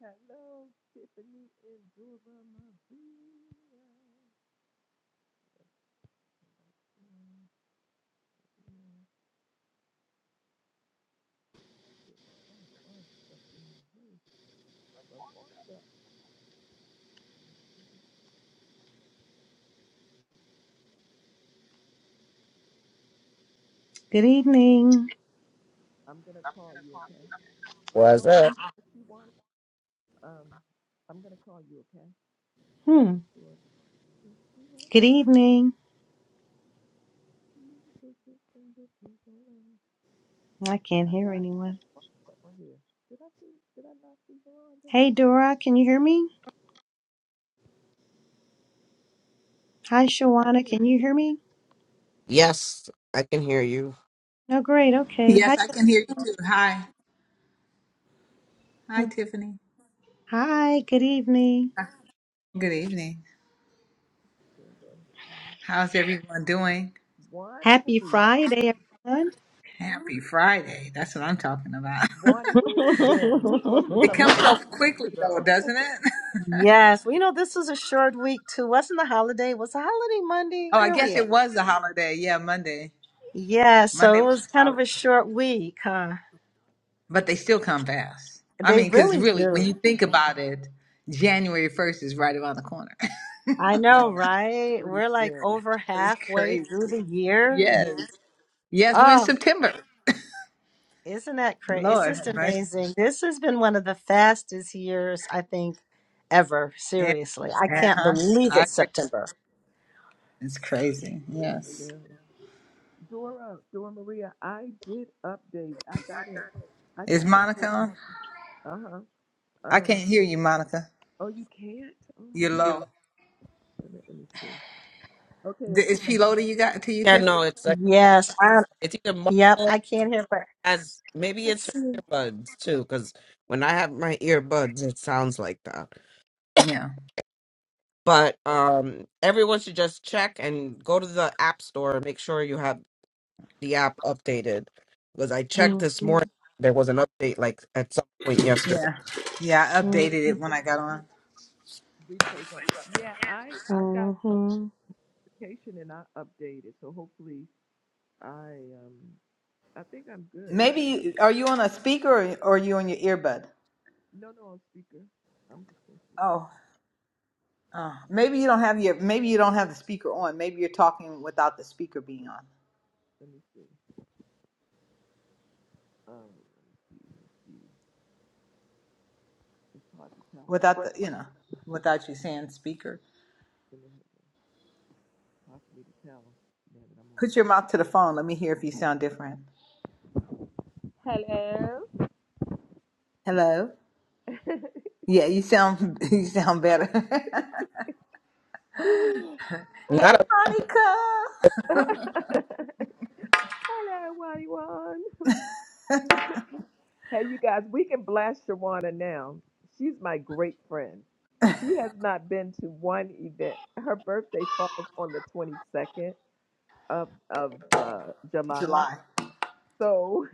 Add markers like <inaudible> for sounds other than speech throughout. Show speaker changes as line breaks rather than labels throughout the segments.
Hello, Tiffany Lavonda.
Good evening.
I'm gonna call you, okay?
What's
Shawana,
up?
if you want, um, I'm gonna call you, okay?
Hmm.
Shawana, if you
Good
wanna,
evening.
you take it from the people.
I can't
I
hear
thought I saw
anyone.
Veronda on here. Did I see? Did I not see Veronda?
Hey, Dora, can you hear me? Hi,
I
Shawana,
can hear.
can you hear me?
Yes, I can hear you.
Oh, great. Okay.
Yes,
Hi.
I can hear you too. Hi. Hi,
Hmm.
Tiffany.
Hi. Good evening.
Good evening.
you.
How's everyone doing?
Happy
Wani,
Friday, everyone.
Happy Friday. That's what I'm talking about.
Wani, where you been? You supposed to
<laughs> it
come in
comes
here
so
<laughs>
two weeks
quickly, though,
ago.
doesn't
<laughs>
it? <laughs>
yes, we know this was a short week too. Wasn't the holiday? Was the holiday Monday?
oh, I
Where we
guess
at?
it was a holiday. Yeah, Monday.
Yeah,
Monday
so it
was
was
a
kind of
holiday.
a short week, huh?
But they still come fast. I
They
mean, because
really
really, when
do.
you think about it, January 1st is right around the corner.
I
I
know,
know.
right?
Pretty
We're like
scary.
over
<laughs> it's
halfway
crazy.
through the year.
Yes. Yes, we're in
Oh,
September.
Isn't that crazy? It's
Lord,
just
right?
amazing. This has been one of the fastest years, I think, ever.
Yeah.
Seriously. I can't
Uh-huh.
believe
I
it's
agree.
September.
It's crazy.
Pretty
Yes.
scary. Dora, Dora Maria, I did update. I got it. I
Is
got some
Monica
sort
on?
of, uh-huh.
I
Um,
can't hear you, Monica.
oh, you can't? Oh,
You're
my.
low.
Let me, let me see. Okay,
D-
is
Is
it
she
better
low to
now?
you got to you,
Yeah,
Tiff?
no, it's like
Yes. I,
it's either
yep.
mobile
I can't hear, but
as maybe
let's
it's her
see.
earbuds too, because when I have my earbuds, it sounds like that.
Yeah.
But
Oh,
um, everyone should just check and go to the app store and make sure you have the app updated. Because I checked this
Mhm,
morning, there was an update like at some point yesterday.
Yeah. Yeah, I updated
mhm,
it when I got on.
replay's on. Yeah, I, I got some
mhm.
notification and I updated. So hopefully I, um, I think I'm good.
Maybe you, are you on a speaker or, or are you on your earbud?
No, no, on speaker. I'm just on speaker.
Oh. Uh, maybe you don't have your maybe you don't have the speaker on. Maybe you're talking without the speaker being on.
Let me see. Um, let me see. Let me see. It's hard to tell when I'm
Without
what?
the you know, without you saying speaker.
It's hard for me to tell now that
Put your
I'm
mouth to the phone. Let me hear if you sound different.
on
Hello?
the Hello. <laughs>
Yeah, you sound <laughs> you sound better.
<laughs>
<laughs> hey
Not a,
Monica.
Hello, Wadiwan. Hey, you guys, we can blast Shawana now. She's my great friend. She has not been to one event. Her birthday falls on the 22nd of, of uh, July.
July.
So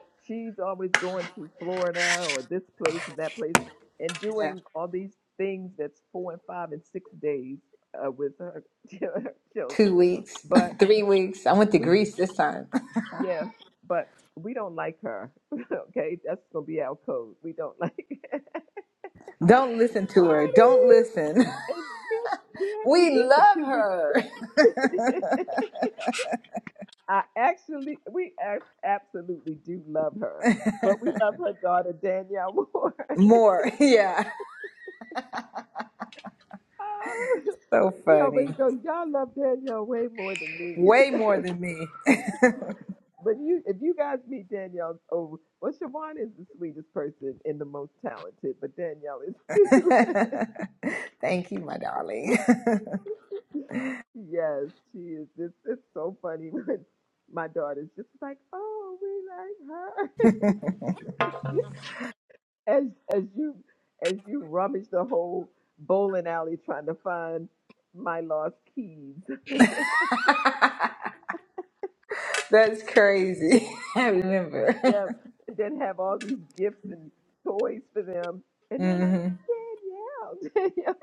<laughs> she's always going to Florida or this place and that place and
Yeah.
doing all these things that's four and five and six days uh, with her <laughs> children.
two weeks,
But
<laughs> three weeks. I went to
we
Greece this time.
Yeah, but we don't like her. <laughs> okay, that's gonna be our code. We don't like. <laughs>
<laughs> Don't listen to her. Don't
Whitey,
listen. <laughs>
and where, where have you
We
been for
love
two weeks?
her
<laughs> I actually, we ab- absolutely do love her, but we love her daughter Danielle more.
<laughs>
<laughs>
more. <laughs> Yeah.
oh,
So
she always
funny.
go, y'all love Danielle way more than me.
Way
<laughs>
more than me.
But you, if you guys meet Danielle, oh, well, Siobhan is the sweetest person and the most talented, but Danielle is
<laughs>
too. <laughs>
Thank you, my darling.
Yes, she is. It's, it's so funny <laughs> when my daughter's just like, "Oh, we like her." <laughs> as as you as you rummage the whole bowling alley trying to find my lost keys. <laughs>
<laughs> That's crazy. <laughs> I remember. <laughs>
Yes, and then have all these gifts and toys for them, and they're like,
hmm
"Danielle, <laughs> Danielle."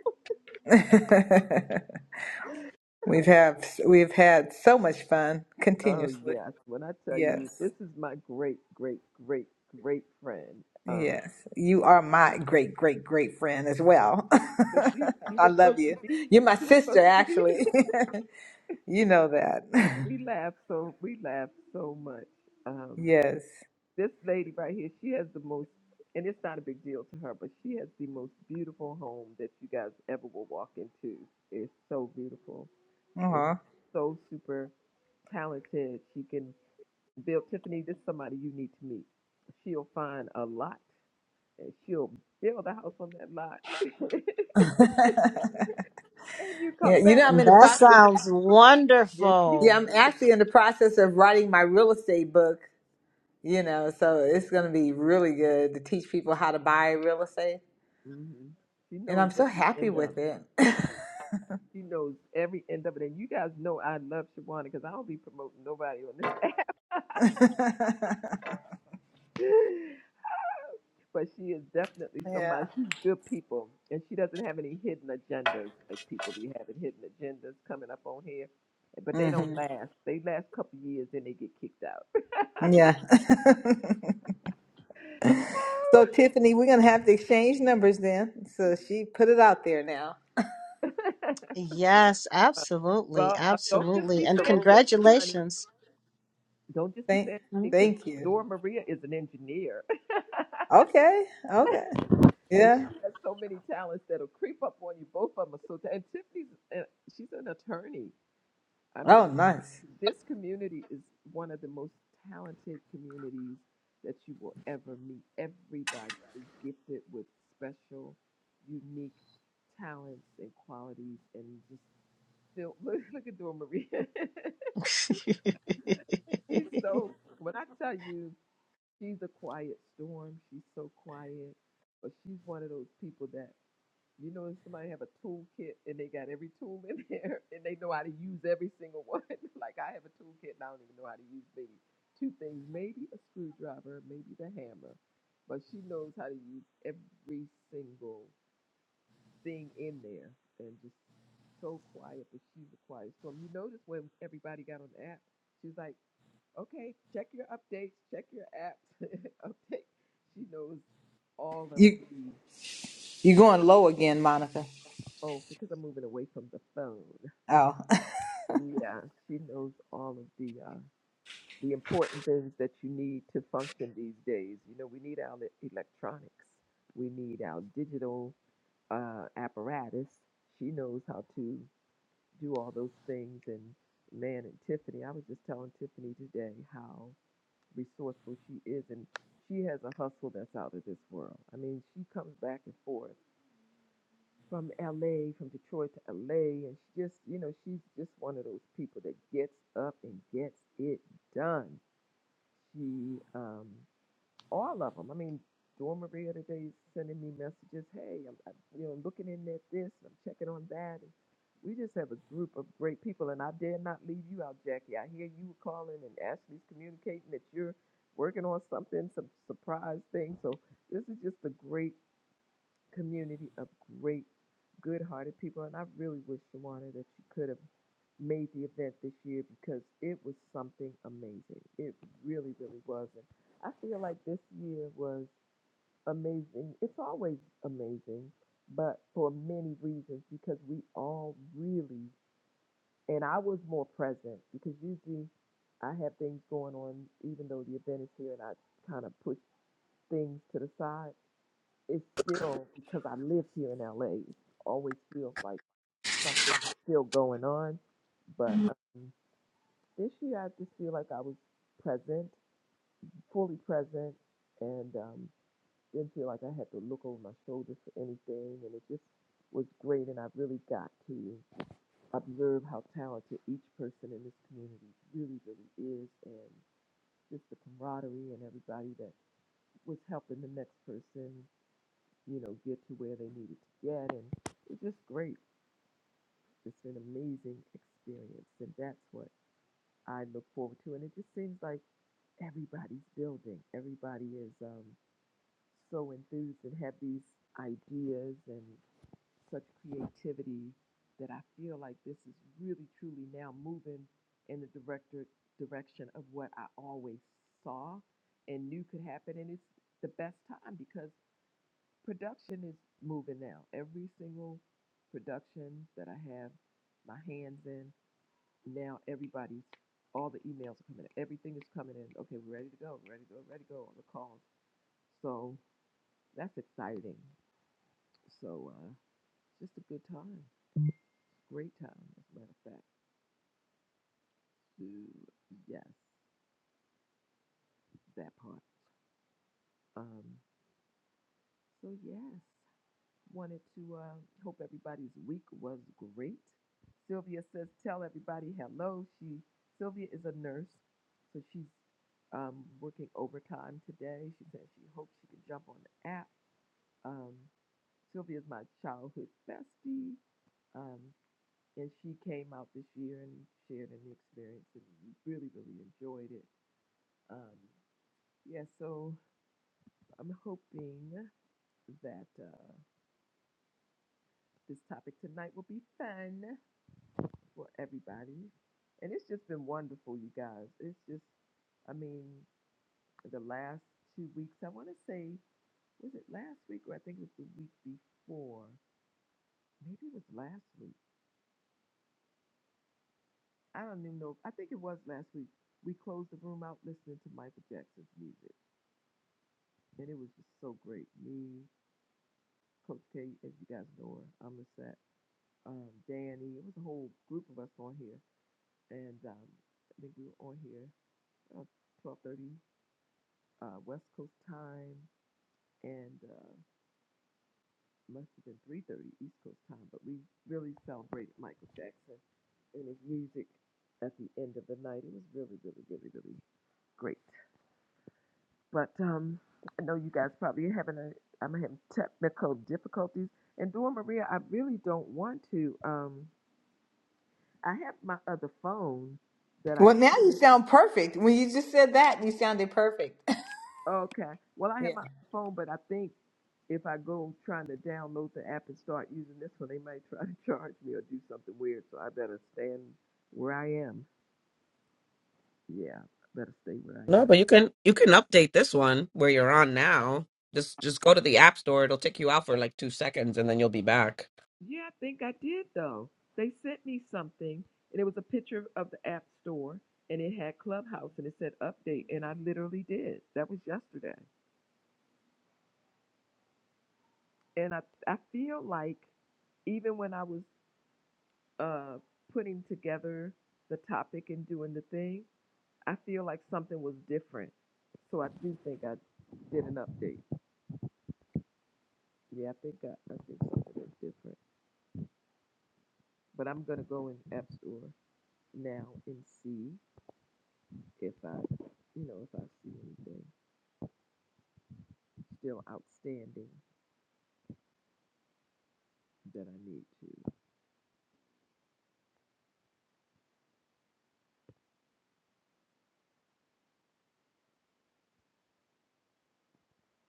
<laughs> we've have we've had so much fun
Oh
continuously.
yes, when I tell you,
Yes.
this is my great, great, great, great friend. Um,
Yes, you are my great, great, great friend as well.
but you
<laughs>
you
I
were
love
supposed to
you.
be
You're my
you were
sister,
supposed to be <laughs> here.
actually. <laughs> you know that. <laughs>
we laugh so we laugh so much. Um,
yes.
this lady right here, she has the most, and it's not a big deal to her, but she has the most beautiful home that you guys ever will walk into. It's so beautiful. And
Uh-huh.
she's so super talented. She can build. Tiffany, this is somebody you need to meet. She'll find a lot, and she'll build a house on that lot. <laughs> and you
Yeah,
come
you know
back.
I'm in the
That
process.
sounds
Yes, she.
Yeah,
wonderful.
I'm actually in the process of writing my real estate book. You know, so it's going to be really good to teach people how to buy real estate,
mhm. She
and
knows
I'm so
every
happy
end of it.
with it. <laughs>
She knows every end of it. And you guys know I love Shawana because I don't be promoting nobody on this <laughs> app. but she is definitely
yeah.
somebody. She's good people. And she doesn't have any hidden agendas like people be having hidden agendas coming up on here. But they don't
hmm
last. They last a couple years, then they get kicked out.
Yeah. <laughs> So Tiffany, we're gonna have to exchange numbers then. So she put it out there now.
Yes,
<laughs>
absolutely.
well, uh, don't just
Absolutely.
be
And
saying Tiffany, honey.
congratulations.
Don't just be
Thank
saying Tiffany
Mm.
because
thank you.
Dora Maria is an engineer. <laughs>
Okay. Okay.
and she
Yeah.
has so many talents that'll creep up on you. Both of them are so talented. and Tiffany's uh, she's an attorney. I
Oh
mean,
nice.
this community is one of the most talented communities that you will ever meet. Everybody is gifted with special, unique talents and qualities, and just still <laughs> look, look at Dora Maria. <laughs> she's
<laughs>
so when I tell you she's a quiet storm. She's so quiet, but she's one of those people that You know, somebody have a toolkit and they got every tool in there <laughs> and they know how to use every single one. <laughs> like I have a toolkit and I don't even know how to use maybe two things, maybe a screwdriver, maybe the hammer, but she knows how to use every single thing in there and just so quiet, but she's a quiet storm. You notice when everybody got on the app, she's like, "Okay, check your updates, check your apps, <laughs> update." She knows all of
You
the.
you going low again, Monica.
Oh, because I'm moving away from the phone.
Oh. <laughs>
Yeah, she knows all of the uh, the important things that you need to function these days. You know, we need our le- electronics, we need our digital uh, apparatus. She knows how to do all those things. And man, and Tiffany, I was just telling Tiffany today how resourceful she is, and she has a hustle that's out of this world. I mean, she comes back and forth from LA, from Detroit to LA. And she just, you know, she's just one of those people that gets up and gets it done. She, um, all of them. I mean, Dora Maria today is sending me messages. Hey, I'm, I'm you know, looking in at this, I'm checking on that. And we just have a group of great people, and I dare not leave you out, Jackie. I hear you were calling, and Ashley's communicating that you're working on something, some surprise thing. So this is just a great community of great, good-hearted people. And I really wish, Shawana, that you could have made the event this year because it was something amazing. It really, really was. And I feel like this year was amazing. It's always amazing, but for many reasons because we all really, and I was more present because usually I have things going on even though the event is here and I kind of push things to the side it's still because I live here in LA. Always feels like something is still going on. But um, this year, I just feel like I was present, fully present, and um, didn't feel like I had to look over my shoulder for anything. And it just was great. And I really got to observe how talented each person in this community really, really is, and just the camaraderie and everybody that was helping the next person you know, get to where they needed to get. And it's just great. It's an amazing experience. And that's what I look forward to. And it just seems like everybody's building. Everybody is um, so enthused and have these ideas and such creativity that I feel like this is really truly now moving in the director direction of what I always saw and knew could happen. And it's the best time because production is moving now. Every single production that I have my hands in, now everybody's, all the emails are coming in. Everything is coming in. Okay, we're ready to go, we're ready to go, ready to go on the calls. So that's exciting. So uh, just a good time, great time, as a matter of fact. Ooh, yes, that part. Um, so, yes. Wanted to uh, hope everybody's week was great. Sylvia says, "Tell everybody hello." She Sylvia is a nurse, so she's um, working overtime today. She says she hopes she can jump on the app. Um, Sylvia is my childhood bestie, um, and she came out this year and shared an experience, and we really, really enjoyed it. Um, yeah, so I'm hoping that uh, this topic tonight will be fun. for everybody. And it's just been wonderful, you guys. It's just, I mean, the last two weeks, I want to say, was it last week or I think it was the week before? Maybe it was last week. I don't even know. I think it was last week. We closed the room out listening to Michael Jackson's music. And it was just so great. Me, Coach K, as you guys know her, I'm a set, um, Danny. It was a whole group of us on here. And um, I think we were on here about 1230 uh, West Coast time and uh, must have been three thirty East Coast time. But we really celebrated Michael Jackson and his music at the end of the night. It was really, really, really, really great. But um, I know you guys probably are having a I'm having technical difficulties. And Dora Maria, I really don't want to. Um, I have my other phone that I
Well now you
could.
sound perfect. When you just said that, you sounded perfect. <laughs>
Okay. Well, I
Yeah.
have my phone, but I think if I go trying to download the app and start using this one, they might try to charge me or do something weird. So I better stand where I am. Yeah, I better stay where I
no,
am.
but you can you can update this one where you're on now. Just just go to the app store. It'll take you out for like two seconds, and then you'll be back.
Yeah, I think I did though. They sent me something, and it was a picture of the app store, and it had Clubhouse, and it said update, and I literally did. That was yesterday, and I I feel like even when I was uh putting together the topic and doing the thing, I feel like something was different. So I do think I did an update. Yeah, I think I, I think something is different. But I'm gonna go in App Store now and see if I, you know, if I see anything still outstanding that I need to,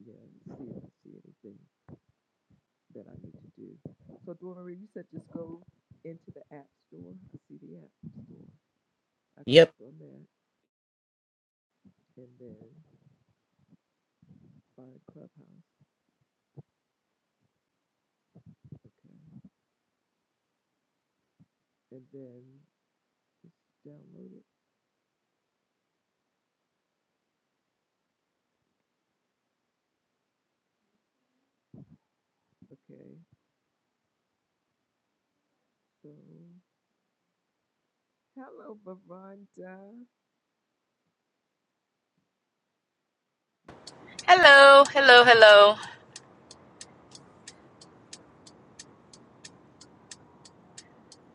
yeah, see if I see anything that I need to do. So Dora Marie, you said just go into the App Store. I see the App Store. I
Yep.
clicked on that and then find Clubhouse. Okay. And then Download it. Okay. So, hello, Bavonda
Hello, hello, hello.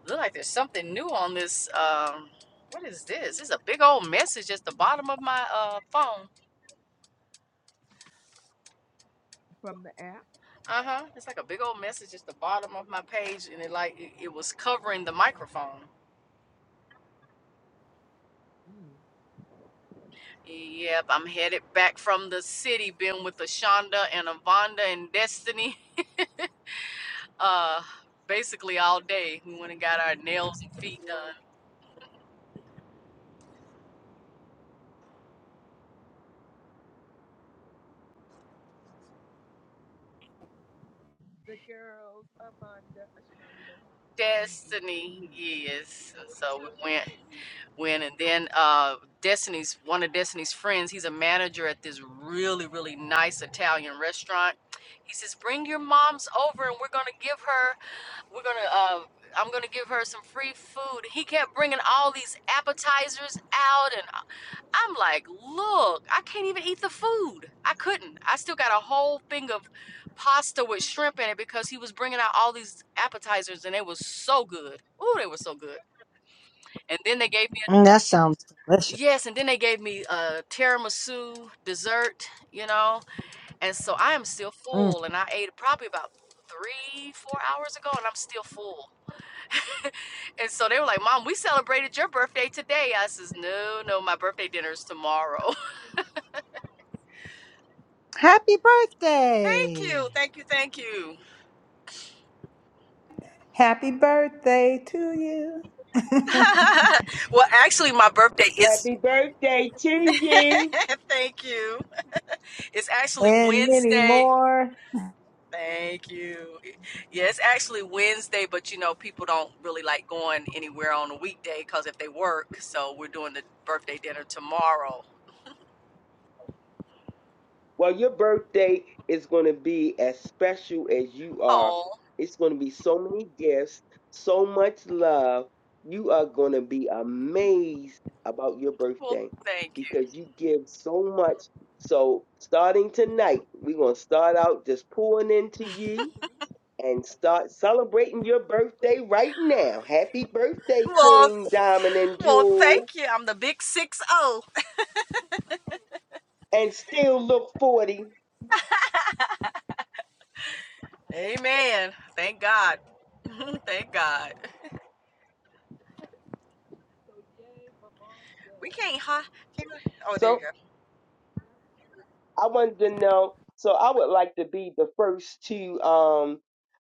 Look like there's something new on this. Um, what is this? It's a big old message at the bottom of my uh phone.
from the app.
Uh huh. It's like a big old message at the bottom of my page, and it like it, it was covering the microphone.
Mm.
Yep, I'm headed back from the city. Been with Ashonda and Avonda and Destiny. <laughs> Uh, basically all day. We went and
Oh,
got our nails and feet done.
The girls, Avonda, Ashonda, and Dick.
Destiny, yes. So we went. When And then uh, Destiny's one of Destiny's friends, he's a manager at this really really nice Italian restaurant. He says, "Bring your moms over, and we're gonna give her. We're gonna." Uh, I'm gonna give her some free food. He kept bringing all these appetizers out, and I- I'm like, "Look, I can't even eat the food. I couldn't. I still got a whole thing of pasta with shrimp in it because he was bringing out all these appetizers, and they was so good. Ooh, they were so good." And then they gave me
Mm, that sounds delicious.
Yes, and then they gave me a tiramisu dessert, you know, and so I am still
Mm.
full, and I ate probably about three, four hours ago, and I'm still full. <laughs> and so they were like, "Mom, we celebrated your birthday today." I says, "No, no, my birthday dinner is tomorrow."
Happy
<laughs> thank
birthday.
you, thank you, thank you.
Happy birthday to you. <laughs>
<laughs> well, actually, my birthday is.
Happy birthday to
<laughs>
you.
thank you. It's actually
And many
Wednesday.
more.
Thank you. Yeah, it's actually Wednesday, but you know, people don't really like going anywhere on a weekday because if they work, so we're doing the birthday dinner tomorrow.
Well, your birthday is going to be as special as you are.
Oh,
It's going to be so many gifts, so much love. You are going to be amazed about your
well,
birthday
thank
because you give so much. So, starting tonight, we're going to start out just pouring into you and start celebrating your birthday right now. Happy birthday,
you. Well,
Queen Diamond and
well,
Jewel,
thank you. I'm the big six zero.
and still look 40.
Amen. Thank God. <laughs> thank God.
So, yay,
We
Bavonda.
can't, huh? Can't, oh, there you
So.
go.
I wanted to know. So I would like to be the first to um,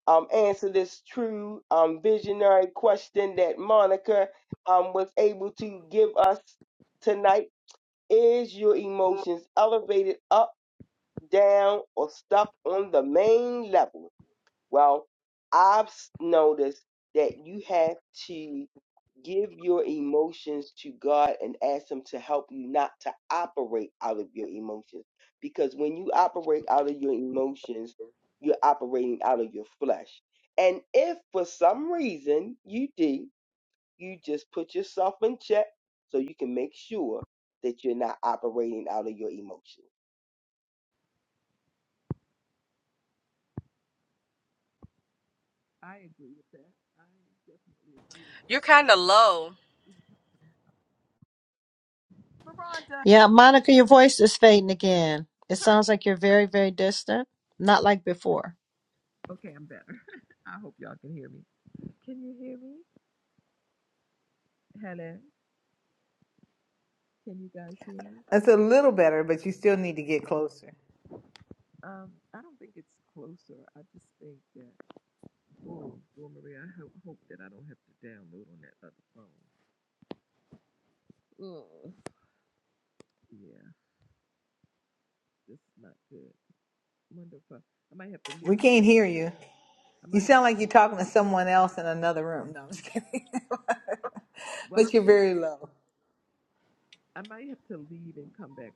um, answer this true um, visionary question that Monica um, was able to give us tonight. Is your emotions elevated up, down, or stuck on the main level? Well, I've s- noticed that you have to. Give your emotions to God and ask Him to help you not to operate out of your emotions. Because when you operate out of your emotions, you're operating out of your flesh. And if for some reason you do, you just put yourself in check so you can make sure that you're not operating out of your emotions.
I agree with that. I definitely agree with
You're
that.
kind of low,
Bavonda.
Yeah, Monica, your voice is fading again. It sounds like you're very, very distant, not like before.
Okay, I'm better. <laughs> I hope y'all can hear me. Can you hear me? Hello. Can you guys hear me?
That's a little better, but you still need to get closer.
Um, I don't think it's closer. I just think that. Oh, well, Maria, I ho- hope that I don't have to download on that other phone. Ugh. Yeah, this is not good. Wonder if I, I might have to
We
leave. out-
can't hear you.
I
You
might have
sound like
to.
you're talking to someone else in another room. No, I'm just kidding. <laughs>
Well, I,
but you're very low.
I might have to leave and come back.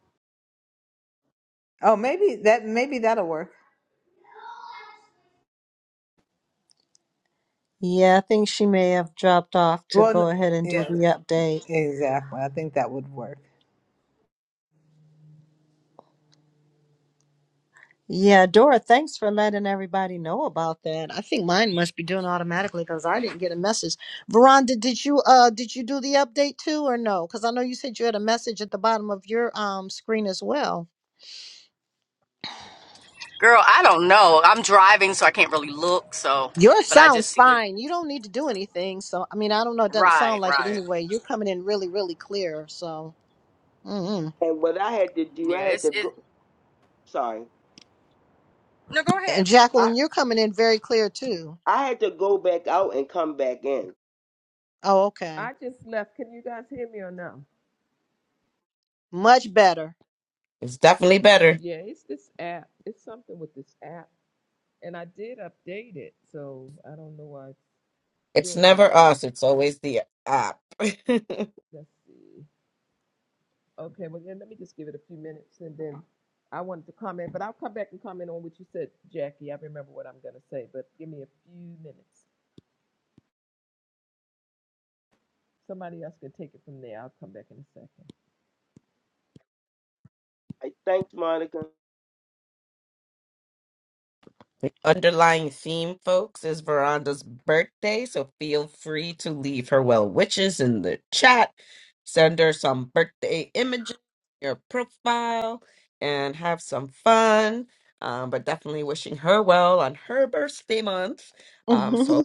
Oh, maybe that maybe that'll work.
Yeah, I think she may have dropped off to
Well, n-
go ahead and do
yeah,
the update.
exactly. I think that would work.
Yeah, Dora, thanks for letting everybody know about that. I think mine must be doing automatically because I didn't get a message. Veronda, did you uh did you do the update too or no? Because I know you said you had a message at the bottom of your um screen as well.
girl. I don't know. I'm driving, so I can't really look. So,
Your
but I just
sound's
see it.
fine. You don't need to do anything. So I mean, I don't know. It doesn't sound
Right,
like it
right.
anyway. You're coming in really, really clear. So. mm
And what I had to do, I
Yeah,
had
it's
to
it.
go. Sorry,
No, go ahead.
And
Go
I
ahead.
Jacqueline, you're coming in very clear too.
I had to go back out and come back in.
Oh, okay.
I just left. Can you guys hear me or no?
Much better.
It's definitely better.
Yeah, it's this app. It's something with this app, and I did update it, so I don't know why it's
It's
doing that.
never us, it's always the app. <laughs>
Let's see. Okay, well then let me just give it a few minutes and then I wanted to comment, but I'll come back and comment on what you said, Jackie. I remember what I'm gonna say, but give me a few minutes. Somebody else can take it from there. I'll come back in a second.
I thanks Monica.
Underlying theme, folks, is Veranda's birthday, so feel free to leave her well wishes in the chat. Send her some birthday images, your profile, and have some fun. Um, but definitely wishing her well on her birthday month.
<laughs>
Um, so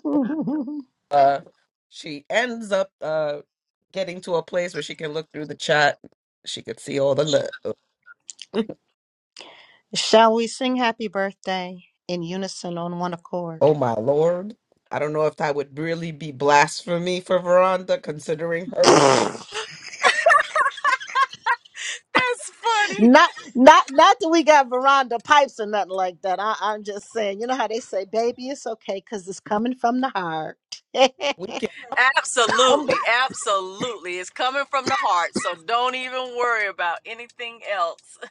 uh, she ends up uh, getting to a place where she can look through the chat. She could see all the love.
Shall we sing happy birthday in unison on one accord?
Oh my lord. I don't know if that would really be blasphemy for Veranda, considering her
That's funny.
Not not not that we got veranda pipes or nothing like that. I, I'm just saying, you know how they say, baby, it's okay because it's coming from the heart. <laughs>
wicked humble.
Absolutely. Absolutely. It's coming from the heart. So don't even worry about anything else. <laughs>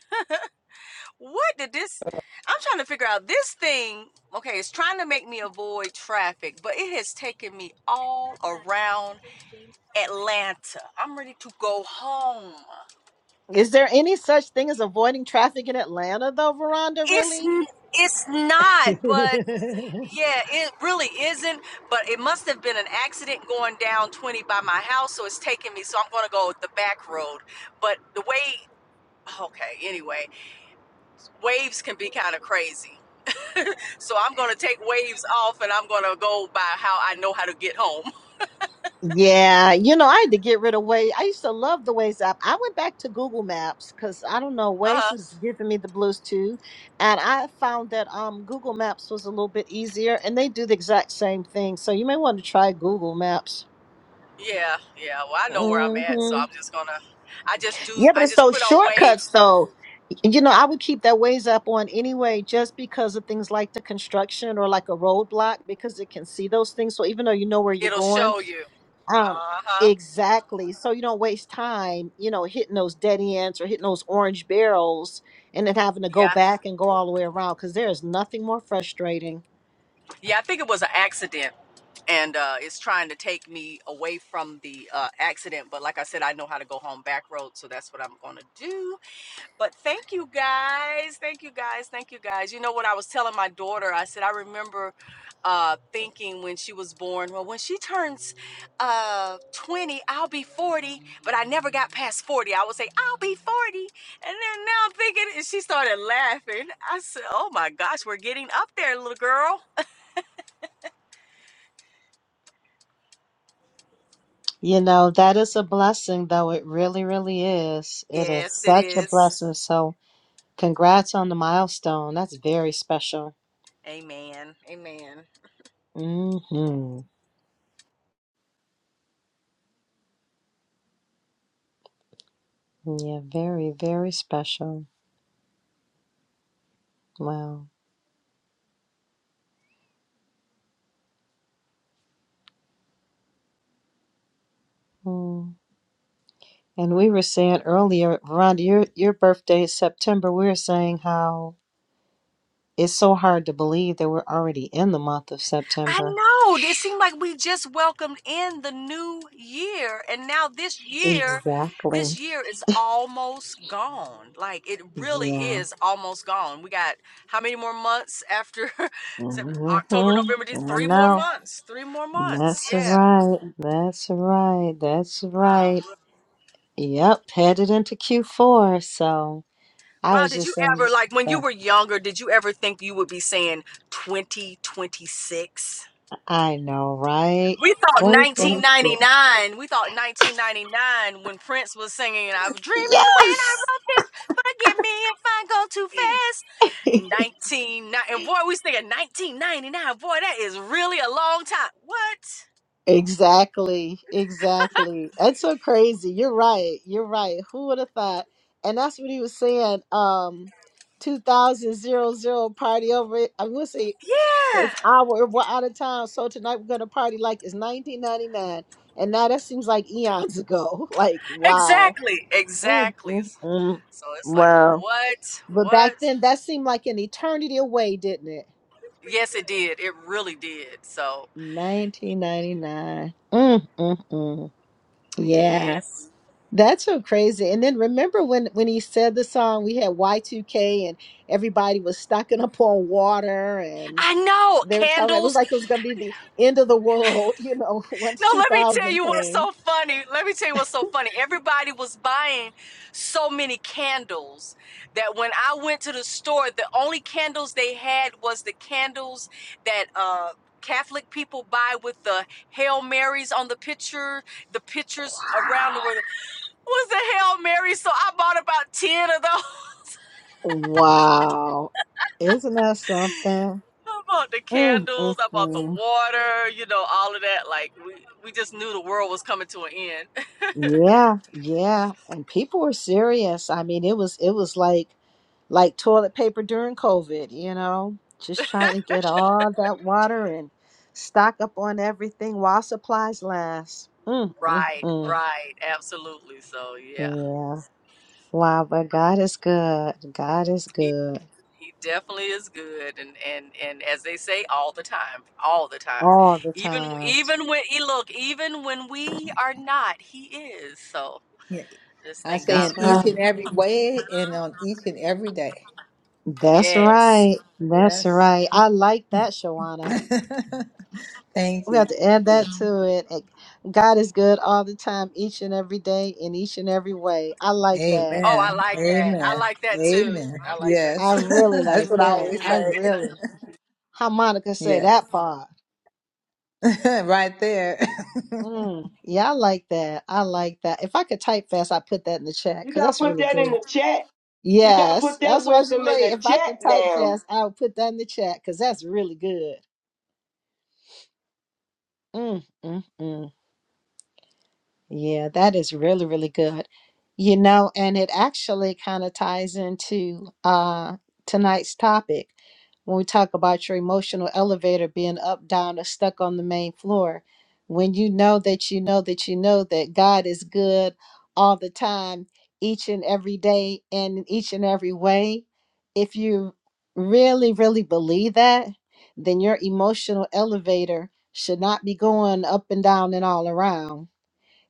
What did this? I'm trying to figure out this thing. Okay, it's trying to make me avoid traffic, but it has taken me all around Atlanta. I'm ready to go home.
Is there any such thing as avoiding traffic in Atlanta though, Veranda,
It's
really?
n- it's not, but
<laughs>
Yeah, it really isn't, but it must have been an accident going down 20 by my house, so it's taking me, so I'm going to go the back road. But the way, okay, anyway, waves can be kind of crazy. So I'm going to take waves off and I'm going to go by how I know how to get home. <laughs>
Yeah, you know, I had to get rid of Waze. I used to love the Waze app. I went back to Google Maps because I don't know, Waze
Uh-huh.
was giving me the blues too. And I found that um Google Maps was a little bit easier and they do the exact same thing. So you may want to try Google Maps.
Yeah, yeah. Well, I know where I'm at, so
hmm
I'm just going to, I just do,
Yeah, but
I
it's
just
those
put on
shortcuts
waves.
though. You know, I would keep that Waze app on anyway, just because of things like the construction or like a roadblock, because it can see those things. So even though you know where you're
It'll
going,
show you.
Um,
Uh-huh.
exactly. So you don't waste time, you know, hitting those dead ends or hitting those orange barrels and then having to go
Yeah.
back and go all the way around because there is nothing more frustrating.
Yeah, I think it was an accident. and uh, it's trying to take me away from the uh, accident. But like I said, I know how to go home back road, so that's what I'm gonna do. But thank you guys, thank you guys, thank you guys. You know what I was telling my daughter? I said I remember uh, thinking when she was born, well, when she turns uh, 20, I'll be 40. But I never got past 40. I would say I'll be 40, and then now I'm thinking, and she started laughing. I said, Oh my gosh, we're getting up there, little girl.
You know, that is a blessing, though. It really, really is. It is
Yes, it
such a
is.
blessing. So, congrats on the milestone. That's very special.
Amen. Amen.
hmm Yeah, very, very special. Wow. Mm. And we were saying earlier, Rhonda, your your birthday is September. We were saying how It's so hard to believe that we're already in the month of
I
September.
know. It
<sighs>
seemed like we just welcomed in the new year. And now this year,
Exactly.
this year is almost gone. Like it really
Yeah.
is almost gone. We got how many more months after <laughs> Sep- October,
Mm-hmm.
November, Dec-
I
three more
know.
months. Three more months.
That's
Yeah.
right. That's right. That's
Wow.
right. Yep. Headed into Q4. So I
Wow.
was
Did
just
you
saying,
ever like when you
uh,
were younger, did you ever think you would be saying 2026?
I know, right?
We thought
2026.
1999. We thought 1999 when Prince was singing, I was dreaming when I
Yes.
wrote this. Forgive me if I go too fast.
<laughs>
1990. And boy, we was thinking 1999. Boy, that is really a long time. What?
Exactly, exactly. That's so crazy. You're right. You're right. Who would have thought? And that's what he was saying. Um, two thousand zero zero party over. It. I would say
Yeah.
it's hour. We're out of town, so tonight we're gonna party like it's nineteen ninety nine. And now that seems like eons ago. <laughs> Like wow.
Exactly.
Mm,
Exactly.
mm, mm.
So it's like,
Wow.
what?
But back
What?
then, that seemed like an eternity away, didn't it?
Yes, it did. It really did. So,
Nineteen ninety nine. Mm, mm, mm. Yeah.
yes.
That's so crazy. And then remember when when he said the song, we had Y2K and everybody was stocking up on water and
I know.
they were talking it was
Candles.
like it was gonna be the end of the world, you know, <laughs> once
No, let me tell
2000
you what's
came.
so funny. Let me tell you what's so funny. Everybody was buying so many candles that when I went to the store, the only candles they had was the candles that uh Catholic people buy with the Hail Marys on the picture, the pictures around the world was the Hail Mary. So I bought about 10 of those.
Wow. Isn't that something?
<laughs> I bought the
Mm, mm,
candles, I bought the
mm.
water, you know, all of that. Like we, we just knew the world was coming to an end.
Yeah, yeah. And people were serious. I mean, it was it was like like toilet paper during COVID, you know, just trying to get all that water and stock up on everything while supplies last. Mm, mm,
Right,
mm.
right, absolutely. So yeah,
Yeah. Wow, but God is good. God is
he
good
he definitely is good, and and and as they say, all the time, all the time,
all the
even
time.
even when he look, even when we are not, he is. So
Yeah.
just
I
thank
say
God
That's
in
for that.
right.
each and every way, and on each and every day.
That's
Yes.
right. That's
Yes.
right. I like that,
<laughs>
Shawana.
Thank
We have
you.
to add that to it. Eh, God is good all the time, each and every day, in each and every way. I like that.
Oh, I
Amen.
like that. I
Amen.
like that too.
Amen.
I like that
I
Yes.
too.
<laughs>
really
That's
like
what I
that.
always
I
say. <laughs>
really. Harmonica say
Yes.
that part.
<laughs> right there.
Mm, yeah, I like that. I like that. If I could type fast, I'd put that in the chat
You
because
gotta
that's
put
really
that in
good.
the chat. You gotta
Yes,
put that
that's what I was
wisdom in
like.
the
If I
chat
could type
now.
fast, I would put that in the chat because that's really good. Mm, mm, mm. Yeah, that is really, really good. You know, and it actually kind of ties into uh, tonight's topic when we talk about your emotional elevator being up, down, or stuck on the main floor. When you know that you know that you know that God is good all the time, each and every day, and in each and every way, if you really, really believe that, then your emotional elevator should not be going up and down and all around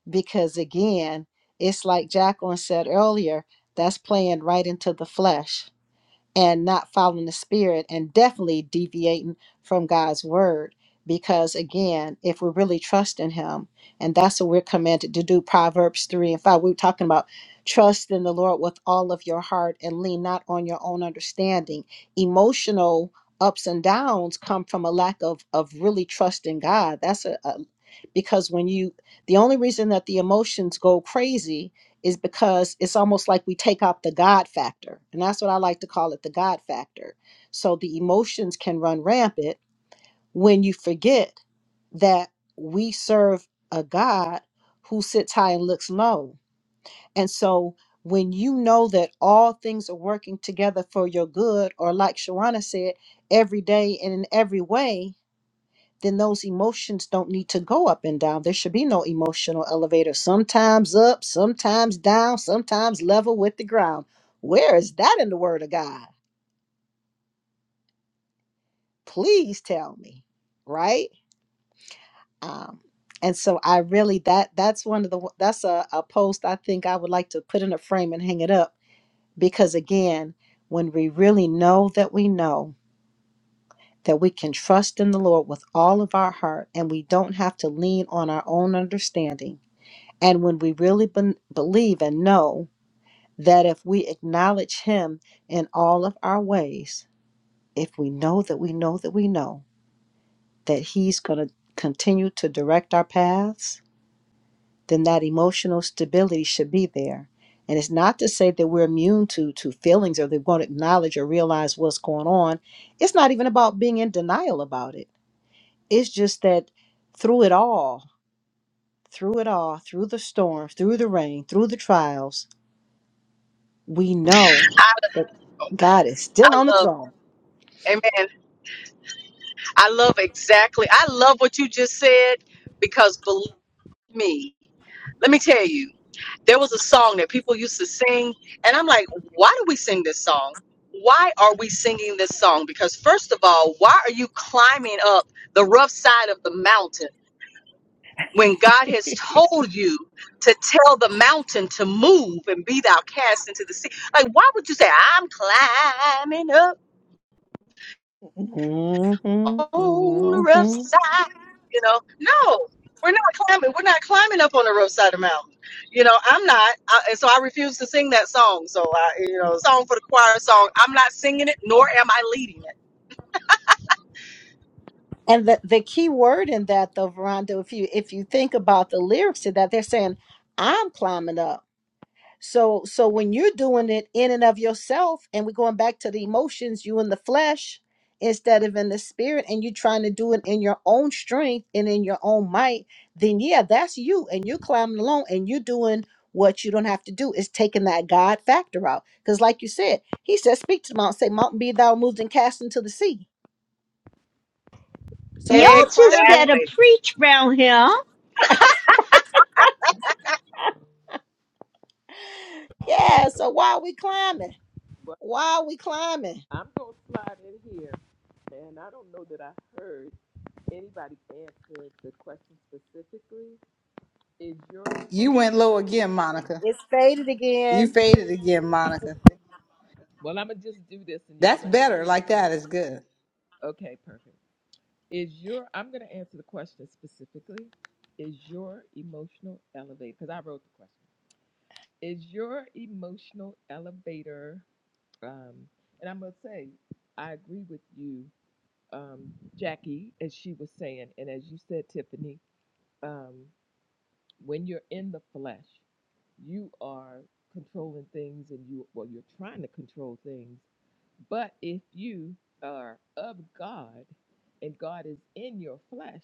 because again, it's like Jacqueline said earlier, that's playing right into the flesh and not following the spirit and definitely deviating from God's word. Because again, if we are really trusting Him, and that's what we're commanded to do, Proverbs 3 and 5, we we're talking about trust in the Lord with all of your heart and lean not on your own understanding. Emotional ups and downs come from a lack of, of really trusting God. That's a, a because when you, the only reason that the emotions go crazy is because it's almost like we take out the God factor. And that's what I like to call it the God factor. So the emotions can run rampant when you forget that we serve a God who sits high and looks low. And so when you know that all things are working together for your good, or like Shawana said, every day and in every way, then those emotions don't need to go up and down. There should be no emotional elevator. Sometimes up, sometimes down, sometimes level with the ground. Where is that in the Word of God? Please tell me, right? Um, and so I really that that's one of the that's a, a post I think I would like to put in a frame and hang it up because again, when we really know that we know that we can trust in the Lord with all of our heart and we don't have to lean on our own understanding And when we really ben- believe and know that if we acknowledge Him in all of our ways, if we know that we know that we know that He's going to continue to direct our paths, then that emotional stability should be there. And it's not to say that we're immune to, to feelings or they won't acknowledge or realize what's going on. It's not even about being in denial about it. It's just that through it all, through it all, through the storm, through the rain, through the trials, we know that God is still
I
on the
love,
throne.
amen. I love exactly. I love what you just said because believe me, let me tell you. there was a song that people used to sing and i'm like why do we sing this song why are we singing this song because first of all why are you climbing up the rough side of the mountain when god has told you to tell the mountain to move and be thou cast into the sea like why would you say i'm climbing up
hmm
on the rough
hmm
side. You know, no, we're not climbing. We're not climbing up on the rough side of the mountain. You know, I'm not, I, and so I refuse to sing that song. So I, you know, song for the choir song. I'm not singing it, nor am I leading it.
And the, the key word in that though, Veranda, if you if you think about the lyrics to that, they're saying, I'm climbing up. So so when you're doing it in and of yourself, and we're going back to the emotions, you in the flesh instead of in the spirit, and you trying to do it in your own strength and in your own might, then yeah, that's you, and you're climbing along, and you're doing what you don't have to do is taking that God factor out. Because like you said, He said, "Speak to the mountain, say, Mountain, be thou moved and cast into the sea." So
Y'all
if you
just
climbing,
Exactly.
better preach round here.
yeah. So why are we climbing?
But
Why are we climbing?
I'm gonna slide in here and I don't know that I heard anybody answer the question specifically. Is your
<laughs> you went
emotional
low
el-
again, Monica.
It's faded
You
again
faded again, Monica.
Well I'm gonna just do this and y'all
That's
gonna have to
better.
hear
Like
me.
that is good.
Okay, perfect. Is your I'm going to answer the question specifically. Is your emotional elevator? Because I wrote the question. Is your emotional elevator? Um, and I'm going to say I agree with you, um, Jackie, as she was saying, and as you said, Tiffany. Um, when you're in the flesh, you are controlling things and you, well, you're trying to control things. But if you are of God and God is in your flesh,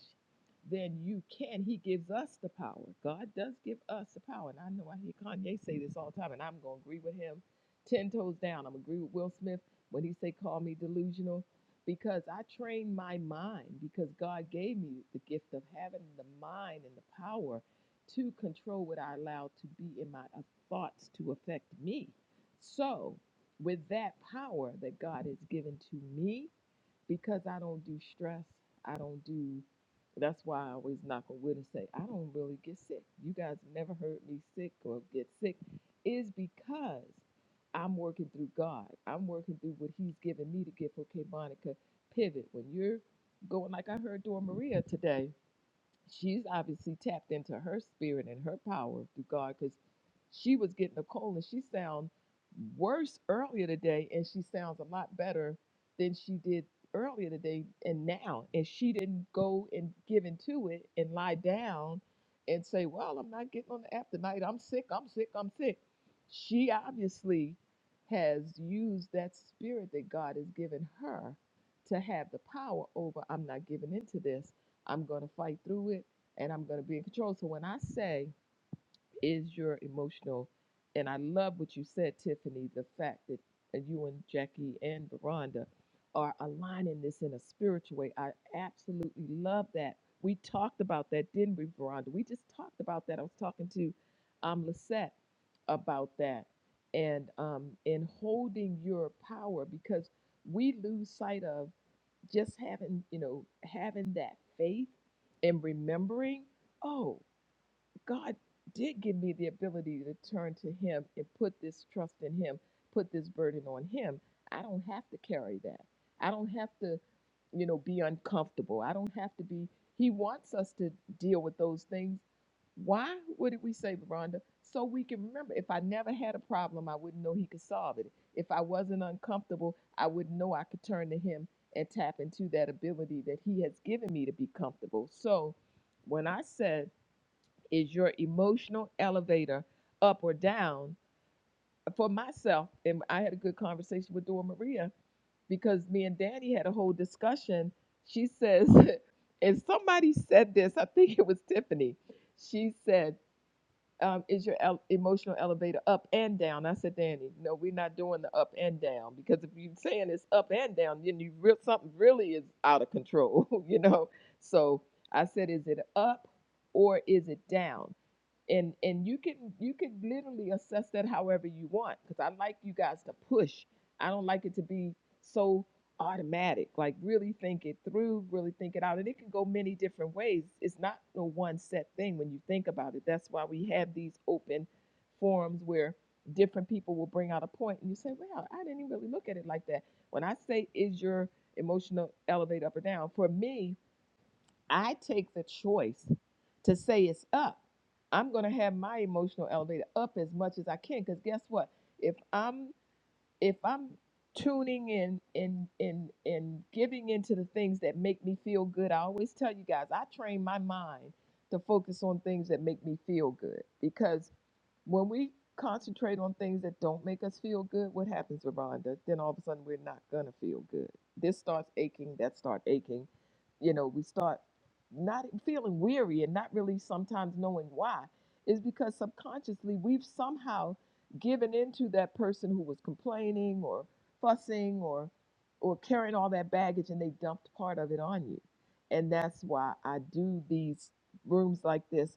then you can. He gives us the power. God does give us the power. And I know I hear Kanye say this all the time, and I'm going to agree with him 10 toes down. I'm going to agree with Will Smith when he say, call me delusional, because I trained my mind because God gave me the gift of having the mind and the power to control what I allow to be in my uh, thoughts to affect me. So, with that power that God has given to me, because I don't do stress, I don't do. That's why I always knock on wood and say I don't really get sick. You guys never heard me sick or get sick, is because I'm working through God. I'm working through what He's given me to give. Okay, Monica, pivot when you're going like I heard Dora Maria today she's obviously tapped into her spirit and her power through God because she was getting a cold and she sound worse earlier today and she sounds a lot better than she did earlier today and now and she didn't go and give into it and lie down and say well i'm not getting on the app tonight i'm sick i'm sick i'm sick she obviously has used that spirit that god has given her to have the power over i'm not giving into this I'm going to fight through it and I'm going to be in control. So when I say, is your emotional, and I love what you said, Tiffany, the fact that uh, you and Jackie and Veranda are aligning this in a spiritual way. I absolutely love that. We talked about that, didn't we, Veranda? We just talked about that. I was talking to um, Lisette about that and um, in holding your power because we lose sight of just having you know having that faith and remembering oh God did give me the ability to turn to Him and put this trust in Him, put this burden on Him. I don't have to carry that. I don't have to, you know, be uncomfortable. I don't have to be. He wants us to deal with those things. Why? What did we say, Rhonda? So we can remember. If I never had a problem, I wouldn't know He could solve it. If I wasn't uncomfortable, I wouldn't know I could turn to Him and tap into that ability that He has given me to be comfortable. So when I said, is your emotional elevator up or down? For myself, and I had a good conversation with Dora Maria because me and Danny had a whole discussion. She says, <laughs> and somebody said this, I think it was Tiffany. She said, um, Is your el- emotional elevator up and down? I said, Danny, no, we're not doing the up and down because if you're saying it's up and down, then you real something really is out of control, <laughs> you know? So I said, Is it up or is it down? and and you can you can literally assess that however you want because i like you guys to push i don't like it to be so automatic like really think it through really think it out and it can go many different ways it's not no one set thing when you think about it that's why we have these open forums where different people will bring out a point and you say well i didn't even really look at it like that when i say is your emotional elevate up or down for me I take the choice to say it's up. I'm going to have my emotional elevator up as much as I can cuz guess what? If I'm if I'm tuning in and in in in giving into the things that make me feel good, I always tell you guys, I train my mind to focus on things that make me feel good because when we concentrate on things that don't make us feel good, what happens, Rhonda? Then all of a sudden we're not gonna feel good. This starts aching, that start aching. You know, we start not feeling weary and not really sometimes knowing why. Is because subconsciously we've somehow given into that person who was complaining or fussing or or carrying all that baggage and they dumped part of it on you. And that's why I do these rooms like this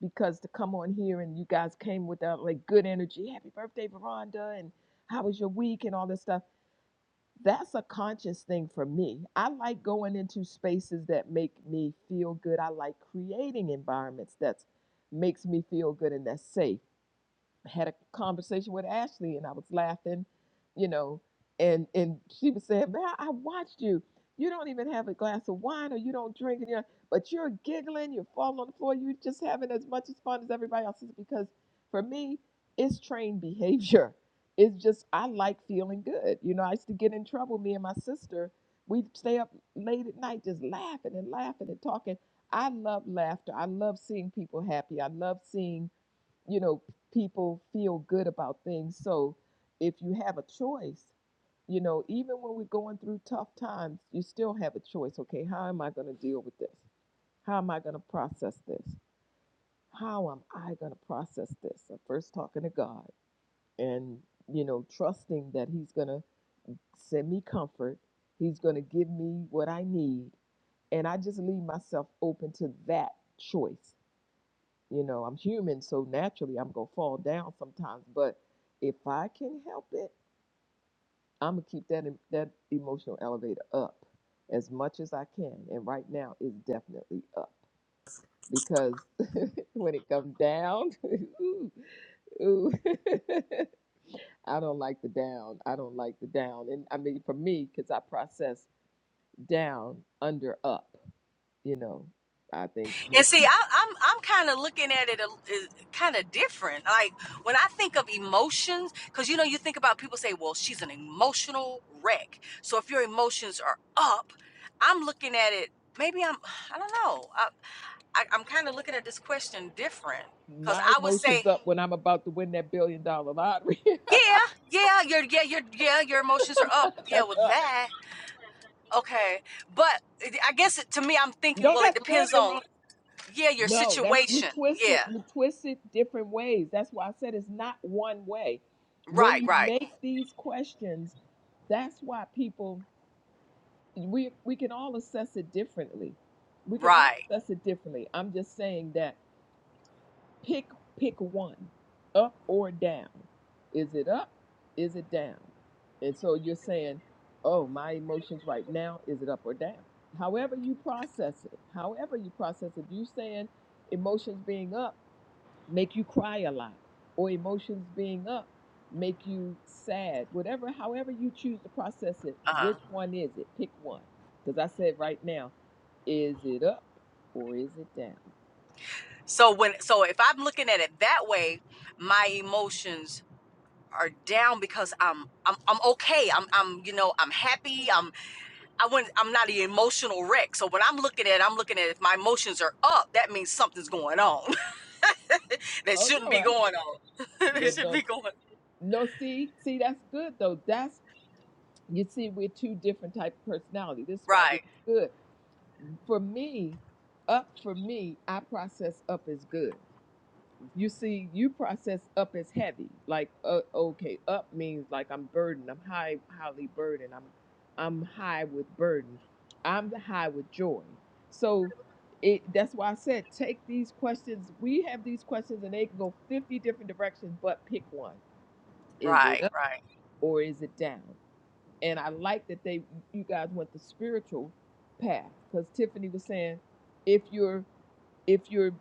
because to come on here and you guys came with that like good energy, happy birthday, Veranda, and how was your week and all this stuff. That's a conscious thing for me. I like going into spaces that make me feel good. I like creating environments that makes me feel good and that's safe had a conversation with Ashley and I was laughing, you know, and and she was saying, Man, I watched you. You don't even have a glass of wine or you don't drink and you're, but you're giggling, you're falling on the floor, you're just having as much as fun as everybody else is because for me, it's trained behavior. <laughs> It's just I like feeling good. You know, I used to get in trouble, me and my sister. We'd stay up late at night just laughing and laughing and talking. I love laughter. I love seeing people happy. I love seeing you know, people feel good about things. So if you have a choice, you know, even when we're going through tough times, you still have a choice. Okay, how am I going to deal with this? How am I going to process this? How am I going to process this? I'm first talking to God and, you know, trusting that He's going to send me comfort. He's going to give me what I need. And I just leave myself open to that choice You know, I'm human, so naturally I'm gonna fall down sometimes. But if I can help it, I'm gonna keep that em- that emotional elevator up as much as I can. And right now, it's definitely up because <laughs> when it comes down, <laughs> ooh, ooh, <laughs> I don't like the down. I don't like the down. And I mean, for me, because I process down, under, up. You know, I think
And
most
see, I, I'm I'm kind of looking at it kind of different. Like when I think of emotions, because you know you think about people say, "Well, she's an emotional wreck." So if your emotions are up, I'm looking at it. Maybe I'm I don't know. I, I, I'm kind of looking at this question different because
my
I would say,
emotions up when I'm about to win that billion dollar lottery.
yeah, yeah, your yeah, your yeah, your emotions are
<laughs>
up, yeah,
That's
with
up.
that. Okay, but it- I guess it, to me, I'm thinking,
No,
well, it
that's good,
depends on
Barack.
yeah, your
No, that's you
situation.
twist it,
Yeah,
you twist it different ways. That's why I said it's not one way. When
right,
you
right.
make these questions, that's why people we we can all assess it differently. We can all
Right.
assess it differently. I'm just saying that Pick pick one, up or down. Is it up? Is it down? And so you're saying, oh, my emotions right now, is it up or down? However you process it, however you process it, you saying emotions being up make you cry a lot, or emotions being up make you sad, whatever, however you choose to process it,
Uh-huh.
which one is it? Pick one. Because I said right now, is it up or is it down?
So when so if I'm looking at it that way, my emotions are down because I'm I'm I'm okay. I'm I'm you know, I'm happy. I'm I wouldn't I'm not an emotional wreck. So when I'm looking at it, I'm looking at it, if my emotions are up, that means something's going on. <laughs> that
Oh,
shouldn't
no,
be
I,
going on. <laughs> that
you
should
don't,
be going
No, see, see, that's good though. That's you see, we're two different type of personality. This is why this
Right.
is good for me. Up for me, I process up as good. You see, you process up as heavy. Like, uh, okay, up means like I'm burdened. I'm high, highly burdened. I'm, I'm high with burden. I'm high with joy. So, it that's why I said take these questions. We have these questions, and they can go fifty different directions, but pick one. Is it
Right,
up
right.
or is it down? and I like that they you guys went the spiritual path because Tiffany was saying if you're if you're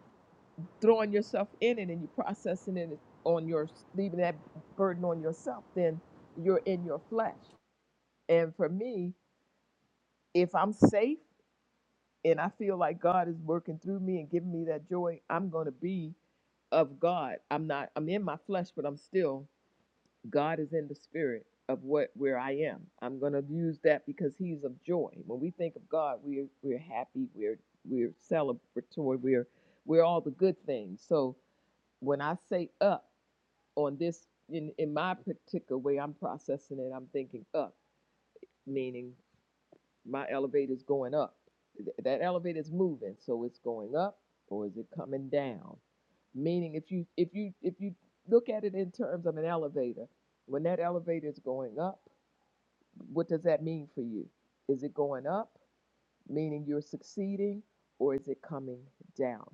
throwing yourself in it and you're processing it on your leaving that burden on yourself, then you're in your flesh. And for me, if I'm safe and I feel like God is working through me and giving me that joy, I'm gonna be of God. I'm not I'm in my flesh, but I'm still God is in the spirit of what where I am. I'm going to use that because He's of joy. When we think of God, we're we're happy, we're we're celebratory, we're we're all the good things. So when I say up on this in in my particular way, I'm processing it. I'm thinking up, meaning my elevator's going up. Th- That elevator's moving, so it's going up or is it coming down? Meaning if you if you if you look at it in terms of an elevator, when that elevator is going up, what does that mean for you? Is it going up, meaning you're succeeding, or is it coming down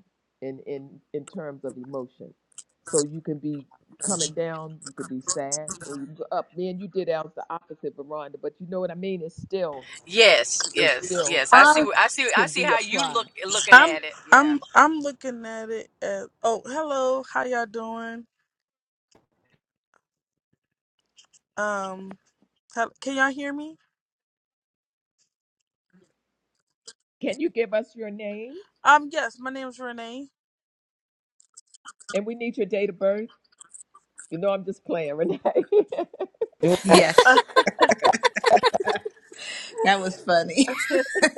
in in in terms of emotion? So you can be coming down, you could be sad, or you can go up. Man, you did out the opposite, Veronda, but you know what I mean? It's still
Yes,
it's
yes,
still
yes. I see.
I'm
I see. I
can
see
be
how you look
applied.
looking
I'm
at it. Yeah.
I'm I'm looking at it as oh hello how y'all doing um hel- can y'all hear me
Can you give us your name?
um yes my name is Renee
And we need your date of birth. You know, I'm just playing, Renee.
Dude,
<laughs>
Yes. That was funny. <laughs>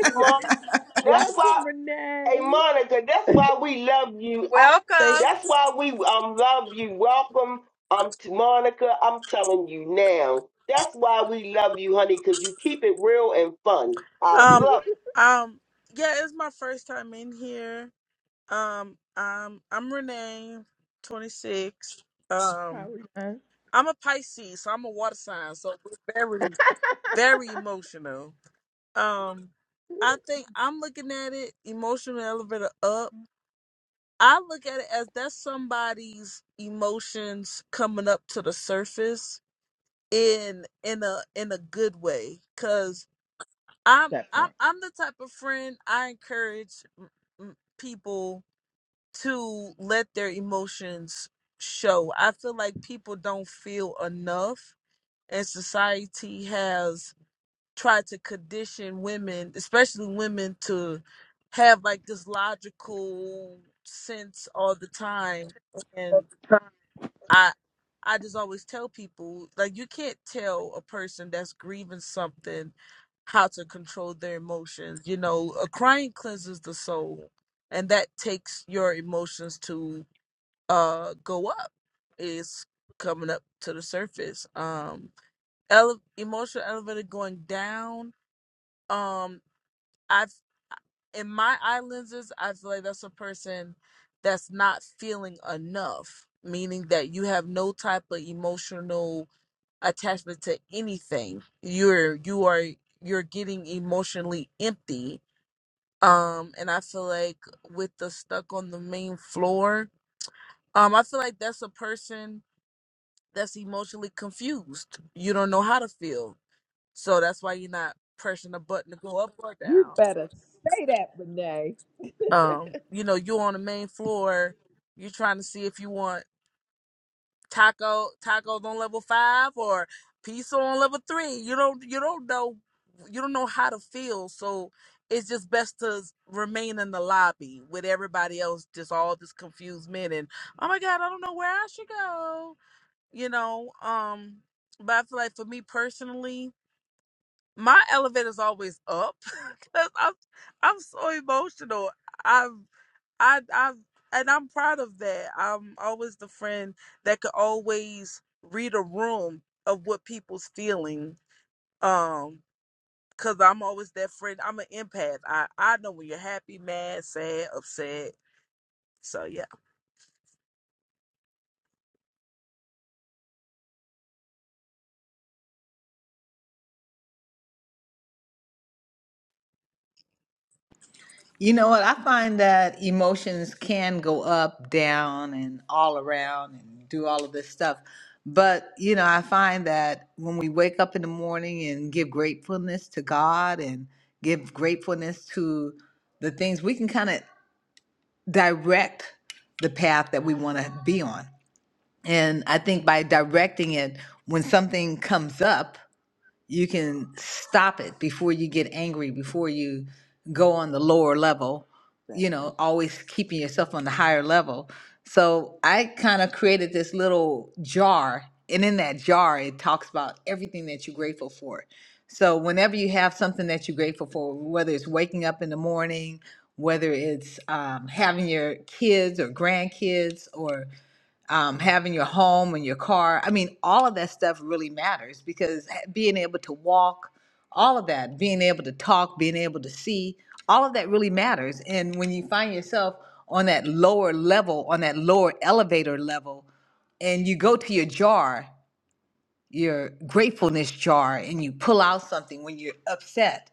Mon-
<laughs>
That's why,
Welcome, Renee.
hey Monica, that's why we love you. I-
they
Welcome.
That's why we um love you. Welcome, um to Monica. I'm telling you now. That's why we love you, honey, because you keep it real and fun. I
um
love
um yeah it's my first time in here um um I'm Renee 26 um
Carolina.
I'm a Pisces so I'm a water sign so we're very very emotional um I think I'm looking at it emotional elevator up I look at it as that's somebody's emotions coming up to the surface in in a in a good way cuz I'm
That
I'm
part.
I'm the type of friend I encourage m- m- people to let their emotions show. I feel like people don't feel enough and society has try to condition women, especially women, to have like this logical sense all the time. And I I just always tell people like you can't tell a person that's grieving something how to control their emotions. You know, a crying cleanses the soul and that takes your emotions to uh go up. It's coming up to the surface. Um ele- emotional elevator going down. Um I, in my eye lenses, I feel like that's a person that's not feeling enough, meaning that you have no type of emotional attachment to anything. You're you are you're getting emotionally empty. Um, and I feel like with the stuck on the main floor, um, I feel like that's a person that's emotionally confused. You don't know how to feel, so that's why you're not pressing a button to go up or
You
down.
better say that, Renee.
um, you know, you on the main floor, you're trying to see if you want taco tacos on level five or pizza on level three. You don't you don't know you don't know how to feel. So it's just best to s- remain in the lobby with everybody else, just all this confused men and oh my god, I don't know where I should go. You know, um, but I feel like for me personally, my elevator's always up <laughs> because I'm I'm so emotional. I I and I'm proud of that. I'm always the friend that could always read a room of what people's feeling. Um, cause I'm always that friend. I'm an empath. I I know when you're happy, mad, sad, upset. So yeah.
You know what? I find that emotions can go up, down, and all around and do all of this stuff. But, you know, I find that when we wake up in the morning and give gratefulness to God and give gratefulness to the things, we can kind of direct the path that we want to be on. And I think by directing it, when something comes up, you can stop it before you get angry before you go on the lower level
That
you know
part.
always keeping yourself on the higher level so i kind of created this little jar and in that jar it talks about everything that you're grateful for so whenever you have something that you're grateful for whether it's waking up in the morning whether it's um, having your kids or grandkids or um, having your home and your car. I mean, all of that stuff really matters because being able to walk, all of that, being able to talk, being able to see, all of that really matters. And when you find yourself on that lower level, on that lower elevator level, and you go to your jar your gratefulness jar and you pull out something when you're upset.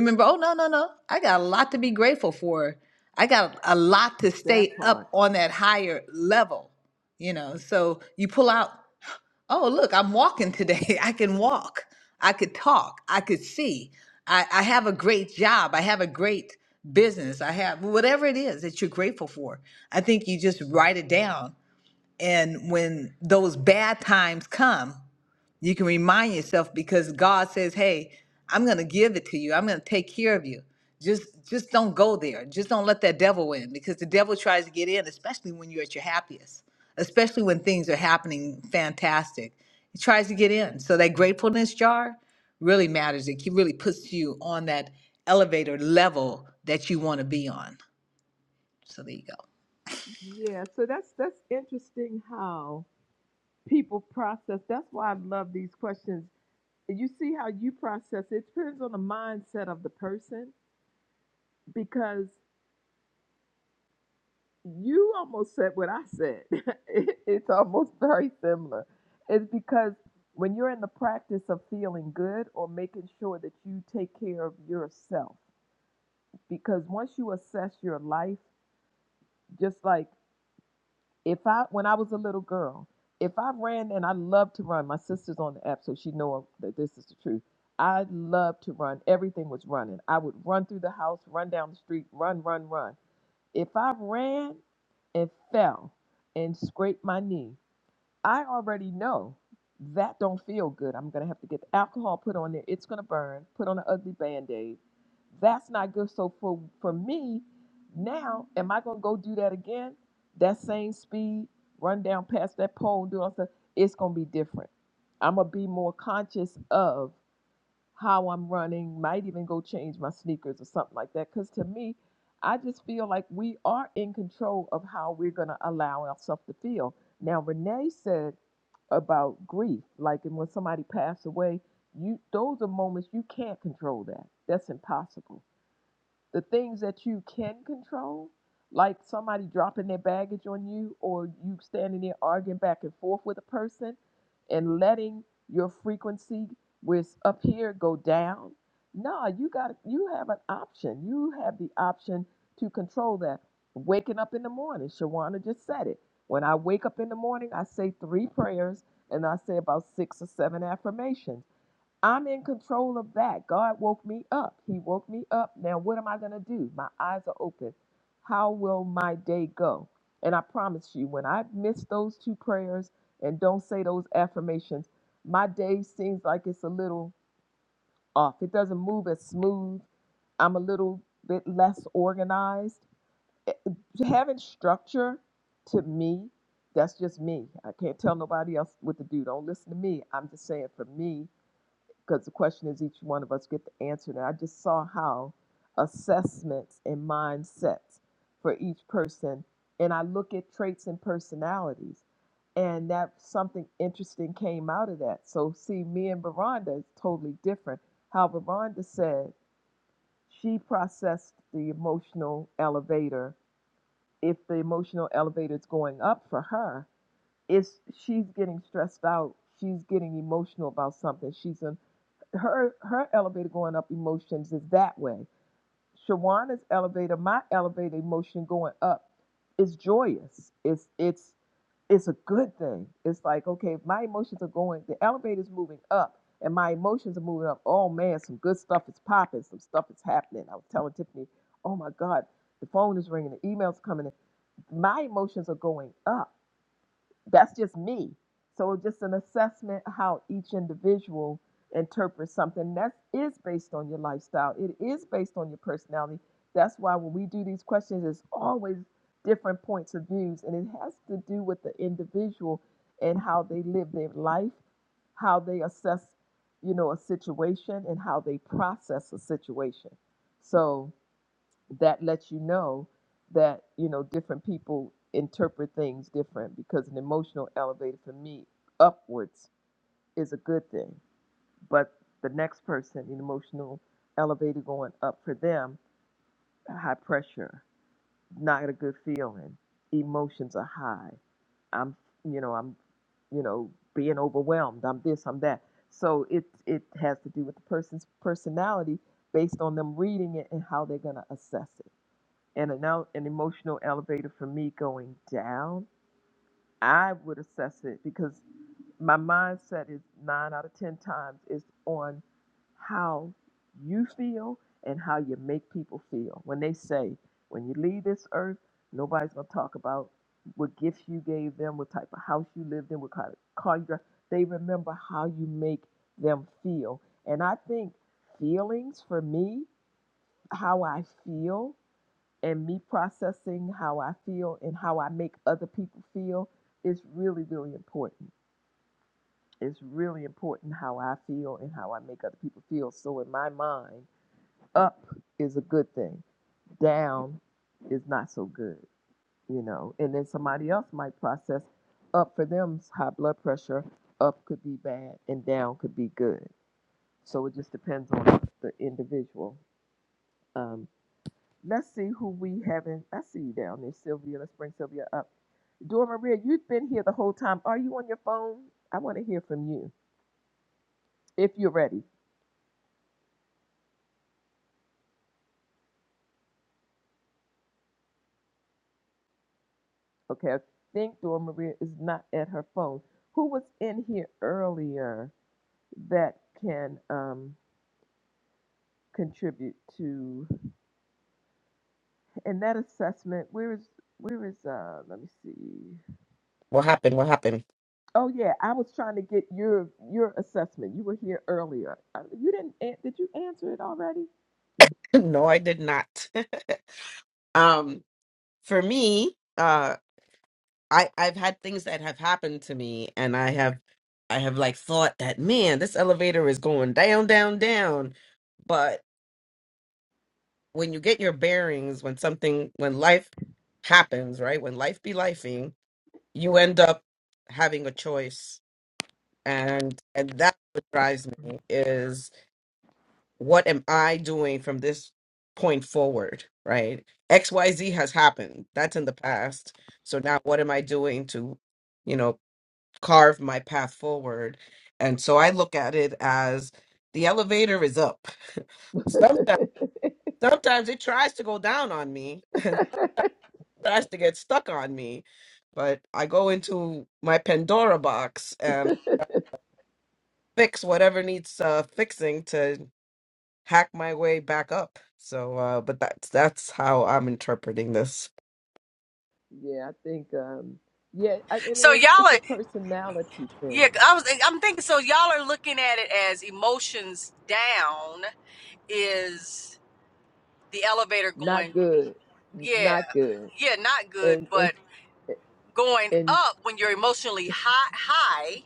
Remember, oh no, no, no. I got a lot to be grateful for. I got a lot to stay
That part.
up on that higher level, you know. So you pull out, oh look, I'm walking today. <laughs> I can walk. I could talk. I could see. I, I have a great job. I have a great business. I have whatever it is that you're grateful for. I think you just write it down. And when those bad times come, you can remind yourself because God says, "Hey, I'm going to give it to you. I'm going to take care of you. Just just don't go there. Just don't let that devil in because the devil tries to get in, especially when you're at your happiest, especially when things are happening fantastic. He tries to get in. So that gratefulness jar really matters. It ke- really puts you on that elevator level that you want to be on. So there you go.
Yeah. So that's that's interesting how people process. That's why I love these questions. You see how you process. It depends on the mindset of the person because you almost said what I said. <laughs> It- it's almost very similar. It's because when you're in the practice of feeling good or making sure that you take care of yourself, because once you assess your life, just like if I, when I was a little girl, if I ran and I love to run, my sister's on the app, so she know that this is the truth. I loved to run. Everything was running. I would run through the house, run down the street, run, run, run. If I ran and fell and scraped my knee, I already know that don't feel good. I'm gonna have to get the alcohol put on there. It's gonna burn. Put on an ugly band-aid. That's not good. So for for me, now am I gonna go do that again? That same speed, run down past that pole, and do all stuff. It's gonna be different. I'm gonna be more conscious of how I'm running, might even go change my sneakers or something like that. Because to me, I just feel like we are in control of how we're going to allow ourselves to feel. Now, Renee said about grief, like and when somebody passed away, you those are moments you can't control that. That's impossible the things that you can control, like somebody dropping their baggage on you or you standing there arguing back and forth with a person and letting your frequency with up here go down. No, you got you have an option. You have the option to control that. Waking up in the morning, Shawana just said it. When I wake up in the morning, I say three prayers and I say about six or seven affirmations I'm in control of that. God woke me up. He woke me up. Now, what am I going to do? My eyes are open. How will my day go? And I promise you, when I miss those two prayers and don't say those affirmations, my day seems like it's a little off. It doesn't move as smooth. I'm a little bit less organized. It- Having structure to me, that's just me. I can't tell nobody else what to do. Don't listen to me. I'm just saying for me, because the question is each one of us get the answer. And I just saw how assessments and mindsets for each person, and I look at traits and personalities, and that something interesting came out of that. So see, me and Veranda is totally different. How Veranda said she processed the emotional elevator. If the emotional elevator is going up for her, it's she's getting stressed out. She's getting emotional about something. She's in her her elevator going up emotions is that way. Shawana's elevator, my elevator emotion going up is joyous. It's it's it's a good thing. It's like, okay, if my emotions are going, the elevator's moving up and my emotions are moving up. Oh man, some good stuff is popping, some stuff is happening. I was telling Tiffany, oh my God, the phone is ringing, the emails coming in. My emotions are going up that's just me. So just an assessment how each individual interprets something that is based on your lifestyle. It is based on your personality. That's why when we do these questions, it's always different points of views, and it has to do with the individual and how they live their life, how they assess, you know, a situation, and how they process a situation. So that lets you know that you know different people interpret things different because an emotional elevator for me upwards is a good thing but the next person an emotional elevator going up for them high pressure not a good feeling emotions are high i'm you know i'm you know being overwhelmed i'm this i'm that so it it has to do with the person's personality based on them reading it and how they're going to assess it and an, el- an emotional elevator for me going down, I would assess it because my mindset is nine out of 10 times is on how you feel and how you make people feel. When they say, when you leave this earth, nobody's going to talk about what gifts you gave them, what type of house you lived in, what kind of car you drive. They remember how you make them feel. And I think feelings for me, how I feel and me processing how I feel and how I make other people feel is really, really important. It's really important how I feel and how I make other people feel. So in my mind, up is a good thing, down is not so good, you know. And then somebody else might process up for them high blood pressure, up could be bad and down could be good. So it just depends on the individual. Um, Let's see who we haven't. I see you down there, Sylvia. Let's bring Sylvia up. Dora Maria, you've been here the whole time. Are you on your phone? I want to hear from you if you're ready. Okay, I think Dora Maria is not at her phone. Who was in here earlier that can um, contribute to and that assessment? Where is where is uh? Let me see.
what happened? What happened? <laughs>
Oh yeah, I was trying to get your your assessment. You were here earlier. Uh, You didn't an- did you answer it already?
No, I did not. <laughs> um, for me, uh, I I've had things that have happened to me, and I have I have like thought that man, this elevator is going down, down, down. But when you get your bearings, when something, when life happens, right? When life be lifing, you end up having a choice and and that's what drives me is what am i doing from this point forward right xyz has happened that's in the past so now what am i doing to you know carve my path forward and so i look at it as the elevator is up
<laughs>
sometimes sometimes it tries to go down on me <laughs> tries to get stuck on me but i go into my pandora box and fix whatever needs uh, fixing to hack my way back up. So, uh, but that's that's how I'm interpreting this.
Yeah, I think um yeah, I- it
So
is
y'all
it's
are
a personality
Yeah,
thing.
I was. I'm thinking. So y'all are looking at it as emotions down is the elevator
Not
going.
good.
Yeah,
Not good.
yeah, not good.
And and,
But going
and
up when you're emotionally high, high.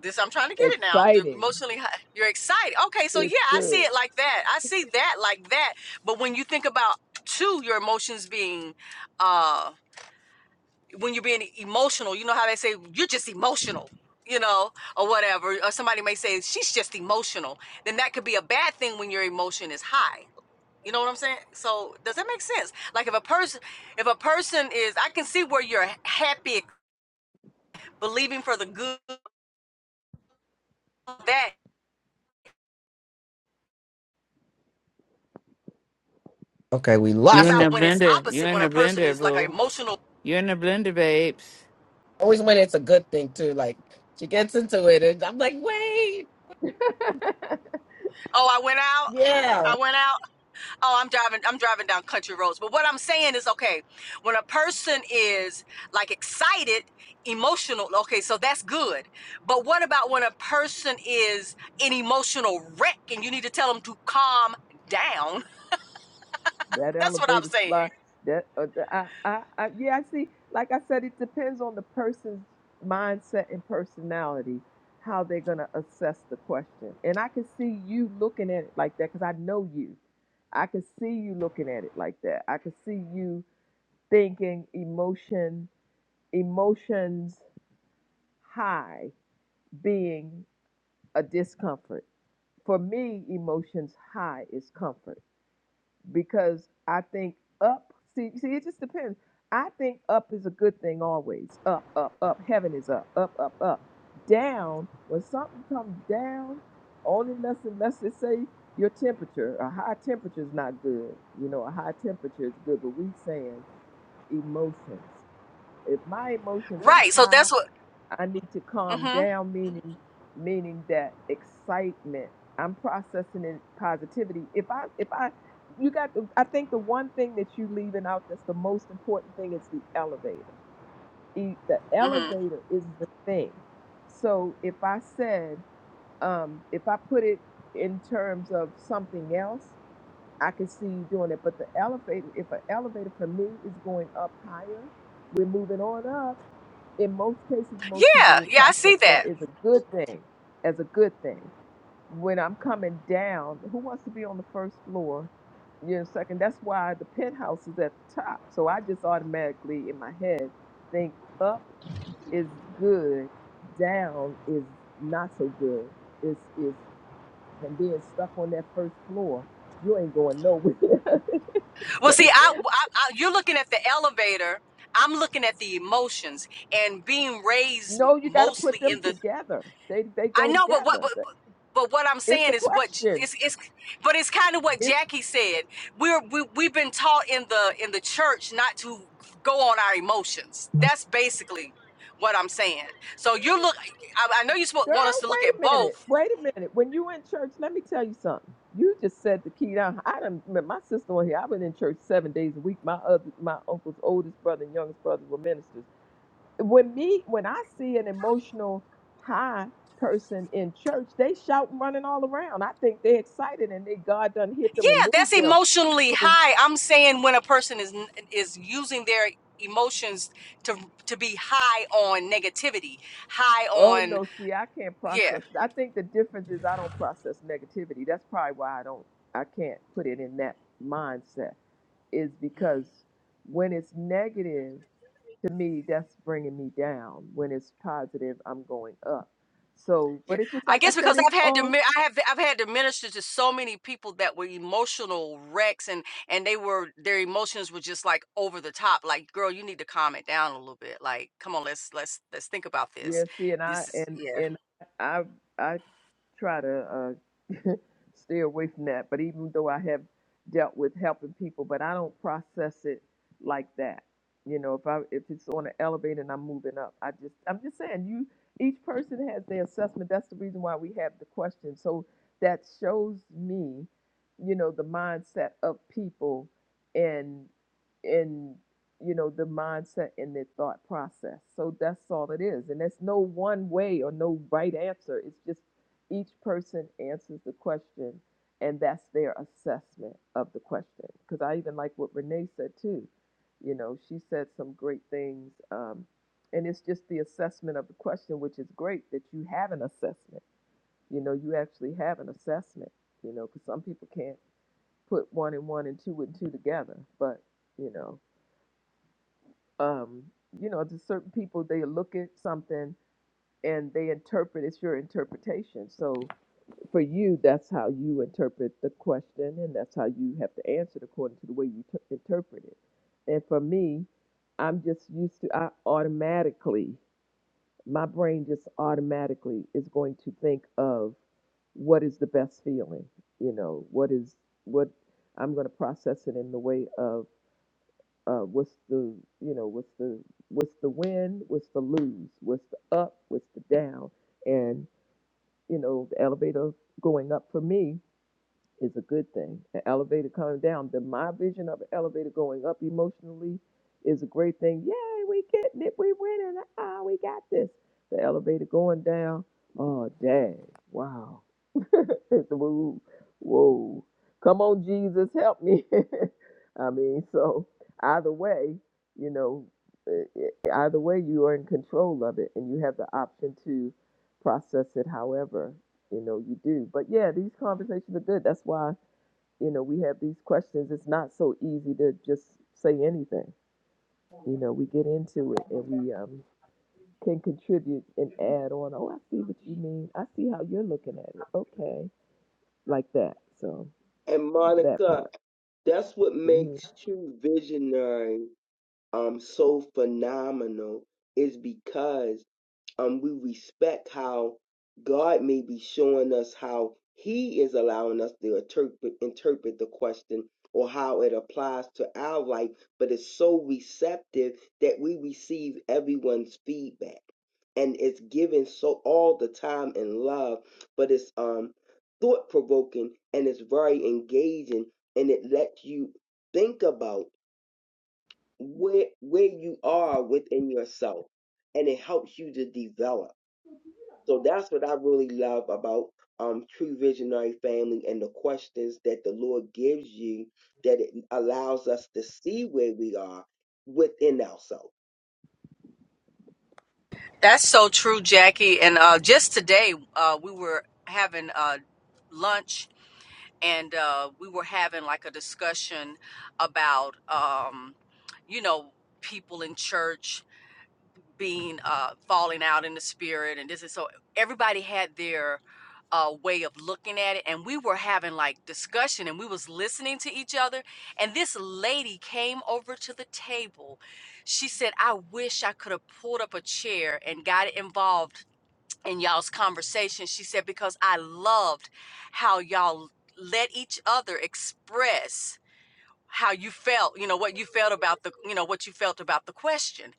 This I'm trying to get it now. the
exciting.
Emotionally, high, you're excited. Okay, so
It's
yeah, I see
good.
it like that. I see that like that. But when you think about two, your emotions being, uh, when you're being emotional, you know how they say you're just emotional, you know, or whatever. Or somebody may say she's just emotional. Then that could be a bad thing when your emotion is high. You know what I'm saying? So does that make sense? Like if a person, if a person is, I can see where you're happy, believing for the good. That
Okay, we
what
You in
lost
the
her.
about when it's
blender. You
opposite?
in
When a
the
person
blender,
is like an
boo.
emotional,
You in the blender, babes.
Always when it's a good thing too. Like she gets into it, and I'm like, wait,
<laughs> that
oh, I went out,
yeah.
I went out. Oh, I'm driving. I'm driving down country roads. But what I'm saying is, okay, when a person is like excited, emotional, okay, so that's good. But what about when a person is an emotional wreck and you need to tell them to calm down? <laughs> That's what I'm
elevator
saying,
slide that uh, the- I, I I yeah, I see like I said it depends on the person's mindset and personality how they're going to assess the question. And I can see you looking at it like that cuz I know you. I can see you looking at it like that. I can see you thinking emotion emotions high being a discomfort for me emotions high is comfort because i think up see see it just depends i think up is a good thing always up up up heaven is up up up up down when something comes down only unless unless they say your temperature a high temperature is not good you know a high temperature is good but we saying emotions if my emotions are
right? So
high,
that's what.
I need to calm
Mm-hmm.
down, meaning meaning that excitement. I'm processing it positivity. If I if I you got the, I think the one thing that you leaving out that's the most important thing is the elevator. E- The
Mm-hmm.
elevator is the thing. So if I said um if I put it in terms of something else, I could see you doing it. But the elevator, if an elevator for me is going up higher, we're moving on up in most cases, most people
Yeah,
will
yeah, I
process
see that.
that as a good thing, as a good thing. When I'm coming down, who wants to be on the first floor? You know, second. That's why the penthouse is at the top. So I just automatically in my head think up is good, down is not so good. It's it's and being stuck on that first floor, you ain't going nowhere. <laughs>
Well, see,
so
I, I, I you're looking at the elevator. I'm looking at the emotions and being raised
no, you got to
mostly
put them
in the
together. They they
I
go
know, but what,
together.
but, but what I'm
It's
saying
the
is what J-
question.
it's, it's but it's kind of what
It's
Jackie said. We're we, we've been taught in the in the church not to go on our emotions. That's basically what I'm saying. So you look, I, I know you spo-
Girl,
want us to look at
wait a minute.
both.
Wait a minute. When you in church, let me tell you something. You just said the key down. I done met my sister on here. I been in church seven days a week. My other my uncle's oldest brother and youngest brother were ministers. When me when I see an emotional high person in church, they shout and running all around. I think they excited and they God done hit them and
Yeah, that's
moved them.
emotionally
So
high. I'm saying when a person is n- is using their emotions to to be high on negativity, high
oh
on
no, see, I can't
yeah.
process. I think the difference is I don't process negativity. That's probably why I don't I can't put it in that mindset is because when it's negative to me that's bringing me down when it's positive i'm going up so
Yeah,
but it's just
I
like i
guess
said
because
it's
I've had to
all
mi- I have I've had to minister to so many people that were emotional wrecks and and they were their emotions were just like over the top. Like, girl, you need to calm it down a little bit. Like, come on, let's let's let's think about this.
Yeah, see, and
This
I
is
and
yeah.
and I I try to uh, <laughs> stay away from that. But even though I have dealt with helping people, but I don't process it like that. You know, if I if it's on an elevator and I'm moving up, I just I'm just saying you. Each person has their assessment. That's the reason why we have the question. So that shows me, you know, the mindset of people and and you know the mindset and the thought process so that's all it is and there's no one way or no right answer it's just each person answers the question and that's their assessment of the question because i even like what renee said too you know she said some great things um, and it's just the assessment of the question which is great that you have an assessment you know you actually have an assessment you know because some people can't put one and one and two and two together but you know um, you know, there's certain people they look at something and they interpret it's your interpretation. So for you, that's how you interpret the question, and that's how you have to answer it according to the way you t- interpret it. And for me, I'm just used to I automatically my brain just automatically is going to think of what is the best feeling, you know, what is what I'm going to process it in the way of uh, what's the you know what's the what's the win what's the lose what's the up what's the down and you know the elevator going up for me is a good thing. An elevator coming down, then my vision of an elevator going up emotionally is a great thing. Yay, we getting it, we winning, ah, we got this. The elevator going down, oh dang, wow. <laughs> it's woo, whoa. Come on, Jesus, help me. <laughs> I mean, so either way, you know, eh, eh, either way, you are in control of it and you have the option to process it however you know you do but yeah these conversations are good that's why you know we have these questions it's not so easy to just say anything you know we get into it and we um can contribute and add on oh i see what you mean i see how you're looking at it okay like that so
it. and
that
Monica.
part
That's what
hmm
makes True Visionary um so phenomenal is because um, we respect how God may be showing us how He is allowing us to interpret, interpret the question or how it applies to our life, but it's so receptive that we receive everyone's feedback. And it's given so all the time in love, but it's um thought provoking and it's very engaging and it lets you think about where where you are within yourself and it helps you to develop. So that's what I really love about um, True Visionary Family and the questions that the Lord gives you that it allows us to see where we are within ourselves.
That's so true, Jackie. And uh just today uh we were having uh lunch and uh we were having like a discussion about um you know people in church being uh, falling out in the spirit and this is so everybody had their uh, way of looking at it and we were having like discussion and we was listening to each other and this lady came over to the table she said i wish i could have pulled up a chair and got involved in y'all's conversation she said because i loved how y'all let each other express how you felt, you know, what you felt about the, you know, what you felt about the question.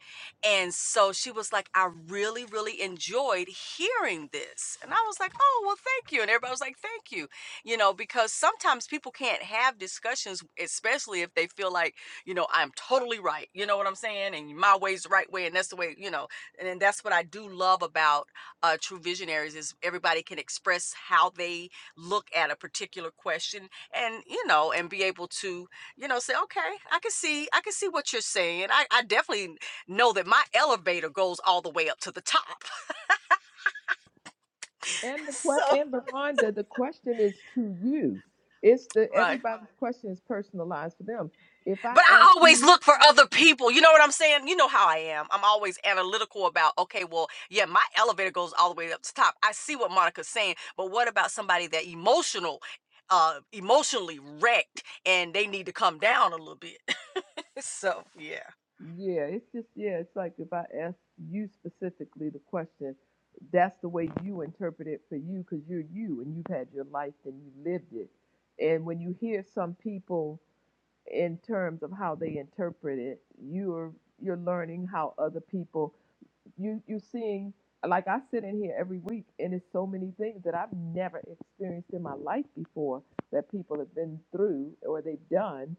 And so she was like, I really, really enjoyed hearing this. And I was like, oh, well, thank you. And everybody was like, thank you, you know, because sometimes people can't have discussions, especially if they feel like, you know, I'm totally right. You know what I'm saying? And my way's the right way. And that's the way, you know, and then that's what I do love about uh, True Visionaries is everybody can express how they look at a particular question and, you know, and be able to you know, say, okay, I can see, I can see what you're saying. I, I definitely know that my elevator goes all the way up to the top.
and
<laughs>
the
so,
que- and Veronda, the question is to you it's the
Right.
everybody's question is personalized for them if i
but
ask
I always
you
look for other people. You know what I'm saying? You know how I am. I'm always analytical about, okay, well, yeah, my elevator goes all the way up to the top. I see what Monica's saying, but what about somebody that emotional, uh, emotionally wrecked and they need to come down a little bit? <laughs> so, yeah.
Yeah, it's just yeah, it's like if I ask you specifically the question, that's the way you interpret it for you because you're you and you've had your life and you lived it. And when you hear some people in terms of how they interpret it, you're you're learning how other people you you're seeing like I sit in here every week and it's so many things that I've never experienced in my life before that people have been through or they've done.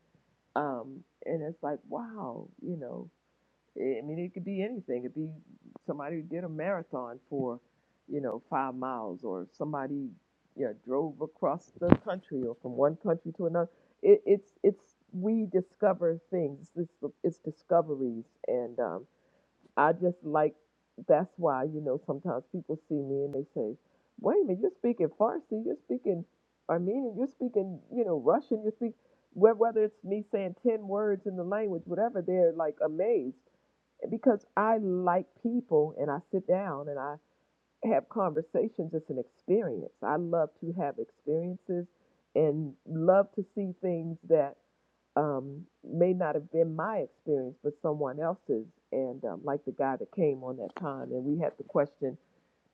Um, and it's like, wow, you know, I mean, it could be anything. It could be somebody who did a marathon for, you know, five miles, or somebody, you know, drove across the country or from one country to another. It, it's it's we discover things. It's it's discoveries, and um, I just like that's why you know sometimes people see me and they say, "Wait a minute, you're speaking Farsi, you're speaking Armenian, you're speaking you know Russian, you're speaking." Whether it's me saying ten words in the language, whatever, they're like amazed because I like people and I sit down and I have conversations. It's an experience. I love to have experiences and love to see things that um, may not have been my experience, but someone else's. And um, like the guy that came on that time, and we had the question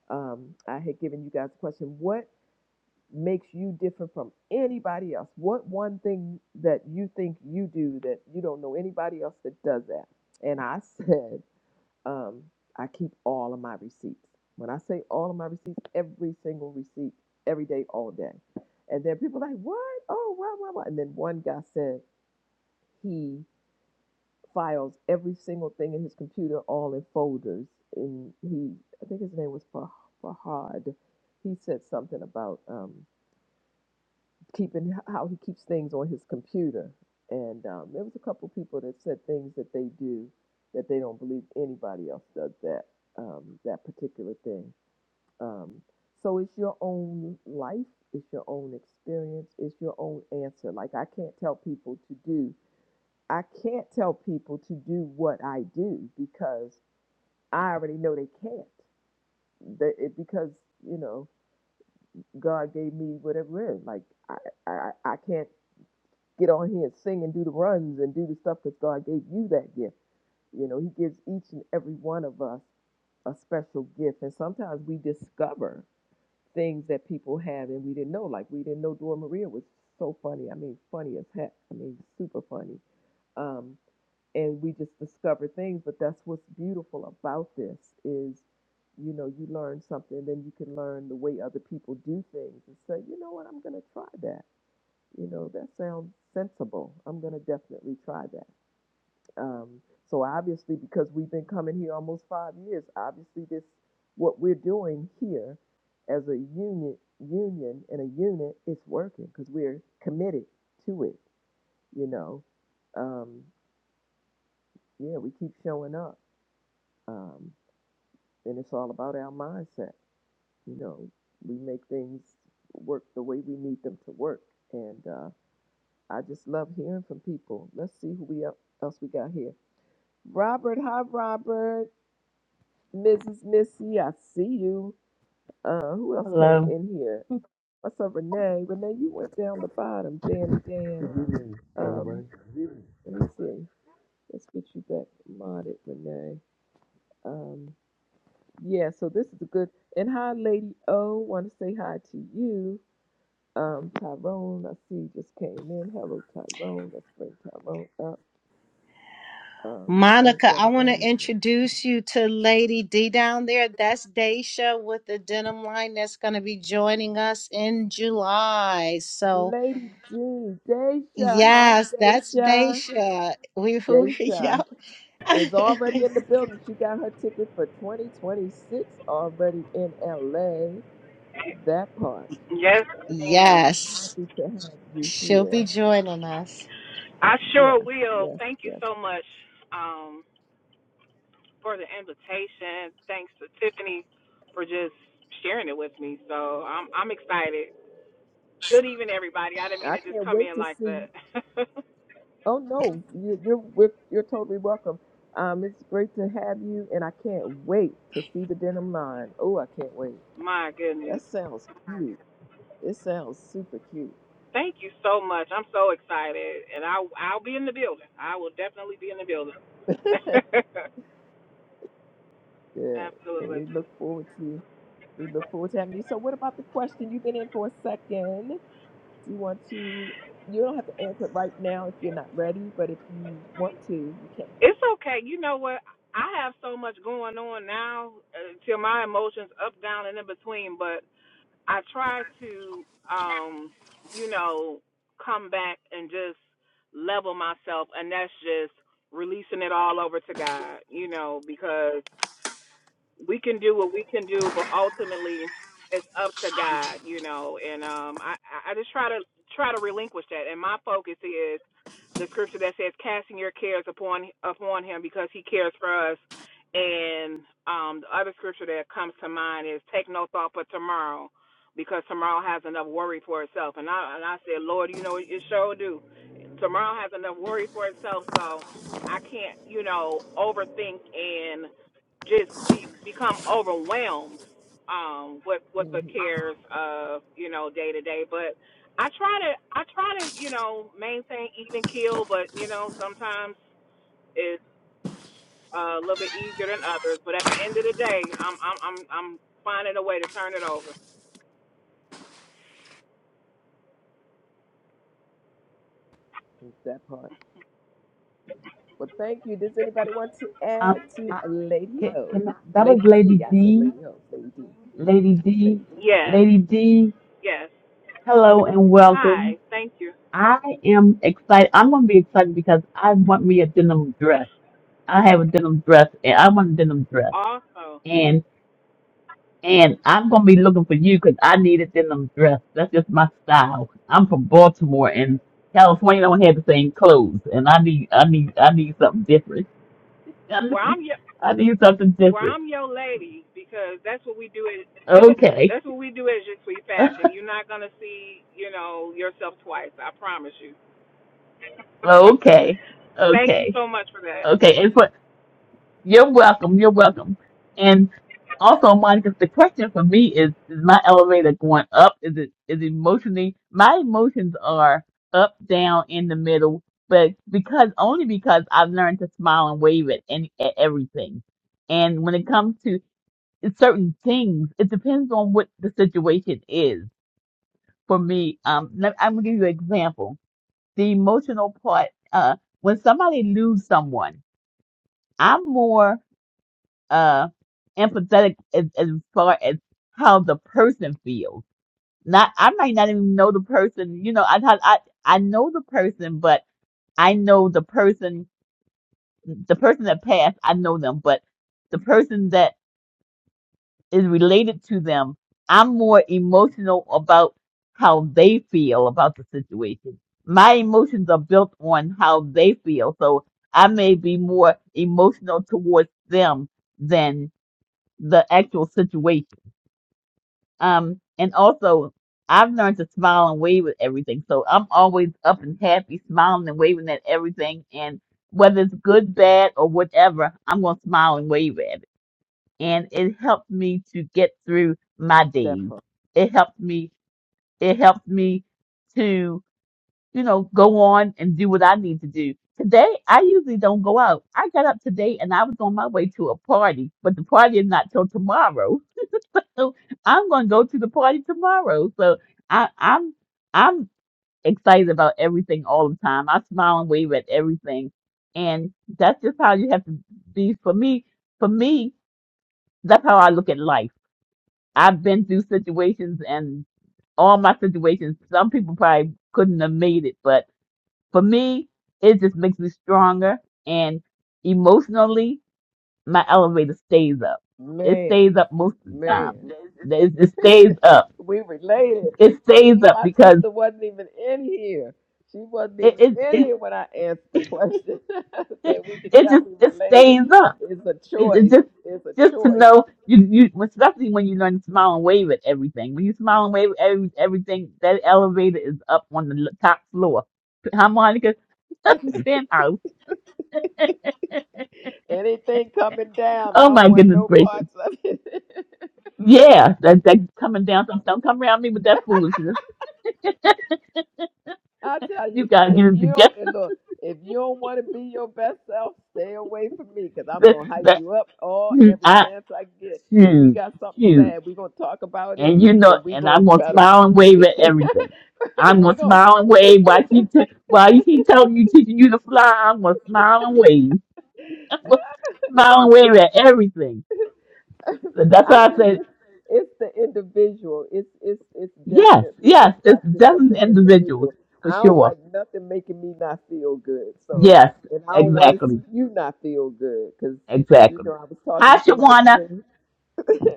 um, I had given you guys a question what makes you different from anybody else? What one thing that you think you do that you don't know anybody else that does that? And I <laughs> said, um, I keep all of my receipts. When I say all of my receipts, every single receipt, every day, all day. And then people are like, what? Oh, wow, wow, wow. And then one guy said he files every single thing in his computer, all in folders. And he, I think his name was Fah- Fahad. He said something about um, keeping how he keeps things on his computer. And um, there was a couple people that said things that they do that they don't believe anybody else does that um, that particular thing. Um, so it's your own life, it's your own experience, it's your own answer. Like I can't tell people to do, I can't tell people to do what I do because I already know they can't. That it, because you know God gave me whatever it is. Like I, I, I can't get on here and sing and do the runs and do the stuff because God gave you that gift. You know, He gives each and every one of us a special gift. And sometimes we discover things that people have and we didn't know. Like we didn't know Dora Maria was so funny. I mean, funny as heck. I mean, super funny. Um, and we just discover things. But that's what's beautiful about this is, you know, you learn something, then you can learn the way other people do things and say, you know what, I'm going to try that you know, that sounds sensible. I'm going to definitely try that. Um, so obviously, because we've been coming here almost five years, obviously this what we're doing here as a union, union and a unit is working because we're committed to it. You know, um, yeah, we keep showing up, um, and it's all about our mindset. You know, we make things work the way we need them to work, and uh, I just love hearing from people. Let's see who we el- else we got here. Robert, hi Robert. Mrs. Missy, I see you. Uh, who else came
Hello.
in here? What's up, Renee? Renee, you went down the bottom. Danny, Dan.
Good evening, everybody.
Um,
Good evening.
let me see. Let's get you back modded, Renee. Um, yeah. So this is a good. And hi, Lady O. Want to say hi to you. Um, Tyrone, I see you just came in. Hello, Tyrone. Let's bring Tyrone up. Um, right
Monica,
down
I
the
want to
bottom.
introduce you to Lady D down there. That's Daisha with the denim line that's going to be joining us in July. So,
Lady D, Daisha, hi
yes, that's
Daisha.
Daisha. We, <laughs> we
Daisha
yep.
is already
<laughs>
in the building. She got her ticket for 2026 already in LA. That part.
Yes, ma'am.
yes,
Happy to have you
she'll be
here.
joining us.
I sure
Yes,
will.
yes,
Thank you
yes.
so much um, for the invitation. Thanks to Tiffany for just sharing it with me. So I'm I'm excited. Good evening, everybody. I didn't mean
I
to just
can't
come
wait
in
to
like
see.
that. <laughs>
Oh no, you, you're we're, you're totally welcome. Um, it's great to have you, and I can't wait to see the denim line. Oh, I can't wait.
My
That
goodness.
sounds cute. It sounds super cute.
Thank you so much. I'm so excited, and I I'll be in the building. I will definitely be in the building.
<laughs>
<laughs>
Good. And
Absolutely.
we look forward to we look forward to having you. So what about the question? You've been in for a second. Do you want to you don't have to answer it right now if you're not ready, but if you want to, you can.
It's okay. You know what? I have so much going on now uh, till my emotions up, down, and in between. But I try to, um, you know, come back and just level myself, and that's just releasing it all over to God, you know, because we can do what we can do, but ultimately it's up to God, you know. And um, I I just try to try to relinquish that. And my focus is the scripture that says, "Casting your cares upon upon Him, because He cares for us." And um, the other scripture that comes to mind is, "Take no thought for tomorrow." Because tomorrow has enough worry for itself, and I and I said, Lord, you know it sure do. Tomorrow has enough worry for itself, so I can't, you know, overthink and." just be become overwhelmed um with with the
Mm-hmm.
cares of you know day to day but i try to i try to you know maintain even keel but you know sometimes it's uh, a little bit easier than others but at the end of the day i'm i'm i'm, I'm finding a way to turn it over
That part. Well, thank you. Does anybody want to
Um,
add to
I,
Lady
can,
O?
can, I- that was
Lady
Lady
D. I said
D.
Lady O. Lady D.
Lady D.
Lady D.
yes
Lady D.
yes
Hello and
hi
welcome.
thank you
I am excited. I'm going to be excited because I want me a denim dress.
<laughs>
I have a denim dress and I want a denim dress.
also
And and I'm going to be looking for you because I need a denim dress. That's just my style. I'm from Baltimore and California don't have the same clothes. And I need, I need, I need something different. <laughs> I
well
need,
i'm
I need something
Well,
different.
I'm your lady because that's what we do. At, <laughs>
Okay.
that's what we do at Je Suis
<laughs>
Fashion. You're not gonna see, you know, yourself twice. I promise you. <laughs>
Okay,
Thank you
okay,
so much for that.
okay. And for you're welcome, you're welcome. And also, Monica, the question for me is: Is my elevator going up? Is it is emotionally? My emotions are up, down, in the middle, but because only because I've learned to smile and wave at any at everything. And when it comes to certain things, it depends on what the situation is. For me, um, let- I'm gonna give you an example the emotional part uh when somebody lose someone i'm more uh empathetic as, as far as how the person feels not i might not even know the person you know i i i I know the person but i know the person the person that passed i know them but the person that is related to them. I'm more emotional about how they feel about the situation. My emotions are built on how they feel. So I may be more emotional towards them than the actual situation. Um, and also, I've learned to smile and wave at everything. So I'm always up and happy, smiling and waving at everything. And whether it's good, bad, or whatever, I'm going to smile and wave at it and it helped me to get through my
That
days.
part.
It helped me. It helped me to, you know, go on and do what I need to do. Today, I usually don't go out. I got up today and I was on my way to a party, but the party is not till tomorrow. <laughs> So I'm going to go to the party tomorrow. So I, I'm, I'm excited about everything all the time. I smile and wave at everything. And that's just how you have to be for me. For me, that's how I look at life I've been through situations and all my situations, some people probably couldn't have made it, but for me, it just makes me stronger and emotionally, my elevator stays up. It stays
Man.
up most of the time.
Man.
It, it stays up.
We related.
It stays
See,
up
my
because
sister wasn't even in here. She wasn't
it
even
it
in here when I answered the question <laughs>
it,
that we
<laughs>
could
it
tell
just
we
it
related.
stays up.
It's a
It, it
choice.
just
It's a
just to
choice.
know you you especially when you learn to smile and wave at everything. When you smile and wave at every, everything, that elevator is up on the l- top floor. Harmonica <laughs> penthouse.
Anything coming down, I
Oh
don't
my
want
goodness
no
gracious.
parts of it. <laughs>
Yeah, that that coming down. Don't, don't come around me with that foolishness.
I tell
You
you,
gotta get
if
it
you don't
together. <laughs>
and look, if you don't want to be your best self, stay away from me because I'm
That,
gonna hype
that,
you up all every
I
chance I get. If we
shoot
got something
shoot.
sad, we gonna talk about it,
And you know,
and we
and I'm
gonna
gonna
try to
smile and
<laughs>
wave
we,
at everything. I'm
<laughs> we
gonna
gonna
smile and
we,
wave while
<laughs>
she t- while she telling you teaching you to fly. I'm gonna smile and wave, <laughs> I'm gonna smile and wave at everything. So
<laughs>
that's
I
why I
think
said
it's, it's the individual. It's it's it's
yes,
definitely the
yes. It's
practice of
dozen
the
individuals
individual.
for
I don't
sure.
like nothing making me not feel good. So,
Yes,
and I don't want to
exactly,
see you not feel good because you know
exactly.
I was talking
Hi,
to somebody
Shawana.
today. <laughs>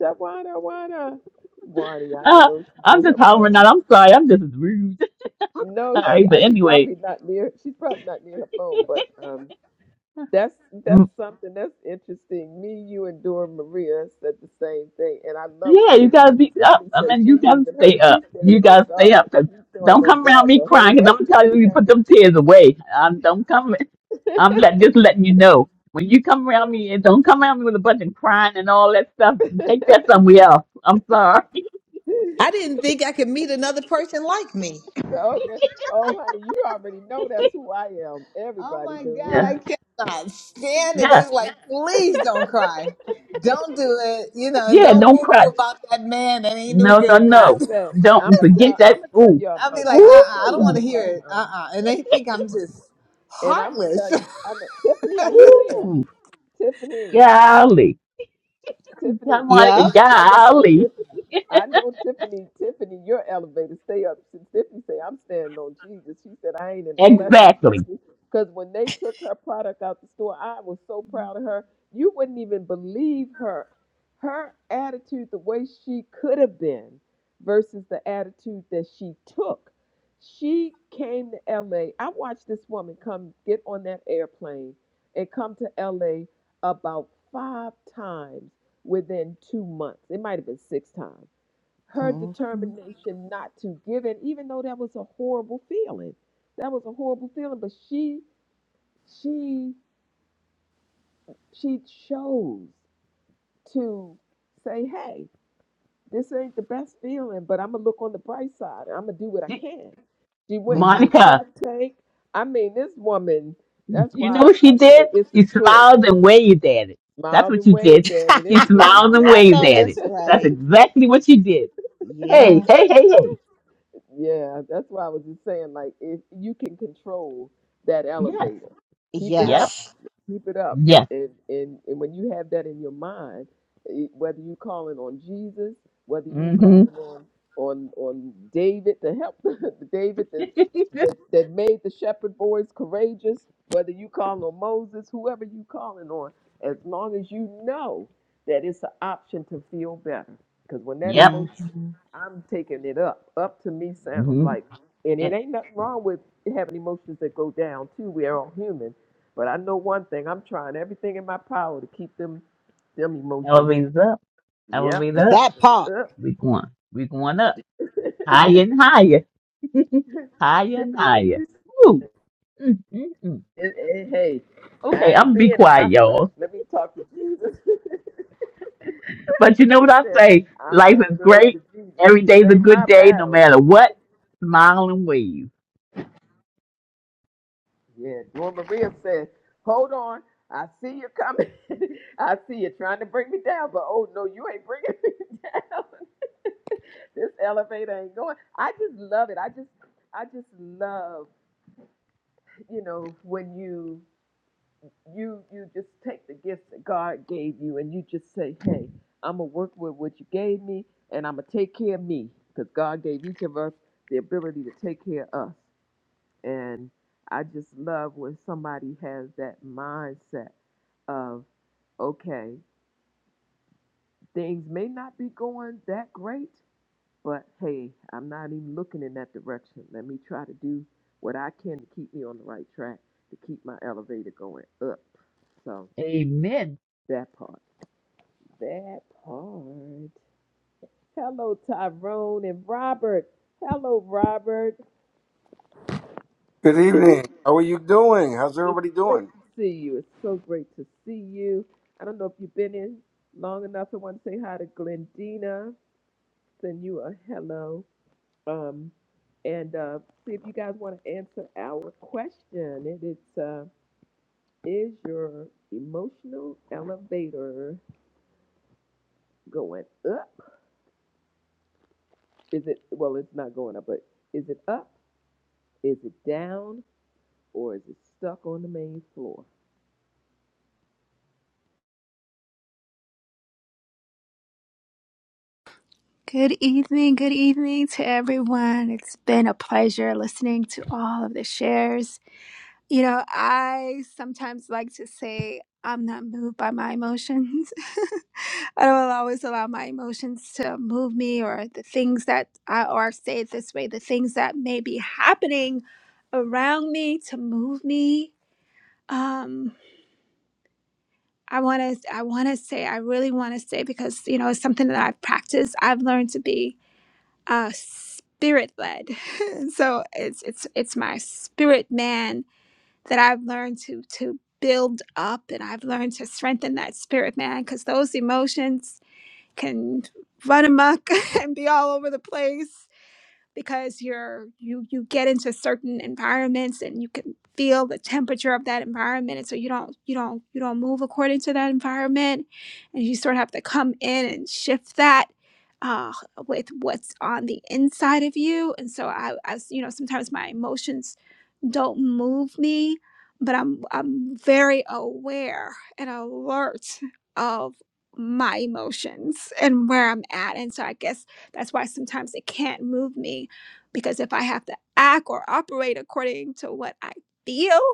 Shawana, Wana, Wani. I don't
Uh,
know if she's
I'm
near her
just hollering out.
phone.
I'm sorry. I'm just rude. <laughs> All
No, she
right, but
uh, she
anyway.
probably not near. She's probably not near her phone, but um, That's that's something that's interesting. Me, you, and Dora Maria said the same thing, and I love
Yeah,
what
you gotta
Tiffany.
be up.
Tiffany
I
said
mean, you
she's
gotta
leaving her.
stay
She's
up. You
standing on
gotta stay
God.
up. Cause
She's standing
don't
on
come around
God
me
the whole
crying. Cause
way.
I'm gonna tell you, you put them tears away. I'm don't come. I'm let, just letting you know. When you come around me, and don't come around me with a bunch of crying and all that stuff. Take that somewhere else. I'm sorry.
<laughs>
I didn't think I could meet another person like me.
so
<laughs>
okay. Oh, honey, you already know that's who I am.
Oh
Everybody
my
do
God,
that.
yeah,
I cannot stand it.
yeah,
It's like, please don't cry. Don't do it. You know, and
yeah.
don't
Don't
boo boo
cry.
about that man that ain't no
No, no,
good for
I
you. <laughs>
no.
said I'm
Don't
gonna
it's
forget
tell.
like,
I'm
that.
gonna tell
Ooh,
y'all
I'll be
about.
like,
I'm
uh
gonna
uh I
tell
don't want
y'all
ooh,
to hear
about.
it. Uh
Um,
uh And they think I'm just
and I'm gonna
heartless.
tell.
<laughs>
I'm Tiffany. Are you here?
ooh.
Tiffany.
Golly, <laughs>
Tiffany,
Monica,
Yep.
I'm gonna tell you about
golly.
Tiffany. I know Tiffany. Tiffany, your elevator stay up. Since Tiffany say I'm standing on Jesus, she said I ain't in the flesh. I'm standing
Exactly.
on Jesus. Because when they took her product out the store, I was so proud of her. You wouldn't even believe her, her attitude, the way she could have been, versus the attitude that she took. She came to L. A. I watched this woman come get on that airplane and come to LA about five times within two months. It might have been six times. Her
Mhm,
determination not to give in, even though that was a horrible feeling. That was a horrible feeling. But she she she chose to say, hey, this ain't the best feeling, but I'm gonna look on the bright side and I'm gonna do what I
<laughs>
can. She went to
mhm.
the
Monica,
shark tank. I mean, this woman, that's
you know
why
what
I,
she
I
did?
say it's a
She
choice.
smiled and waved at it. That's
Mild
what
and
she
way,
did.
<laughs>
dead it
She
anyway.
smiled and
I
Yep.
waved
know
at
<laughs>
it.
that's
That's
right.
exactly what she did. Hey,
Yeah.
hey, hey, hey.
Yeah, that's why I was just saying, like, if you can control that
Yes.
elevator, keep it
Yep.
up,
Yes.
keep it up.
Yes.
And, and, and when you have that in your mind, it- whether you calling on Jesus, whether you
Mm-hmm. <laughs>
calling on on on David to help <laughs> David that, that that made the shepherd boys courageous, whether you calling on Moses, whoever you calling on, as long as you know that it's an option to feel better, because when that
Yep.
emotion
Mhm.
I'm taking it up. Up to me sounds
Mm-hmm.
like, and it
And
ain't nothing wrong with having emotions that go down too. We are all human, but I know one thing: I'm trying everything in my power to keep them, them emotions.
elevate it up. Elevate
Yep,
up.
That
elevated
part.
up.
We going. We going up.
<laughs>
Higher and higher. <laughs> higher and
Tiffany, this
higher.
is-
Woo. mm mm mm.
and- and hey,
Okay,
I ain't
I'm be
being in
quiet,
my flesh.
y'all.
Let me talk to Jesus. <laughs>
But you know what
she
I
said,
say?
I'm
Life
turning
is
it over
great.
to Jesus.
Every
It
day's a
ain't
good
my
day, no
battle.
matter what. Smile and wave.
Yeah, Dora Maria says, "Hold on, I see you coming. <laughs> I see you trying to bring me down, but oh no, you ain't bringing <laughs> me down. this elevator ain't going." I just love it. I just, I just love, you know, when you, you, you just take the gifts that God gave you and you just say, "Hey, I'm gonna work with what you gave me, and I'm gonna take care of me, because God gave each of us the ability to take care of us." And I just love when somebody has that mindset of okay, things may not be going that great, but hey, I'm not even looking in that direction. Let me try to do what I can to keep me on the right track, to keep my elevator going up. So
Amen.
that part. That part. Hello, Tyrone and Robert. Hello, Robert.
Good evening. How are you doing? How's
It's
everybody
great
doing?
to see you. It's so great to see you. I don't know if you've been in long enough. I want to say hi to Glendina. Send you a hello. Um, and uh, see if you guys want to answer our question. It is, uh, is your emotional elevator going up? Is it, well, it's not going up, but is it up? Is it down? Or is it stuck on the main floor?
Good evening, good evening to everyone. It's been a pleasure listening to all of the shares. You know, I sometimes like to say I'm not moved by my emotions. <laughs> I don't always allow my emotions to move me or the things that I or I say it this way, the things that may be happening around me to move me. Um I want to I want to say I really want to say because you know it's something that I've practiced. I've learned to be uh spirit led <laughs> so it's it's it's my spirit man that i've learned to to build up and i've learned to strengthen that spirit man because those emotions can run amok <laughs> and be all over the place because you're you you get into certain environments and you can feel the temperature of that environment and so you don't you don't you don't move according to that environment and you sort of have to come in and shift that uh, with what's on the inside of you and so I, I you know sometimes my emotions don't move me, but I'm I'm very aware and alert of my emotions and where I'm at. And so I guess that's why sometimes it can't move me because if I have to act or operate according to what I feel,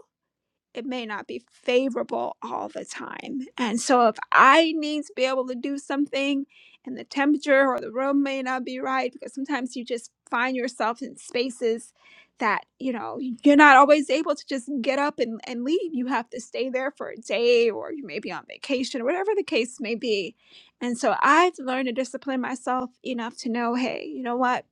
it may not be favorable all the time. And so if I need to be able to do something and the temperature or the room may not be right, because sometimes you just find yourself in spaces that, you know, you're not always able to just get up and, and leave. You have to stay there for a day or you may be on vacation or whatever the case may be. And so I've learned to discipline myself enough to know, hey, you know what?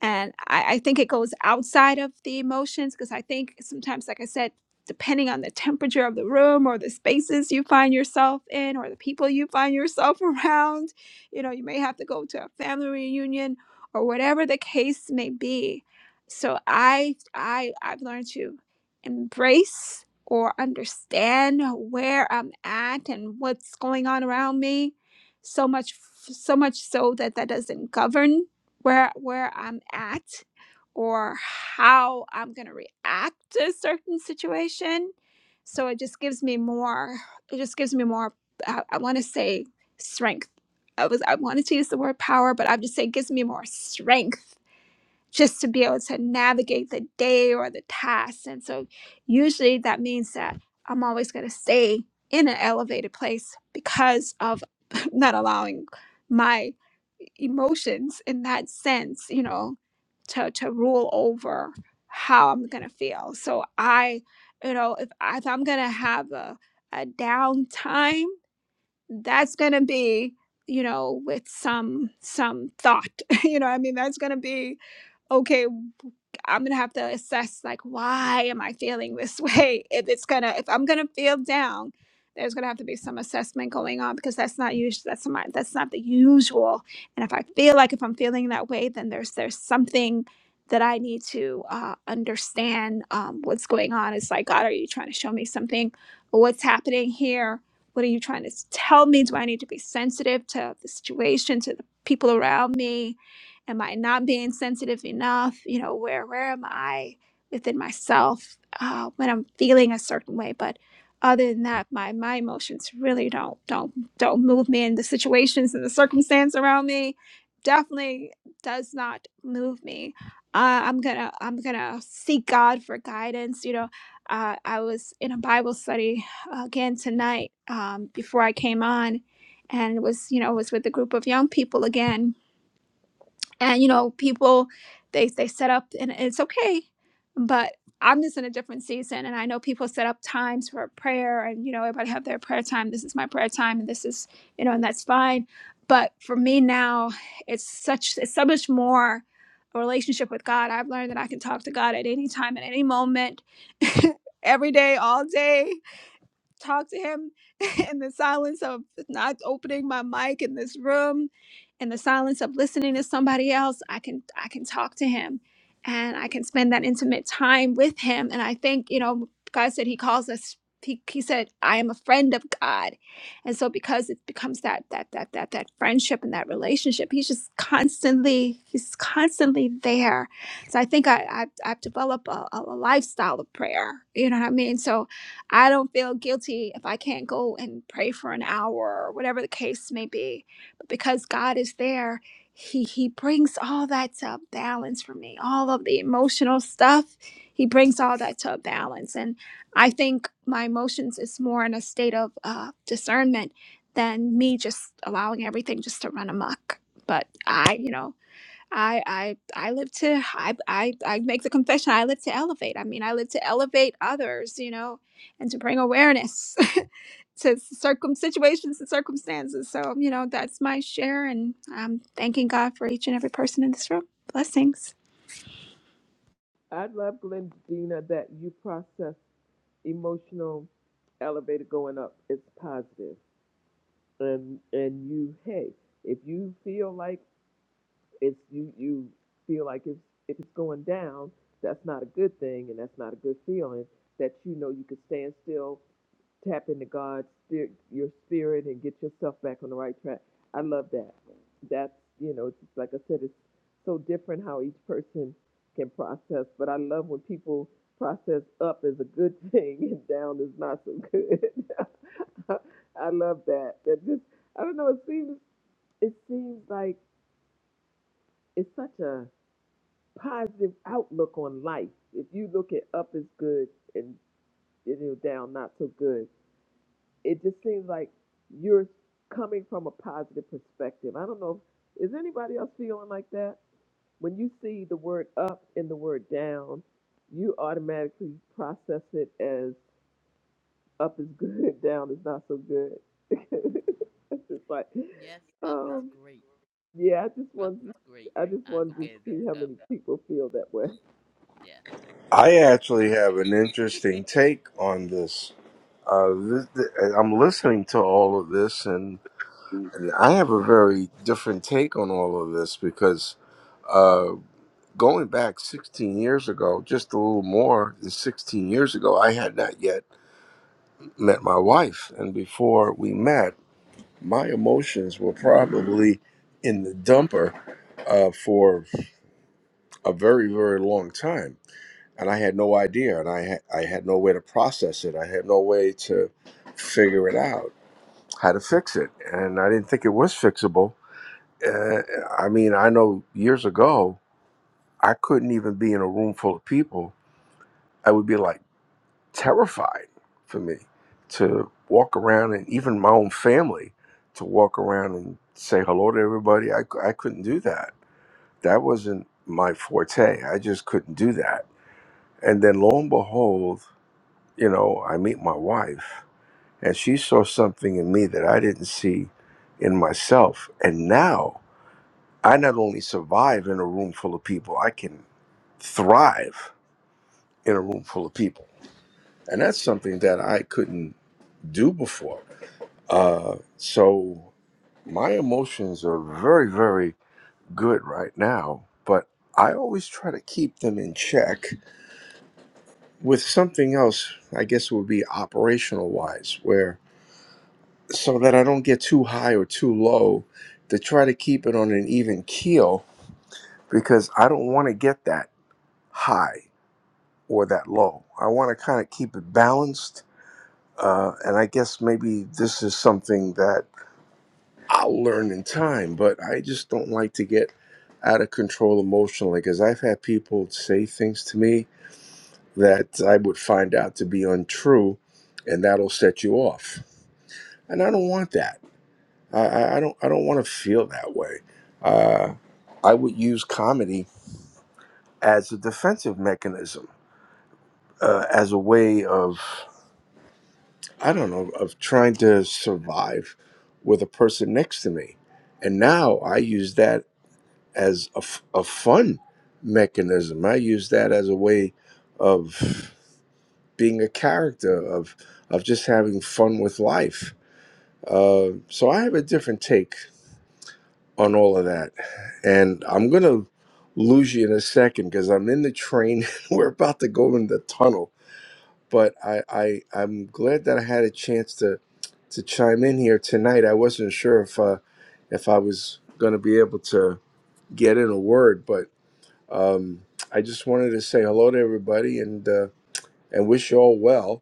And I, I think it goes outside of the emotions because I think sometimes, like I said, depending on the temperature of the room or the spaces you find yourself in or the people you find yourself <laughs> around. You know, you may have to go to a family reunion or whatever the case may be. So I I I've learned to embrace or understand where I'm at and what's going on around me so much so much so that that doesn't govern where where I'm at or how I'm going to react to a certain situation. So it just gives me more, it just gives me more, I, I want to say strength. I was, I wanted to use the word power, but I would just say it gives me more strength just to be able to navigate the day or the task. And so usually that means that I'm always going to stay in an elevated place because of <laughs> not allowing my emotions in that sense, you know, to, to rule over how I'm going to feel. So I, you know, if, I, if I'm going to have a, a downtime, that's going to be you know with some some thought <laughs> you know i mean that's going to be okay I'm gonna have to assess like why am I feeling this way? <laughs> If it's gonna if I'm gonna feel down, there's gonna have to be some assessment going on because that's not usual. That's my that's not the usual. And if I feel like if I'm feeling that way, then there's there's something that I need to uh, understand um, what's going on. It's like God, are you trying to show me something? What's happening here? What are you trying to s- tell me? Do I need to be sensitive to the situation, to the people around me? am i not being sensitive enough you know where where am i within myself uh, when i'm feeling a certain way but other than that my my emotions really don't don't don't move me and the situations and the circumstance around me definitely does not move me uh, i'm gonna i'm gonna seek god for guidance you know uh, i was in a bible study uh, again tonight um, before i came on and was you know was with a group of young people again and you know people they they set up and it's okay but i'm just in a different season and i know people set up times for prayer and you know everybody have their prayer time this is my prayer time and this is you know and that's fine but for me now it's such it's so much more a relationship with god i've learned that i can talk to god at any time at any moment <laughs> every day all day talk to him <laughs> in the silence of not opening my mic in this room in the silence of listening to somebody else i can i can talk to him and i can spend that intimate time with him and i think you know god said he calls us he, he said i am a friend of god and so because it becomes that that that that that friendship and that relationship he's just constantly he's constantly there so i think i i've, I've developed a, a lifestyle of prayer you know what i mean so I don't feel guilty if I can't go and pray for an hour or whatever the case may be. But because God is there, he he brings all that to a balance for me. All of the emotional stuff, he brings all that to a balance. And I think my emotions is more in a state of uh, discernment than me just allowing everything just to run amok. But I, you know, I I I live to I I I make the confession I live to elevate. I mean, I live to elevate others, you know, and to bring awareness <laughs> to circum situations and circumstances. So, you know, that's my share and I'm thanking God for each and every person in this room. Blessings.
I'd love, Glendina, that you process emotional elevator going up. It's positive. And, and you, hey, if you feel like it's you you feel like if if it's going down, that's not a good thing and that's not a good feeling. That you know you can stand still, tap into God's spirit, your spirit, and get yourself back on the right track. I love that. That's you know, it's like I said, it's so different how each person can process. But I love when people process up is a good <laughs> thing and down is not so good. <laughs> I love that. That just I don't know. It seems it seems like it's such a positive outlook on life. If you look at up as good and you know down not so good, it just seems like you're coming from a positive perspective. I don't know. If, is anybody else feeling like that? When you see the word up and the word down, you automatically process it as up is good, <laughs> down is not so good. <laughs> it's just like,
Yes, up is
um,
great.
yeah. I just
Up
want,
is great.
I just
I
wanted
look at
to
it
see how
as up.
many people feel that way.
Yes, and
I
of
actually
course I
have an
do.
interesting
<laughs>
take on this. Uh, this th- I'm listening to all of this, and, and I have a very different take on all of this because uh, going back 16 years ago, just a little more than 16 years ago, I had not yet met my wife. And before we met, my emotions were probably in the dumper. Uh, for a very very long time and i had no idea and i ha- i had no way to process it i had no way to figure it out how to fix it and i didn't think it was fixable uh, i mean i know years ago i couldn't even be in a room full of people i would be like terrified for me to walk around and even my own family to walk around and say hello to everybody i, c- I couldn't do that that wasn't my forte i just couldn't do that And then lo and behold, you know, I meet my wife and she saw something in me that I didn't see in myself. And now I not only survive in a room full of people, I can thrive in a room full of people. And that's something that I couldn't do before. Uh, so my emotions are very, very good right now, but I always try to keep them in check with something else, I guess it would be operational wise, where so that I don't get too high or too low to try to keep it on an even keel because I don't want to get that high or that low. I want to kind of keep it balanced. Uh, and I guess maybe this is something that I'll learn in time, but I just don't like to get out of control emotionally because I've had people say things to me that I would find out to be untrue and that'll set you off. And I don't want that. I, I, I don't I don't want to feel that way. Uh, I would use comedy as a defensive mechanism, uh, as a way of I don't know of trying to survive with a person next to me, and now I use that as a, f- a fun mechanism. I use that as a way of being a character of of just having fun with life. Uh, so I have a different take on all of that. And I'm going to lose you in a second because I'm in the train. <laughs> We're about to go in the tunnel. But I, I, I'm glad that I had a chance to, to chime in here tonight. I wasn't sure if, uh, if I was going to be able to get in a word, but um, I just wanted to say hello to everybody and, uh, and wish you all well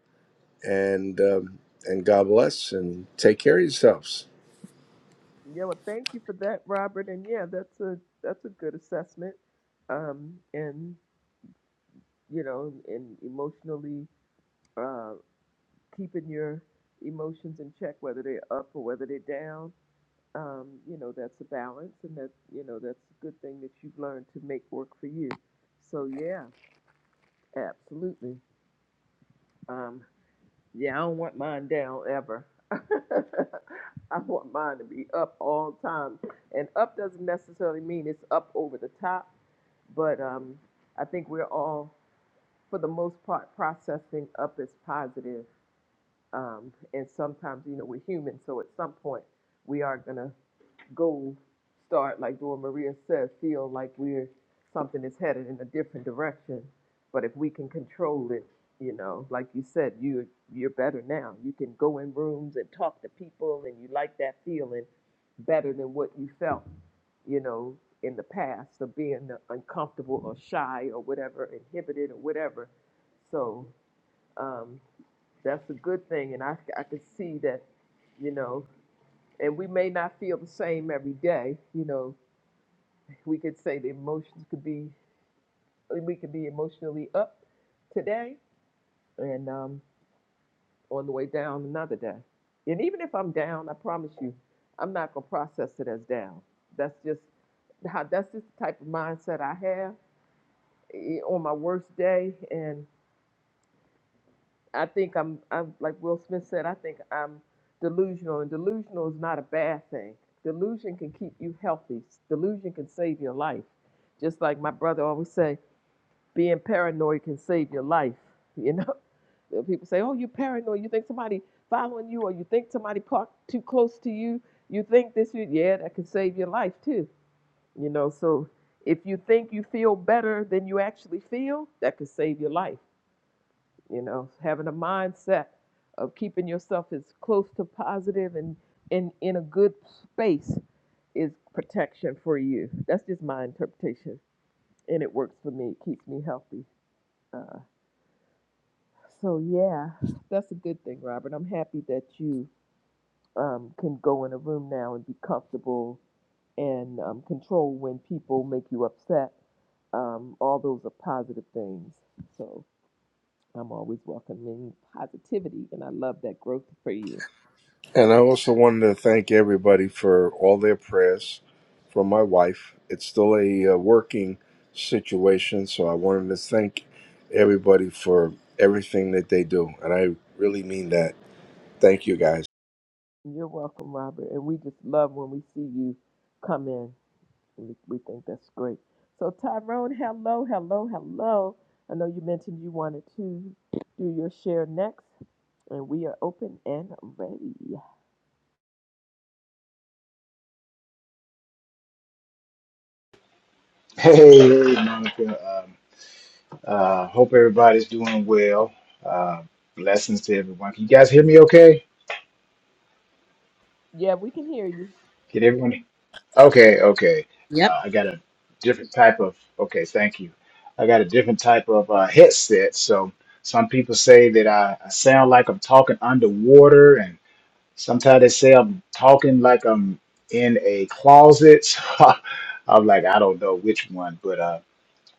and, um, and God bless and take care of yourselves.
Yeah, well, thank you for that, Robert. And yeah, that's a that's a good assessment. Um, and you know, and emotionally uh, keeping your emotions in check, whether they're up or whether they're down. Um, you know, that's a balance, and that you know that's a good thing that you've learned to make work for you. So yeah, absolutely. Um, yeah, I don't want mine down ever. <laughs> I want mine to be up all the time, and up doesn't necessarily mean it's up over the top but um, I think we're all, for the most part, processing up as positive. Um, and sometimes, you know, we're human, so at some point we are gonna go start, like Dora Maria says. feel like we're something is headed in a different direction. But if we can control it, you know, like you said, you you're better now. You can go in rooms and talk to people, and you like that feeling better than what you felt, you know, in the past of being uncomfortable or shy or whatever, inhibited or whatever. So um, that's a good thing, and I I could see that, you know and we may not feel the same every day. You know, we could say the emotions could be, we could be emotionally up today and um, on the way down another day. And even if I'm down, I promise you, I'm not gonna process it as down. That's just how. That's just the type of mindset I have eh, on my worst day, and I think I'm, I'm like Will Smith said, I think I'm delusional, and delusional is not a bad thing. Delusion can keep you healthy. Delusion can save your life. Just like my brother always say, being paranoid can save your life. You know, <laughs> When people say, "Oh, you're paranoid. You think somebody following you, or you think somebody parked too close to you. You think this, you, yeah, that can save your life too." You know, so if you think you feel better than you actually feel, that could save your life you know having a mindset of keeping yourself as close to positive and in in a good space is protection for you that's just my interpretation and it works for me it keeps me healthy uh, so yeah that's a good thing robert i'm happy that you um, can go in a room now and be comfortable and um, control when people make you upset um, all those are positive things so i'm always welcoming positivity and i love that growth for you
And I also wanted to thank everybody for all their prayers from my wife. It's still a uh, working situation, so I wanted to thank everybody for everything that they do. And I really mean that. Thank you guys.
You're welcome, Robert. And we just love when we see you come in. We, we think that's great. So, Tyrone, hello, hello, hello. I know you mentioned you wanted to do your share next, and we are open and ready.
Hey, hey, Monica. Um, uh, hope everybody's doing well. Uh, blessings to everyone. Can you guys hear me okay?
Yeah, we can hear you.
Can everyone? Okay, okay.
Yep.
Uh, I got a different type of, okay, thank you. I got a different type of uh, headset. So some people say that I, I sound like I'm talking underwater, and sometimes they say I'm talking like I'm in a closet. <laughs> So I'm like, I don't know which one, but. uh,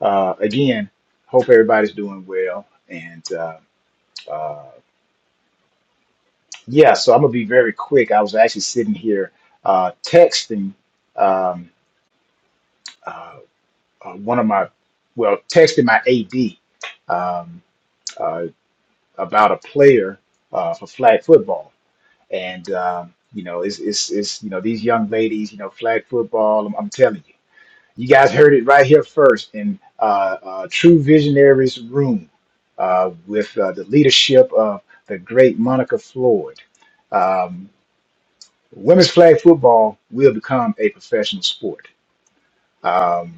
Uh, again, hope everybody's doing well. And uh, uh, yeah, so I'm gonna be very quick. I was actually sitting here uh, texting um, uh, uh, one of my, well, texting my AD um, uh, about a player uh, for flag football, and um, you know, it's, it's it's you know these young ladies, you know, flag football. I'm, I'm telling you. You guys heard it right here first in uh, uh, True Visionaries Room uh, with uh, the leadership of the great Monica Floyd. Um, women's flag football will become a professional sport. Um,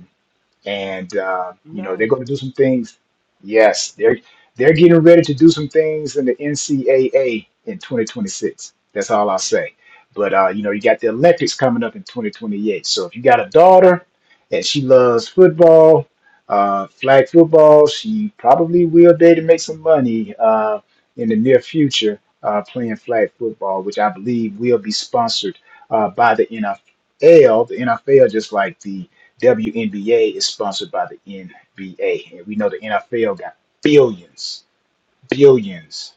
and uh, you know
Nice.
they're going to do some things. Yes, they're they're getting ready to do some things in the NCAA in 2026. That's all I'll say. But uh, you know, you got the Olympics coming up in 2028. So if you got a daughter and she loves football, uh, flag football, she probably will be able to make some money uh, in the near future uh, playing flag football, which I believe will be sponsored uh, by the NFL. The NFL, just like the WNBA is sponsored by the NBA, and we know the NFL got billions, billions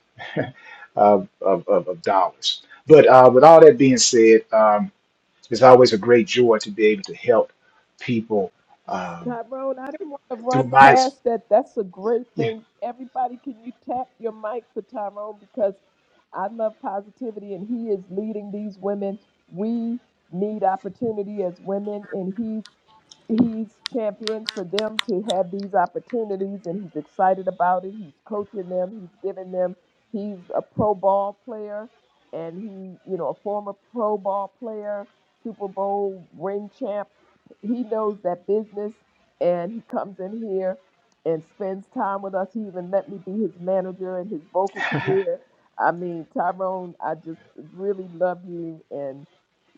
of, of, of, of dollars. But uh, with all that being said, um, it's always a great joy to be able to help people um,
Tyrone, I didn't want to
through
run
my.
past that. That's a great
Yeah,
thing. Everybody, can you tap your mic for Tyrone? Because I love positivity and he is leading these women. We need opportunity as women and he's he's championed for them to have these opportunities and he's excited about it. He's coaching them, he's giving them he's a pro ball player and he, you know, a former pro ball player, Super Bowl ring champ. He knows that business and he comes in here and spends time with us. He even let me be his manager in his vocal career. I mean, Tyrone, I just really love you and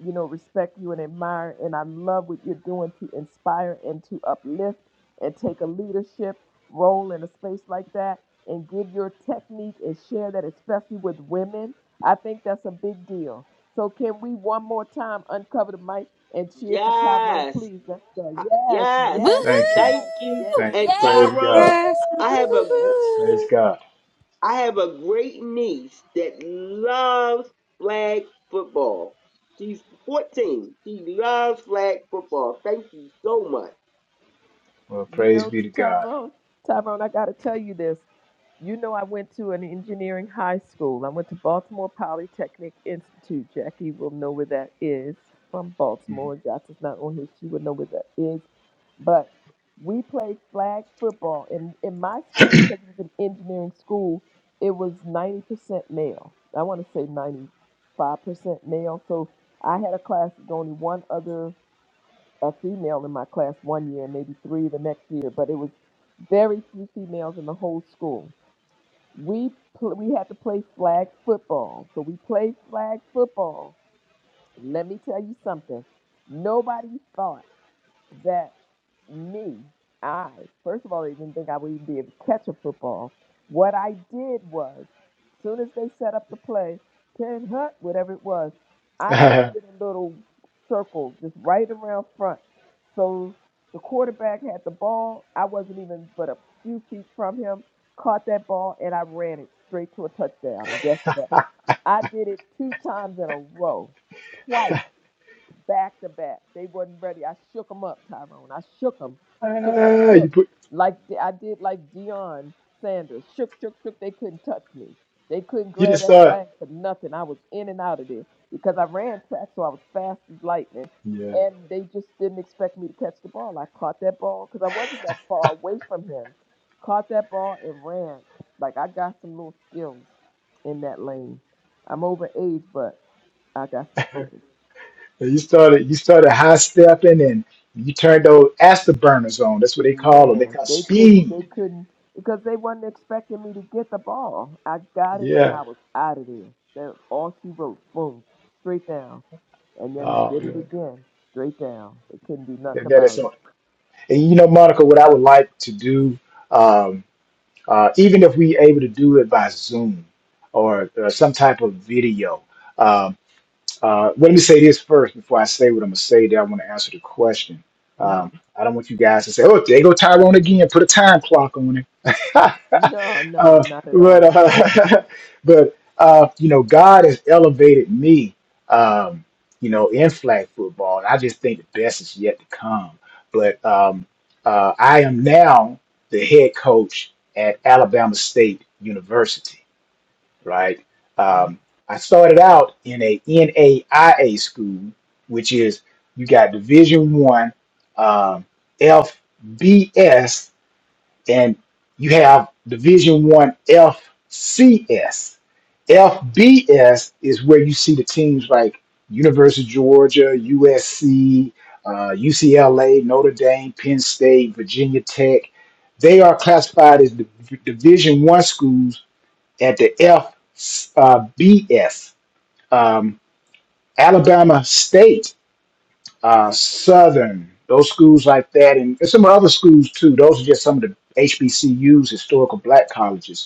you know respect you and admire, and I love what you're doing to inspire and to uplift and take a leadership role in a space like that and give your technique and share that especially with women. I think that's a big deal. So can we one more time uncover the mic and cheer for Tyrone,
Yes.
please? Let's go.
Uh,
Yes,
Woohoo!
Yes.
yes,
thank you,
yes,
Thank you.
yes,
thank
And
you.
Yeah!
Praise
yes. Woo!
God,
Tyrone,
Yes. <laughs> Woo,
I have a
woo,
gr-
praise
woo.
God.
I have a great niece that loves flag football. She's 14. She loves flag football. Thank you so much.
Well,
You
praise
know,
be to God.
Tyrone, Tyrone, I gotta tell you this. You know, I went to an engineering high school. I went to Baltimore Polytechnic Institute. Jackie will know where that is from
Mhm.
Baltimore. Jackie's not on here. She would know where that is. But we played flag football. In, in my school, because it was an engineering school, it was 90% male. I want to say 95% male. So I had a class with only one other a female in my class one year and maybe three the next year. But it was very few females in the whole school we pl- we had to play flag football. So we played flag football. Let me tell you something. Nobody thought that me, I, first of all, I didn't think I would even be able to catch a football. What I did was, soon as they set up the play, 10 hut, whatever it was, I just
<laughs>
did a little circle just right around front. So the quarterback had the ball. I wasn't even but a few feet from him, caught that ball, and I ran it straight to a touchdown. And guess what? I did it two times in a row, twice back to back. They wasn't ready. I shook them up, Tyrone. I shook them, shook, shook,
Ah, you
shook,
put
like the- I did like Dion Sanders. Shook, shook, shook. They couldn't touch me. They couldn't
you didn't
grab that
start.
flag for nothing. I was in and out of there because I ran track, so I was fast as lightning.
Yeah.
And they just didn't expect me to catch the ball. I caught that ball because I wasn't that far away from him. Caught that ball and ran. Like I got some little skills in that lane. I'm over age, but I got some skills.
So you started you started high stepping and you turned those afterburners on. That's what they call them. They
Man,
got
they couldn't. They
speed.
couldn't because they wasn't expecting me to get the ball. I got it, and
Yeah.
I was out of there. That all she wrote, boom, straight down, and then
Oh
did it
man.
again, straight down. They couldn't do nothing
That, that is
about it.
on. And you know, Monica, what I would like to do, um, uh, even if we able to do it by Zoom or, or some type of video, um, Uh, let me say this first before I say what I'm gonna say. That I want to answer the question.
hmm
Um, I don't want you guys to say, "Oh, there go Tyrone again." Put a time clock on it. <laughs>
No, no,
uh,
not at
but
all.
uh, <laughs> but uh, you know, God has elevated me. Um, you know, in flag football, and I just think the best is yet to come. But um, uh, I am now the head coach at Alabama State University right?
Mhm.
Um, I started out in a NAIA school, which is you got Division One, um, FBS, and you have Division One FCS. FBS is where you see the teams like University of Georgia, USC, uh, UCLA, Notre Dame, Penn State, Virginia Tech. They are classified as the Division One schools at the FBS, uh, BS, um, Alabama State, uh, Southern, those schools like that, and some other schools too. Those are just some of the HBCUs, historical black colleges.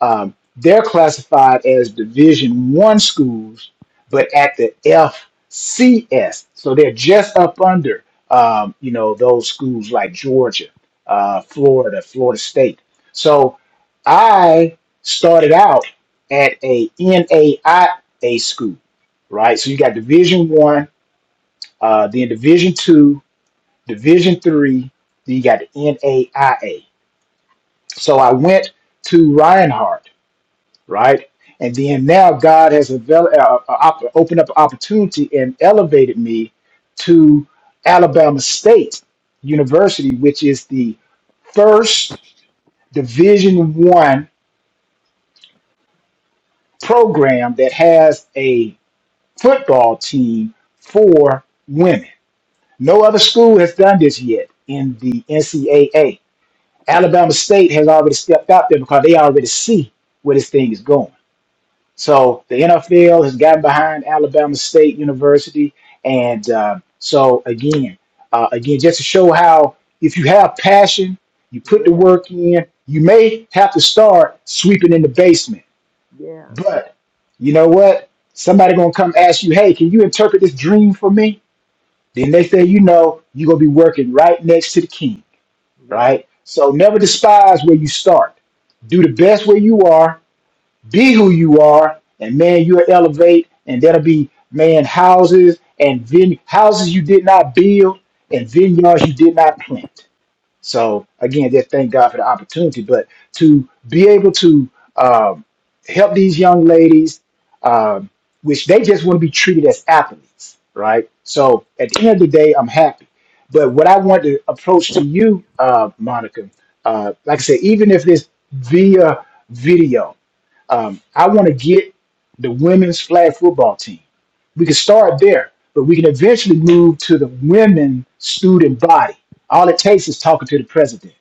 Um, they're classified as Division One schools, but at the FCS, so they're just up under, um, you know, those schools like Georgia, uh, Florida, Florida State. So I started out at a NAIA school, right? So you got Division One, uh, then Division Two, Division Three, then you got the NAIA. So I went to Reinhardt right? And then now God has developed, uh, uh, op- opened up an opportunity and elevated me to Alabama State University, which is the first Division One program that has a football team for women. No other school has done this yet in the NCAA. Alabama State has already stepped out there because they already see where this thing is going So the NFL has gotten behind Alabama State University, and uh, so again, uh, again, just to show how if you have passion, you put the
Yeah,
work in. You may have to start sweeping in the basement,
yeah,
but you know what? Somebody gonna come ask you, "Hey, can you interpret this dream for me?" Then next thing you know, you're gonna be working right next to the king,
yeah,
right? So never despise where you start. Do the best where you are, be who you are, and man, you'll elevate, and that'll be man houses and vine- houses you did not build and vineyards you did not plant. So again, just thank God for the opportunity. But to be able to um, help these young ladies, um, which they just want to be treated as athletes, right? So at the end of the day, I'm happy. But what I want to approach to you, uh, Monica, uh, like I said, even if it's via video, um, I want to get the women's flag football team. We can start there, but we can eventually move to the women student body. All it takes is talking to the president,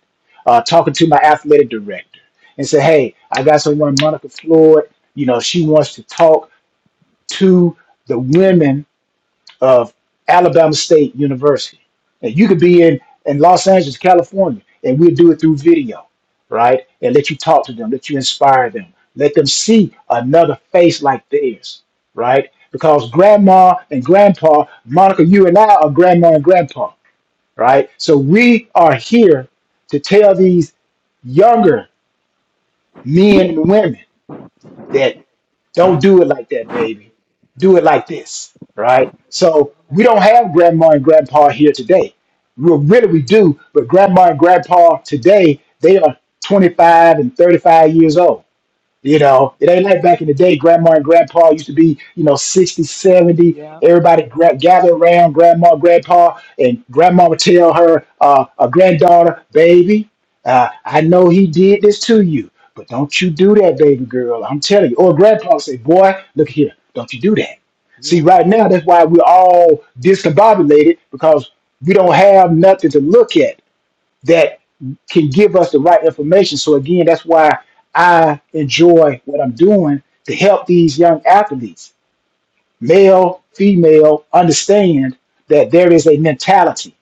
uh, talking to my athletic director, and say, "Hey, I got someone, Monica Floyd. You know, she wants to talk to the women of Alabama State University. And you could be in, in Los Angeles, California, and we'll do it through video, right? And let you talk to them, let you inspire them, let them see another face like theirs, right? Because grandma and grandpa, Monica, you and I are grandma and grandpa, right? So we are here to tell these younger men and women that. Don't do it like that, baby. Do it like this, right? So we
yeah,
don't have grandma and grandpa here today. Well, really, we do, but grandma and grandpa today, they are 25 and 35 years old. You
yeah,
know, it ain't like back in the day, grandma and grandpa used to be, you know, 60, seventy.
yeah,
Everybody
yeah,
gra- gather around grandma, grandpa, and grandma would tell her, uh, a granddaughter, baby, uh, I know he did this to you, but don't you do that, baby girl. I'm telling you. Or
yeah,
grandpa would say, boy, look here, don't you do that. See,
yeah.
right now, that's why we're all discombobulated because we don't have nothing to look at that can give us the right information. So again, that's why I enjoy what I'm doing to help these young athletes, male, female, understand that there is a mentality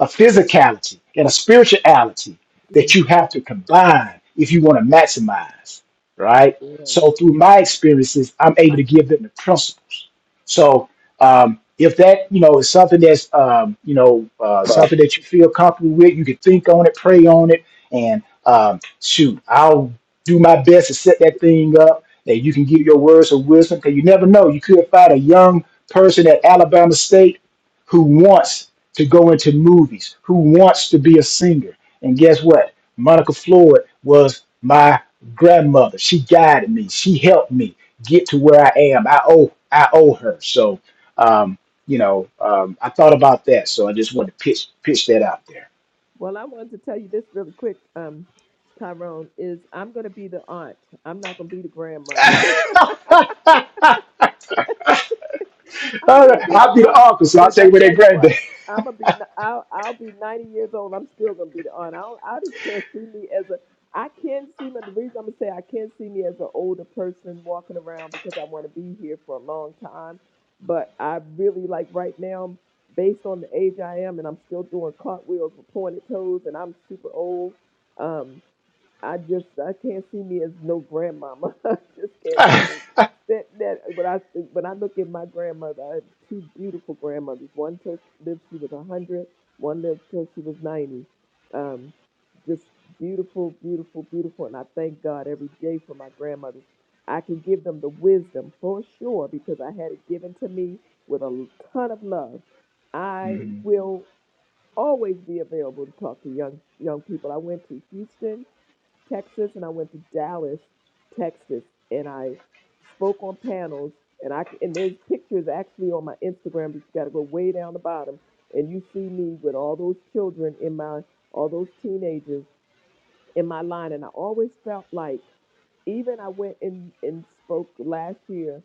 a physicality and a spirituality that you
Mhm.
have to combine if you want to maximize, right?
yeah.
So through my experiences, I'm able to give them the principles. So um, if that you know is something that's um, you know uh, something that you feel comfortable with, you can think on it, pray on it, and um, shoot, I'll do my best to set that thing up. That you can give your words of wisdom, because you never know. You could find a young person at Alabama State who wants to go into movies, who wants to be a singer. And guess what? Monica Floyd was my grandmother. She guided me. She helped me get to where I am. I owe I owe her. So um, you know, um, I thought about that. So I just wanted to pitch pitch that out there.
Well, I wanted to tell you this really quick, um, Tyrone. Is I'm going to be the aunt. I'm not going to be the grandmother.
<laughs>
I'm
All
gonna
right,
be the
I'll be the
aunt
uncle, so I'll
because
take
I
away that
tell you
granddad.
what, I'm gonna be n- I'll, I'll be 90 years old. I'm still gonna be the aunt. I don't, I just can't see me as a I can't see me. The reason I'm gonna say I can't see me as an older person walking around because I want to be here for a long time. But I really like right now, based on the age I am, and I'm still doing cartwheels with pointed toes, and I'm super old. Um, I just I can't see me as no grandmama. <laughs> I just can't do this.
<laughs>
That that when I think- when I look at my grandmother, I had two beautiful grandmothers. One till lived she was a hundred. One lived till she was ninety. Um, just beautiful, beautiful, beautiful. And I thank God every day for my grandmothers. I can give them the wisdom for sure because I had it given to me with a ton of love. I
Mhm.
will always be available to talk to young young people. I went to Houston Texas and I went to Dallas, Texas, and I spoke on panels. And I and there's pictures actually on my Instagram, but you got to go way down the bottom, and you see me with all those children in my all those teenagers in my line. And I always felt like, even I went in and spoke last year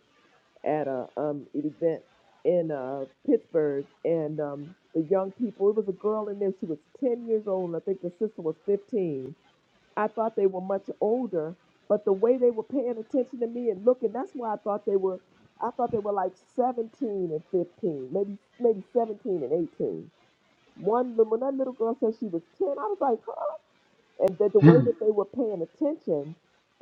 at a um an event in uh Pittsburgh, and um the young people. It was a girl in there. She was 10 years old, and I think the sister was 15 I thought they were much older, but the way they were paying attention to me and looking, that's why I thought they were I thought they were like 17 and 15, maybe maybe 17 and 18. One when that little girl said she was 10, I was like, and that the way that they were paying attention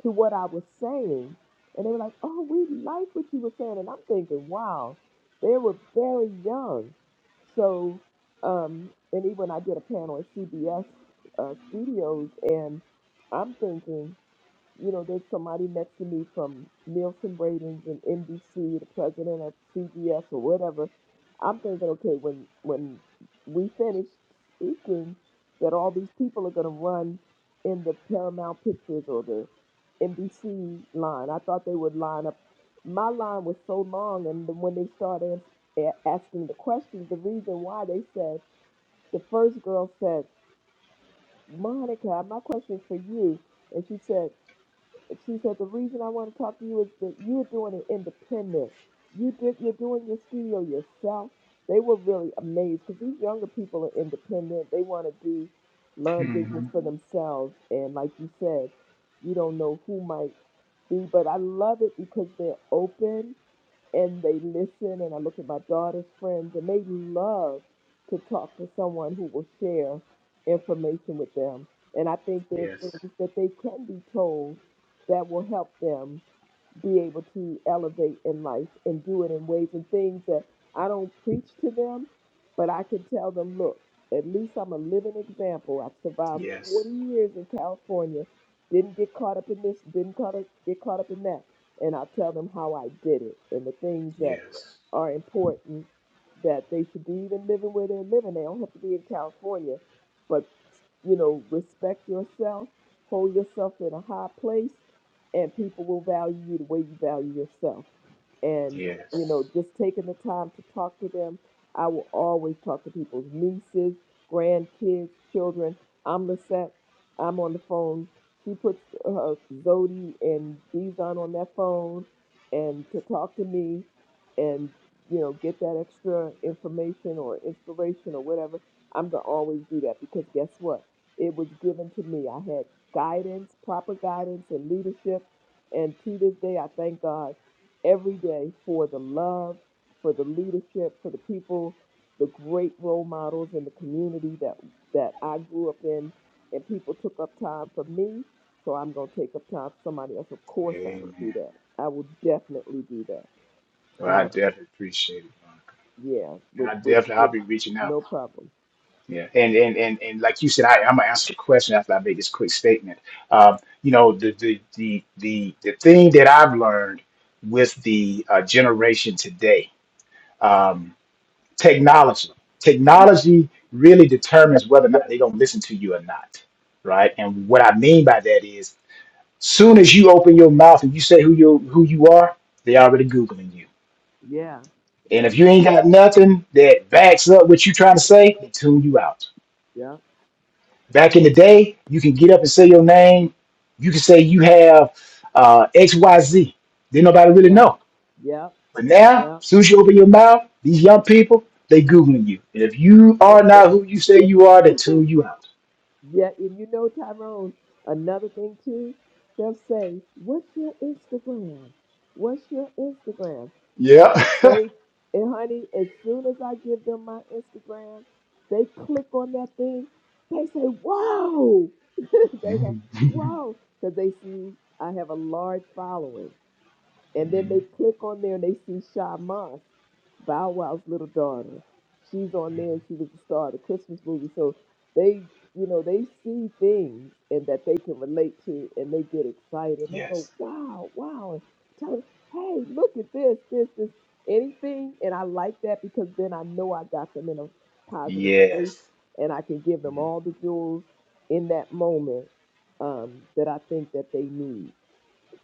to what I was saying, and they were like, "Oh, we like what you were saying," and I'm thinking, "Wow, they were very young." So, um, and even I did a panel at CBS uh, Studios, and I'm thinking you know, there's somebody next to me from Nielsen Ratings and NBC, the president of CBS or whatever. I'm thinking, okay, when when we finish speaking, that all these people are going to run in the Paramount Pictures or the NBC line. I thought they would line up. My line was so long, and then when they started ans- a- asking the questions, the reason why they said the first girl said, "Monica, my question's for you," and she said she said the reason I want to talk to you is that you're doing it independent. You did you're doing your studio yourself. They were really amazed because these younger people are independent. They want to do learn business
Mhm.
for themselves. And like you said, you don't know who might be, but I love it because they're open and they listen and I look at my daughter's friends and they love to talk to someone who will share information with them. And I think there are things that they can be told that will help them be able to elevate in life and do it in ways and things that I don't preach to them, but I can tell them, look, at least I'm a living example. I've survived 40 years in California, didn't get caught up in this, didn't caught up, get caught up in that. And I'll tell them how I did it and the things that are important that they should do, even living where they're living. They don't have to be in California, but, you know, respect yourself, hold yourself in a high place and people will value you the way you value yourself and you know just taking the time to talk to them i will always talk to people's nieces grandkids children i'm lisette i'm on the phone she puts uh, zodi and Bizon on that phone and to talk to me and you know get that extra information or inspiration or whatever i'm going to always do that because guess what it was given to me i had guidance proper guidance and leadership and to this day i thank god every day for the love, for the leadership, for the people, the great role models in the community that that I grew up in, and people took up time for me. So I'm gonna take up time for somebody else. Of course, I will do
Amen.
that. I will definitely do that.
Well, I
Uh,
definitely appreciate it, Monica.
yeah,
And
with
I
with
definitely I'll
with
be reaching out.
no problem.
and and and, and like you said, I, I'm gonna answer the question after I make this quick statement. Um, you know, the the the the the thing that I've learned with the uh, generation today, um, technology, technology really determines whether or not they're gonna listen to you or not, right? And what I mean by that is, soon as you open your mouth and you say who you who you are, they already googling you.
Yeah,
And
yeah,
if you ain't got nothing that backs up what you trying to say, they tune you out
yeah,
Back in the day, you can get up and say your name. You can say you have uh, XYZ. Then nobody really
yeah,
know.
yeah,
But now,
yeah.
as soon as you open your mouth, these young people, they Googling you. And if you are
It, it,
not who you say you are,
<laughs>
they
that-
tune you out.
Yeah, and you know, Tyrone, another thing too, they'll say, What's your Instagram? What's your Instagram? And
Yeah. <laughs>
those, and honey, as soon as I give them my Instagram, they click on that thing. They say, Whoa! <laughs> they go,
Mm. <laughs>
Whoa! Because they see I have a large following. And then they click on there and they see Sha Moss, Bow Wow's little daughter. She's on there. She was the star of the Christmas movie. So they, you know, they see things and that they can relate to, and they get excited and they go,
yes.
"Wow, wow!" And tell them, "Hey, look at this, this, this, anything." And I like that because then I know I got them in a positive place,
Yes.
and I can give them all the jewels in that moment um, that I think that they need.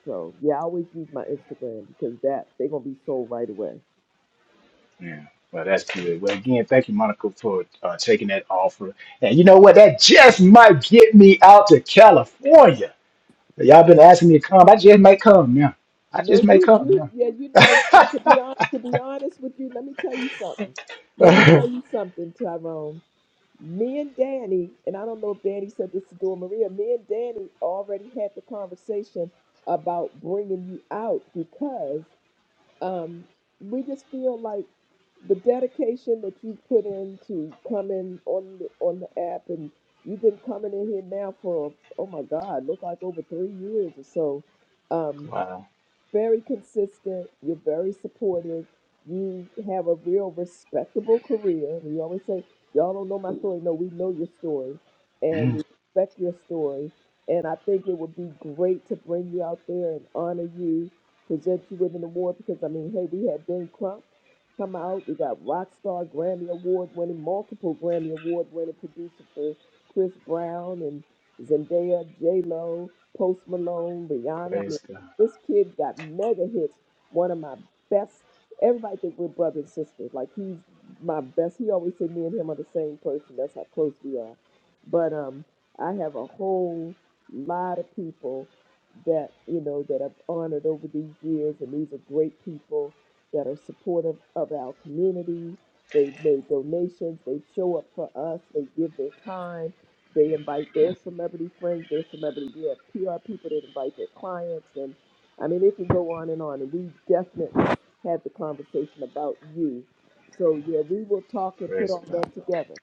So yeah, I always use my Instagram because that they're gonna be sold right away.
Yeah. Well, that's good. Well, again, thank you, Monica, for uh, taking that offer. And you know what? That just might get me out to California. Y'all been asking me to come. I just may come now. I
No,
just may
you
come now.
you yeah, you know, uh, to
<laughs>
be honest to be honest with you, let me tell you something. Let me tell you something, Tyrone. Me and Danny, and I don't know if Danny said this to Dora Maria. Me and Danny already had the conversation about bringing you out because um, we just feel like the dedication that you put in to coming on the, on the app, and you've been coming in here now for oh my God, look like over three years or so. Um,
Wow.
very consistent. You're very supportive. You have a real respectable career. We always say, y'all don't know my story. No, we know your story and we respect your story. And I think it would be great to bring you out there and honor you, present you with an award because, I mean, hey, we had Ben Crump come out. We got Rockstar Grammy Award winning, multiple Grammy Award winning producer for Chris Brown and Zendaya, J Lo, Post Malone, Rihanna. This kid got mega hits. One of my best. Everybody think we're brother and sister. Like he's my best. He always say me and him are the same person. That's how close we are. But um, I have a whole lot of people that you know that I've honored over these years, and these are great people that are supportive of our community. They've made donations. They show up for us. They give their time. They invite their celebrity friends, their celebrity. We have PR people that invite their clients, and. I mean, it can go on and on. And we definitely had the conversation about you. So, yeah, we will talk and put
Praise
all
God.
that together.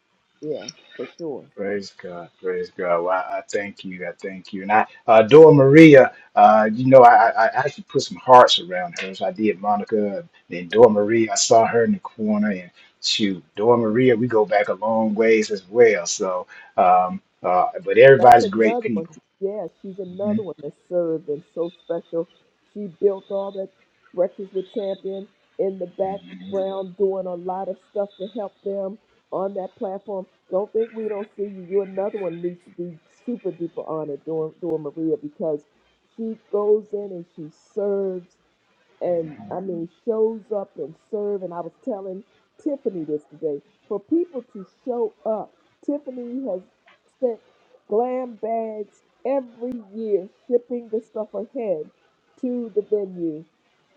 Yeah, for sure.
Praise God. Praise God. Wow. I thank you. I thank you. And I, uh, Dora Maria, uh, you know, I, I I actually put some hearts around her. So I did Monica and then Dora Maria. I saw her in the corner and shoot, Dora Maria, we go back a long ways as well. So, um, uh, but
That's
everybody's great
another one.
people.
Yeah, she's
hmm
another one that served and so special. She built all that Breakfast with Champion in the
hmm
background, doing a lot of stuff to help them on that platform. Don't think we don't see you. You're another one needs to be super duper honored doing, doing Maria because she goes in and she serves
hmm
and I mean shows up and serve. And I was telling Tiffany this today for people to show up. Tiffany has sent glam bags every year, shipping the stuff ahead to the venue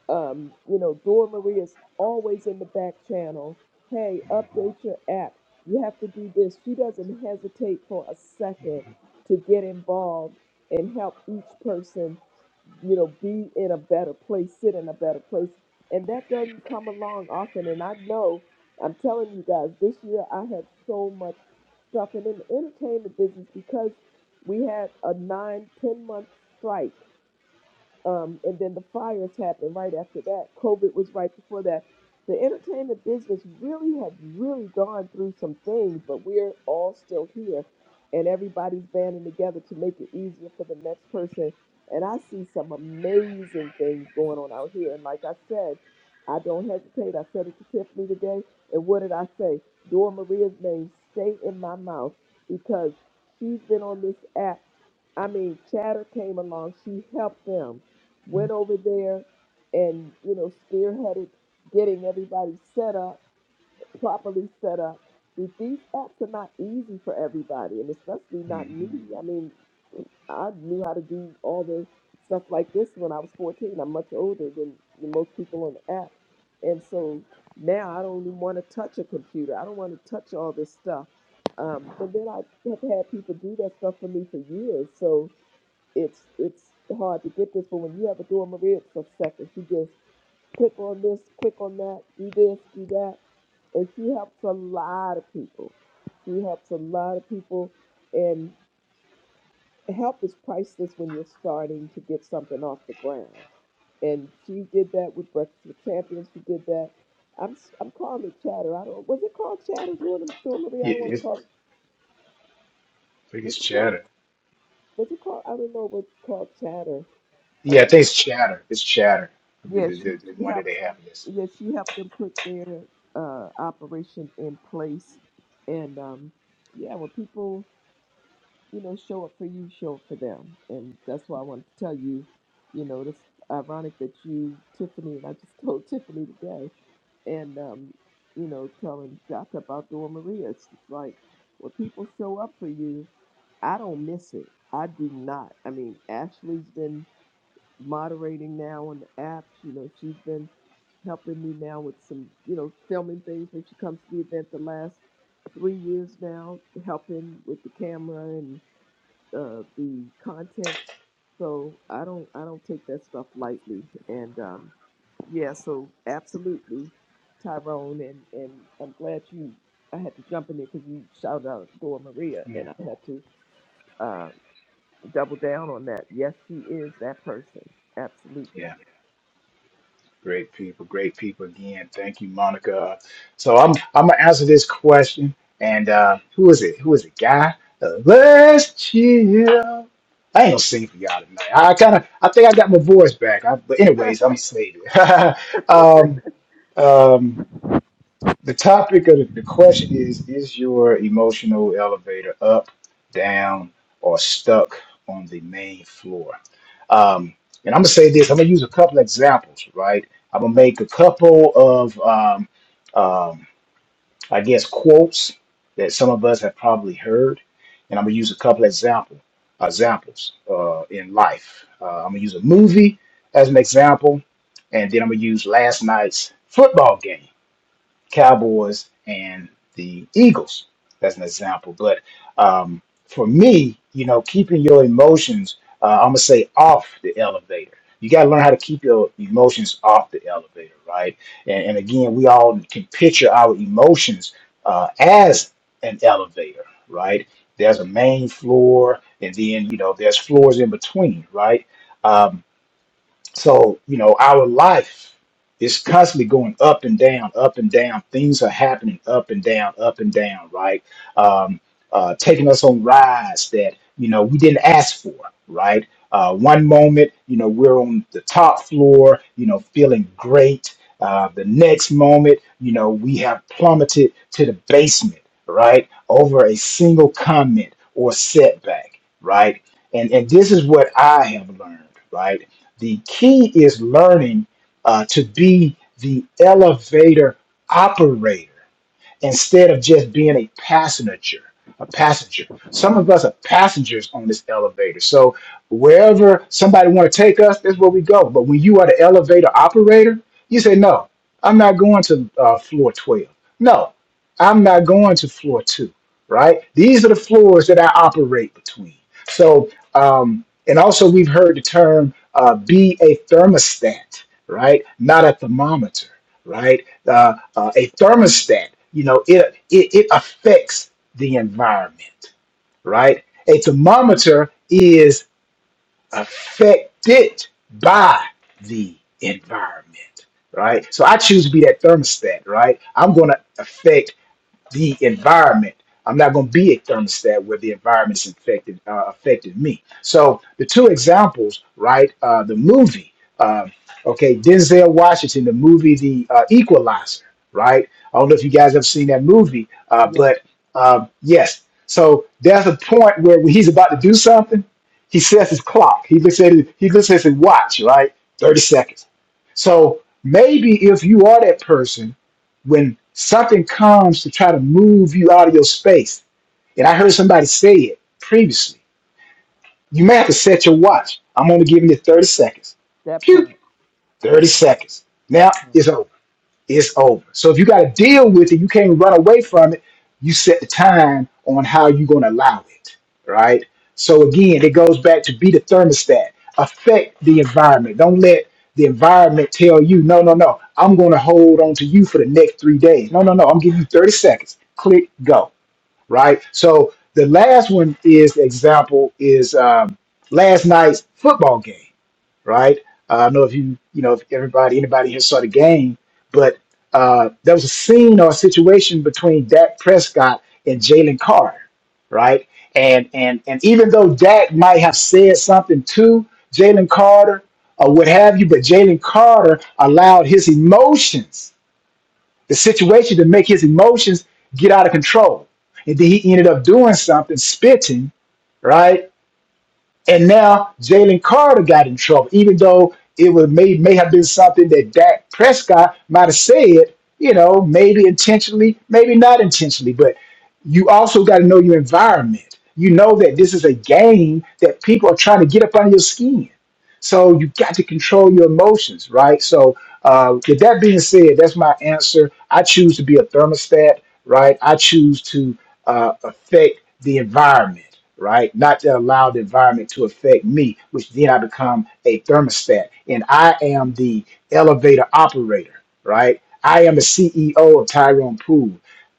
um, you know, Dora Marie is always in the back channel. Hey, update your app. You have to do this. She doesn't hesitate for a second to get involved and help each person, you know, be in a better place, sit in a better place. And that doesn't come along often. And I know, I'm telling you guys, this year I have so much stuff. And in the entertainment business, because we had a nine, ten month strike um, and then the fires happened right after that. COVID was right before that. The entertainment business really had really gone through some things, but we're all still here, and everybody's banding together to make it easier for the next person. And I see some amazing things going on out here. And like I said, I don't hesitate. I said it to Tiffany today, and what did I say? Dora Maria's name stay in my mouth because she's been on this app. I mean, Chatter came along. She helped them went over there and you know spearheaded getting everybody set up properly set up But these apps are not easy for everybody and especially not me
hmm
i mean i knew how to do all the stuff like this when i was 14 i'm much older than than most people on the app and so now i don't even want to touch a computer i don't want to touch all this stuff um, and then i have had people do that stuff for me for years so it's it's hard to get this, but when you have a Dora Maria, it's a second. She just click on this, click on that, do this, do that, and she helps a lot of people. She helps a lot of people, and help is priceless when you're starting to get something off the ground. And she did that with Breakfast with Champions. She did that. I'm s- I'm calling it chatter. I don't. Was it called chatter? Dora, Dora Maria. I
Yeah,
don't want to
it's, I
call.
think it's
Was it called?
Chatter.
Was it called? I don't know. What's called chatter?
Yeah, I
Um.
think it's Chatter. It's Chatter. The,
Yeah,
the,
she,
the the
she
one that they
helped them.
have, yes.
Yeah, she helped them put their uh, operation in place, and um, yeah, when people you know show up for you, show up for them, and that's why I wanted to tell you. You know, it's ironic that you, Tiffany, and I just told <laughs> Tiffany today, and um, you know, telling Jata about Dora Maria. It's just like when people show up for you, I don't miss it. I do not. I mean, Ashley's been moderating now on the app. You know, she's been helping me now with some, you know, filming things when she comes to the event the last three years now, helping with the camera and uh, the content. So I don't I don't take that stuff lightly. And um, yeah, so absolutely, Tyrone, and and I'm glad you. I had to jump in there because you shouted out Dora Maria,
Yeah.
and I had to uh, double down on that. Yes, she is that person.
Yeah.
Absolutely.
Great people, great people again. Thank you, Monica. Uh, So I'm I'm gonna answer this question. And uh, who is it? Who is it? Guy? Uh, let's chill. I ain't gonna sing for y'all tonight. I kind of I think I got my voice back. I, but anyways, I'm gonna save it. <laughs> um, um, the topic of the the question is Is your emotional elevator up, down, or stuck on the main floor? Um, and I'm going to say this I'm going to use a couple examples, right? I'm going to make a couple of, um, um, I guess, quotes that some of us have probably heard. And I'm going to use a couple example, examples uh, in life. Uh, I'm going to use a movie as an example. And then I'm going to use last night's football game Cowboys and the Eagles. That's an example. But um, for me, you know, keeping your emotions, uh, I'm gonna say off the elevator. You gotta learn how to keep your emotions off the elevator, right? And, and again, we all can picture our emotions uh, as an elevator, right? There's a main floor, and then you know there's floors in between, right? Um, so, you know, our life is constantly going up and down, up and down. Things are happening up and down, up and down, right? Um, uh, taking us on rides that, you know, we didn't ask for, right? Uh, one moment, you know, we're on the top floor, you know, feeling great. Uh, the next moment, you know, we have plummeted to the basement, right? Over a single comment or setback, right? And, and this is what I have learned, right? The key is learning uh, to be the elevator operator instead of just being a passenger, a passenger. Some of us are passengers on this elevator. So wherever somebody want to take us, that's where we go. But when you are the elevator operator, you say, no, I'm not going to uh, floor 12. No, I'm not going to floor two, right? These are the floors that I operate between. So, um, and also we've heard the term uh, be a thermostat, right? Not a thermometer, right? Uh, uh, a thermostat, you know, it, it it affects the environment, right? A thermometer is affected by the environment, right? So I choose to be that thermostat, right? I'm going to affect the environment. I'm not going to be a thermostat where the environment's affected uh, affected me. So the two examples, right? Uh, the movie, uh, okay, Denzel Washington, the movie The uh, Equalizer, right? I don't know if you guys have seen that movie, uh, but um, yes. So there's a point where when he's about to do something, he sets his clock. He looks at his, he looks at his watch, right? Thirty seconds. So maybe if you are that person when something comes to try to move you out of your space, and I heard somebody say it previously, you may have to set your watch. I'm only giving you 30 seconds.
That
Phew,
part.
30 seconds.
That
Now
part.
it's over it's over. So if you got to deal with it, you can't run away from it. You set the time on how you're going to allow it, right? So again, it goes back to be the thermostat, affect the environment. Don't let the environment tell you, no, no, no, I'm going to hold on to you for the next three days. No, no, no, I'm giving you 30 seconds. Click, go, right? So the last one is example is um, last night's football game right? Uh, I don't know if you, you know, if everybody, anybody has saw the game, but uh, there was a scene or a situation between Dak Prescott and Jalen Carter, right? And and and even though Dak might have said something to Jalen Carter or what have you, but Jalen Carter allowed his emotions, the situation, to make his emotions get out of control, and then he ended up doing something, spitting, right? And now Jalen Carter got in trouble, even though it was may may have been something that Dak Prescott might have said, you know, maybe intentionally, maybe not intentionally, but you also got to know your environment. You know that this is a game that people are trying to get up under your skin. So you got to control your emotions, right? So, uh, with that being said, that's my answer. I choose to be a thermostat, right? I choose to uh, affect the environment, right? Not to allow the environment to affect me, which then I become a thermostat. And I am the elevator operator, right? I am the CEO of Tyrone Pool.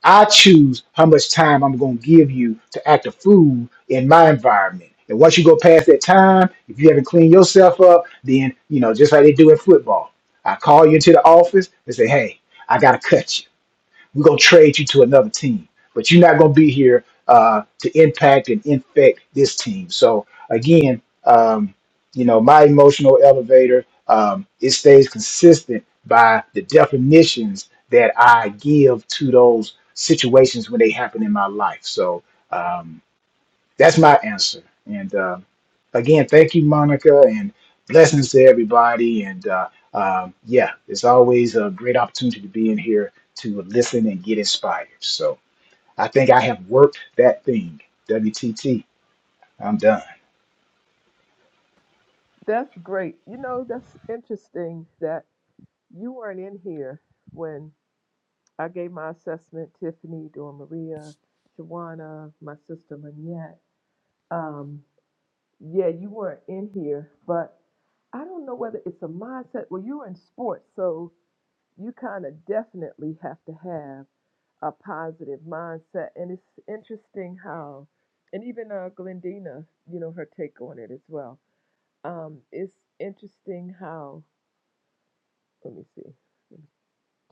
I choose how much time I'm going to give you to act a fool in my environment. And once you go past that time, if you haven't cleaned yourself up, then, you know, just like they do in football, I call you into the office and say, hey, I got to cut you. We're gonna trade you to another team, but you're not gonna be here uh, to impact and infect this team. So again, um, you know, my emotional elevator um, it stays consistent by the definitions that I give to those situations when they happen in my life. So. Um, that's my answer. And um again, thank you, Monica, and blessings to everybody. And uh, um, yeah, it's always a great opportunity to be in here to listen and get inspired. So I think I have worked that thing. WTT, I'm done.
That's great. You know, that's interesting that you weren't in here when I gave my assessment, Tiffany, Dora Maria, Shawana, my sister Lynette. Um, yeah, you weren't in here, but I don't know whether it's a mindset. Well, you were in sports, so you kind of definitely have to have a positive mindset. And it's interesting how, and even uh, Glendina, you know, her take on it as well Um, it's interesting how. Let me see. Let me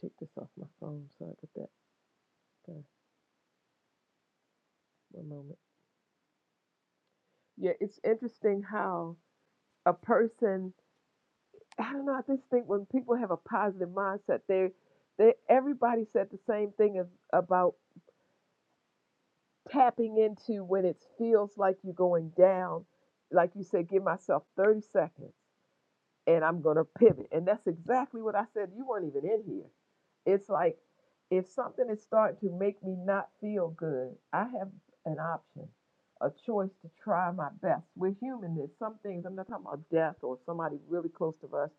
take this off my phone. Sorry about that. Uh, one moment. Yeah, it's interesting how a person. I don't know. I just think when people have a positive mindset, they, they everybody said the same thing as, about tapping into when it feels like you're going down. Like you said, give myself 30 seconds and I'm gonna pivot. And that's exactly what I said. You weren't even in here It's like if something is starting to make me not feel good, I have an option, a choice to try my best. We're human. There's some things, I'm not talking about death or somebody really close to us,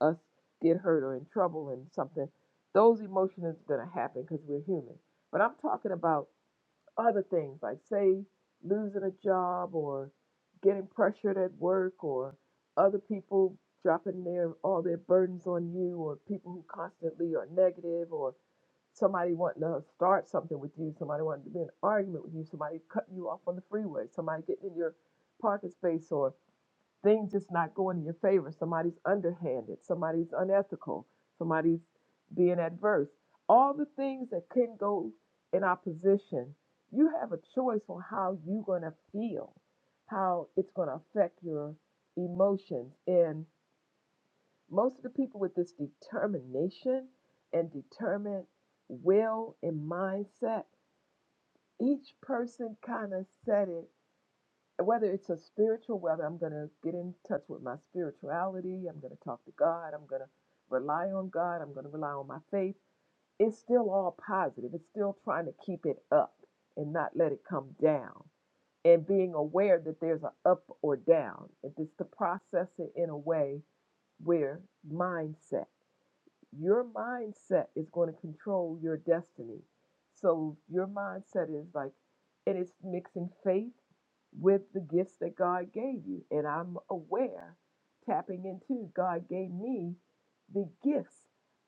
us get hurt or in trouble and something. Those emotions are going to happen because we're human. But I'm talking about other things like say losing a job or getting pressured at work or other people dropping their all their burdens on you or people who constantly are negative or somebody wanting to start something with you somebody wanting to be in an argument with you somebody cutting you off on the freeway somebody getting in your parking space or things just not going in your favor. Somebody's underhanded, somebody's unethical, somebody's being adverse. All the things that can go in opposition, you have a choice on how you're going to feel, how it's going to affect your emotions. And most of the people with this determination and determined will and mindset, each person kind of said it whether it's a spiritual, whether I'm going to get in touch with my spirituality, I'm going to talk to God, I'm going to rely on God, I'm going to rely on my faith, it's still all positive. It's still trying to keep it up and not let it come down and being aware that there's an up or down and just to process it in a way where mindset your mindset is going to control your destiny. So your mindset is like, and it's mixing faith with the gifts that God gave you. And I'm aware, tapping into God gave me the gifts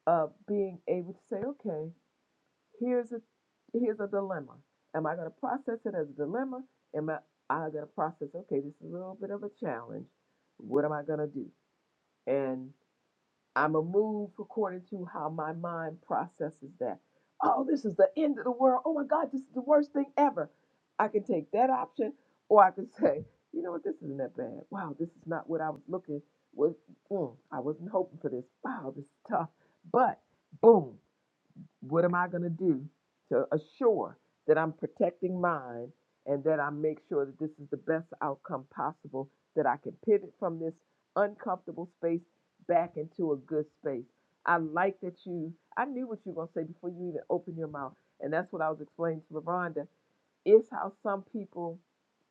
of being able to say, okay, here's a here's a dilemma. Am I going to process it as a dilemma? Am I, I going to process, okay, this is a little bit of a challenge. What am I going to do? And I'm a move according to how my mind processes that. Oh, this is the end of the world. Oh my God, this is the worst thing ever. I can take that option, or I can <laughs> say, you know what, this isn't that bad. Wow, this is not what I was looking. Was mm, I wasn't hoping for this. Wow, this is tough. But boom. What am I going to do to assure that I'm protecting mine and that I make sure that this is the best outcome possible, that I can pivot from this uncomfortable space back into a good space? I like that you, I knew what you were going to say before you even opened your mouth. And that's what I was explaining to LaRonda is how some people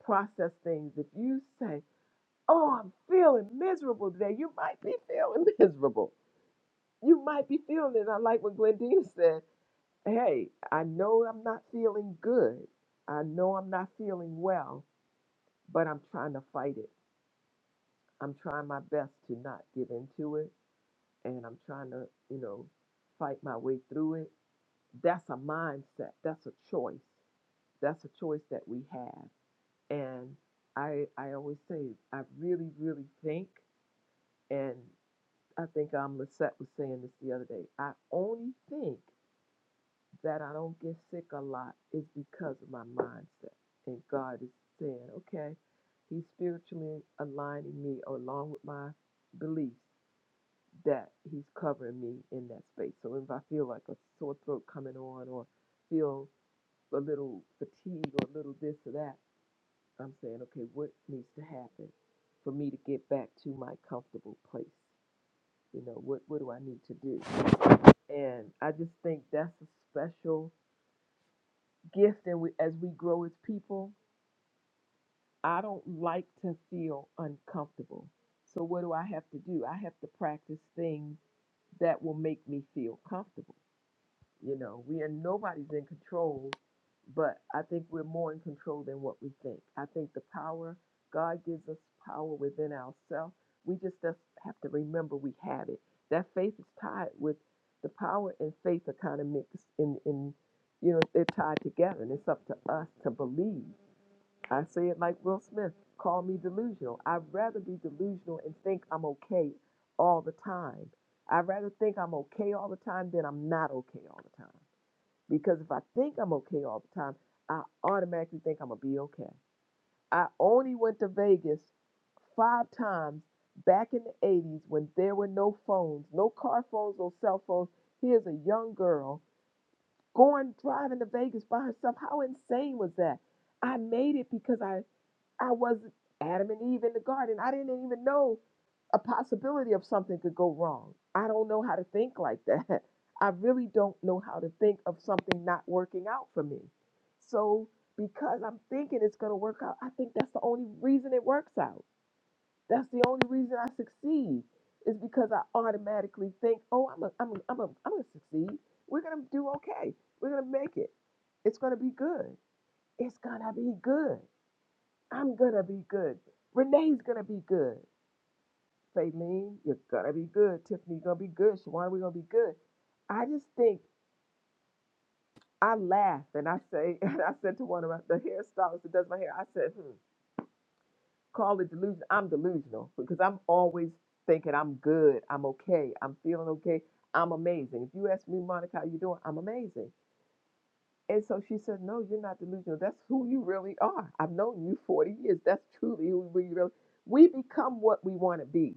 process things. If you say, Oh, I'm feeling miserable today, you might be feeling <laughs> miserable. You might be feeling it. I like what Glendina said hey, I know I'm not feeling good. I know I'm not feeling well, but I'm trying to fight it. I'm trying my best to not give into it. And I'm trying to, you know, fight my way through it. That's a mindset. That's a choice. That's a choice that we have. And I, I always say, I really, really think, and I think um, Lisette was saying this the other day, I only think that I don't get sick a lot is because of my mindset. And God is saying, okay, He's spiritually aligning me along with my beliefs that He's covering me in that space. So if I feel like a sore throat coming on or feel a little fatigue or a little this or that, I'm saying, okay, what needs to happen for me to get back to my comfortable place? You know, what, what do I need to do? And I just think that's a special gift and we, as we grow as people, I don't like to feel uncomfortable. So what do I have to do? I have to practice things that will make me feel comfortable. You know, we are nobody's in control, but I think we're more in control than what we think. I think the power God gives us power within ourselves. We just just have to remember we have it. That faith is tied with the power and faith are kind of mixed in in you know they're tied together, and it's up to us to believe I say it like Will Smith call me delusional. I'd rather be delusional and think I'm okay all the time. I'd rather think I'm okay all the time than I'm not okay all the time. Because if I think I'm okay all the time, I automatically think I'm going to be okay. I only went to Vegas five times back in the 80s when there were no phones, no car phones, no cell phones. Here's a young girl going driving to Vegas by herself. How insane was that? I made it because I I was Adam and Eve in the garden. I didn't even know a possibility of something could go wrong. I don't know how to think like that. <laughs> I really don't know how to think of something not working out for me. So, because I'm thinking it's going to work out, I think that's the only reason it works out. That's the only reason I succeed is because I automatically think, "Oh, I'm a, I'm a, I'm a, I'm going to succeed. We're going to do okay. We're going to make it. It's going to be good. It's going to be good." I'm gonna be good. Renee's gonna be good. Faylene, you're gonna be good. Tiffany, you're gonna be good. Shawana, we're gonna be good. I just think I laugh and I say, <laughs> and I said to one of my, the hairstylist that does my hair, I said, hmm, call it delusion. I'm delusional because I'm always thinking I'm good, I'm okay, I'm feeling okay, I'm amazing. If you ask me, Monica, how you doing? I'm amazing. And so she said, no, you're not delusional. That's who you really are. I've known you 40 years. That's truly who you really. We become what we want to be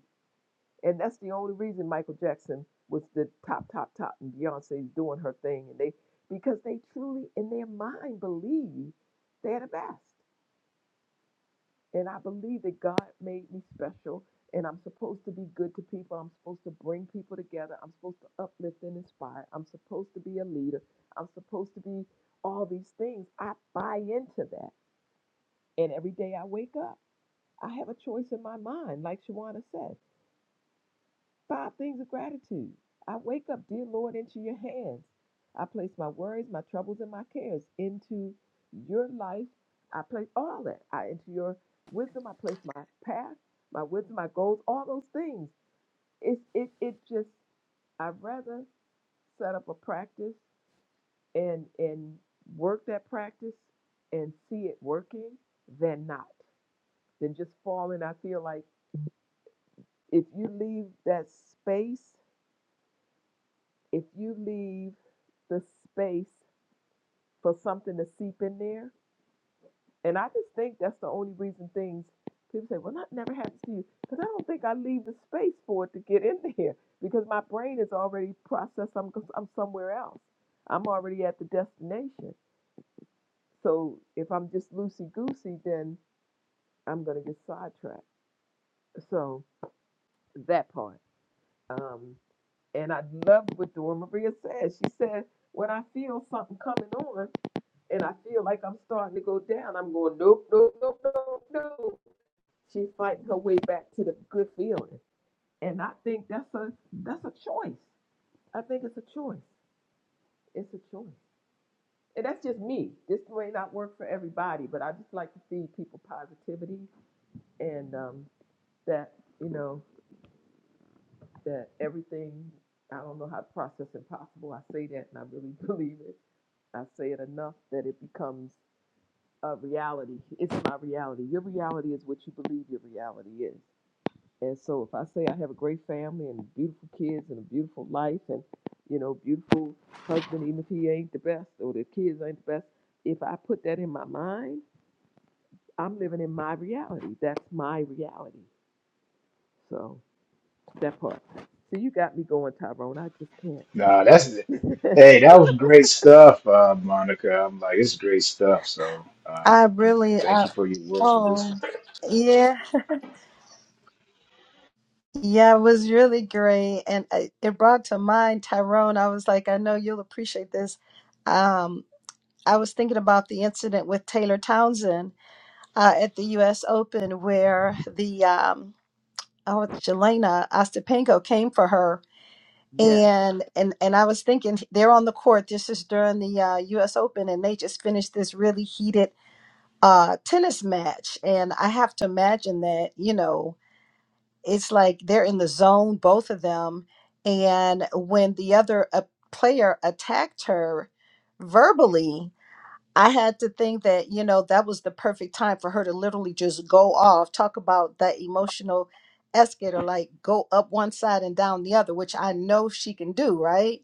And that's the only reason Michael Jackson was the top, top, top, and Beyonce's doing her thing. And they, because they truly, in their mind, believe they're the best. And I believe that God made me special, and I'm supposed to be good to people. I'm supposed to bring people together. I'm supposed to uplift and inspire. I'm supposed to be a leader. I'm supposed to be all these things. I buy into that. And every day I wake up, I have a choice in my mind, like Shawana said. Five things of gratitude. I wake up, dear Lord, into your hands. I place my worries, my troubles, and my cares into your life. I place all that. I into your wisdom. I place my path, my wisdom, my goals, all those things. It's it it just I'd rather set up a practice and and work that practice and see it working than not. Than just falling. I feel like if you leave that space if you leave the space for something to seep in there, and I just think that's the only reason things people say, well, that never happens to you, because I don't think I leave the space for it to get in <laughs> there because my brain is already processed. I'm I'm somewhere else. I'm already at the destination. So if I'm just loosey goosey, then I'm gonna get sidetracked. So that part. Um, and I love what Dora Maria said. She said, when I feel something coming on. and I feel like I'm starting to go down. I'm going, nope, nope, nope, nope, nope. She's fighting her way back to the good feeling. And I think that's a that's a choice. I think it's a choice. It's a choice. And that's just me. This may not work for everybody, but I just like to feed people positivity and um, that, you know, that everything I don't know how to process impossible. I say that and I really <laughs> believe it. I say it enough that it becomes a reality. It's my reality. Your reality is what you believe your reality is. And so if I say I have a great family and beautiful kids and a beautiful life and you know, beautiful husband, even if he ain't the best or the kids ain't the best, if I put that in my mind, I'm living in my reality. That's my reality. So that part. So you got me going, Tyrone. I just
Nah, that's it.
can't.
Hey, that was great stuff, uh, Monica. I'm like, it's great stuff. So uh,
I
again,
really,
thank
uh,
you for your words of
oh,
wisdom.
yeah, yeah, it was really great. And I- it brought to mind Tyrone. I was like, I know you'll appreciate this. Um, I was thinking about the incident with Taylor Townsend uh, at the U.S. Open where the, um, oh, Jelena Ostapenko came for her.
<laughs> yes.
And, and and I was thinking they're on the court. This is during the uh, U.S. Open, and they just finished this really heated uh, tennis match. And I have to imagine that you know it's like they're in the zone, both of them. And when the other uh, player attacked her verbally, I had to think that, you know, that was the perfect time for her to literally just go off, talk about that emotional escalator, like go up one side and down the other, which I know she can do, right?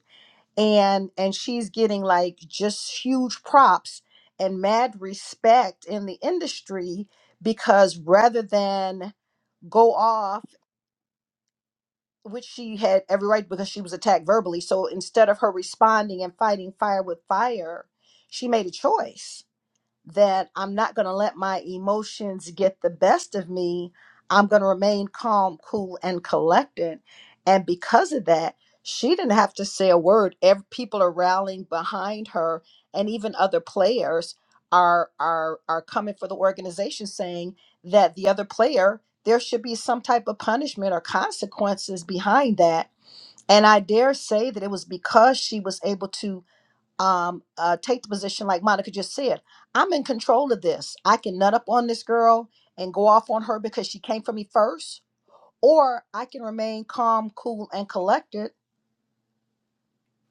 And and she's getting like just huge props and mad respect in the industry because rather than go off which she had every right because she was attacked verbally. So instead of her responding and fighting fire with fire, she made a choice that I'm not going to let my emotions get the best of me. I'm going to remain calm, cool, and collected. And because of that, she didn't have to say a word. Every, people are rallying behind her, and even other players are are are coming for the organization, saying that the other player there should be some type of punishment or consequences behind that. And I dare say that it was because she was able to um, uh, take the position like Monica just said. I'm in control of this. I can nut up on this girl and go off on her because she came for me first, or I can remain calm, cool, and collected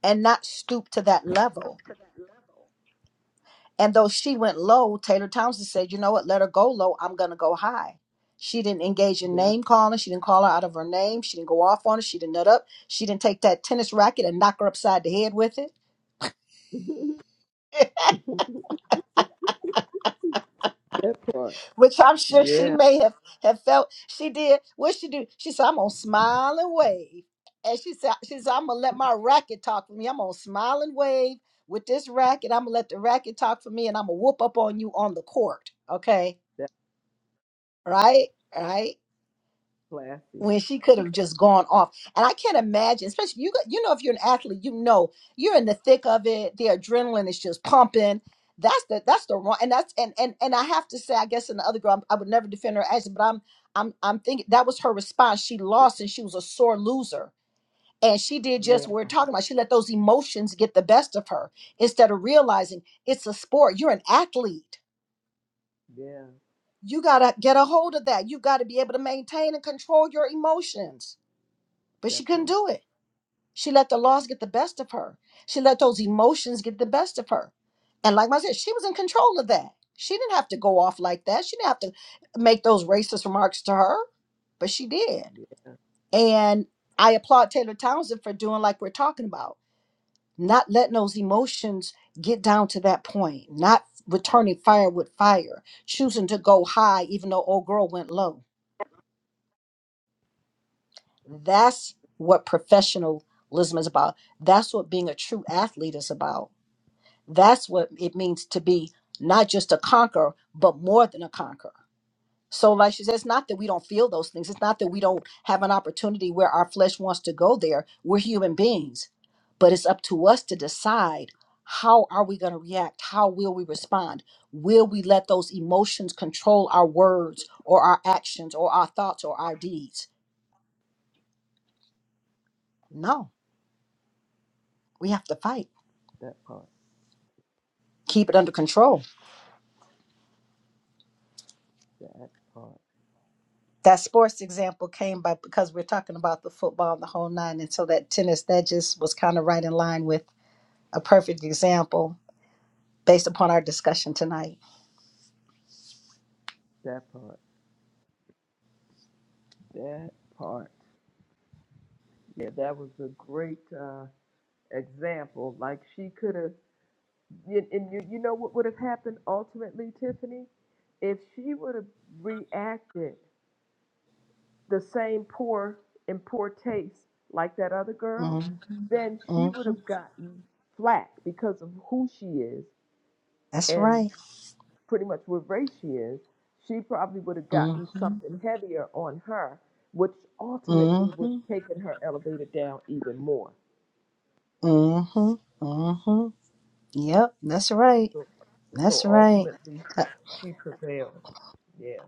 and not stoop to that level. And though she went low, Taylor Townsend said, "You know what? Let her go low. I'm gonna go high." She didn't engage in
Yeah.
name calling. She didn't call her out of her name. She didn't go off on her. She didn't nut up. She didn't take that tennis racket and knock her upside the head with it
<laughs> that part.
which I'm sure she
Yeah.
may have, have felt she did. What she do? She said, I'm gonna smile and wave. And she said, she said, I'm gonna let my racket talk for me. I'm gonna smile and wave with this racket. I'm gonna let the racket talk for me and I'm gonna whoop up on you on the court. Okay.
That's
Right? Right?
classy.
when she could have just gone off. And I can't imagine, especially you. got- You know, if you're an athlete, you know you're in the thick of it. The adrenaline is just pumping. That's the that's the wrong and that's and and and I have to say, I guess in the other girl, I'm- i would never defend her action, but I'm I'm I'm thinking that was her response. She lost and she was a sore loser. And she did
Yeah.
just what we're talking about. She let those emotions get the best of her instead of realizing it's a sport. You're an athlete.
Yeah.
You gotta get a hold of that. You gotta be able to maintain and control your emotions. But
That
she couldn't
part.
do it She let the loss get the best of her. She let those emotions get the best of her. And like I said, she was in control of that. She didn't have to go off like that. She didn't have to make those racist remarks to her, but she did. And I applaud Taylor Townsend for doing like we're talking about, not letting those emotions get down to that point, not
That
returning
part,
fire with fire, choosing to go high even though old girl went low. That's what professionalism is about. That's what being a true athlete is about That's what it means to be not just a conqueror, but more than a conqueror. So, like she says, it's not that we don't feel those things. It's not that we don't have an opportunity where our flesh wants to go there. We're human beings, but it's up to us to decide how are we going to react? How will we respond? Will we let those emotions control our words or our actions or our thoughts or our deeds? No, we have to fight.
that part,
Keep it under control.
that part,
that sports example came by because we're talking about the football and the whole nine and so that tennis that just was kind of right in line with a perfect example based upon our discussion tonight
that part, that part. Yeah, that was a great uh, example. Like she could have, and and you, you know what would have happened ultimately, Tiffany, if she would have reacted the same poor and poor taste like that other
hmm
girl, then she
hmm
would have gotten flack because of who she is
that's
and.
right
pretty much what race she is, she probably would have
Mm
gotten
hmm
something heavier on her, which ultimately
Mm
would
hmm
have taken her elevator down even more.
Mm hmm Mm hmm yep that's right
So, so
that's right
ultimately, she prevailed. Yeah.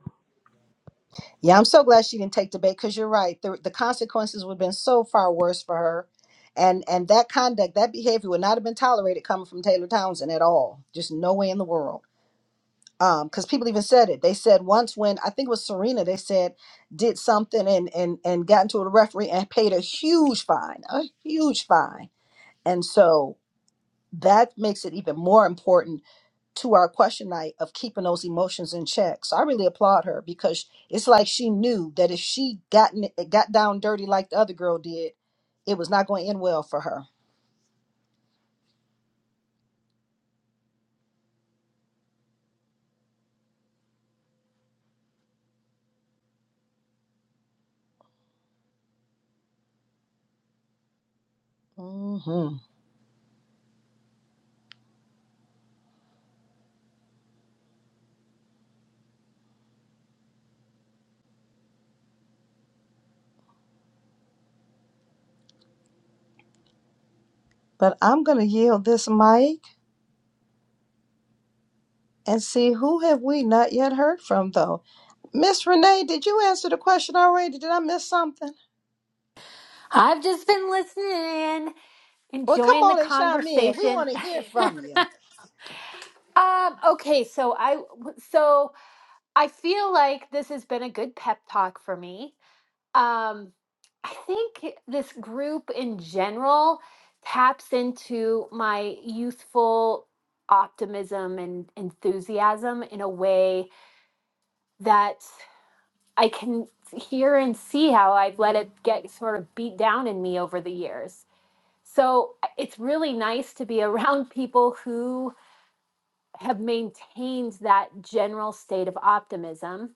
yeah i'm so glad she didn't take the bait because you're right the, the consequences would have been so far worse for her and and that conduct that behavior would not have been tolerated coming from taylor townsend at all just no way in the world um because people even said it they said once when i think it was serena they said did something and and and got into a referee and paid a huge fine a huge fine and so that makes it even more important to our question night of keeping those emotions in check so i really applaud her because it's like she knew that if she gotten it got down dirty like the other girl did it was not going to end well for her hmm but i'm going to yield this mic and see who have we not yet heard from though Miss Renee, did you answer the question already? Did I miss something?
I've just been listening,
Well, come
enjoying the
on and chime in. We
conversation.
want to hear
<laughs>
from you.
um, okay, so I so I feel like this has been a good pep talk for me. Um, I think this group in general taps into my youthful optimism and enthusiasm in a way that I can hear and see how I've let it get sort of beat down in me over the years. So it's really nice to be <laughs> around people who have maintained that general state of optimism.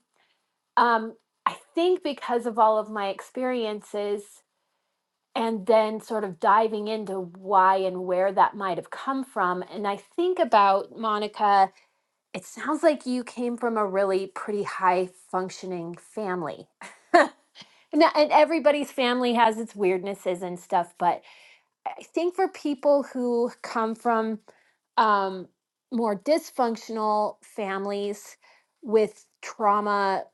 Um, I think because of all of my experiences and then sort of diving into why and where that might have come from. And I think about Monica, it sounds like you came from a really pretty high functioning family No, and everybody's family has its weirdnesses and stuff, but I think for people who come from um, more dysfunctional families with trauma,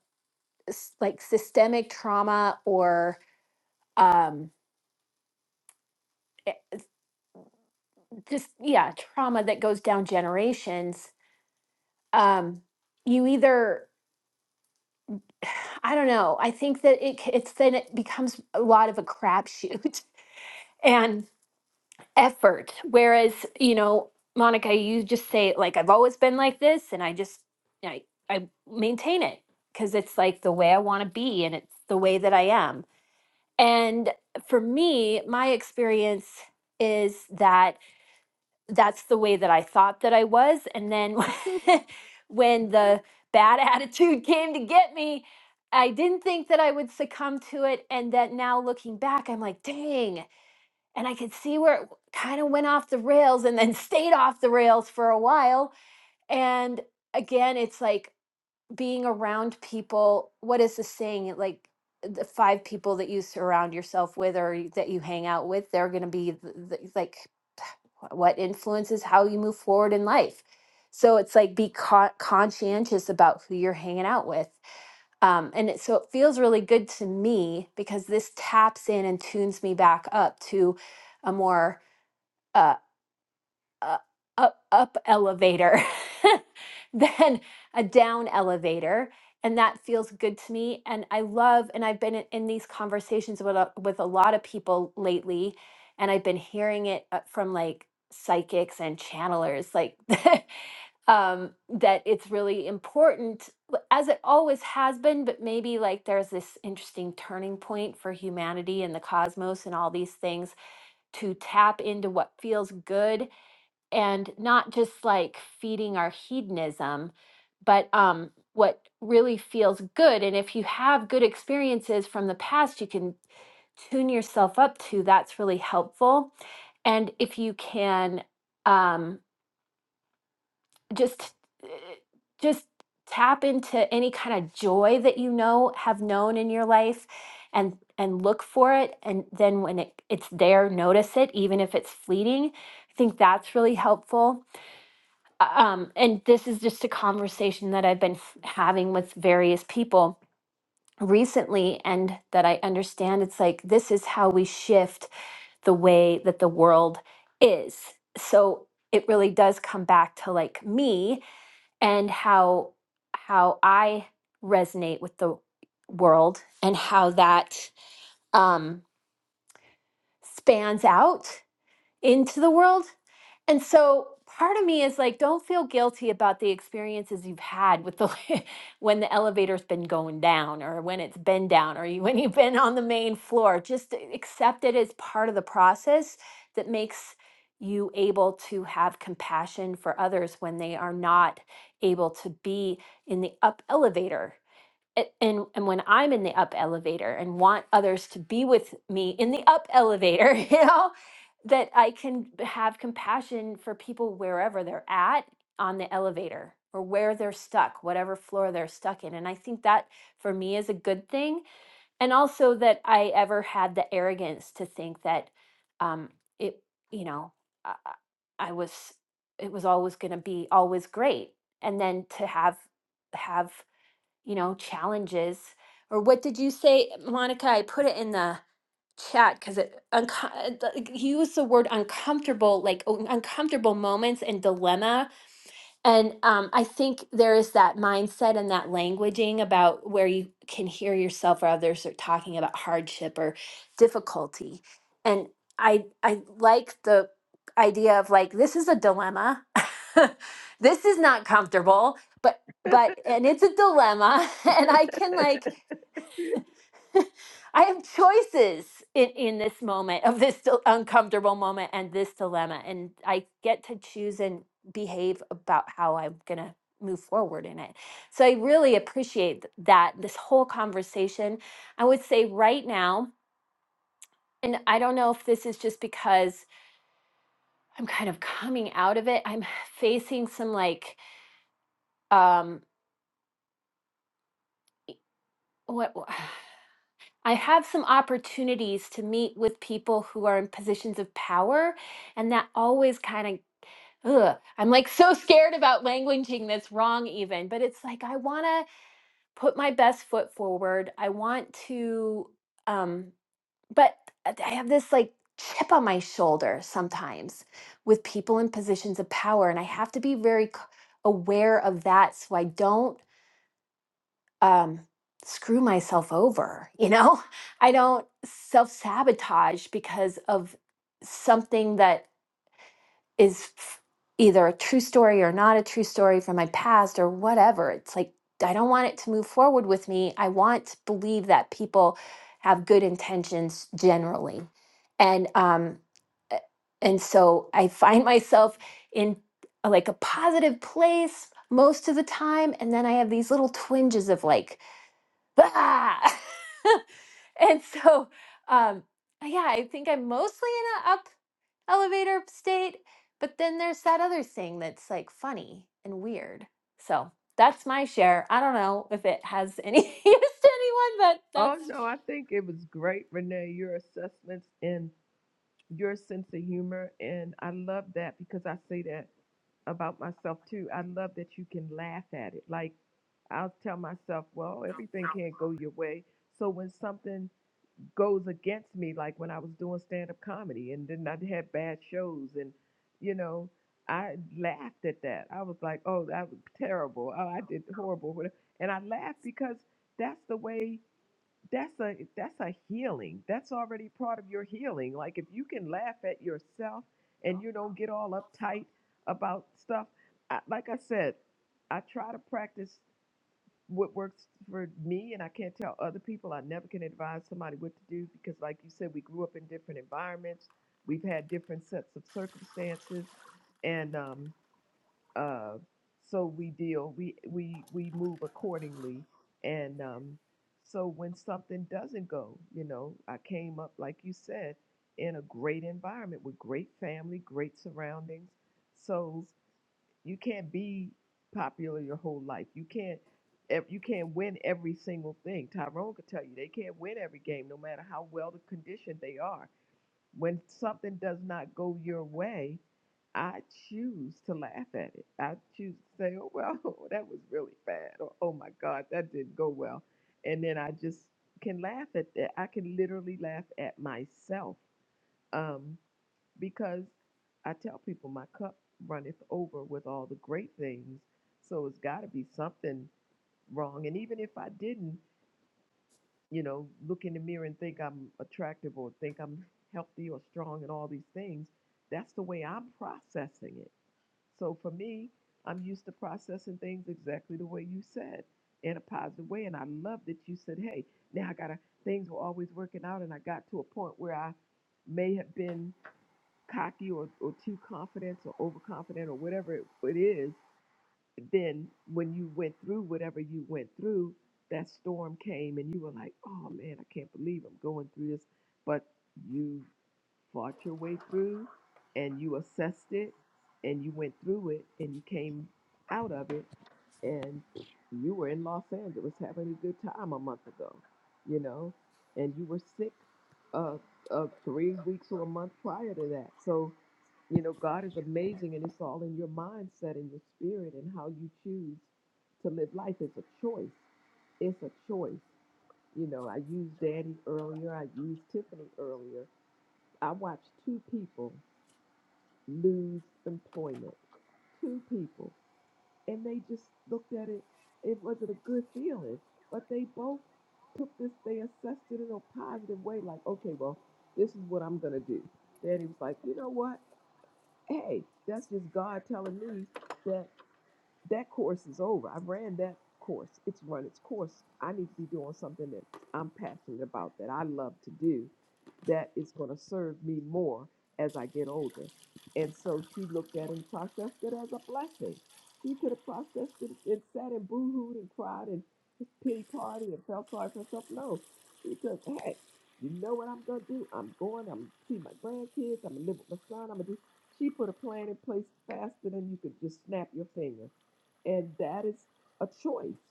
s- like systemic trauma or um, eh, just, yeah, trauma that goes down generations, um, you either, <sighs> I don't know, I think that it, c- it's then it becomes a lot of a crapshoot. <laughs> And effort. Whereas, you know, Monica, you just say like I've always been like this and I just I I maintain it because it's like the way I want to be and it's the way that I am. And for me, my experience is that that's the way that I thought that I was and then <laughs> when the bad <laughs> attitude came to get me, I didn't think that I would succumb to it and that now looking back I'm like, "Dang, and I could see where it kind of went off the rails and then <laughs> stayed off the rails for a while. And again, it's like being around people. What is the saying? It Like the five people that you surround yourself with or you- that you hang out with, they're going to be th- th- like wh- what influences how you move forward in life. So it's like be con- conscientious about who you're hanging out with. Um, and it, so it feels really good to me because this taps in and tunes me back up to a more a, a, a up elevator <laughs> than a down elevator and that feels good to me and i love and i've been in, in these conversations with a, with a lot of people lately and i've been hearing it uh, from like psychics and channelers like <laughs> um that it's really important l- as it always has been but maybe like there's this interesting turning point for humanity and the cosmos and all these things to tap into what feels good and not just like feeding our hedonism, but um, what really feels good. And if you have good experiences from the past, you can tune yourself up to. That's really helpful. And if you can um, just uh, just tap into any kind of joy that you know have known in your life and and look for it and then when it, it's there notice it even if it's fleeting i think that's really helpful um, and this is just a conversation that I've been f- having with various people recently, and that I understand it's like this is how we shift the way that the world is. So it really does come back to like me and how how I resonate with the world and how that um, spans out into the world And so part of me is like, don't feel guilty about the experiences you've had with the <laughs> when the elevator's been going down or when it's been down or you, when you've been on the main floor. Just accept it as part of the process that makes you able to have compassion for others when they are not able to be in the up elevator a- and and when I'm in the up elevator and want others to be with me in the up elevator, <laughs> you know, that I can b- have compassion for people wherever they're at on the elevator or where they're stuck, whatever floor they're stuck in. And I think that for me is a good thing. And also that I ever had the arrogance to think that um it, you know, I, I I was it was always going to be always great. And then to have have you know, challenges. Or what did you say, Monica? I put it in the chat because it unco- uh, the- you used the word uncomfortable, like oh, uncomfortable moments and dilemma and um, I think there is that mindset and that languaging about where you can hear yourself or others are talking about hardship or difficulty. And I I like the idea of like this is a dilemma. <laughs> this is not comfortable, but but and it's a dilemma <laughs> and I can
<laughs>
like <laughs> I have choices in, in this moment of this dil- uncomfortable moment and this dilemma. And I get to choose and behave about how I'm going to move forward in it. So I really appreciate th- that, this whole conversation. I would say right now, and I don't know if this is just because I'm kind of coming out of it, I'm <sighs> facing some like, um, e, what? I have some opportunities to meet with people who are in positions of power, and that always kind of, ugh, I'm like so scared about languaging that's wrong, even. But it's like I want to put my best foot forward. I want to, um, but I I have this like chip on my shoulder sometimes with people in positions of power, and I have to be very c- aware of that so I don't um, screw myself over. You know, <laughs> I don't self sabotage because of something that is f- either a true story or not a true story from my past or whatever. It's like, I don't want it to move forward with me. I want to believe that people have good intentions generally. And, um, a- and so I find <laughs> myself in a- like a positive place most of the time. And then I have these little twinges of like, bah! <laughs> and so um yeah i think i'm mostly in a up elevator state but then there's that other thing that's like funny and weird so that's my share i don't know if it has any <laughs> use to anyone but
oh
that's
no, I think it was great, Renee. Your assessments and your sense of humor, and I love that because I say that about myself too. I love that you can laugh at it. Like I'll tell myself, well, everything can't go your way. So when something goes against me like when I was doing stand up comedy and then I had bad shows and you know I laughed at that. I was like, "Oh, that was terrible. Oh, I did horrible." whatever. And I laughed because that's the way that's a that's a healing. That's already part of your healing. Like if you can laugh at yourself and you don't get all uptight about stuff, I, like I said, I try to practice what works for me and I can't tell other people. I never can advise somebody what to do because like you said, we grew up in different environments. We've had different sets of circumstances and um uh so we deal we we we move accordingly and um so when something doesn't go, you know, I came up like you said in a great environment with great family, great surroundings. So you can't be popular your whole life. You can't ev- you can't win every single thing. Tyrone could tell you they can't win every game, no matter how well the conditioned they are. When something does not go your way, I choose to laugh at it. I choose to say, "Oh well, <laughs> that was really bad," or "Oh my God, that didn't go well," and then I just can laugh at that. I can literally laugh at myself. Um, because I tell people my cup runneth over with all the great things. So it's got to be something wrong. And even if I didn't, you know, look in the mirror and think I'm attractive or think I'm healthy or strong and all these things, that's the way I'm processing it. So for me, I'm used to processing things exactly the way you said in a positive way. And I love that you said, hey, now I got to, things were always working out. And I got to a point where I may have been cocky or, or too confident or overconfident or whatever it, it is, then when you went through whatever you went through, that storm came and you were like, oh man, I can't believe I'm going through this. But you fought your way through and you assessed it and you went through it and you came out of it and you were in Los Angeles having a good time a month ago, you know, and you were sick uh, uh, three weeks or a month prior to that. So, you know, God is amazing and it's all in your mindset and your spirit and how you choose to live life is a choice. It's a choice. You know, I used Danny earlier, I used Tiffany earlier I watched two people lose employment. Two people. And they just looked at it. It wasn't a good feeling. But they both took this, they assessed it in a positive way, like, okay, well, this is what I'm gonna do. Daddy was like, you know what? Hey, that's just God telling me that that course is over. I've ran that course. It's run its course. I need to be doing something that I'm passionate about, that I love to do, that is going to serve me more as I get older. And so she looked at it and processed it as a blessing. She could have processed it and sat and boo-hooed and cried and pity party and felt sorry for herself. No, she took, hey, you know what I'm going to do? I'm going, I'm going to see my grandkids, I'm going to live with my son, I'm going to do. She put a plan in place faster than you could just snap your finger and that is a choice.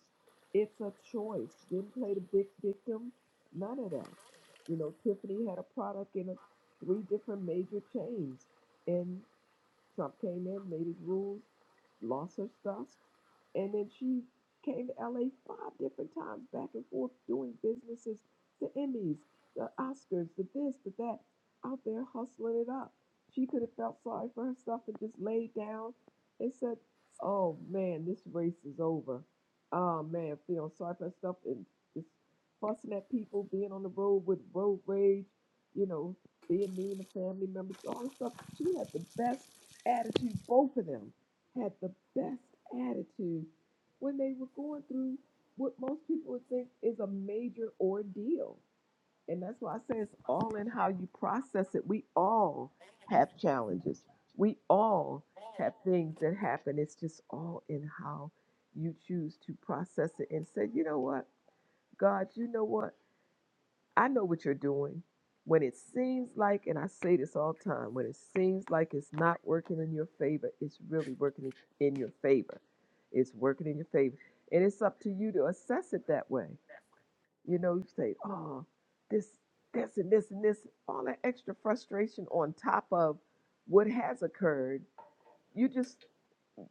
It's a choice. Didn't play the big victim, none of that. You know, Tiffany had a product in a, three different major chains, and Trump came in, made his rules, lost her stuff, and then she came to LA five different times, back and forth, doing businesses, the Emmys, the Oscars, the this, the that, out there hustling it up. She could have felt sorry for herself and just laid down and said, Oh man, this race is over. Oh man, feeling sorry for herself and just fussing at people, being on the road with road rage, you know, being mean to family members, all this stuff. She had the best attitude, both of them had the best attitude when they were going through what most people would think is a major ordeal. And that's why I say it's all in how you process it. We all have challenges, we all have things that happen. It's just all in how you choose to process it and say, you know what, God, you know what? I know what you're doing. When it seems like, and I say this all the time, when it seems like it's not working in your favor, it's really working in your favor. It's working in your favor. And it's up to you to assess it that way. You know, you say, oh, this, this, and this, and this, all that extra frustration on top of what has occurred. You just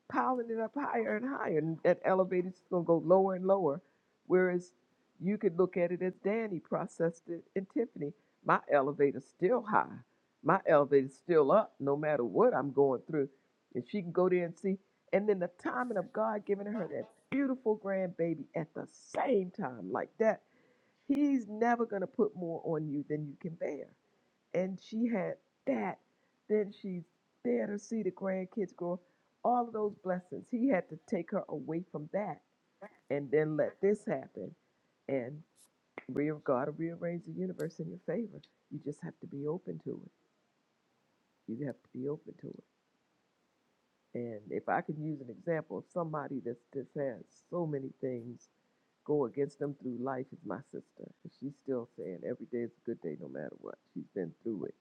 piling it up higher and higher. And that elevator's just gonna go lower and lower. Whereas you could look at it as Danny processed it and Tiffany. My elevator's still high. My elevator's still up no matter what I'm going through. And she can go there and see. And then the timing of God giving her that beautiful grandbaby at the same time like that. He's never gonna put more on you than you can bear and she had that. Then she's there to see the grandkids grow. All of those blessings. He had to take her away from that and then let this happen. And real God will rearrange the universe in your favor. You just have to be open to it. You have to be open to it. And if I can use an example of somebody that's just has so many things go against them through life is my sister. She's still saying every day is a good day no matter what. She's been through it,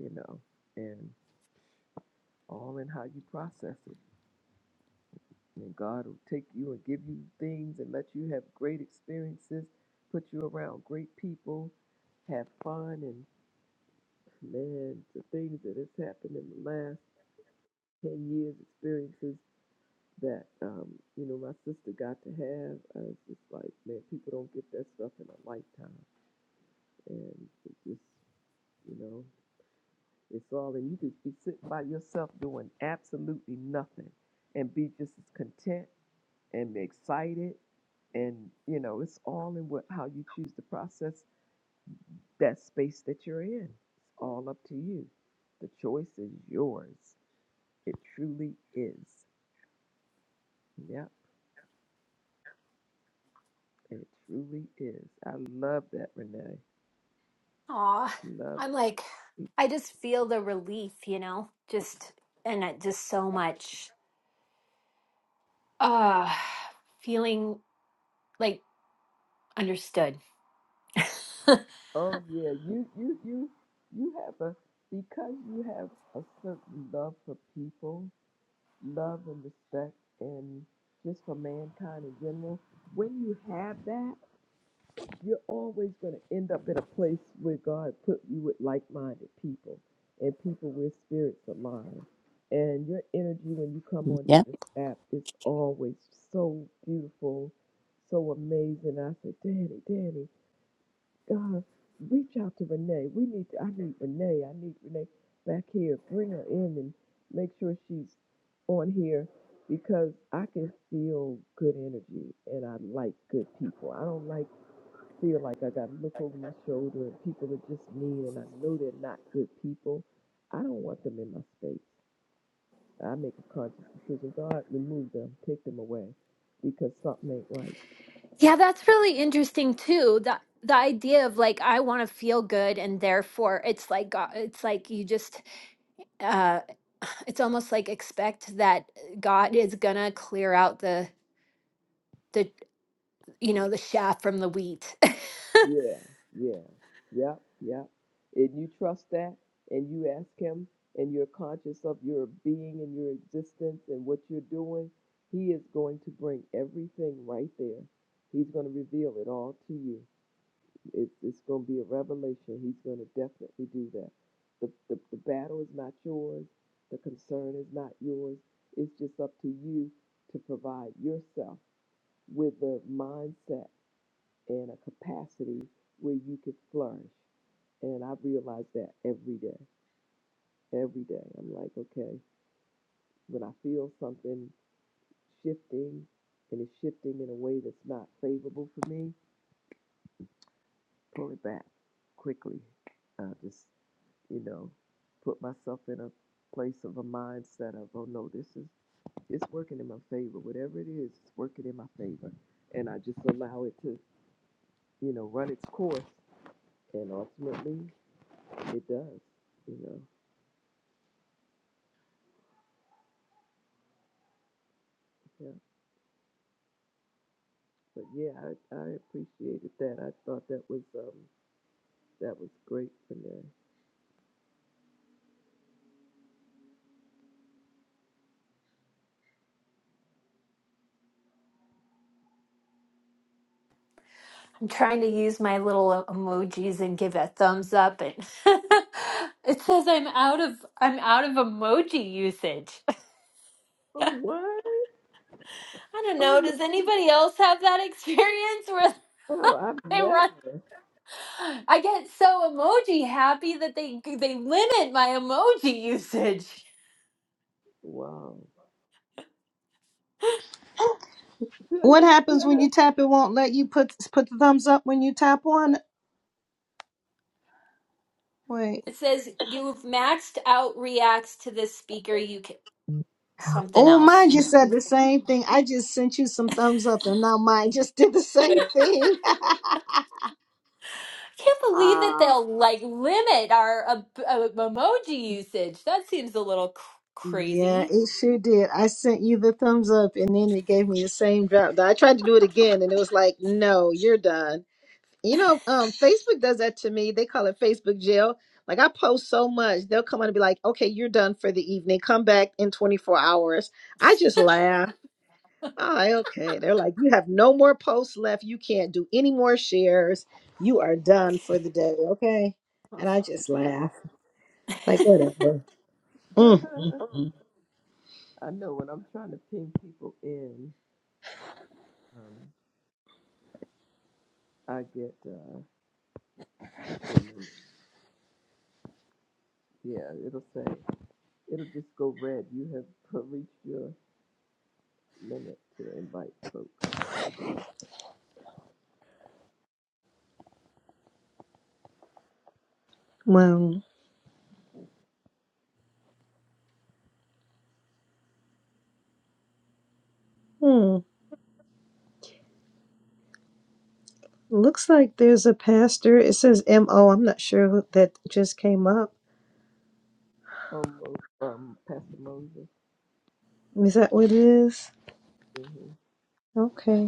you know. and. all in how you process it. And God will take you and give you things and let you have great experiences, put you around great people, have fun. And man, the things that has happened in the last 10 years, experiences that, um, you know, my sister got to have, I was just like, man, people don't get that stuff in a lifetime. And it just, you know, it's all, and you could be sitting by yourself doing absolutely nothing and be just as content and excited and you know it's all in what how you choose to process that space that you're in it's all up to you the choice is yours it truly is yep it truly is i love that renee
aw
love
i'm like i just feel the relief you know just and it just so much uh feeling like understood <laughs>
oh yeah you you you you have a because you have a certain love for people love and respect and just for mankind in general when you have that you're always going to end up at a place where God put you with like-minded people and people where spirits align. And your energy when you come onto
Yeah.
this app is always so beautiful, so amazing. I said, Danny, Danny, God, reach out to Renee. We need, to, I need Renee. I need Renee back here. Bring her in and make sure she's on here because I can feel good energy and I like good people. I don't like feel like I got to look over my shoulder and people are just mean and I know they're not good people. I don't want them in my space. I make a conscious decision. God, remove them, take them away because something ain't right.
Yeah, that's really interesting too. The the idea of like I want to feel good and therefore it's like God, it's like you just uh <sighs> it's almost like expect that God is going to clear out the the you know the chaff from the wheat. <laughs>
Yeah, yeah, yep, yep. And you trust that and you ask Him and you're conscious of your being and your existence and what you're doing, He is going to bring everything right there. He's going to reveal it all to you. It, it's going to be a revelation. He's going to definitely do that. The, the, the battle is not yours, the concern is not yours. It's just up to you to provide yourself with the mindset and a capacity where you can flourish. And I realize that every day, every day. I'm like, okay, when I feel something shifting and it's shifting in a way that's not favorable for me, pull it back quickly. Uh, just you know, put myself in a place of a mindset of, oh no, this is it's working in my favor. Whatever it is, it's working in my favor. And I just allow it to, you know, run its course and ultimately it does, you know. Yeah. But yeah, I, I appreciated that. I thought that was um that was great for me.
I'm trying to use my little emojis and give a thumbs up and <laughs> it says I'm out of I'm out of emoji usage. <laughs>
Oh
I
what?
don't
Oh
know,
my
does anybody else have that experience where
God,
<laughs>
I've
they run
never
<gasps> I get so emoji happy that they they limit my emoji <laughs> usage.
wow. <laughs>
What happens when you tap it won't let you put put the thumbs up when you tap on it? Wait.
It says you've maxed out reacts to this speaker. You can something
Oh, mine
else.
just said
I
the same thing. I just sent you some thumbs up and now mine just did the same thing. <laughs>
can't believe that
Ah.
they'll like limit our uh, emoji usage. That seems a little cr-
yeah,
crazy.
it sure did. I sent you the thumbs up and then it gave me the same drop. I tried to do it again and it was like, no, you're done. You know, um, Facebook does that to me. They call it Facebook jail. Like I post so much, they'll come on and be like, "Okay, you're done for the evening. Come back in 24 hours." I just laugh. Oh, okay. They're like, "You have no more posts left. You can't do any more shares. You are done for the day." Okay, and I just laugh. Like
<laughs>
whatever. Mm, mm, mm.
I know when I'm trying to ping people in. um. I get uh, to a limit. Yeah, it'll say, it'll just go red. You have per- reached your limit to invite folks.
Well, hmm. looks like there's a pastor. It says M O. I'm not sure who that just came up.
Almost, um, Pastor Moses.
Is that what it is?
Mm-hmm.
Okay.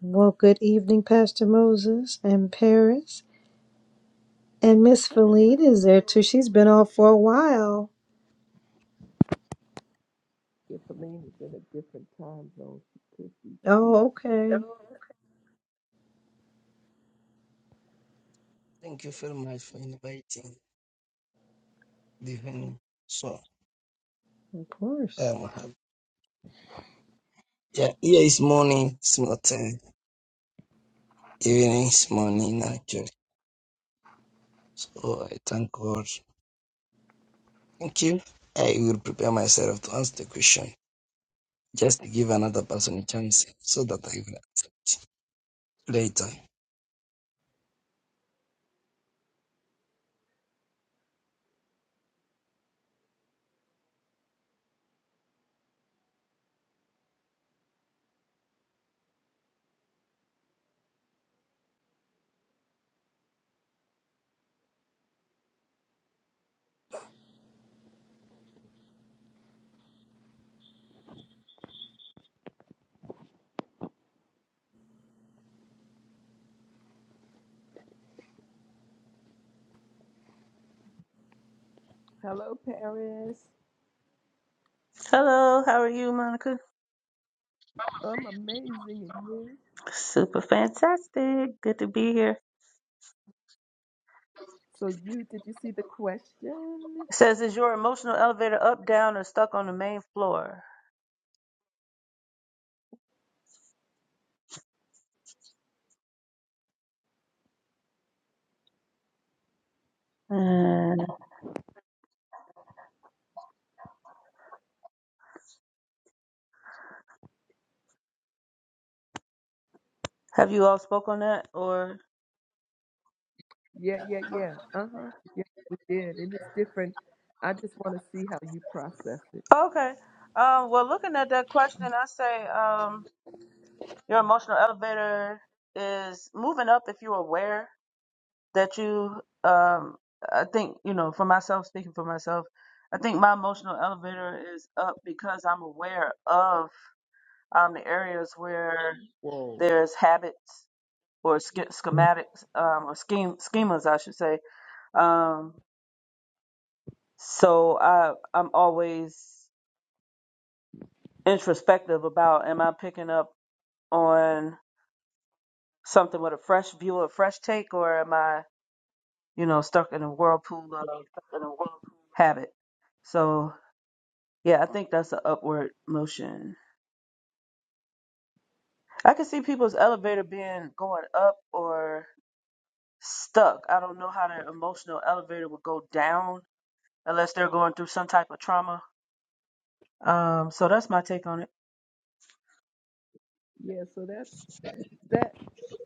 Well, good evening, Pastor Moses and Paris. And Miss
Paris,
Feline is there too. She's been on for a while.
if Aline is in a different time zone, she could be asleep.
Oh, okay.
Thank you very much for inviting the Divine. So,
Of course.
um, I have- yeah, here is morning, it's not time. Evening is morning, actually. So, I thank God. Thank you. I will prepare myself to answer the question just to give another person a chance so that I will answer it later.
Hello, Paris.
Hello, how are you, Monica?
I'm amazing at you.
Super fantastic. Good to be here.
So you, did you see the question?
It says, is your emotional elevator up, down, or stuck on the main floor? Uh, have you all spoke on that or?
Yeah, yeah, yeah. Uh-huh. Yeah, we did. It is different. I just want to see how you process it.
Okay. Um, well, looking at that question, I say um, your emotional elevator is moving up if you're aware that you. Um, I think you know, for myself, speaking for myself, I think my emotional elevator is up because I'm aware of um, the areas where there's habits or sch- schematics um, or scheme schemas, I should say. Um, so I I'm always introspective about am I picking up on something with a fresh view, a fresh take, or am I you know stuck in a whirlpool of habit? So yeah, I think that's an upward motion. I can see people's elevator being going up or stuck. I don't know how their emotional elevator would go down unless they're going through some type of trauma Um, so that's my take on it.
Yeah, so that's that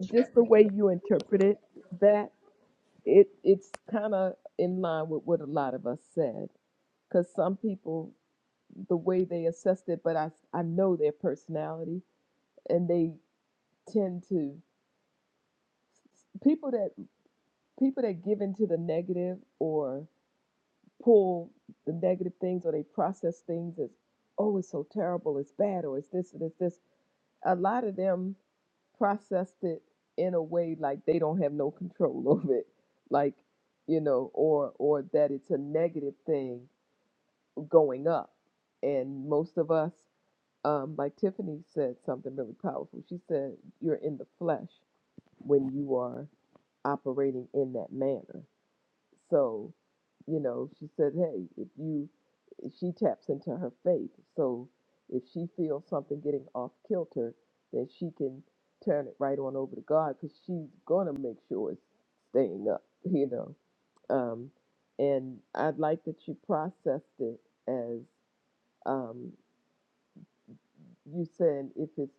just the way you interpreted that it it's kind of in line with what a lot of us said because some people the way they assessed it but i i know their personality and they tend to people that people that give into the negative or pull the negative things or they process things as oh it's so terrible it's bad or it's this and it's this a lot of them processed it in a way like they don't have no control <laughs> over it like you know or or that it's a negative thing going up and most of us um like tiffany said something really powerful she said you're in the flesh when you are operating in that manner so, you know, she said, hey, if you, she taps into her faith. So if she feels something getting off kilter, then she can turn it right on over to God because she's going to make sure it's staying up, <laughs> you know. Um, and I'd like that you processed it as um, you said, if it's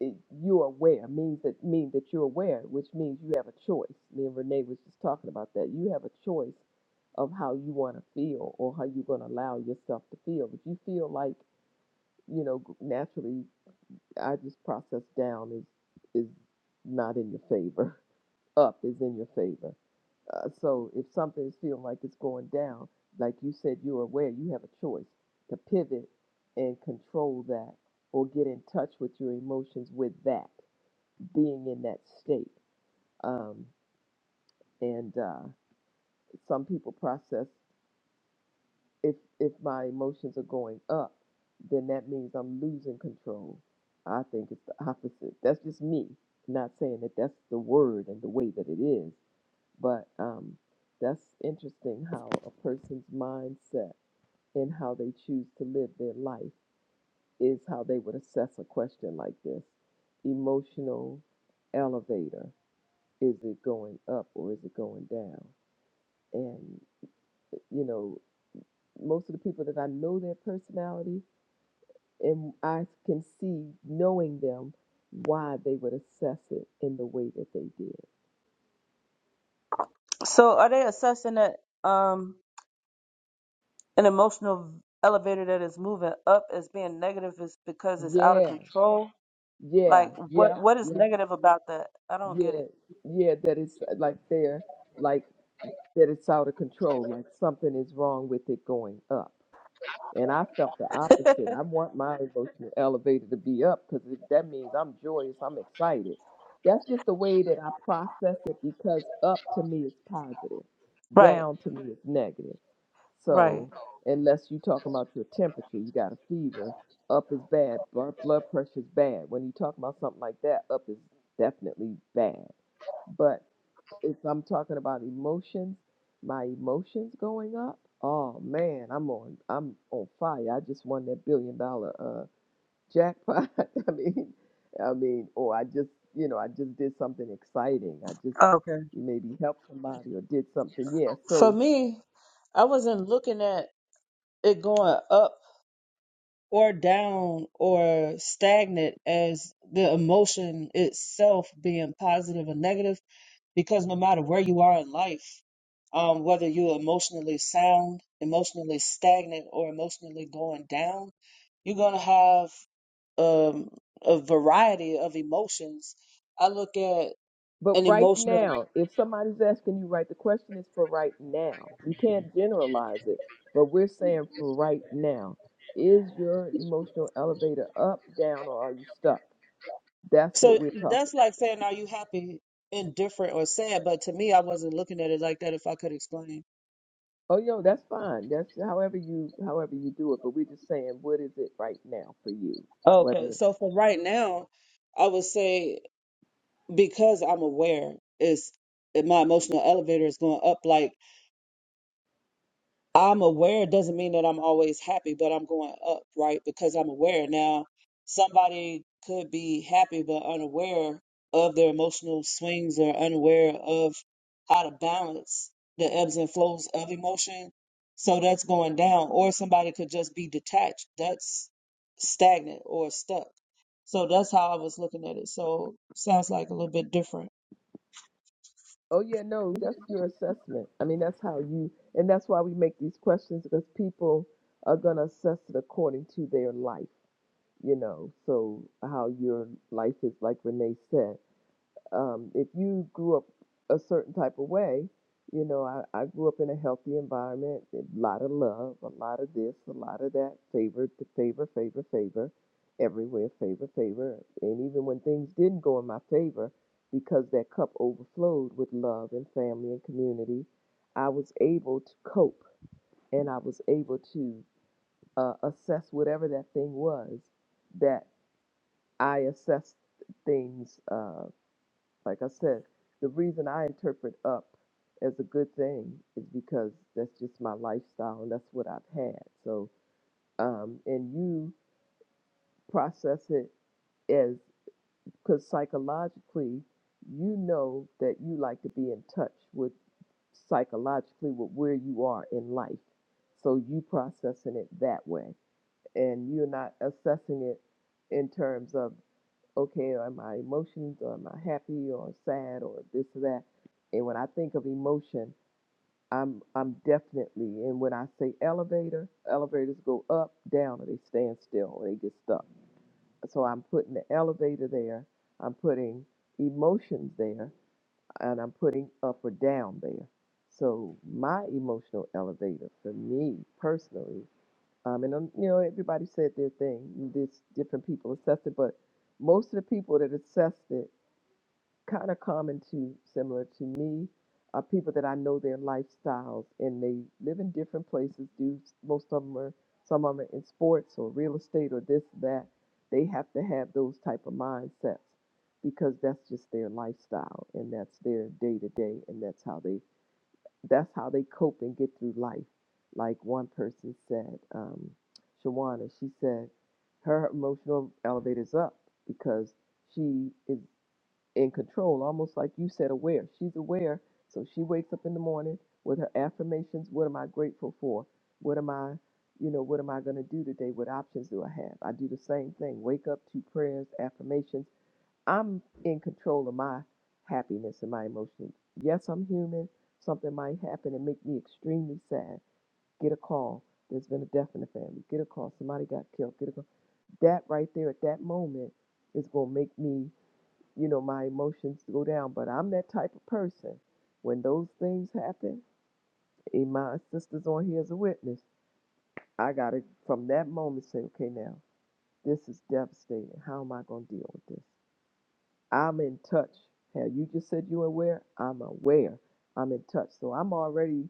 it- you're aware means that mean that you're aware, which means you have a choice. Me and Renee was just talking about that. You have a choice of how you want to feel or how you're going to allow yourself to feel. If you feel like you know g- naturally, I just process down is is not in your favor. <laughs> Up is in your favor. Uh, so if something is feeling like it's going down, like you said, you're aware. You have a choice to pivot and control that, or get in touch with your emotions with that being in that state. Um, and uh, some people process if if my emotions are going up, then that means I'm losing control. I think it's the opposite. That's just me. Not saying that that's the word and the way that it is, but um, that's interesting how a person's mindset and how they choose to live their life is how they would assess a question like this. Emotional elevator. Is it going up or is it going down? and you know most of the people that I know their personality and I can see knowing them why they would assess it in the way that they did.
So are they assessing that um an emotional elevator that is moving up as being negative is because it's out of
Yeah,
control?
yeah,
Like what
yeah,
what is
yeah,
negative about that? I don't get it.
yeah, yeah. That it's like they're like that it's out of control. Like something is wrong with it going up. And I felt the opposite. I want my emotional elevator to be up because that means I'm joyous, I'm excited. That's just the way that I process it because up to me is positive,
Right,
down to me is negative.
right.
So, unless you're talking about your temperature, you got a fever, up is bad, blood blood pressure is bad. When you talk about something like that, up is definitely bad. But if I'm talking about emotions, my emotions going up. Oh man, I'm on I'm on fire. I just won that billion dollar uh jackpot. <laughs> I mean, I mean, or I just you know I just did something exciting. I just
Okay.
maybe helped somebody or did something. Yeah.
For
So,
me, I wasn't looking at it going up or down or stagnant as the emotion itself being positive or negative. because no matter where you are in life, um, whether you're emotionally sound, emotionally stagnant, or emotionally going down, you're gonna have um, a variety of emotions. I look at
but
an
right
emotional.
now, if somebody's asking you, right, the question is for right now. You can't generalize it, but we're saying for right now. Is your emotional elevator up, down, or are you stuck? That's what
So
we're talking.
that's like saying, are you happy, indifferent, or sad? But to me, I wasn't looking at it like that. If I could explain.
Oh, yo, that's fine. That's however you however you do it. But we're just saying, what is it right now for you?
Okay,
Whether
so for right now, I would say because I'm aware is my emotional elevator is going up. Like I'm aware doesn't mean that I'm always happy, but I'm going up, right? Because I'm aware. Now, somebody could be happy but unaware of their emotional swings or unaware of how to balance the ebbs and flows of emotion. So that's going down. Or somebody could just be detached. That's stagnant or stuck. So that's how I was looking at it. So sounds like a little bit different.
oh yeah, no, that's your assessment. I mean, that's how you, and that's why we make these questions because people are gonna assess it according to their life. You know, so how your life is, like Renee said. um, if you grew up a certain type of way, you know, I, I grew up in a healthy environment, a lot of love, a lot of this, a lot of that, favor, to favor, favor, favor, everywhere, favor, favor. And even when things didn't go in my favor, because that cup overflowed with love and family and community, I was able to cope and I was able to uh, assess whatever that thing was that I assessed things. Uh, like I said, the reason I interpret up as a good thing is because that's just my lifestyle and that's what I've had. So, um, and you process it as because psychologically, you know that you like to be in touch with psychologically with where you are in life. So you processing it that way, and you're not assessing it in terms of okay, are my emotions, or am I happy or sad or this or that? And when I think of emotion, I'm I'm definitely and when I say elevator, elevators go up, down, or they stand still, or they get stuck. So I'm putting the elevator there, I'm putting emotions there, and I'm putting up or down there. So my emotional elevator for me personally, um, and um, you know everybody said their thing. There's different people assessed it, but most of the people that assessed it kind of common to similar to me are people that I know their lifestyles and they live in different places. Do most of them are some of them are in sports or real estate or this that. They have to have those type of mindsets because that's just their lifestyle and that's their day to day and that's how they that's how they cope and get through life. Like one person said, um, Shawana, she said her emotional elevator's up because she is in control, almost like you said, aware. She's aware, so she wakes up in the morning with her affirmations. What am I grateful for? What am I, you know, what am I going to do today? What options do I have? I do the same thing. Wake up to prayers, affirmations. I'm in control of my happiness and my emotions. Yes, I'm human. Something might happen and make me extremely sad. Get a call. There's been a death in the family. Get a call. Somebody got killed. Get a call. That right there at that moment is going to make me you know, my emotions go down. But I'm that type of person. When those things happen, and my sister's on here as a witness, I got to, from that moment, say, okay, now, this is devastating. How am I going to deal with this? I'm in touch. Hell, you just said you aware. I'm aware. I'm in touch. So I'm already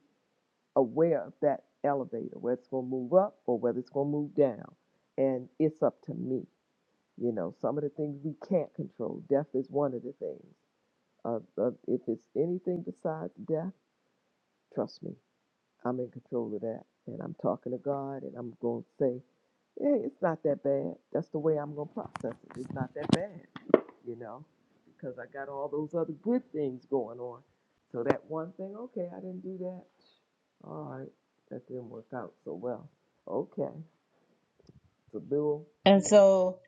aware of that elevator, whether it's going to move up or whether it's going to move down. And it's up to me. You know, some of the things we can't control. Death is one of the things Uh, uh, if it's anything besides death, trust me, I'm in control of that. And I'm talking to God, and I'm going to say, hey, it's not that bad. That's the way I'm going to process it. It's not that bad, you know, because I got all those other good things going on. So that one thing, okay, I didn't do that. All right, that didn't work out so well. Okay, it's a bill
And so,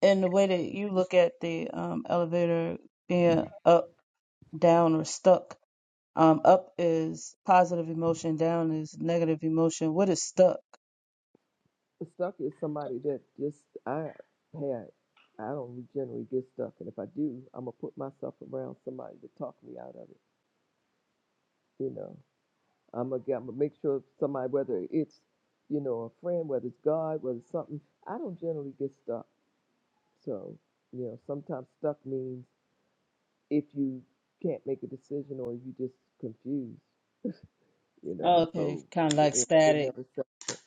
in the way that you look at the um, elevator being up. down or stuck. Um, up is positive emotion, down is negative emotion. What is stuck?
stuck is somebody that just I had. I don't generally get stuck, and if I do, I'm gonna put myself around somebody to talk me out of it. You know, I'm gonna, I'm gonna make sure somebody, whether it's you know a friend, whether it's God, whether it's something. I don't generally get stuck, so you know sometimes stuck means if you can't make a decision or you just confused. You
Oh,
know,
okay,
so
kind of
the
like
it, it
static.
never settles.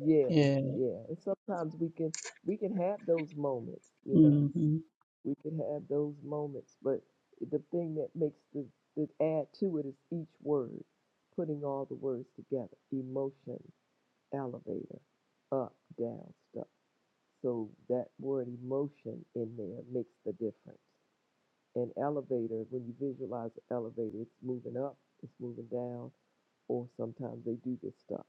Yeah,
Yeah.
yeah, and sometimes we can we can have those moments. You know,
hmm
we can have those moments. But the thing that makes the, the add to it is each word, putting all the words together emotion, elevator, up, down, stuff. So that word emotion in there makes the difference. And elevator, when you visualize the elevator, it's moving up, it's moving down, or sometimes they do get stuck.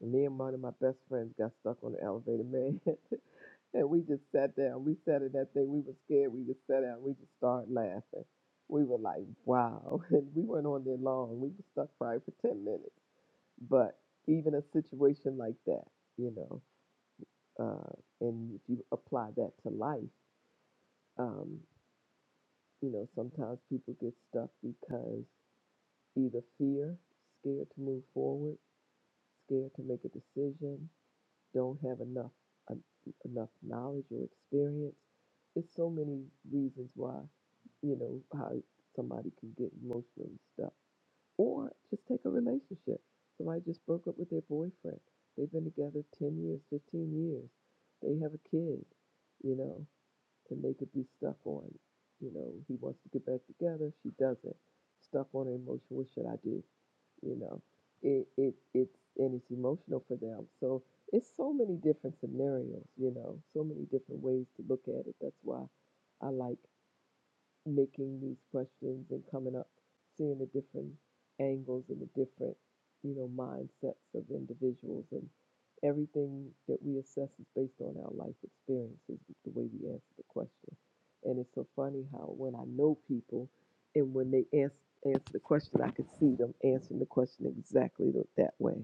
And me and one of my best friends got stuck on the elevator, man. <laughs> And we just sat down. We sat in that thing. We were scared. We just sat down. We just started laughing. We were like, wow. <laughs> And we weren't on there long. We were stuck probably for 10 minutes. But even a situation like that, you know, uh, and if you apply that to life, um, you know, sometimes people get stuck because either fear, scared to move forward, scared to make a decision, don't have enough en- enough knowledge or experience. It's so many reasons why you know how somebody can get emotionally stuck, or just take a relationship. Somebody just broke up with their boyfriend. They've been together ten years, fifteen years. They have a kid. You know and they could be stuck on, you know, he wants to get back together, she doesn't. Stuck on an emotion, what should I do? You know, it it it's and it's emotional for them. So it's so many different scenarios, you know, so many different ways to look at it. That's why I like making these questions and coming up, seeing the different angles and the different, you know, mindsets of individuals and everything that we assess is based on our life experiences, the way we answer the question. And it's so funny how when I know people and when they answer, answer the question, I can see them answering the question exactly th- that way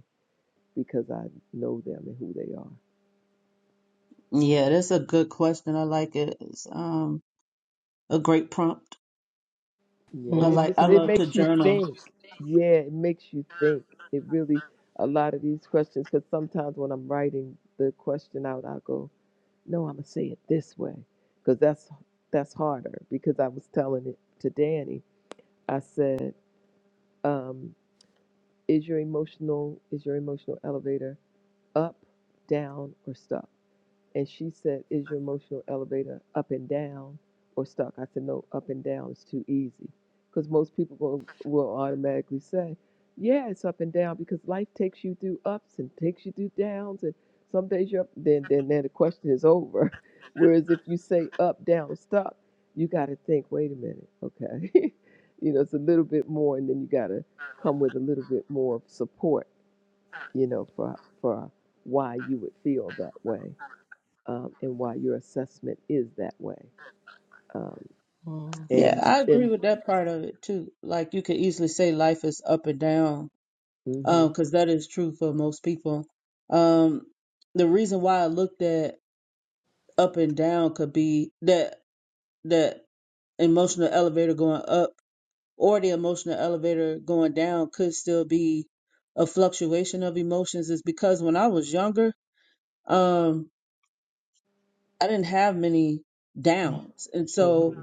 because I know them and who they are.
Yeah, that's a good question. I like it. It's um a great prompt.
Yeah,
I
and it
like.
just
I
it
Mm-hmm.
love to
makes you
journal.
think. Yeah, it makes you think. It really a lot of these questions because sometimes when I'm writing the question out, I go, "No, I'm gonna say it this way," because that's that's harder. Because I was telling it to Danny, I said, um, "Is your emotional is your emotional elevator up, down, or stuck?" And she said, Is your emotional elevator up and down or stuck? I said, No, up and down is too easy. Because most people will, will automatically say, Yeah, it's up and down because life takes you through ups and takes you through downs. And some days you're up, then, then, then the question is over. <laughs> Whereas if you say up, down, stuck, you got to think, Wait a minute, okay. <laughs> you know, it's a little bit more, and then you got to come with a little bit more support, you know, for, for why you would feel that way um, and why your assessment is that way. Um,
Yeah,
and
I agree
and
with that part of it too. Like you could easily say life is up and down,
hmm
um, because that is true for most people. Um, the reason why I looked at up and down could be that that emotional elevator going up or the emotional elevator going down could still be a fluctuation of emotions is because when I was younger, um, I didn't have many downs. And
hmm
so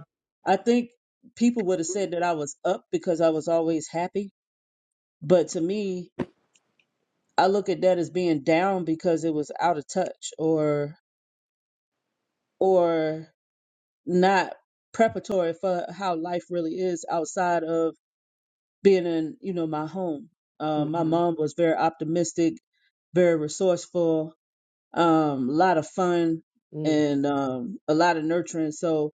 I think people would have said that I was up because I was always happy. But to me, I look at that as being down because it was out of touch or or not preparatory for how life really is outside of being in you know my home uh, my
hmm
mom was very optimistic very resourceful um, a lot of fun
mm
and um, a lot of nurturing so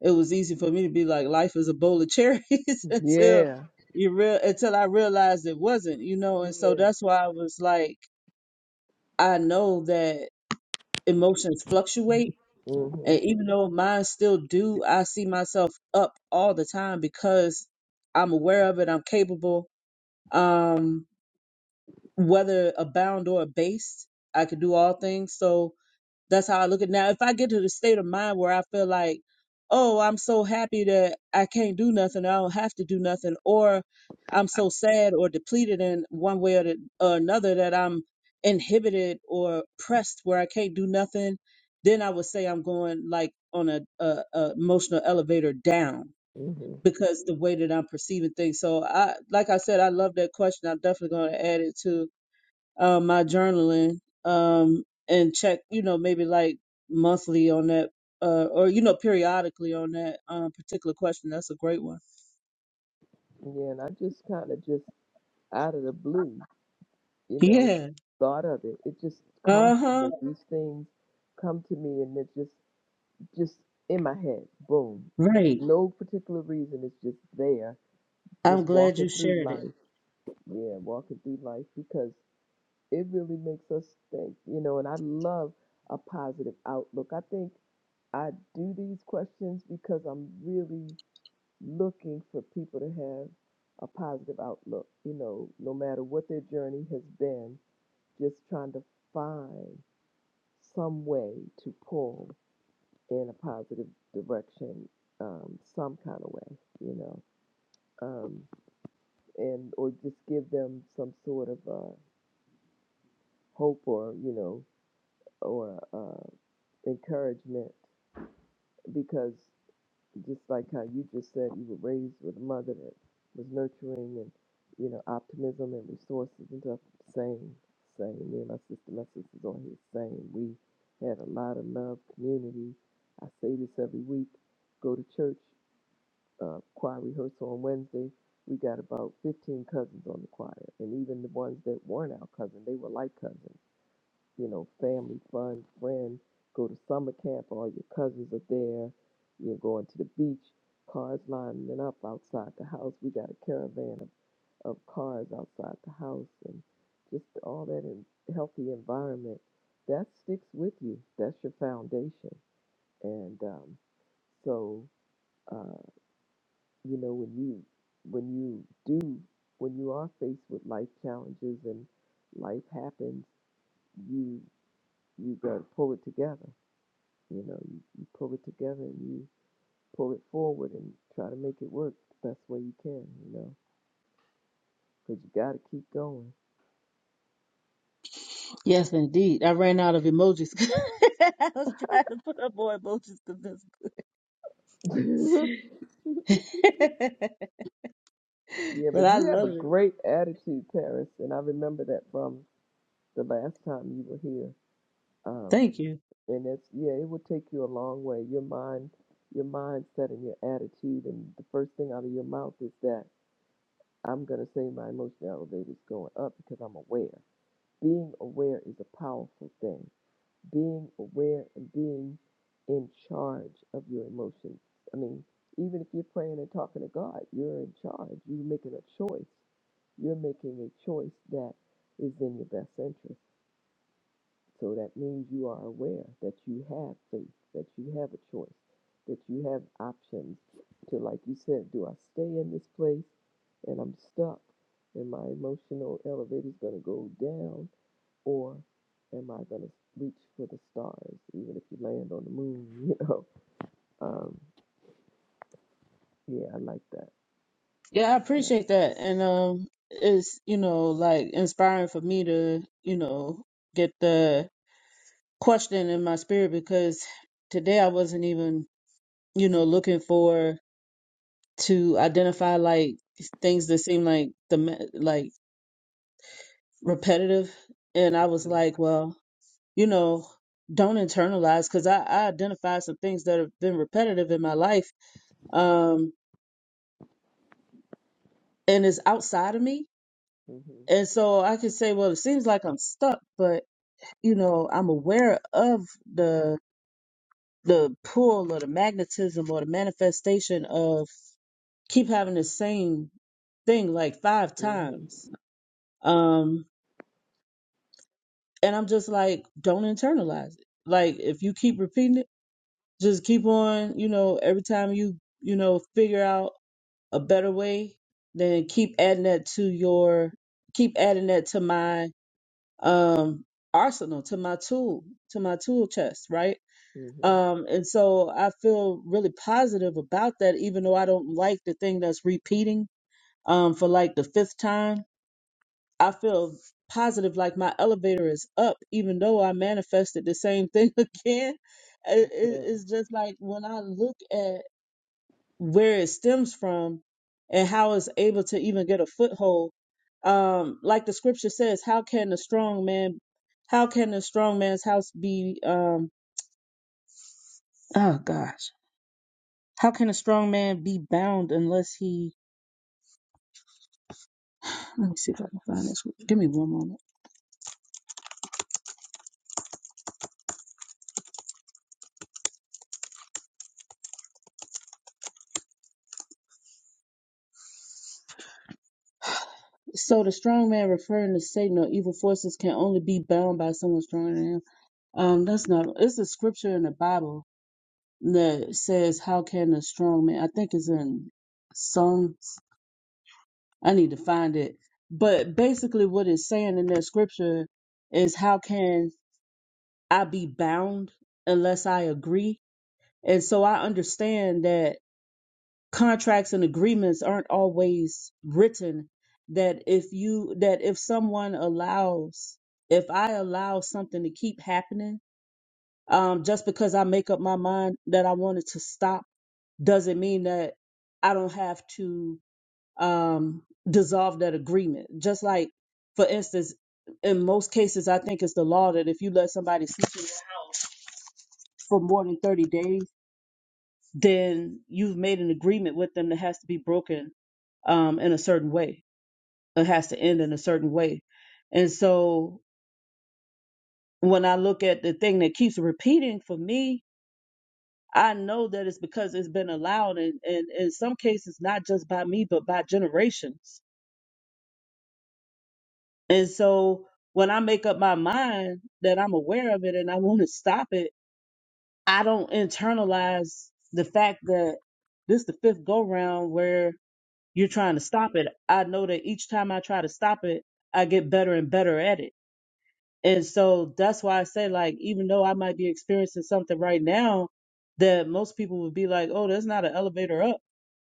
it was easy for me to be like life is a bowl of cherries <laughs> until
yeah,
you real until i realized it wasn't you know and so
yeah,
that's why i was like i know that emotions fluctuate
hmm
and even though mine still do i see myself up all the time because i'm aware of it i'm capable um whether abound or abased, I could do all things. So that's how I look at it. now. If I get to the state of mind where I feel like, oh, I'm so happy that I can't do nothing, I don't have to do nothing, or I'm so sad or depleted in one way or, the, or another that I'm inhibited or pressed where I can't do nothing, then I would say I'm going like on a, a, a emotional elevator down
hmm
because the way that I'm perceiving things. So I, like I said, I love that question. I'm definitely going to add it to uh, my journaling um, and check, you know, maybe like monthly on that uh, or, you know, periodically on that um, particular question. That's a great one.
yeah. And I just kind of just out of the blue, you know,
Yeah,
thought of it. It just
Uh
comes to
huh.
me. These things come to me, and it just just in my head, boom.
right.
No particular reason. It's just there.
I'm
Just
glad you
walking through
shared
life.
it.
Yeah, walking through life because it really makes us think, you know, and I love a positive outlook. I think I do these questions because I'm really looking for people to have a positive outlook, you know, no matter what their journey has been, just trying to find some way to pull in a positive direction, um, some kind of way, you know, um, and or just give them some sort of uh, hope or, you know, or. uh, encouragement because just like how you just said you were raised with a mother that was nurturing and you know optimism and resources and stuff same same me and my sister my sister's on here same we had a lot of love community i say this every week go to church uh, choir rehearsal on wednesday we got about 15 cousins on the choir and even the ones that weren't our cousin they were like cousins you know, family fun, friends, go to summer camp, all your cousins are there, you're going to the beach, cars lining up outside the house. We got a caravan of, of cars outside the house and just all that in, healthy environment. That sticks with you. That's your foundation. And um, so, uh, you know, when you when you do when you are faced with life challenges and life happens, you you got to pull it together You know, you, you pull it together and you pull it forward and try to make it work the best way you can, you know, because you got to keep going.
Yes, indeed. I ran out of emojis. <laughs> I was trying to put up more emojis because this, <laughs>
<laughs> yeah,
but
but
I
you have
love
a
it.
great attitude, Paris, and I remember that from the last time you were here. Um,
Thank you.
and it's yeah, it will take you a long way. Your mind, your mindset, and your attitude, and the first thing out of your mouth is that I'm gonna say my emotional elevator is going up because I'm aware. Being aware is a powerful thing being aware and being in charge of your emotions. I mean, even if you're praying and talking to God, you're in charge. You're making a choice. You're making a choice that is in your best interest. So that means you are aware that you have faith, that you have a choice, that you have options to, like you said, do I stay in this place and I'm stuck and my emotional elevator is going to go down? or am I gonna reach for the stars, even if you land on the moon? <laughs> You know, um, yeah, I like that.
Yeah, I appreciate that. And um it's, you know, like inspiring for me to, you know, get the question in my spirit because today I wasn't even, you know, looking for to identify like things that seem like the me- like repetitive, and I was
Yeah.
like, well, you know, don't internalize because I, I identified some things that have been repetitive in my life, um, and it's outside of me.
Mhm.
And so I could say, well, it seems like I'm stuck, but you know, I'm aware of the the pull or the magnetism or the manifestation of keep having the same thing like five
Mhm.
times. Um, and I'm just like, don't internalize it. Like, if you keep repeating it, just keep on, you know, every time you, you know, figure out a better way, then keep adding that to your, keep adding that to my, um, arsenal, to my tool, to my tool chest, right?
Mhm.
Um, and so I feel really positive about that, even though I don't like the thing that's repeating, um, for like the fifth time I feel positive like my elevator is up, even though I manifested the same thing <laughs> again. It, it-
Yeah.
it's just like when I look at where it stems from and how it's able to even get a foothold. Um, like the scripture says, how can a strong man, how can a strong man's house be, um, oh gosh, how can a strong man be bound unless he, <sighs> let me see if I can find this. Give me one moment. So the strong man referring to Satan or evil forces can only be bound by someone stronger than him. Um, that's not. It's a scripture in the Bible that says, "How can a strong man?" I think it's in Psalms. I need to find it. But basically, what it's saying in that scripture is, "How can I be bound unless I agree?" And so I understand that contracts and agreements aren't always written that if you that if someone allows if i allow something to keep happening um just because i make up my mind that i want it to stop doesn't mean that i don't have to um dissolve that agreement just like for instance in most cases i think it's the law that if you let somebody sleep in your house for more than 30 days then you've made an agreement with them that has to be broken um, in a certain way. It has to end in a certain way. And so when I look at the thing that keeps repeating for me, I know that it's because it's been allowed, and, and in some cases, not just by me, but by generations. And so when I make up my mind that I'm aware of it and I want to stop it, I don't internalize the fact that this is the fifth go round where you're trying to stop it. I know that each time I try to stop it, I get better and better at it. And so that's why I say, like, even though I might be experiencing something right now that most people would be like, oh, there's not an elevator up,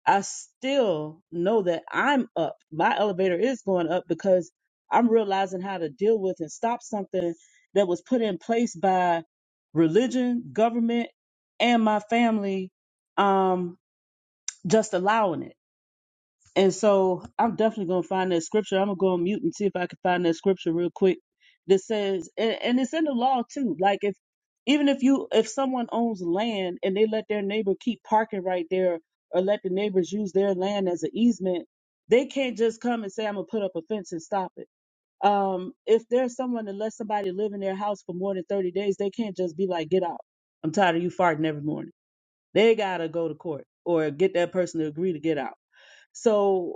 I still know that I'm up. My elevator is going up because I'm realizing how to deal with and stop something that was put in place by religion, government, and my family um, just allowing it and so I'm definitely going to find that scripture. I'm going to go on mute and see if I can find that scripture real quick that says, and, and it's in the law too. Like if, even if you, if someone owns land and they let their neighbor keep parking right there or let the neighbors use their land as an easement, they can't just come and say, I'm going to put up a fence and stop it. Um, if there's someone that lets somebody live in their house for more than 30 days, they can't just be like, get out. I'm tired of you farting every morning. They got to go to court or get that person to agree to get out. So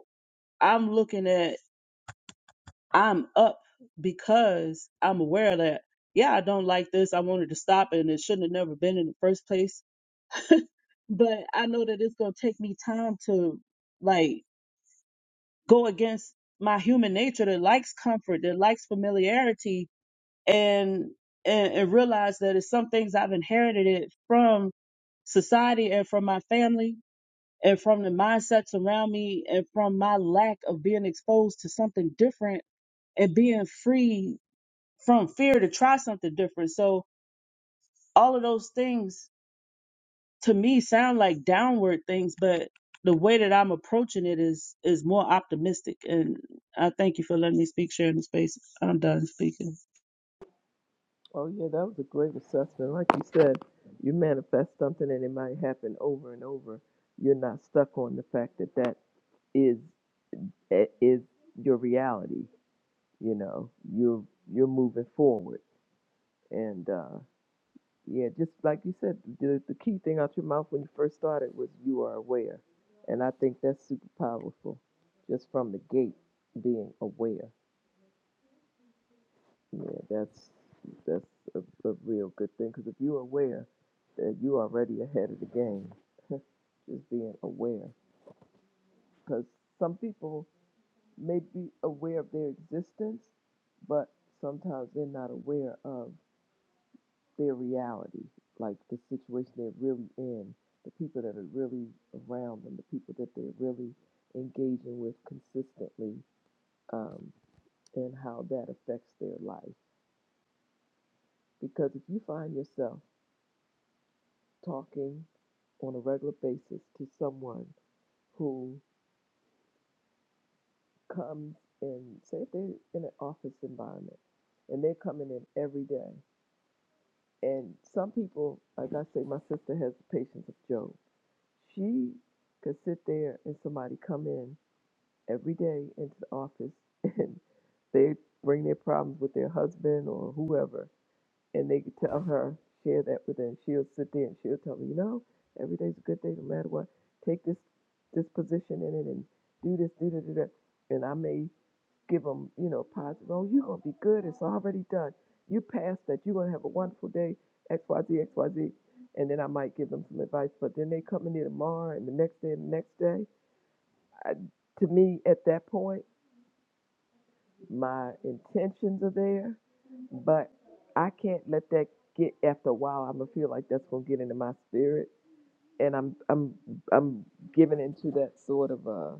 I'm looking at I'm up because I'm aware that yeah, I don't like this. I wanted to stop it and it shouldn't have never been in the first place. But I know that it's gonna take me time to like go against my human nature that likes comfort, that likes familiarity and and, and realize that it's some things I've inherited it from society and from my family and from the mindsets around me and from my lack of being exposed to something different and being free from fear to try something different. So all of those things to me sound like downward things, but the way that I'm approaching it is is more optimistic. And I thank you for letting me speak, sharing the space. I'm done speaking.
Oh yeah, that was a great assessment. Like you said, you manifest something, and it might happen over and over. You're not stuck on the fact that that is i- is your reality. You know, you're you're moving forward, and uh, Yeah, just like you said, the, the key thing out your mouth when you first started was you are aware. And I think that's super powerful just from the gate being aware. Yeah, that's that's a, a real good thing because if you're aware that you're already ahead of the game, <laughs> just being aware. Because some people may be aware of their existence, but sometimes they're not aware of their reality, like the situation they're really in, the people that are really around them, the people that they're really engaging with consistently, um, and how that affects their life. Because if you find yourself talking on a regular basis to someone who comes in, say, if they're in an office environment and they're coming in every day, and some people, like I say, my sister has the patience of Job She could sit there and somebody come in every day into the office and <laughs> they bring their problems with their husband or whoever, and they could tell her, share that with her, and she'll sit there and she'll tell me, you know, every day's a good day no matter what. Take this this position in it and do this, do that, do that. And I may give them, you know, positive. Oh, you're gonna be good. It's already done. You passed that. You're gonna have a wonderful day. X Y Z X Y Z. And then I might give them some advice. But then they come in here tomorrow and the next day and the next day. I, to me, at that point, my intentions are there, but I can't let that get. After a while, I'm gonna feel like that's gonna get into my spirit, and I'm I'm I'm giving into that sort of uh.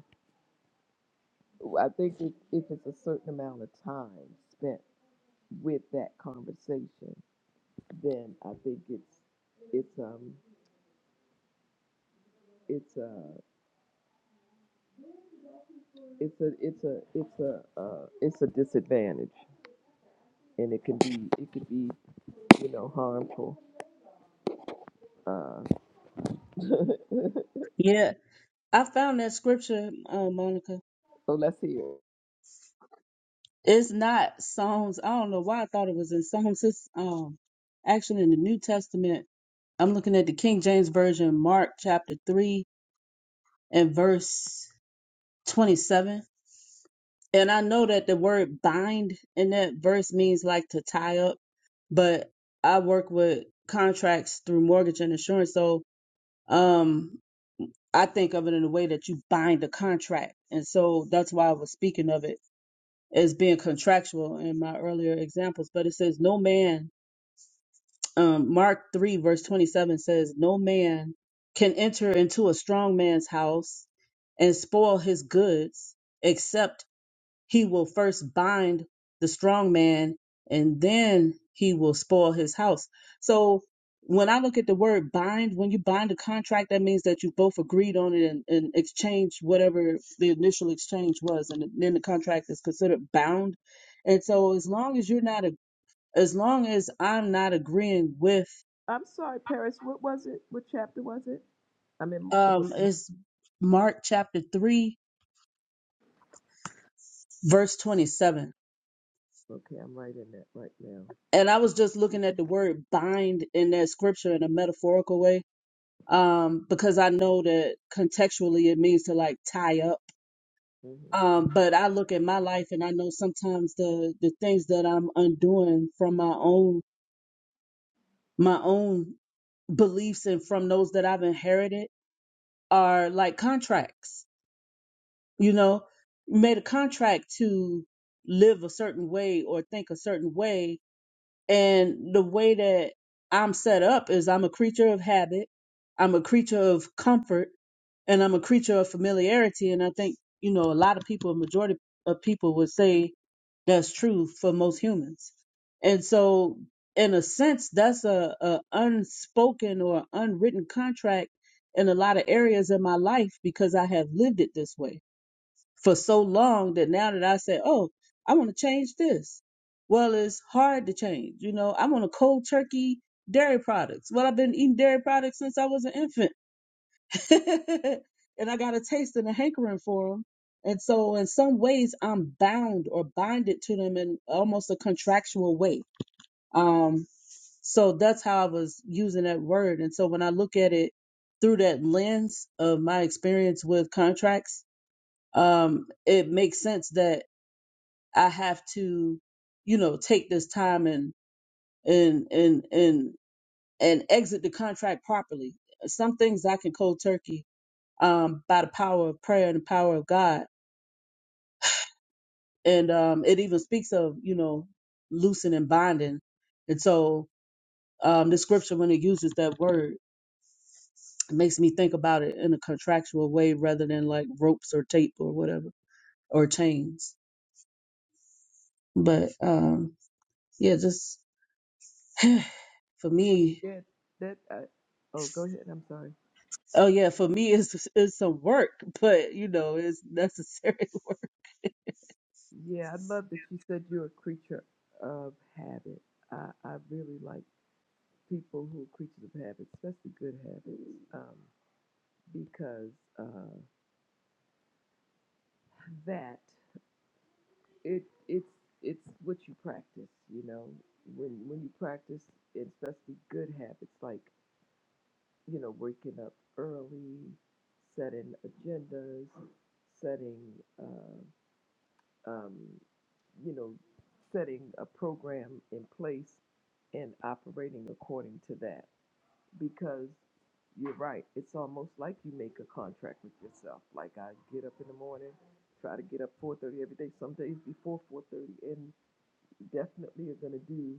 I think if, if it's a certain amount of time spent with that conversation, then I think it's it's um it's a it's a it's a it's a uh, it's a disadvantage, and it can be it can be you know harmful. Uh, <laughs> so
Yeah. I found that scripture, uh, Monica.
let's hear. it.
It's not Psalms. I don't know why I thought it was in Psalms. It's um actually in the New Testament. I'm looking at the King James Version, Mark chapter 3 and verse 27. And I know that the word bind in that verse means like to tie up, but I work with contracts through mortgage and insurance. So um I think of it in a way that you bind a contract. And so that's why I was speaking of it as being contractual in my earlier examples, but it says, No man, um, Mark 3, verse 27 says, No man can enter into a strong man's house and spoil his goods except he will first bind the strong man and then he will spoil his house. So when I look at the word bind, when you bind a contract, that means that you both agreed on it and, and exchanged whatever the initial exchange was, and then the contract is considered bound. And so as long as you're not, a, as long as I'm not agreeing with,
I'm sorry, Paris. What was it? What chapter was it? I'm in the book.
um, it's Mark chapter three, verse 27.
Okay, I'm right in that right now.
And I was just looking at the word bind in that scripture in a metaphorical way um, because I know that contextually it means to like tie up.
hmm
Um, but I look at my life and I know sometimes the the things that I'm undoing from my own my own beliefs and from those that I've inherited are like contracts. You know, You made a contract to live a certain way or think a certain way And the way that I'm set up is I'm a creature of habit, I'm a creature of comfort, and I'm a creature of familiarity. And I think, you know, a lot of people, a majority of people would say that's true for most humans. And so, in a sense, that's a, a unspoken or unwritten contract in a lot of areas of my life because I have lived it this way for so long that now that I say, oh, I want to change this. Well, it's hard to change. You know, I want a cold turkey dairy products. Well, I've been eating dairy products since I was an infant. <laughs> and I got a taste and a hankering for them. And so, in some ways, I'm bound or binded to them in almost a contractual way. Um, so, that's how I was using that word. And so, when I look at it through that lens of my experience with contracts, um, it makes sense that I have to, you know, take this time and and and and and exit the contract properly. Some things I can cold turkey um, by the power of prayer and the power of God, and um, it even speaks of you know loosening and binding, and so um, the scripture when it uses that word it makes me think about it in a contractual way rather than like ropes or tape or whatever or chains. But um, yeah, just for me,
Yeah, that. Uh, oh, go ahead. I'm sorry.
Oh yeah, for me it's it's some work, but you know, it's necessary <laughs> work.
Yeah, I love that you said you're a creature of habit. I I really like. people who are creatures of habits, especially good habits, um, because uh, that it it's it's what you practice. You know, when when you practice, especially good habits like you know waking up early, setting agendas, setting uh, um, you know setting a program in place and operating according to that. because you're right. It's almost like you make a contract with yourself. Like I get up in the morning, try to get up 4:30 every day. Some days before 4:30, and definitely are going to do,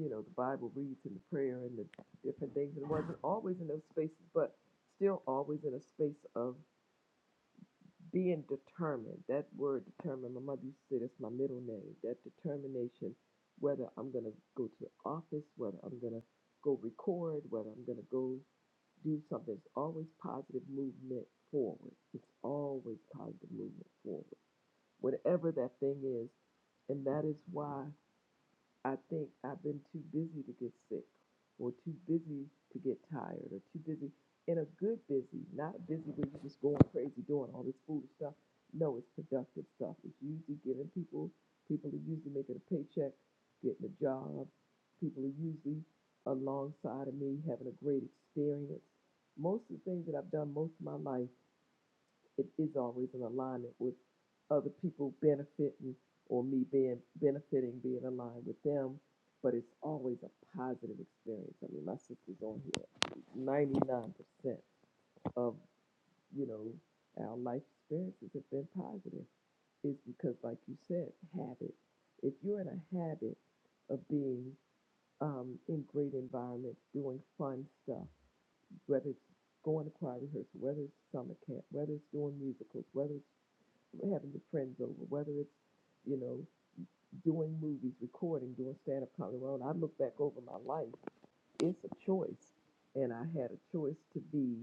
you know, the Bible reads and the prayer and the different things. And it wasn't always in those spaces, but still always in a space of being determined. That word determined. My mother used to say that's my middle name. That determination, whether I'm going to go to the office, whether I'm going to go record, whether I'm going to go do something. It's always positive movement forward. It's always positive movement forward, whatever that thing is. And that is why. I think I've been too busy to get sick, or too busy to get tired, or too busy in a good busy, not a busy where you're just going crazy doing all this foolish stuff. No, it's productive stuff. It's usually giving people, people are usually making a paycheck, getting a job. People are usually alongside of me having a great experience. Most of the things that I've done most of my life it is always in alignment with other people benefiting or me being benefiting, being aligned with them. But it's always a positive experience. I mean, my sister's on here. Ninety-nine percent of you know our life experiences have been positive. Is because, like you said, habit. If you're in a habit of being um, in great environments, doing fun stuff, whether it's going to choir rehearsal, whether it's summer camp, whether it's doing musicals, whether it's having your friends over, whether it's, you know, doing movies, recording, doing stand up comedy. Well, when I look back over my life, it's a choice. And I had a choice to be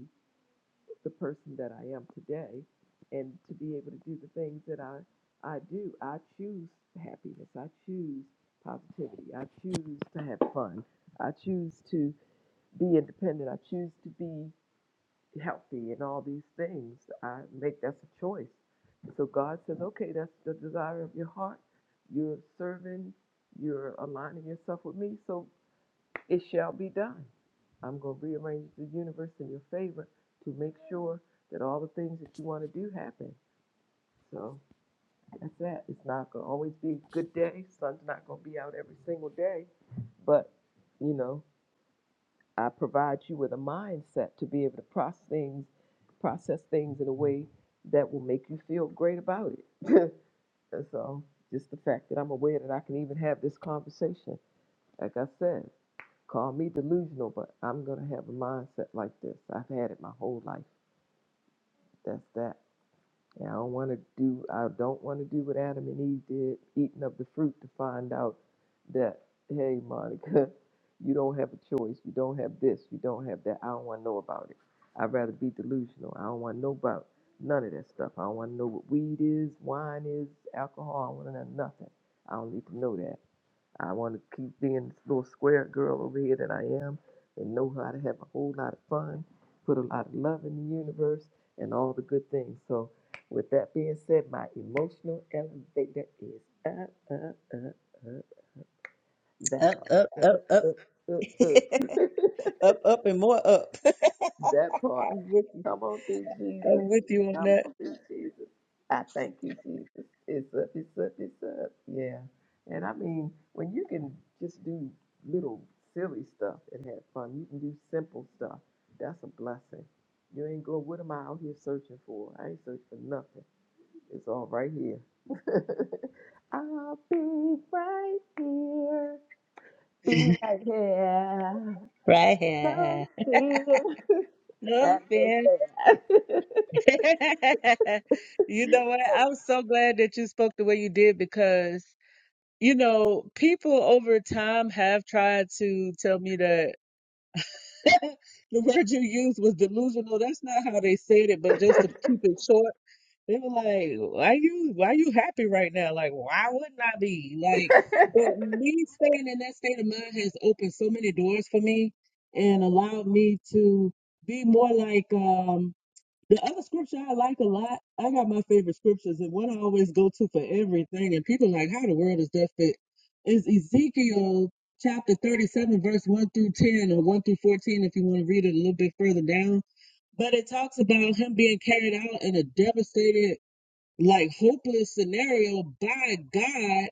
the person that I am today and to be able to do the things that I, I do. I choose happiness. I choose positivity. I choose to have fun. I choose to be independent. I choose to be healthy and all these things. I make that's a choice. So God says, okay, that's the desire of your heart. You're serving, you're aligning yourself with me, so it shall be done. I'm going to rearrange the universe in your favor to make sure that all the things that you want to do happen. So that's that. It's not going to always be a good day. Sun's not going to be out every single day, but you know. I provide you with a mindset to be able to process things, process things in a way that will make you feel great about it. <laughs> and so, just the fact that I'm aware that I can even have this conversation, like I said, call me delusional, but I'm gonna have a mindset like this. I've had it my whole life. That's that. And I don't want to do I don't want to do what Adam and Eve did, eating up the fruit to find out that, hey Monica, <laughs> you don't have a choice. You don't have this. You don't have that. I don't want to know about it. I'd rather be delusional. I don't want to know about none of that stuff. I don't want to know what weed is, wine is, alcohol. I don't want to know nothing. I don't need to know that. I want to keep being this little square girl over here that I am and know how to have a whole lot of fun, put a lot of love in the universe, and all the good things. So, with that being said, my emotional elevator is up, up, up, up. That
Up,
part.
up,
<laughs>
up,
Up,
up.
up, up,
<laughs>
up. <laughs>
up, up, and more up. <laughs>
That part.
I'm with you.
Come on through, Jesus.
I'm with you on
Come
that.
on through, Jesus. I thank you, Jesus. It's up, it's up, it's up. Yeah. And I mean, when you can just do little silly stuff and have fun, you can do simple stuff. That's a blessing. You ain't go, what am I out here searching for? I ain't searching for nothing. It's all right here. <laughs> I'll be right here. Be
<laughs>
right here.
right
No
here.
fear. <laughs> <laughs>
No
I know
fear. <laughs> you know what? I'm so glad that you spoke the way you did because, you know, people over time have tried to tell me that. <laughs> the word you used was delusional. That's not how they said it, but
that.
just to
<laughs>
keep it short, they were like, "Why you? Why you happy right now? Like, why wouldn't I be? Like, but me staying in that state of mind has opened so many doors for me and allowed me to be more like um the other scripture I like a lot, I got my favorite scriptures, and one I always go to for everything, and people are like, how in the world does that fit? Is Ezekiel chapter 37, verse 1 through 10, or 1 through 14, if you want to read it a little bit further down. But it talks about him being carried out in a devastated, like hopeless scenario by God,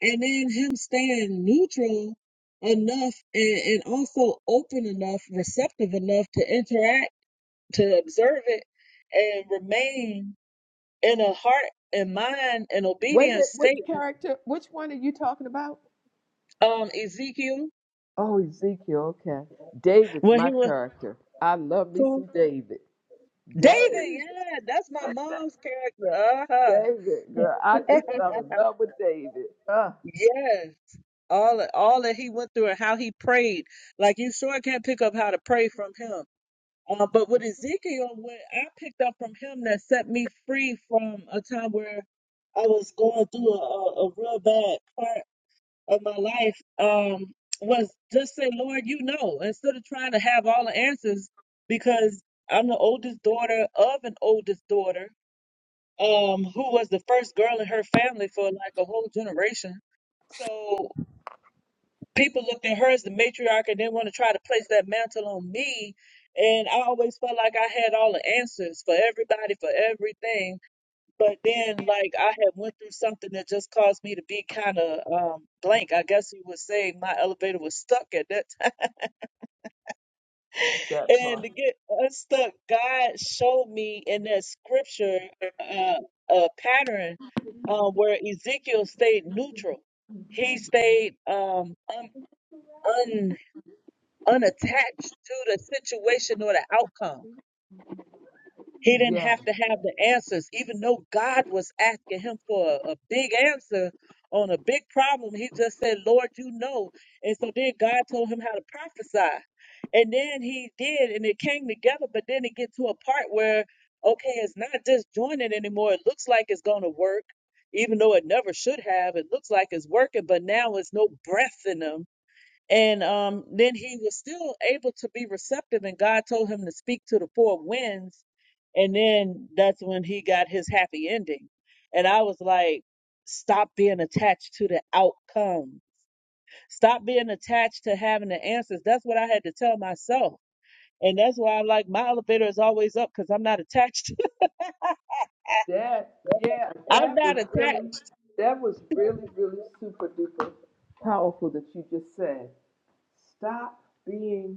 and then him staying neutral enough and, and also open enough, receptive enough to interact to observe it and remain in a heart and mind and
Wait a
obedient
minute, which
state.
character, which one are you talking about?
Um, Ezekiel,
Oh, Ezekiel, okay. David's
when
my
he was
character. I love me
who?
some David.
David,
David,
yeah, that's my mom's character. Uh-huh.
David, girl, I just fell in love with David. Uh,
Yes. All all that he went through and how he prayed. Like you sure can't pick up how to pray from him. Uh, but with Ezekiel, what I picked up from him that set me free from a time where I was going through a, a, a real bad part of my life um, was just say, Lord, you know, instead of trying to have all the answers, because I'm the oldest daughter of an oldest daughter um, who was the first girl in her family for like a whole generation. So people looked at her as the matriarch and didn't want to try to place that mantle on me. And I always felt like I had all the answers for everybody, for everything but then, like, I had went through something that just caused me to be kind of um, blank. I guess you would say my elevator was stuck at that time. <laughs>
that
And
part.
to get unstuck, God showed me in that scripture uh, a pattern uh, where Ezekiel stayed neutral. He stayed um, un, un, unattached to the situation or the outcome He didn't
Yeah,
have to have the answers, even though God was asking him for a, a big answer on a big problem. He just said, Lord, you know. And so then God told him how to prophesy. And then he did, and it came together, but then it get to a part where, okay, it's not disjointed anymore. It looks like it's going to work, even though it never should have. It looks like it's working, but now it's no breath in them and um, then he was still able to be receptive, and God told him to speak to the four winds. And then that's when he got his happy ending. And I was like, stop being attached to the outcome, stop being attached to having the answers. That's what I had to tell myself. And that's why I'm like, my elevator is always up because I'm not attached.
that, yeah,
<laughs> I'm
that was
not
really,
attached.
that was really, really super duper powerful that you just said. Stop being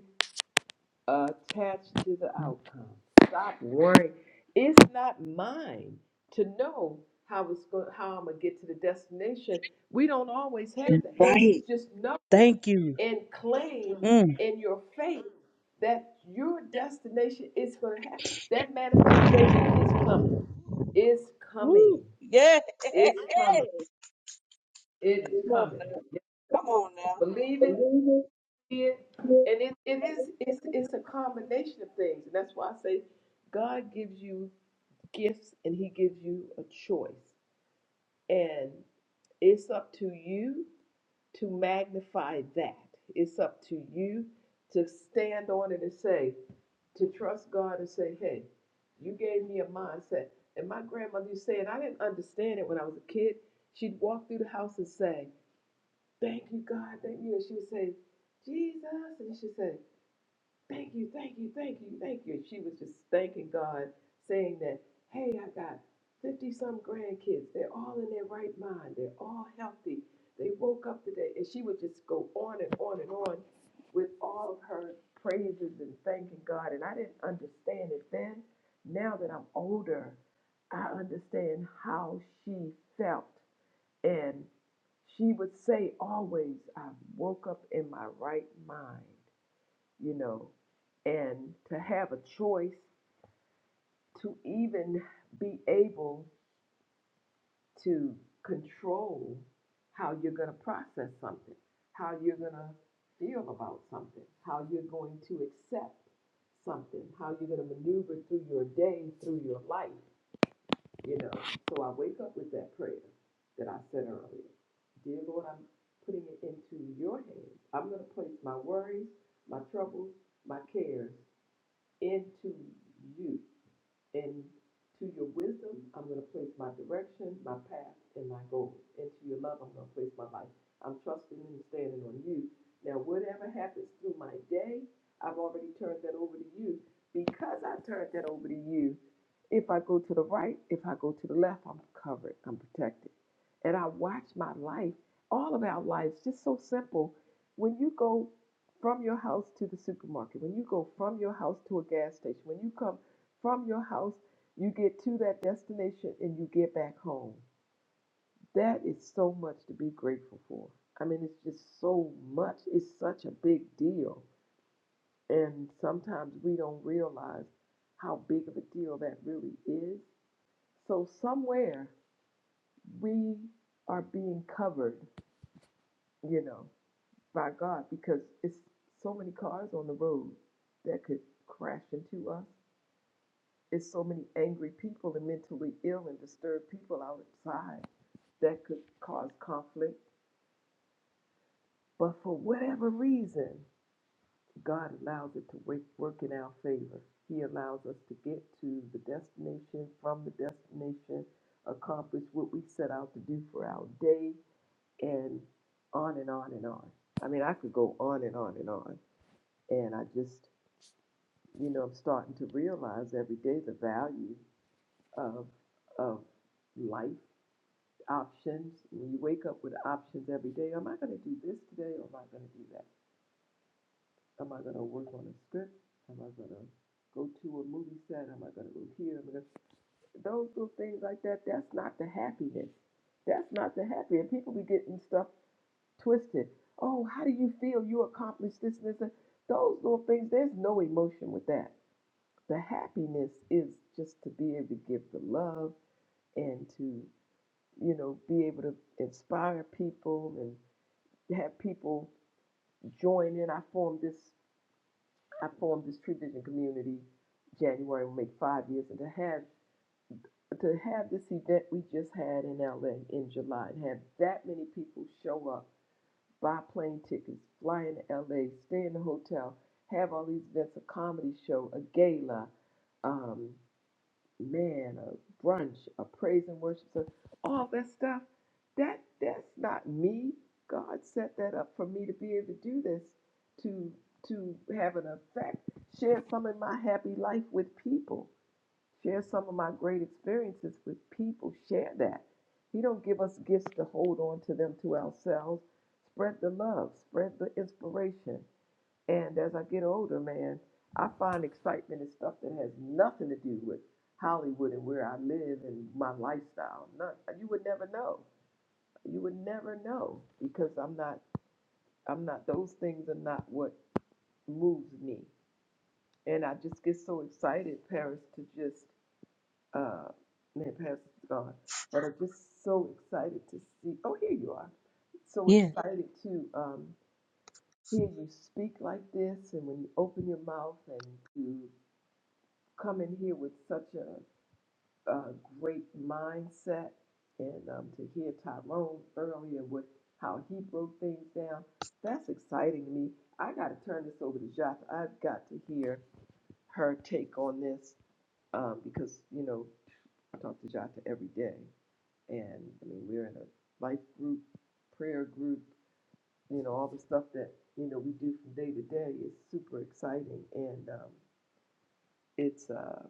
attached to the outcome. Stop worrying. It's not mine to know how it's going, how I'm gonna get to the destination. We don't always have the answers.
Right.
Just know
Thank you.
and claim
Mm.
in your faith that your destination is gonna happen. That manifestation is coming. It's coming.
Woo. Yeah.
It's coming.
<laughs>
It is
Come on
coming.
now. Come on now.
Believe it.
Believe
it, and it, it is it's it's a combination of things, and that's why I say God gives you gifts and He gives you a choice, and it's up to you to magnify that. It's up to you to stand on it and say, to trust God and say, hey, you gave me a mindset. And my grandmother used to say, and I didn't understand it when I was a kid. She'd walk through the house and say, thank you, God, thank you. And she would say, Jesus. And she'd say, thank you, thank you, thank you, thank you. She was just thanking God, saying that, hey, I got 50 some grandkids. They're all in their right mind. They're all healthy. They woke up today. And she would just go on and on and on with all of her praises and thanking God. And I didn't understand it then. Now that I'm older, I understand how she felt. And she would say always, I woke up in my right mind you know, and to have a choice to even be able to control how you're going to process something, how you're going to feel about something, how you're going to accept something, how you're going to maneuver through your day, through your life, you know. So I wake up with that prayer that I said earlier. Dear Lord, I'm putting it into your hands. I'm going to place my worries, my troubles, my cares into you. And to your wisdom, I'm going to place my direction, my path, and my goals. And to your love, I'm going to place my life. I'm trusting and standing on you. Now, whatever happens through my day, I've already turned that over to you. Because I turned that over to you, if I go to the right, if I go to the left, I'm covered, I'm protected. And I watch my life, all of our lives, just so simple. When you go from your house to the supermarket, when you go from your house to a gas station, when you come from your house, you get to that destination and you get back home. That is so much to be grateful for. I mean, it's just so much. It's such a big deal. And sometimes we don't realize how big of a deal that really is. So, somewhere we are being covered, you know, by God because it's so many cars on the road that could crash into us It's so many angry people and mentally ill and disturbed people outside that could cause conflict. But for whatever reason, God allows it to wake, work in our favor. He allows us to get to the destination, from the destination, accomplish what we set out to do for our day, and on and on and on. I mean, I could go on and on and on. And I just, you know, I'm starting to realize every day the value of, of life options. When you wake up with options every day, am I going to do this today or am I going to do that? Am I going to work on a script? Am I going to go to a movie set? Am I going to go here? Am I gonna... Those little things like that, that's not the happiness. That's not the happy. And people be getting stuff twisted. Oh, how do you feel you accomplished this and this? And those little things, there's no emotion with that. The happiness is just to be able to give the love and to, you know, be able to inspire people and. to have people join in. I formed this I formed this Tree Vision community January will make five years, and to have to have this event we just had in LA in July and have that many people show up, buy plane tickets, fly in LA, stay in the hotel, have all these events, a comedy show, a gala, um, man, a brunch, a praise and worship service, all that stuff. That that's not me. God set that up for me to be able to do this, to to have an effect, share some of my happy life with people, share some of my great experiences with people, share that. He don't give us gifts to hold on to them to ourselves. Spread the love, spread the inspiration. And as I get older, man, I find excitement in stuff that has nothing to do with Hollywood and where I live and my lifestyle. Not you would never know. You would never know because I'm not I'm not those things are not what moves me. And I just get so excited, Paris, to just uh man, Paris is gone. But I'm just so excited to see oh here you are. So
Yeah.
excited to um hear you speak like this and when you open your mouth and to. come in here with such a, a great mindset and um, to hear Tyrone earlier with how he broke things down, that's exciting to me. I got to turn this over to Jata. I've got to hear her take on this um, because, you know, I talk to Jata every day. And I mean, we're in a life group, prayer group, you know, all the stuff that, you know, we do from day to day is super exciting. And um, it's, uh,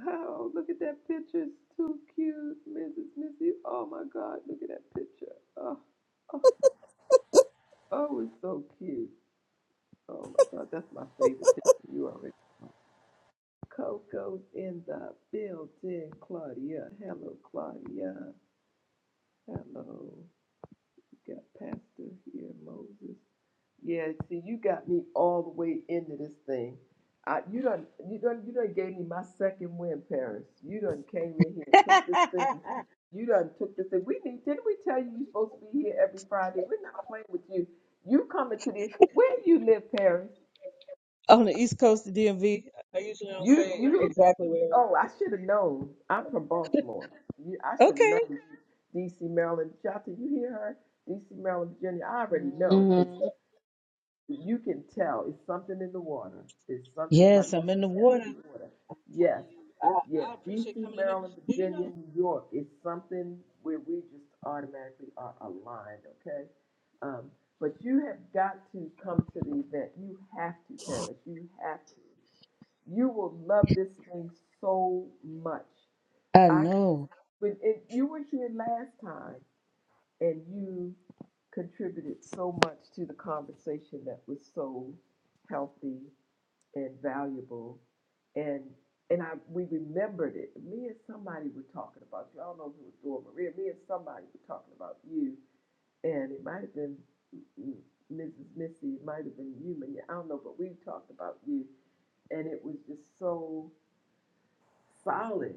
Oh, look at that picture. It's too cute, Mrs. Missy. Oh my God, look at that picture. Oh, oh, oh, it's so cute. Oh my God, that's my favorite picture. You already. Coco's in the building, Claudia. Hello, Claudia. Hello. We got Pastor here, Moses. Yeah, see, you got me all the way into this thing. I, you done, you done, you done gave me my second win, Paris. You done came in here
<laughs>
and took this thing. You done took this thing. We need, didn't we tell you you're supposed to be here every Friday? We're not playing with you. You coming to this? Where you live, Paris?
on the East Coast of DMV, I usually don't
You,
say
you.
exactly where.
Oh, I should have known. I'm from Baltimore. You, I should have
Okay.
known. D.C., Maryland, Jota, you hear her? D.C., Maryland, Virginia. I already know because.
hmm
you can tell it's something in the water. It's something my
Yes, I'm
daughter
in the
said. I
water.
say water.
I'm telling
Yes,
you, I,
yes.
I appreciate
D.C.,
coming in here.
Maryland,
Do you
Virginia,
know?
New York. It's something where we just automatically are aligned. Okay, um, but you have got to come to the event. You have to, Paris. You have to. You will love this thing so much.
I
I could,
know.
when it, you were here last time and you contributed so much to the conversation that was so healthy and valuable and and I we remembered it. Me and somebody were talking about you. I don't know if it was Dora Maria. Me and somebody were talking about you, and it might have been mm, Mrs. Missy. It might have been you, and I don't know. But we talked about you, and it was just so solid.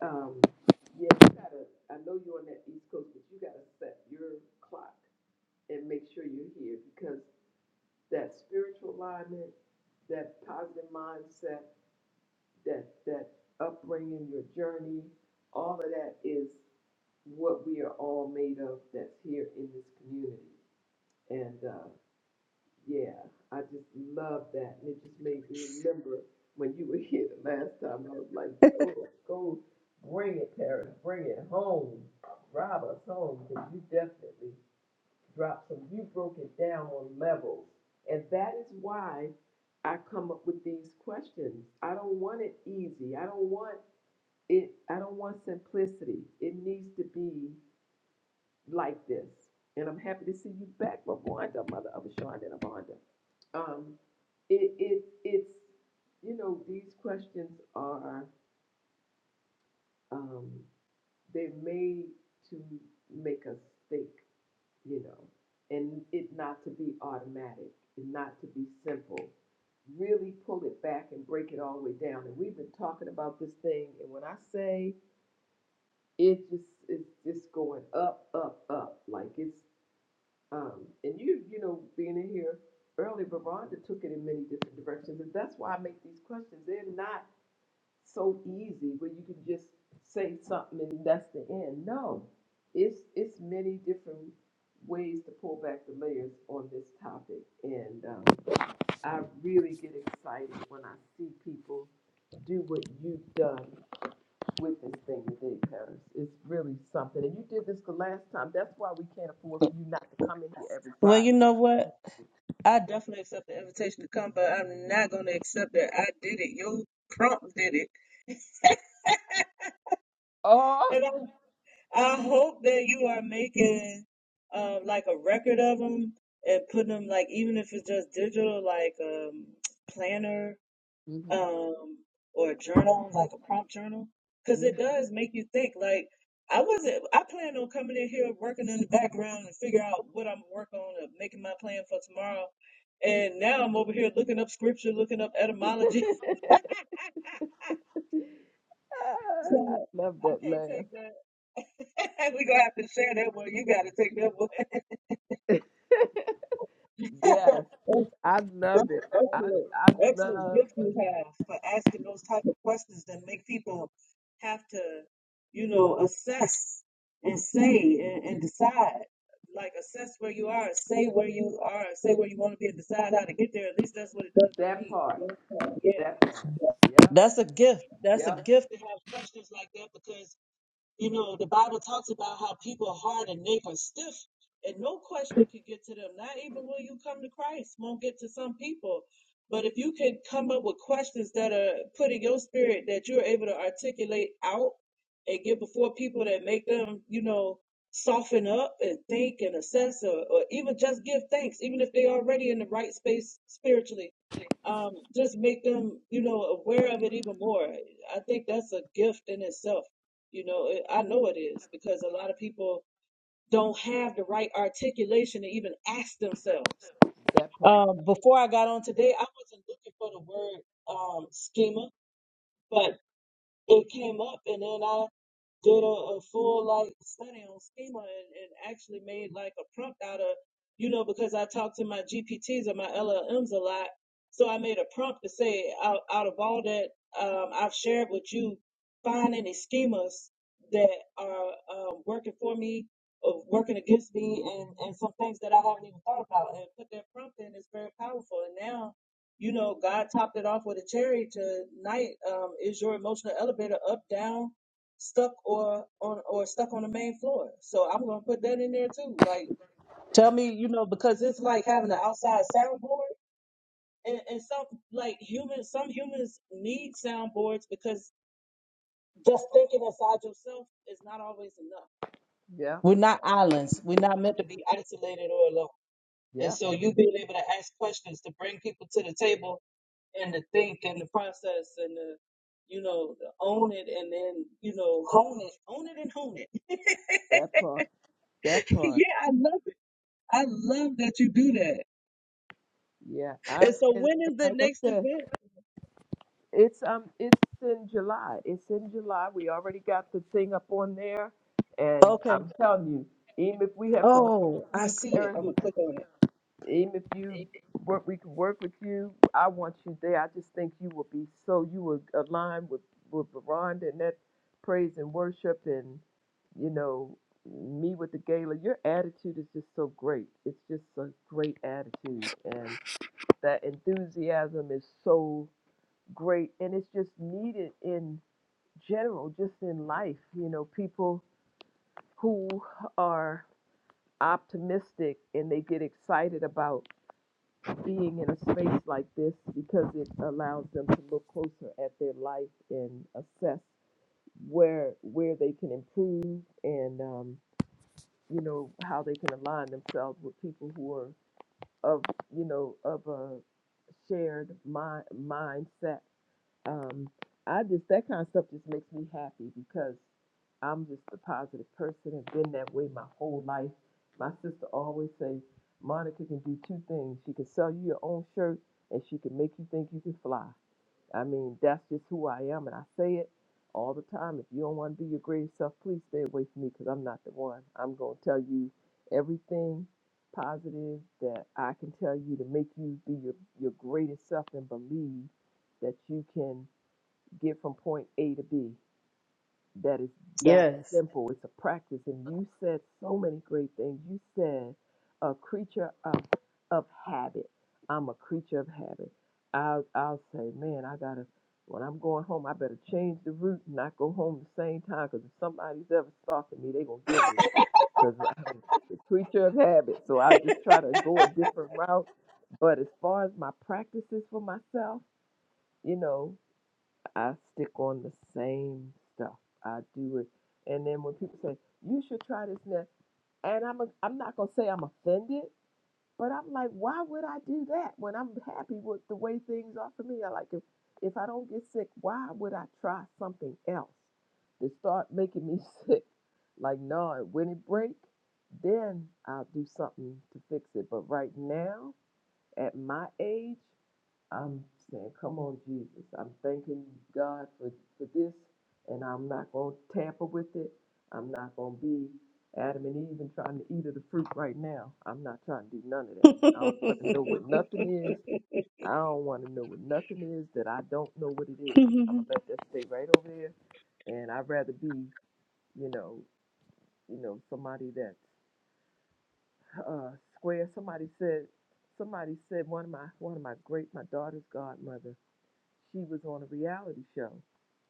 Um, yeah, you gotta. I know you're on that East Coast, but you gotta set your clock and make sure you're here because that spiritual alignment, that positive mindset, that that upbringing, your journey, all of that is what we are all made of. That's here in this community, and uh, yeah, I just love that, and it just made me remember when you were <laughs> here the last time. I was like, go, go, bring it, Tara, bring it home, rob us home, because you definitely drop. So you broke it down on levels. And that is why I come up with these questions. I don't want it easy. I don't want it, I don't want simplicity. It needs to be like this. And I'm happy to see you back, Rwanda, mother of Ashonda and Abonda. Um, it, it, it's, you know, these questions are, um, they're made to make us think. you know, and it not to be automatic and not to be simple. Really pull it back and break it all the way down. And we've been talking about this thing, and when I say it just it's just going up, up, up. Like it's um and you you know, being in here early, Veronda took it in many different directions. And that's why I make these questions. They're not so easy where you can just say something and that's the end. No, it's it's many different ways to pull back the layers on this topic, and um, I really get excited when I see people do what you've done with this thing today, Paris. It's really something, and you did this the last time. That's why we can't afford for you not to come in here every
Well, you
Friday.
know what? I definitely accept the invitation to come, but I'm not going to accept that I did it. Your prompt did it.
Oh,
and I'm. I hope that you are making um, like a record of them and putting them like even if it's just digital, like um, planner
hmm
um, or a journal, like a prompt journal, because it does make you think. Like I wasn't, I plan on coming in here working in the background and figure out what I'm working on and making my plan for tomorrow. And now I'm over here looking up scripture, looking up
<laughs>
etymology. <laughs>
I
so
love
I
that
can't
laugh.
take that. <laughs> We're gonna have to share that one. You gotta take that one. <laughs>
Yes.
excellent,
I love it. I I
excellent
love
gift you have for asking those type of questions that make people have to, you know, assess and say and, and decide. Like assess where you are, say where you are, say where you want to be, and decide how to get there. At least that's what it does for
that
me.
part. That part.
Yeah,
Yep.
that's a gift. That's a
Yep.
gift to have questions like that because you know, the Bible talks about how people are hard and neck are stiff, and no question can get to them. Not even when you come to Christ won't get to some people. But if you can come up with questions that are put in your spirit that you're able to articulate out and get before people that make them, you know, soften up and think and assess or, or even just give thanks, even if they're already in the right space spiritually. Um, just make them, you know, aware of it even more. I think that's a gift in itself you know, it- I know it is because a lot of people don't have the right articulation to even ask themselves.
That part.
Um, before I got on today, I wasn't looking for the word um, schema, but it came up and then I did a, a full like study on schema and, and actually made like a prompt out of you know because I talk to my GPTs and my LLMs a lot so I made a prompt to say out, out of all that um, I've shared with you find any schemas that are um, working for me or working against me and, and some things that I haven't even thought about and put that prompt in is very powerful and now you know, God topped it off with a cherry tonight. Um, is your emotional elevator up, down, stuck, or on or stuck on the main floor? So I'm gonna put that in there too. Like, tell me, you know, because it's like having an outside soundboard, and, and some like humans, some humans need soundboards because just thinking inside yourself is not always enough.
Yep.
We're not islands. We're not meant to be isolated or alone. And
Yep.
so you being able to ask questions to bring people to the table and to think and the process and the you know to own it and then you know hone it own it and hone it <laughs>
That part. That
yeah
part.
i love it i love that you do that
Yeah. I
and so
and, and
when is the
like I
next
said,
event
it's um it's in July. It's in July. We already got the thing up on there, and
okay
I'm telling you, even if we have to work with
oh i
you,
see it
Paris,
i'm gonna click on
Even if you
it
work, we can work with you. I want you there. I just think you will be so you will align with with Veronda and that praise and worship, and you know me with the gala. Your attitude is just so great. It's just a great attitude, and that enthusiasm is so great, and it's just needed in general, just in life. You know, people who are optimistic and they get excited about being in a space like this because it allows them to look closer at their life and assess where where they can improve and um, you know how they can align themselves with people who are of you know of a shared mind mindset um, I just that kind of stuff just makes me happy because I'm just a positive person. I've been that way my whole life. My sister always say, Monica can do two things. She can sell you your own shirt and she can make you think you can fly. I mean, that's just who I am and I say it all the time. If you don't want to be your greatest self, please stay away from me because I'm not the one. I'm going to tell you everything positive that I can tell you to make you be your, your greatest self and believe that you can get from point A to B. That is that
yes
simple. It's a practice. And you said so many great things. You said a creature of of habit. I'm a creature of habit. I'll I'll say, man, I gotta when I'm going home, I better change the route and not go home the same time. Cause if somebody's ever stalking me, they gonna get me. Cause I'm a <laughs> creature of habit. So I just try to go a different route. But as far as my practices for myself, you know, I stick on the same stuff. I do it. And then when people say, you should try this now, and I'm, a, I'm not going to say I'm offended, but I'm like, why would I do that when I'm happy with the way things are for me? I like, if, if I don't get sick, why would I try something else to start making me <laughs> sick? Like, no, when it breaks, then I'll do something to fix it. But right now, at my age, I'm saying, come on, Jesus. I'm thanking God for, for this, and I'm not going to tamper with it. I'm not going to be Adam and Eve and trying to eat of the fruit right now. I'm not trying to do none of that. I don't want to know what nothing is.
<laughs>
I don't want to know what nothing is that I don't know what it is. I'm gonna let that stay right over there, and I'd rather be, you know, you know, somebody that's uh, square. Somebody said, somebody said one of my one of my great my daughter's godmother she was on a reality show,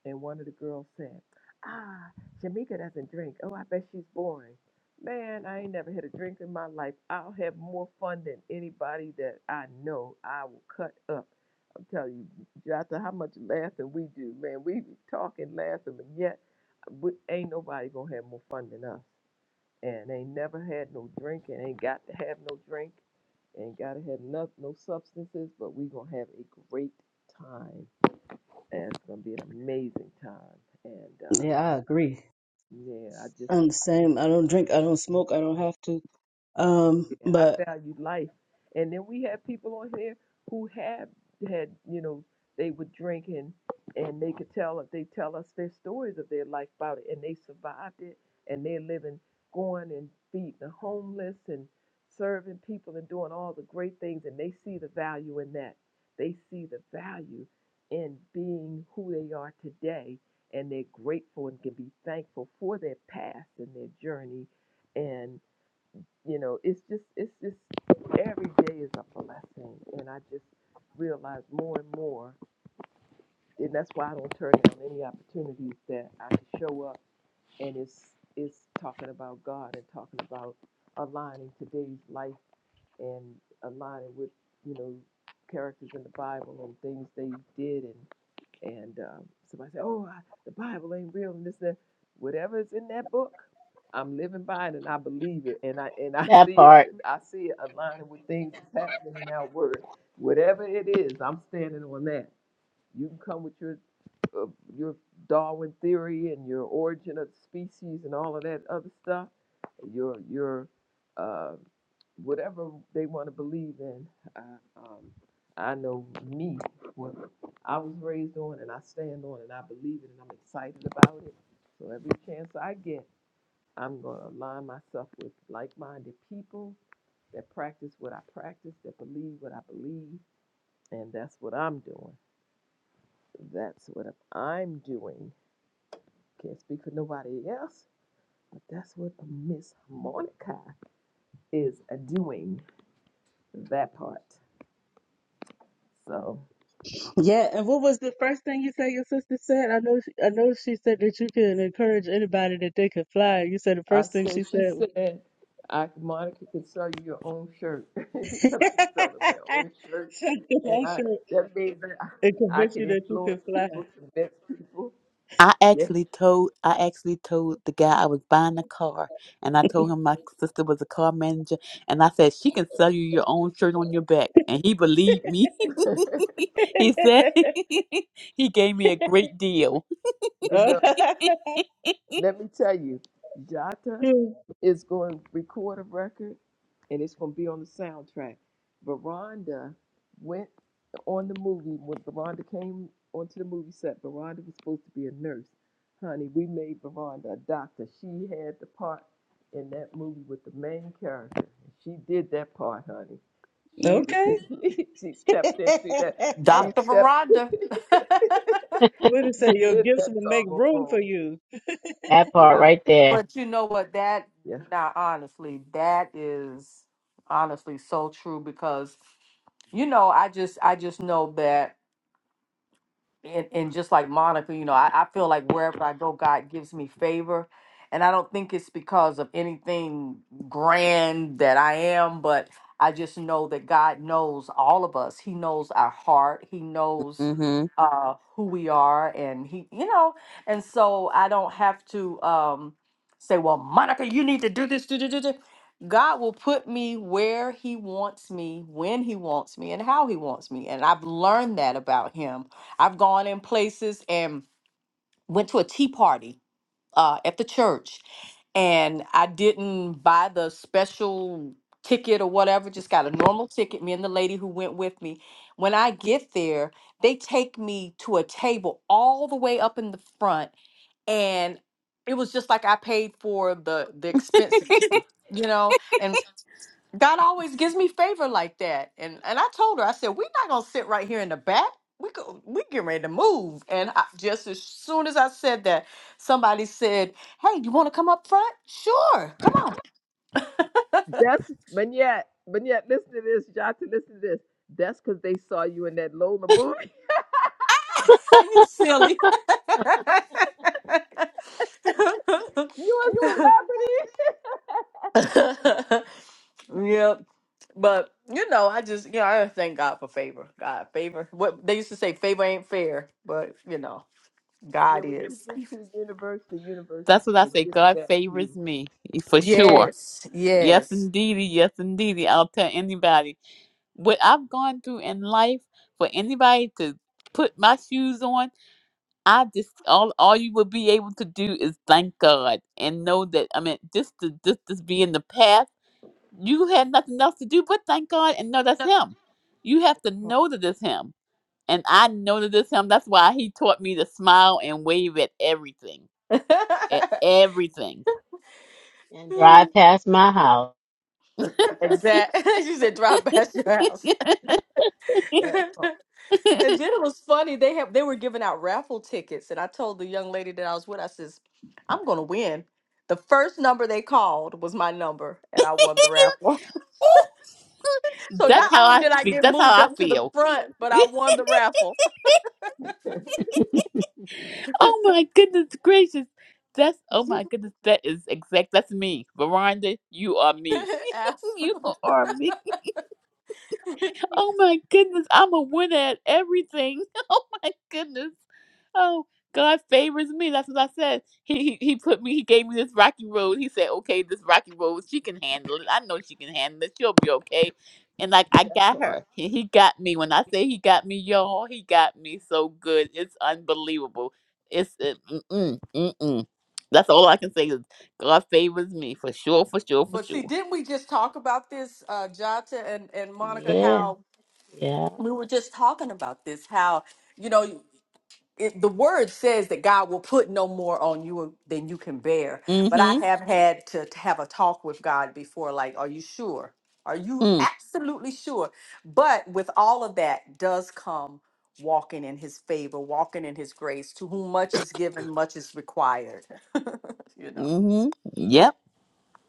and one of the girls said, "Ah, Shamika doesn't drink. Oh, I bet she's boring." Man, I ain't never had a drink in my life. I'll have more fun than anybody that I know. I will cut up. I'm telling you, after how much laughing we do, man, we be talking, laughing, but yet we, ain't nobody gonna have more fun than us. And ain't never had no drink, and ain't got to have no drink, ain't gotta have no, no substances, but we gonna have a great time and it's gonna be an amazing time. And uh,
yeah i agree
yeah, I just
i'm the same i don't drink i don't smoke i don't have to um
Yeah, I
but
value life. And then we have people on here who have had, you know, they were drinking and they could tell they tell us their stories of their life about it and they survived it and they're living going and feeding the homeless and serving people and doing all the great things and they see the value in that. They see the value in being who they are today and they're grateful and can be thankful for their past and their journey and you know, it's just it's just every day is a blessing, and I just realize more and more, and that's why I don't turn down any opportunities that I can show up, and it's it's talking about God and talking about aligning today's life and aligning with you know characters in the Bible and things they did and and um, somebody said, "Oh, I, the Bible ain't real," and this and that. Whatever in that book, I'm living by it, and I believe it, and I and I
That
see it.
part,
I see it aligning with things that's happening in our word. Whatever it is, I'm standing on that. You can come with your uh, your Darwin theory and your origin of species and all of that other stuff, your your uh, whatever they want to believe in. I, um, I know me, what I was raised on, and I stand on, and I believe it, and I'm excited about it. So every chance I get, I'm gonna align myself with like-minded people that practice what I practice, that believe what I believe, and that's what I'm doing. That's what I'm doing can't speak for nobody else, but that's what a Miss Monica is doing that part. So
Yeah, and what was the first thing you said your sister said? I know, she, I know she said that you can encourage anybody that they can fly. You said the
I
first thing
said,
she
she
said. was-
said, I, Monica can sell you your own shirt. <laughs> she
<laughs>
said I can sell them their own shirt,
Shut the
and
whole
I,
shirt
that means that
and
I, I
convince
can
you that you can
influence
fly.
people, convince people.
I
Yeah,
actually told I actually told the guy I was buying a car and I told him my sister was a car manager and I said she can sell you your own shirt on your back and he believed me.
<laughs> you
<laughs> he said
<laughs>
<laughs> he gave me a great deal.
know.
Oh,
Let me tell you, Jata
<laughs>
is going to record a record and it's going to be on the soundtrack. Veranda went on the movie. When Veranda came onto the movie set, Veranda was supposed to be a nurse. Honey, we made Veranda a doctor. She had the part in that movie with the main character. She did that part, honey. She
okay.
<laughs> she
<laughs>
stepped into that. She
Dr.
stepped.
Veranda.
<laughs>
<laughs>
What did it
she
say? Your
did
gifts
that
will make
doggone
room for
role.
you.
that part
Yeah,
right there,
But you know what? That
yeah.
now, honestly, that is honestly so true because you know, I just I just know that and, and just like Monica, you know, I, I feel like wherever I go, God gives me favor. And I don't think it's because of anything grand that I am, but I just know that God knows all of us. He knows our heart. He knows
hmm
uh, who we are, and he, you know, and so I don't have to um, say, "Well, Monica, you need to do this." Do, do, do, do. God will put me where He wants me, when He wants me, and how He wants me, and I've learned that about Him I've gone in places and went to a tea party uh, at the church, and I didn't buy the special ticket or whatever, just got a normal ticket. Me and the lady who went with me. When I get there, they take me to a table all the way up in the front, and it was just like I paid for the the expensive <laughs> ticket, you know. And God always gives me favor like that. And and I told her, I said, we're not gonna sit right here in the back. We go, we getting ready to move. And I, just as soon as I said that, somebody said, "Hey, you want to come up front? Sure, come on."
That's but yet, but yet, listen to this, Johnson. Listen to this. That's because they saw you in that Lola movie.
<laughs> you silly. <laughs>
<laughs> you a celebrity.
yep. But you know, I just you know I thank God for favor. God favor. What they used to say, favor ain't fair, but you know,
Yeah,
God
what you
is.
did to the universe, the universe
That's what I
will
say.
give
God
back to you.
favors me for sure.
Yes,
Yes,
yes.
indeedy. Yes, indeedy. I'll tell anybody what I've gone through in life. For anybody to put my shoes on, I just all all you will be able to do is thank God and know that I mean just to just to be in the path. You had nothing else to do but thank God and know that's Him. You have to know
Part.
that it's Him, and I know that it's Him. That's why He taught me to smile and wave at everything at everything.
<laughs>
and drive past my house.
<laughs>
exactly. <laughs> she said, "Drive past your house."
<laughs>
<laughs> and
that part.
then it was funny. They have they were giving out raffle tickets, and I told the young lady that I was with, I says, "I'm gonna win." The first number they called was my number, and I won the raffle. <laughs> so
But yeah,
That's
not
how
only
I
did I
feel.
get
That's how
moved
I
up to the
feel.
front, but
<laughs>
I won the raffle.
<laughs>
oh my goodness gracious. That's oh my goodness. That is exact. That's me, Veronda. You are me.
<laughs>
<laughs>
As-
you are me. Oh my goodness, I'm a winner at everything. <laughs> Oh my goodness. Oh, God favors me. That's what I said. He, he he put me. He gave me this rocky road. He said, "Okay, this rocky road, she can handle it. I know she can handle it. She'll be okay." And like I got
that
her.
part.
He, he got me. When I say he got me, y'all, he got me so good. It's unbelievable. It's it, mm mm mm. That's all I can say is God favors me for sure, for sure, for
but see,
sure.
didn't we just talk about this, uh, Jata and, and Monica?
Yeah,
How
yeah,
we were just talking about this how you know it, the word says that god will put no more on you than you can bear but i
Mm-hmm.
have had to, to have a talk with god before like are you sure are you
Mm.
absolutely sure but with all of that does come walking in his favor walking in his grace to whom much is given much is required <laughs> you know
Mm-hmm. Yep.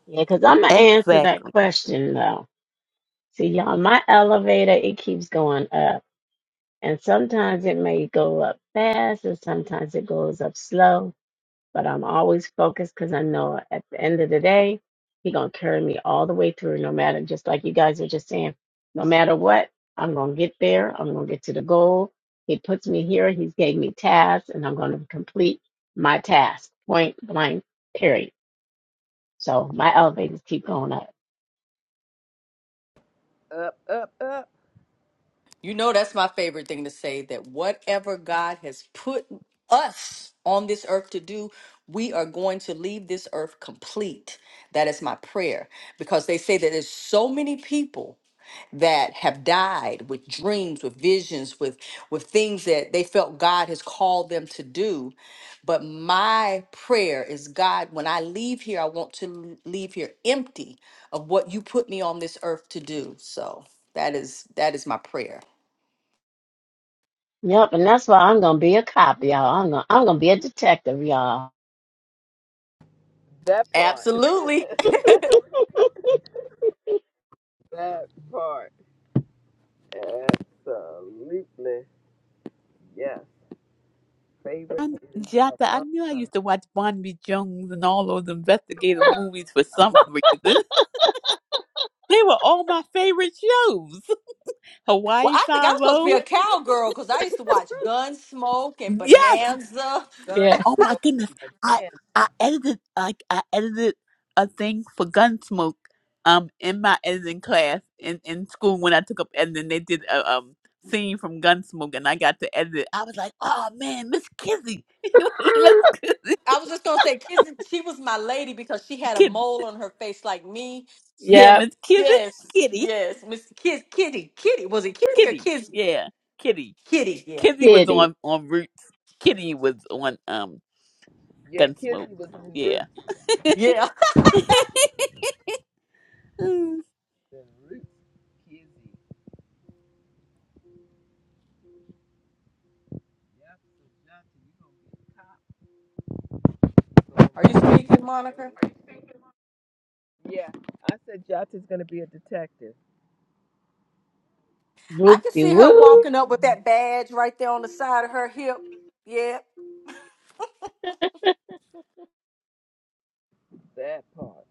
yeah. Cause I'm gonna answer that
Exactly.
question though. See, y'all, my elevator it keeps going up, and sometimes it may go up fast, and sometimes it goes up slow. but I'm always focused because I know at the end of the day, He gonna carry me all the way through, no matter just like you guys are just saying, no matter what, I'm gonna get there. I'm gonna get to the goal. He puts me here. He's gave me tasks, and I'm gonna complete my task. Point blank. Period. So my elevators keep going up.
Up, up, up.
You know, that's my favorite thing to say that whatever God has put us on this earth to do, we are going to leave this earth complete. That is my prayer because they say that there's so many people that have died with dreams, with visions, with with things that they felt God has called them to do. But my prayer is God, when I leave here, I want to leave here empty of what you put me on this earth to do. So that is that is my prayer.
Yep, and that's why I'm gonna be a cop, y'all. I'm gonna I'm gonna be a detective, y'all.
That part.
Absolutely.
<laughs> that part. Absolutely. Yes. Favorite
And
is
Jata, I
among
knew I
us.
used to watch Bonby Jones and all those investigative movies for some reason. <laughs> They were all my favorite shows. <laughs>
Well,
Hawaii
I think I'm
Five
supposed to be a
O.
cowgirl because I used to watch Gunsmoke and
Yes.
Bonanza.
Yeah.
Oh my goodness.
Gunsmoking
I
bonanza.
I edited like I edited a thing for Gunsmoke um in my editing class in, in school when I took up editing they did a um scene from Gunsmoke and I got to edit it. I was like, oh man, Miss Kizzy. <laughs> Miss
I was just gonna say, Kiz- she was my lady because she had a
Kizzy.
mole on her face like me.
<laughs>
Yeah,
yep.
Miss Kitty, <laughs>
Yes,
Kitty,
yes, Miss Kid, Kitty, Kitty. Was it Kitty or
Kitty.
Kiz?
Yeah, Kitty.
Kitty. Yeah,
Kitty was
Kitty.
on on Roots. Kitty was on um
Yeah,
Gunsmoke.
Kizzy was in
Yeah.
Roots.
<laughs>
yeah.
Mm.
the roots, Kizzy. Yep. So Jota,
<laughs>
you
Are you
gonna be a cop.
speaking, Monica?
So, yeah, I said Jota's gonna be a detective.
I
Whoop
can
de
see her
I
woo.
did
walking up with that badge right there on the side of her hip. Yeah.
that part.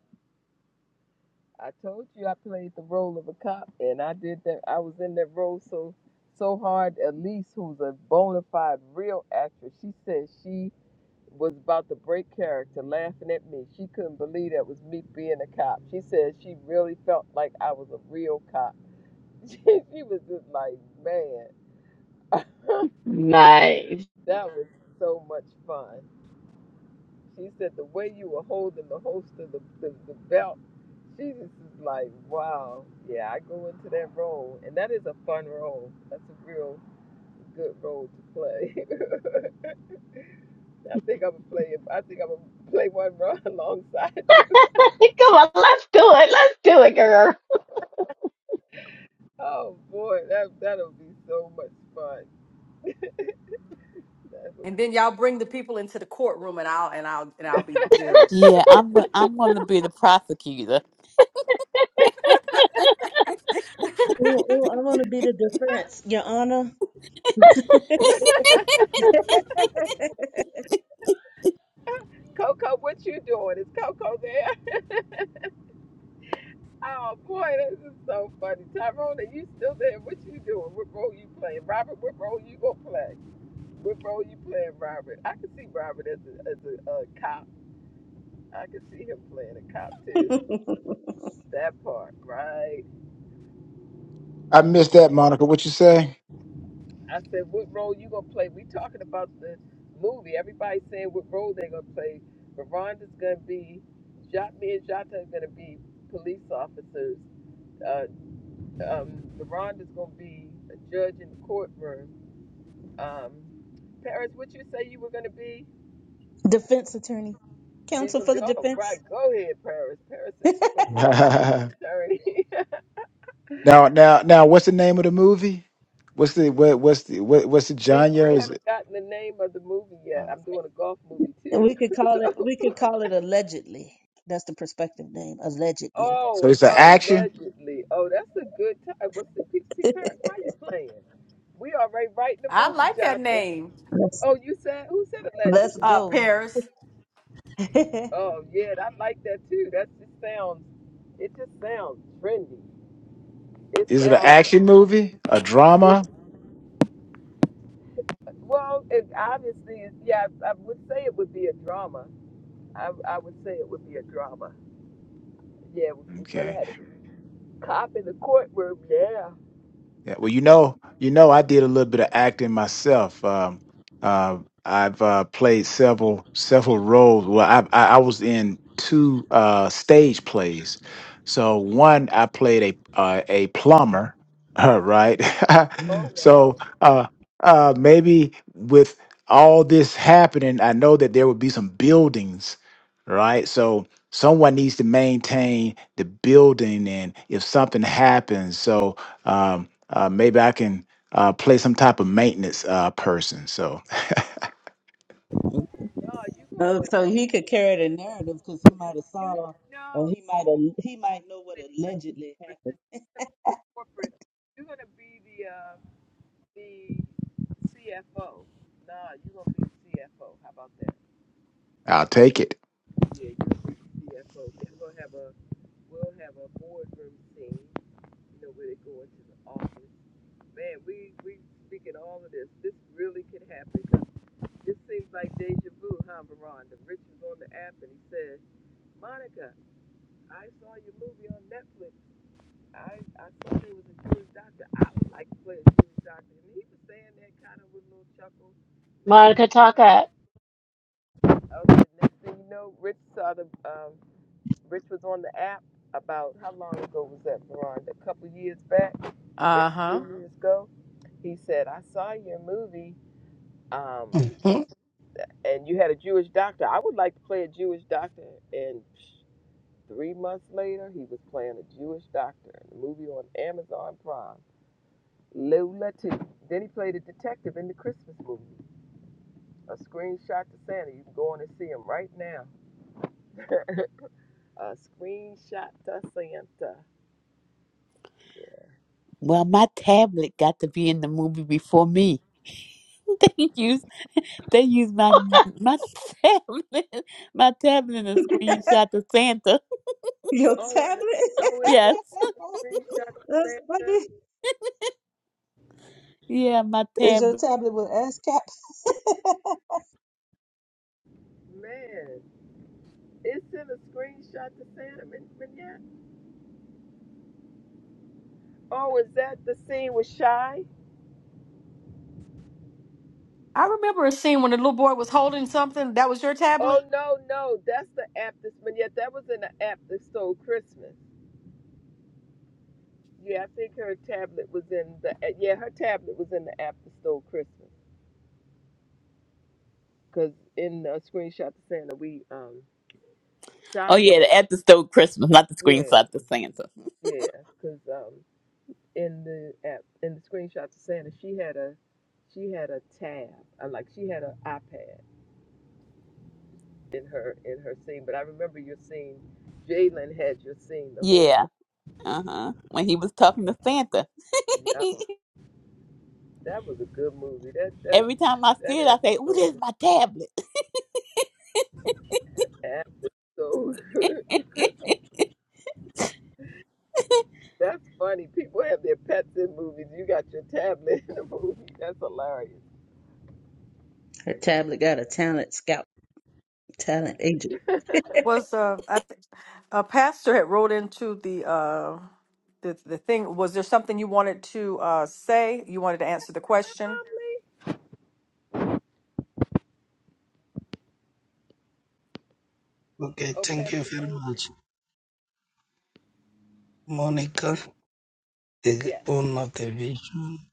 I told you I played the role of a cop, and I did that. I was in that role so so hard. Elise, who's a bona fide real actress, she said she was about to break character, laughing at me. She couldn't believe that was me being a cop. She said she really felt like I was a real cop. <laughs> she was just like, man,
Nice.
<laughs> that was so much fun. She said the way you were holding the host of the, the, the belt, she just is like, wow, yeah, I go into that role. And that is a fun role. That's a real good role to play. <laughs> I think I'm gonna play it- I think I'm gonna play one run <laughs> alongside you.
<laughs> Come on, let's do it. Let's do it, girl.
Oh boy, that that'll be so much fun. That's
And then y'all bring the people into the courtroom, and I'll and I'll and I'll be the
what-
judge.
yeah, I'm gonna I'm gonna be the prosecutor.
Oh, oh, I want to be the defense, Your Honor.
<laughs> Coco, what you doing? Is Coco there? Oh boy, this is so funny. Tyrone, are you still there? What you doing? What role you playing? Robert, what role you gonna play? What role you playing, Robert? I can see Robert as a as a, uh cop. I can see him playing a cop too. That part, right?
I missed that, Monica. What you say?
I said, what role you gonna play? We talking about the movie. Everybody saying what role they gonna play. Veronica's gonna be, Jot, me and Jota are gonna be police officers. Uh, um, Veronica's gonna be a judge in the courtroom Um, Paris, what you say you were gonna be?
<laughs> defense attorney,
She's
counsel
gonna
for
be
the
all
defense.
right. Go ahead, Paris. Paris says she's
<laughs>
gonna be a defense
now,
attorney. <laughs>
now, now, what's the name of the movie? What's the what, what's the what, what's the
we
genre?
we
Is
haven't
it,
gotten the name of the movie yet.
uh,
I'm doing a golf movie
And
too.
we could
<laughs>
call it
so
we could call it allegedly. That's the prospective name, allegedly.
so
oh,
it's an action?
allegedly. Oh, that's a good time. What's the
<laughs>
see, Paris? Why you playing? We already writing the
I
movie,
like that
Jota.
name,
let's,
Oh, you said who said
let's
allegedly?
uh,
go.
Paris.
<laughs>
Oh yeah, I like that too. That just sounds. It just sounds trendy. It
Is it an
sounds.
action movie? A
it
drama?
Well, it obviously, is- yeah, I, I would say it would be a drama. I, I would say it would be a drama. Yeah, we are
Okay.
gonna have a cop in the courtroom. Yeah.
Yeah, well, you know, you know, I did a little bit of acting myself. Um, uh, I've uh, played several several roles. Well, I, I I was in two uh, stage plays. So one, I played a uh, a plumber, <laughs> uh, right? <laughs>
Oh wow.
so uh, uh, maybe with all this happening, I know that there would be some buildings, right? So someone needs to maintain the building, and if something happens, so. Um, uh, maybe I can uh, play some type of maintenance uh, person. So
Mm.
No, you
Oh,
go.
so he could carry the narrative because he might have
You
saw
no.
or he might have he might know what
it's like
allegedly
The, the corporate. You're gonna be the uh, the CFO. Nah, you're gonna be the CFO. How about that?
I'll take it.
Yeah, you're gonna be the CFO. We're gonna have a we'll have a boardroom scene. You know where they go into the office. Man, we we speaking all of this. This really could happen. This seems like deja vu, huh, Veronda? Rich was on the app and he said, Monica, I saw your movie on Netflix. I, I saw there was a Jewish doctor. I would like to play a Jewish doctor. And he was saying that kind of with a little chuckle. Next thing
Monica,
you
talk
know,
up.
okay, next thing you know, Rich saw the, um, Rich was on the app about, how long ago was that, Veronda? A couple years back, maybe
Uh
three
huh.
years ago. He said, I saw your movie. Um,
Mhm.
and you had a Jewish doctor. I would like to play a Jewish doctor. And three months later, he was playing a Jewish doctor in a movie on Amazon Prime, Lula T. Then he played a detective in the Christmas movie. A screenshot to Santa. You can go on and see him right now. <laughs> a screenshot to Santa. Yeah.
Well, my tablet got to be in the movie before me. <laughs> they use they use my my <laughs> tablet my tablet and a
happened. <laughs>
screenshot of Santa. <laughs>
your
Oh, and,
tablet?
oh, it was
Yes.
in
<laughs>
a screenshot to
That's
Santa.
funny.
Yeah, my
Is
tablet.
your tablet with ASCAP?
Man, it's in a screenshot to Santa. Man, man, yeah. Oh, is that the scene with Shy?
I remember a scene when the little boy was holding something. That was your
Oh
tablet.
no, no, that's the app this but yet that was in the app that stole Christmas. Yeah, I think her tablet was in the yeah, her tablet was in the app that stole Christmas. Cause in the screenshot the saying that we um
Oh
Shy
yeah,
had
the at the stove Christmas, not the
yeah,
screenshot, the Santa.
yeah, cause um in the app in the screenshot the saying that she had a she had a tab, uh, like she had an iPad in her in her scene. But I remember your scene, Jalen had your scene the whole
Yeah. Uh-huh. When he was talking to Santa.
time. Yeah.
<laughs>
That was a good movie. That that
Every time I
that
see it, I say, Ooh,
episode
there's
was
my tablet.
after so <laughs> Christmas.
<laughs>
That's funny. People have their pets in movies. You got your tablet in the movie. That's hilarious.
Her tablet got a talent scout, talent agent.
Was uh, I th- a pastor had wrote into the uh, the the thing? Was there something you wanted to uh say? You wanted to answer the question.
Probably.
Okay,
Oh,
thank you
Pastor
very
Moses.
much, Monica, the
Yes.
owner of the vision,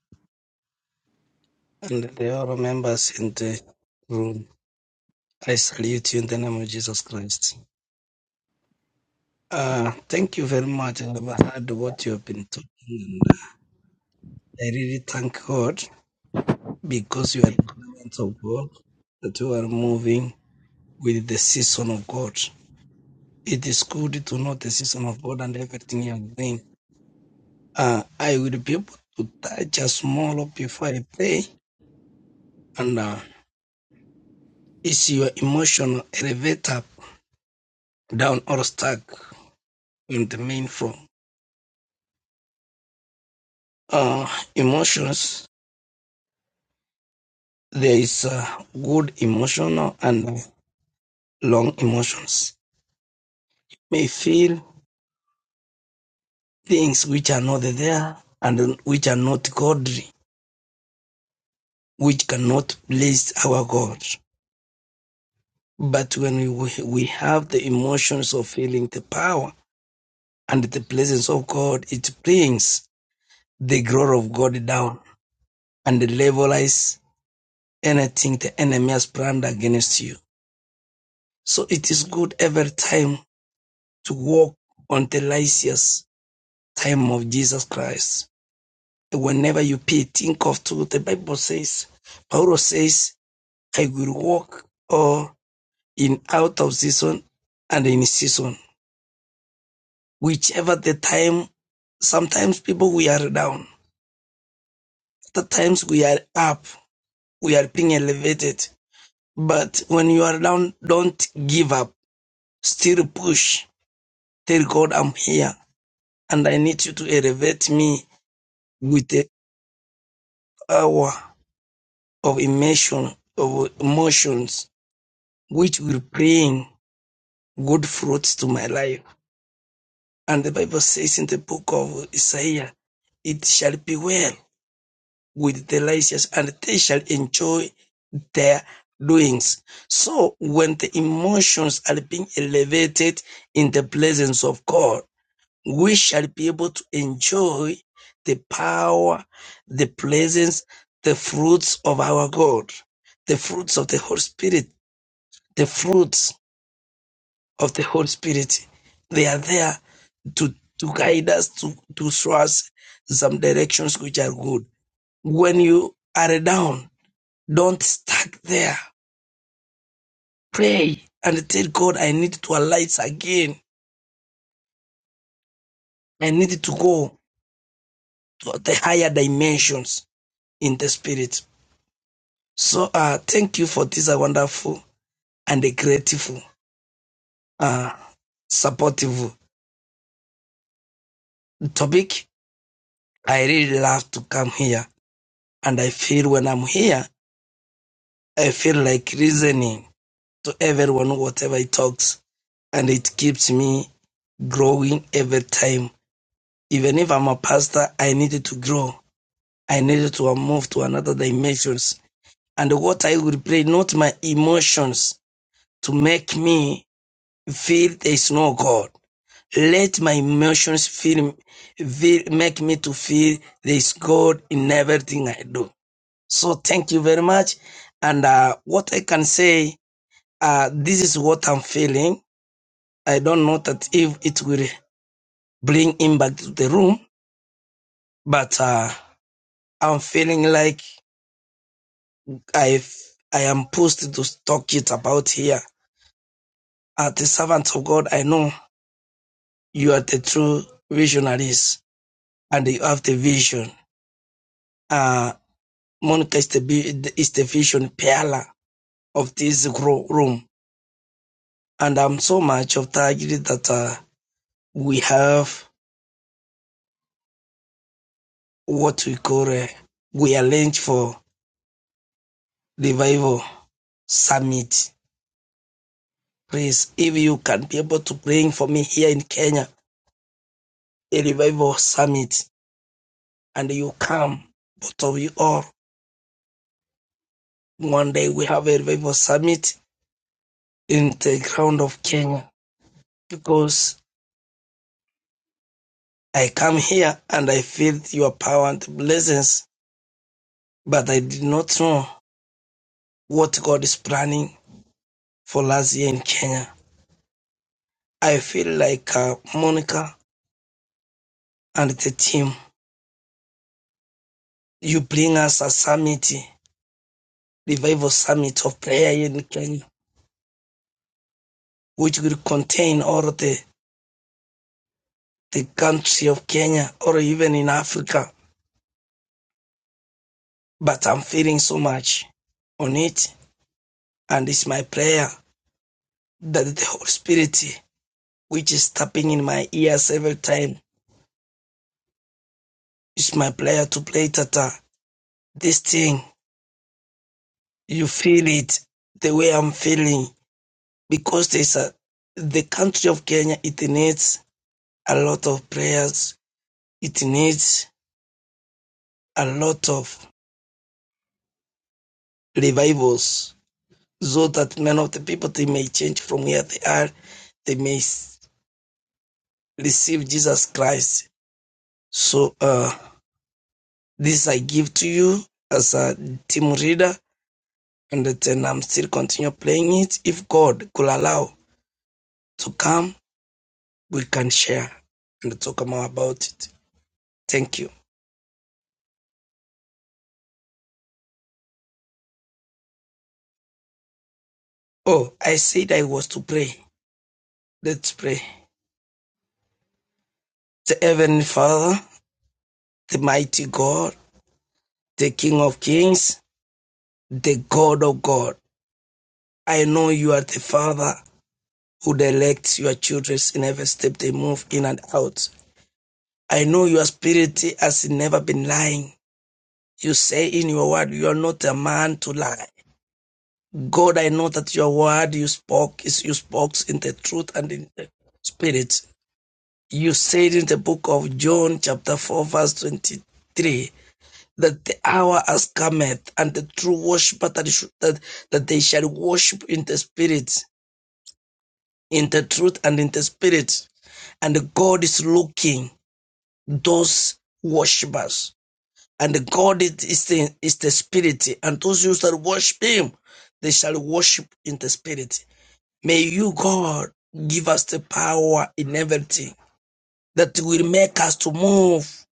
and the other members in the room. I salute you in the name of Jesus Christ. Uh, thank you very much. I've heard what you have been talking, and uh, I really thank God because you are the servant of God that you are moving with the season of God. It is good to know the season of God and everything you are doing. Uh, I will be able to touch a small up before I pray, and uh, it's your emotional elevator down or stuck in the main floor. Uh, emotions. There is uh, good emotional and uh, long emotions, may feel things which are not there and which are not godly, which cannot please our God. But when we, we have the emotions of feeling the power and the presence of God, it brings the glory of God down and levelize anything the enemy has planned against you. So it is good every time to walk on the righteous time of Jesus Christ Whenever you pay, think of two. The Bible says, Paul says, I will walk or in out of season and in season. Whichever the time, sometimes people we are down. Other times we are up. We are being elevated. But when you are down, don't give up. Still push. Tell God I'm here and I need you to elevate me with the power of emotion, of emotions, which we're praying good fruits to my life. And the Bible says in the book of Isaiah, it shall be well with the righteous and they shall enjoy their doings. So when the emotions are being elevated in the presence of God, we shall be able to enjoy the power, the presence, the fruits of our God, the fruits of the Holy Spirit, the fruits of the Holy Spirit. They are there to, to guide us, to, to show us some directions which are good. When you are down, don't stuck there. Pray and tell God, I need to arise again. I need to go to the higher dimensions in the spirit. So uh, thank you for this uh, wonderful and a grateful, uh, supportive topic. I really love to come here and I feel when I'm here I feel like reasoning to everyone whatever he talks, and it keeps me growing every time. Even if I'm a pastor, I needed to grow. I needed to move to another dimensions. And what I would pray, not my emotions, to make me feel there is no God. Let my emotions feel, feel make me to feel there is God in everything I do. So thank you very much. And uh, what I can say uh, this is what I'm feeling. I don't know that if it will bring him back to the room, but uh, I'm feeling like I I am pushed to talk it about here. As the servants of God, I know you are the true visionaries and you have the vision. Uh, Monica is the, is the vision pillar of this room. And I'm so much of targeted that uh, we have what we call, uh, we arrange for revival Summit. Please, if you can be able to bring for me here in Kenya a revival summit and you come, both of you all, one day we have a revival summit in the ground of Kenya because I come here and I feel your power and blessings, but I did not know what God is planning for last year in Kenya. I feel like uh, Monica and the team, you bring us a summit, revival summit of prayer in Kenya which will contain all the, the country of Kenya or even in Africa. But I'm feeling so much on it. And it's my prayer that the Holy Spirit, which is tapping in my ears every time, it's my prayer to play Tata. This thing, you feel it the way I'm feeling because there's a, the country of Kenya, it needs a lot of prayers. It needs a lot of revivals so that many of the people they may change from where they are, they may receive Jesus Christ. So uh, this I give to you as a team reader, and then I'm still continue playing it. If God could allow to come, we can share and talk more about it. Thank you. Oh, I said I was to pray. Let's pray. The Heavenly Father, the mighty God, the King of Kings, the God of God. I know you are the Father who directs your children in every step they move in and out. I know your spirit has never been lying. You say in your word, you are not a man to lie. God, I know that your word you spoke is you spoke in the truth and in the spirit. You said in the book of John, chapter 4, verse 23, that the hour has cometh and the true worshiper that, should- that, that they shall worship in the spirit, in the truth and in the spirit. And God is looking those worshippers. And the God is, is, the, is the spirit, and those who shall worship him, they shall worship in the spirit. May you, God, give us the power in everything that will make us to move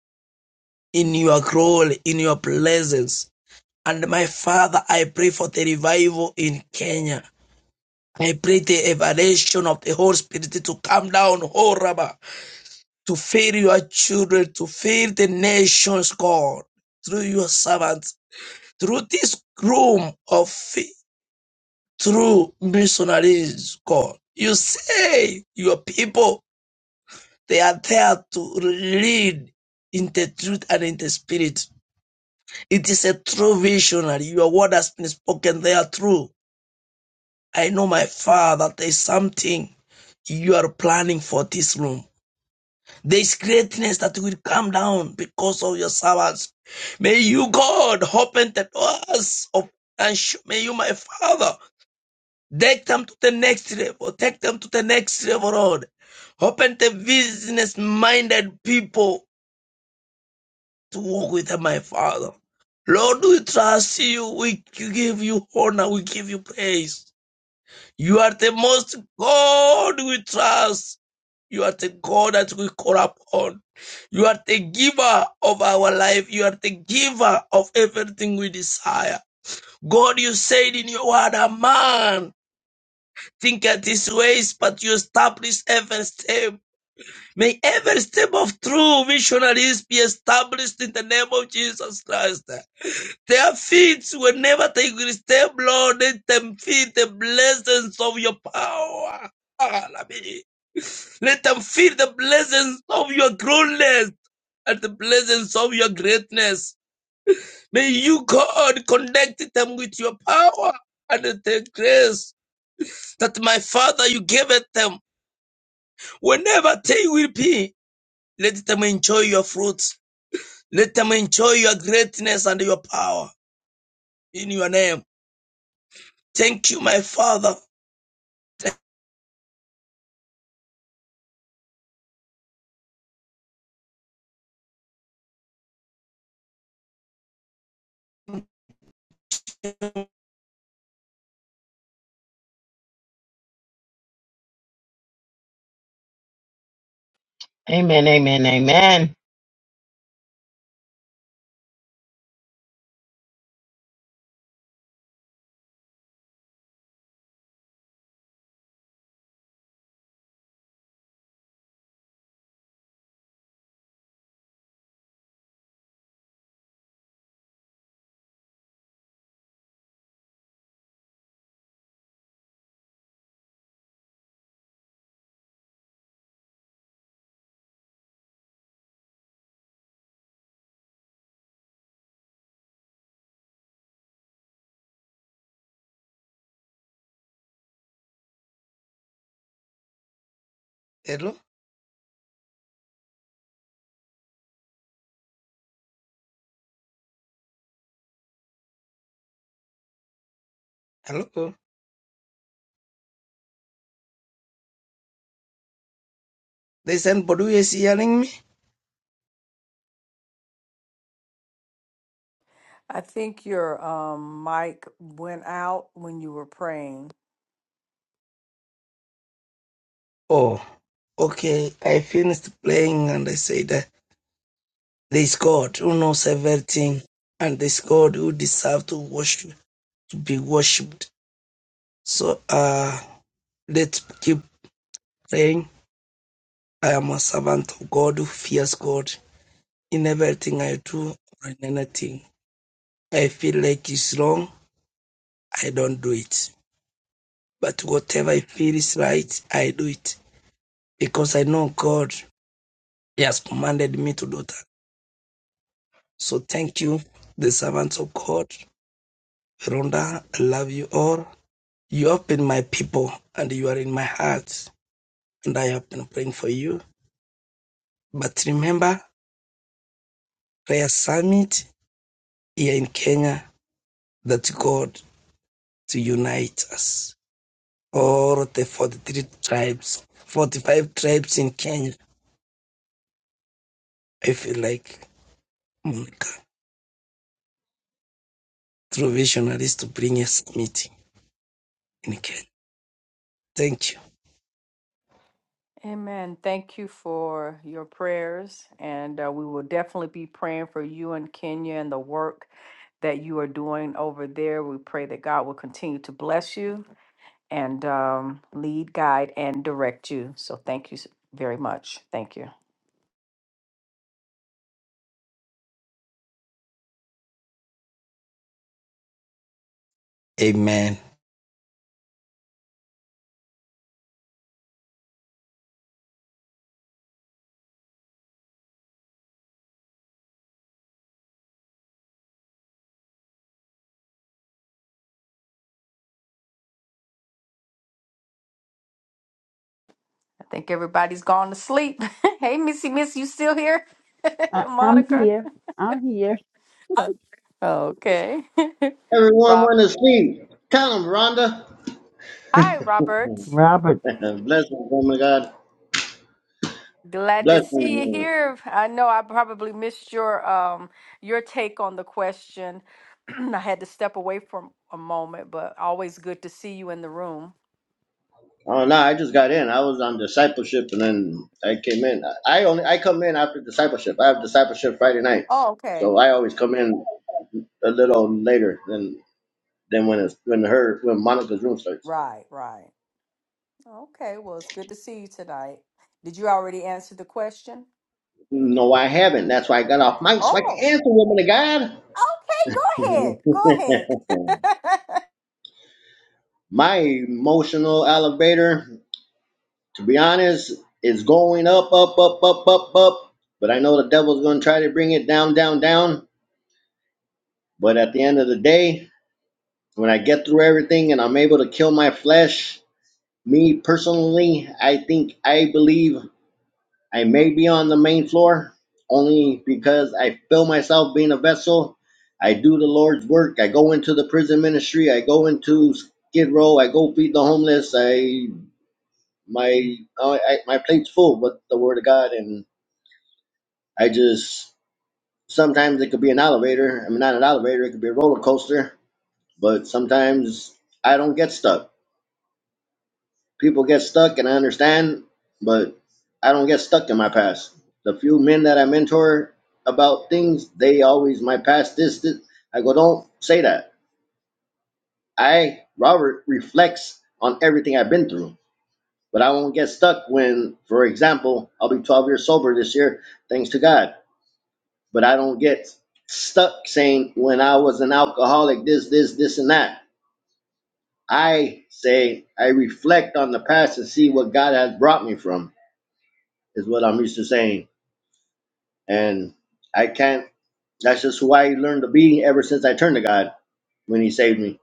in your glory, in your presence. And my Father, I pray for the revival in Kenya. I pray the evaluation of the Holy Spirit to come down, oh Rabbah. to feed your children, to feed the nations, God, through your servants, through this room of faith, through missionaries, God. You say your people, they are there to lead in the truth and in the spirit. It is a true visionary. Your word has been spoken. They are true. I know, my Father, there is something you are planning for this room There's greatness that will come down because of your servants. May you, God, open the doors of and sh- may you, my Father, take them to the next level. Take them to the next level, Lord. Open the business-minded people to walk with them, my Father. Lord, we trust you. We give you honor. We give you praise. You are the most God we trust. You are the God that we call upon. You are the giver of our life. You are the giver of everything we desire. God, you said in your word, a man thinketh his ways, but you establish every step. May every step of true missionaries be established in the name of Jesus Christ. Their feet, will never take will step, Lord, let them feel the blessings of your power. Let them feel the blessings of your greatness and the blessings of your greatness. May you, God, connect them with your power and the grace that my Father you gave it them. Whenever they will be, let them enjoy your fruits. Let them enjoy your greatness and your power in your name. Thank you, my Father.
Amen, amen, amen.
Hello? Hello? There's anybody who is hearing me?
I think your um mic went out when you were praying.
Oh, okay. I finished playing and I said. uh, There is God who knows everything, and there is God who deserves to worship, to be worshipped. So uh, let's keep praying. I am a servant of God who fears God in everything I do or in anything. I feel like it's wrong, I don't do it. But whatever I feel is right, I do it because I know God. He has commanded me to do that. So thank you, the servants of God. Rhonda, I love you all. You have been my people and you are in my heart, and I have been praying for you. But remember, prayer summit here in Kenya that God to unite us. All the 43 tribes, 45 tribes in Kenya. I feel like Monica, through visionaries to bring a summit in Kenya. Thank you.
Amen. Thank you for your prayers, and uh, we will definitely be praying for you and Kenya and the work that you are doing over there. We pray that God will continue to bless you and um, lead, guide, and direct you. So thank you s- very much. Thank you.
Amen.
I think everybody's gone to sleep. <laughs> hey, Missy, Miss, you still here?
I-
<laughs>
I'm
Monica.
here. I'm here.
<laughs> Okay. <laughs>
Everyone
Rob.
want to see. Tell them, Rhonda.
Hi, Robert.
Robert.
<laughs> Blessings, woman of God.
Glad to
Blessings.
see you
woman.
here. I know I probably missed your um your take on the question. <clears throat> I had to step away for a moment, but always good to see you in the room.
Oh no, I just got in. I was on discipleship, and then I came in. I only I come in after discipleship. I have discipleship Friday nights,
Oh, okay.
so I always come in a little later than than when it's when her when Monica's room starts.
Right, right. Okay, well, it's good to see you tonight. Did you already answer the question?
No, I haven't. That's why I got off mic so I can
Oh,
answer, woman of God.
Okay, go ahead. Go
<laughs>
ahead.
My emotional elevator. to be honest, it's going up, up, up, up, up, up. But I know the devil's going to try to bring it down, down, down. But at the end of the day, when I get through everything and I'm able to kill my flesh, me personally, I think I believe I may be on the main floor only because I feel myself being a vessel. I do the Lord's work. I go into the prison ministry. I go into Skid Row. I go feed the homeless. I my I, I, my plate's full with the Word of God and I just sometimes it could be an elevator. I mean, not an elevator. It could be a roller coaster. But sometimes I don't get stuck. People get stuck, and I understand. But I don't get stuck in my past. The few men that I mentor about things, they always my past. This, this. I go, don't say that. I Robert reflects on everything I've been through. But I won't get stuck when, for example, I'll be 12 years sober this year, thanks to God. but I don't get stuck saying when I was an alcoholic, this, this, this, and that. I say I reflect on the past and see what God has brought me from is what I'm used to saying, and I can't. That's just who I learned to be ever since I turned to God when He saved me,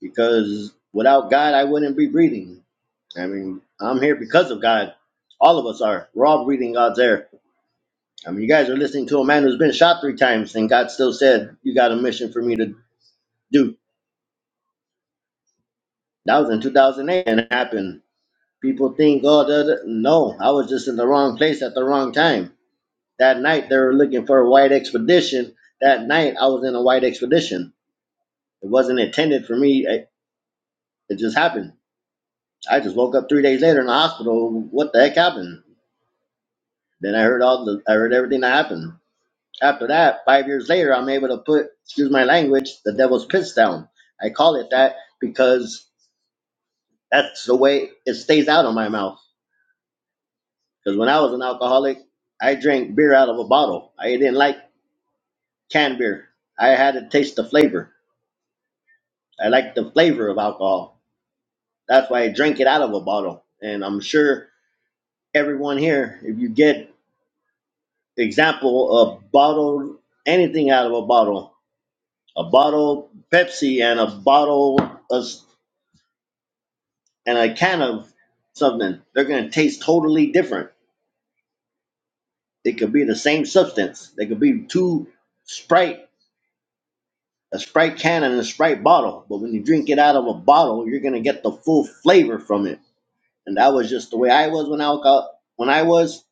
because without God I wouldn't be breathing. I mean, I'm here because of God. All of us are. We're all breathing God's air. I mean, you guys are listening to a man who's been shot three times, and God still said, "You got a mission for me to do." That was in 2008 and it happened. People think, oh, the, the- no, I was just in the wrong place at the wrong time. That night they were looking for a white expedition. That night I was in a white expedition. It wasn't intended for me. It, it just happened. I just woke up three days later in the hospital. What the heck happened? Then I heard all the, I heard everything that happened. After that, five years later, I'm able to put, excuse my language, the devil's piss down. I call it that because that's the way it stays out of my mouth Because when I was an alcoholic, I drank beer out of a bottle. I didn't like canned beer. I had to taste the flavor. I liked the flavor of alcohol. That's why I drank it out of a bottle. And I'm sure everyone here, if you get example of bottle anything out of a bottle, a bottle Pepsi and a bottle of, and a can of something, they're gonna taste totally different. It could be the same substance. They could be two Sprite a Sprite can and a Sprite bottle. But when you drink it out of a bottle, you're gonna get the full flavor from it. And that was just the way I was when I was when I was.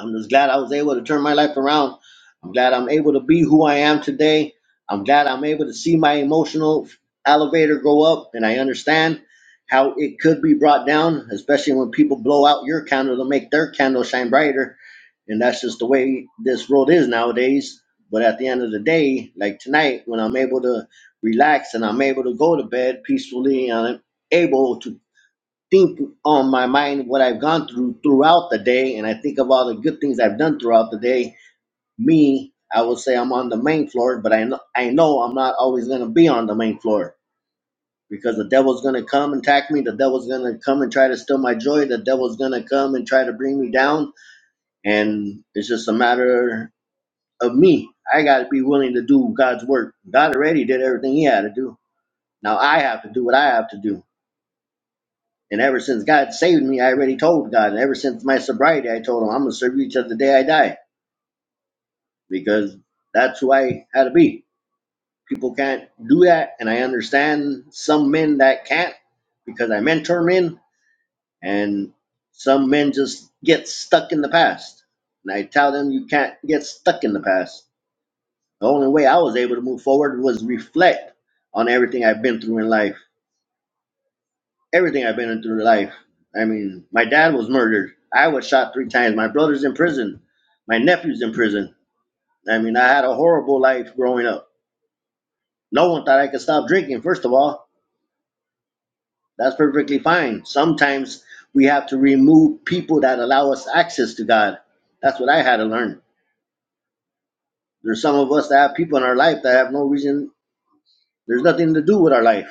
I'm just glad I was able to turn my life around. I'm glad I'm able to be who I am today. I'm glad I'm able to see my emotional elevator go up, and I understand how it could be brought down, especially when people blow out your candle to make their candle shine brighter and that's just the way this world is nowadays. But at the end of the day, like tonight, when I'm able to relax and I'm able to go to bed peacefully, and I'm able to think on my mind what I've gone through throughout the day, and I think of all the good things I've done throughout the day. Me, I would say I'm on the main floor, but I know I know I'm not always gonna be on the main floor because the devil's gonna come and attack me. The devil's gonna come and try to steal my joy. The devil's gonna come and try to bring me down and it's just a matter of me. I got to be willing to do God's work. God already did everything He had to do. Now I have to do what I have to do. And ever since God saved me, I already told God. And ever since my sobriety, I told Him, I'm going to serve you till the day I die because that's who I had to be. People can't do that. And I understand some men that can't because I mentor men and some men just get stuck in the past. And I tell them, you can't get stuck in the past The only way I was able to move forward was reflect on everything I've been through in life. Everything I've been through in life. I mean, my dad was murdered. I was shot three times. My brother's in prison. My nephew's in prison. I mean, I had a horrible life growing up. No one thought I could stop drinking, first of all. That's perfectly fine. Sometimes we have to remove people that allow us access to God. That's what I had to learn. There's some of us that have people in our life that have no reason, there's nothing to do with our life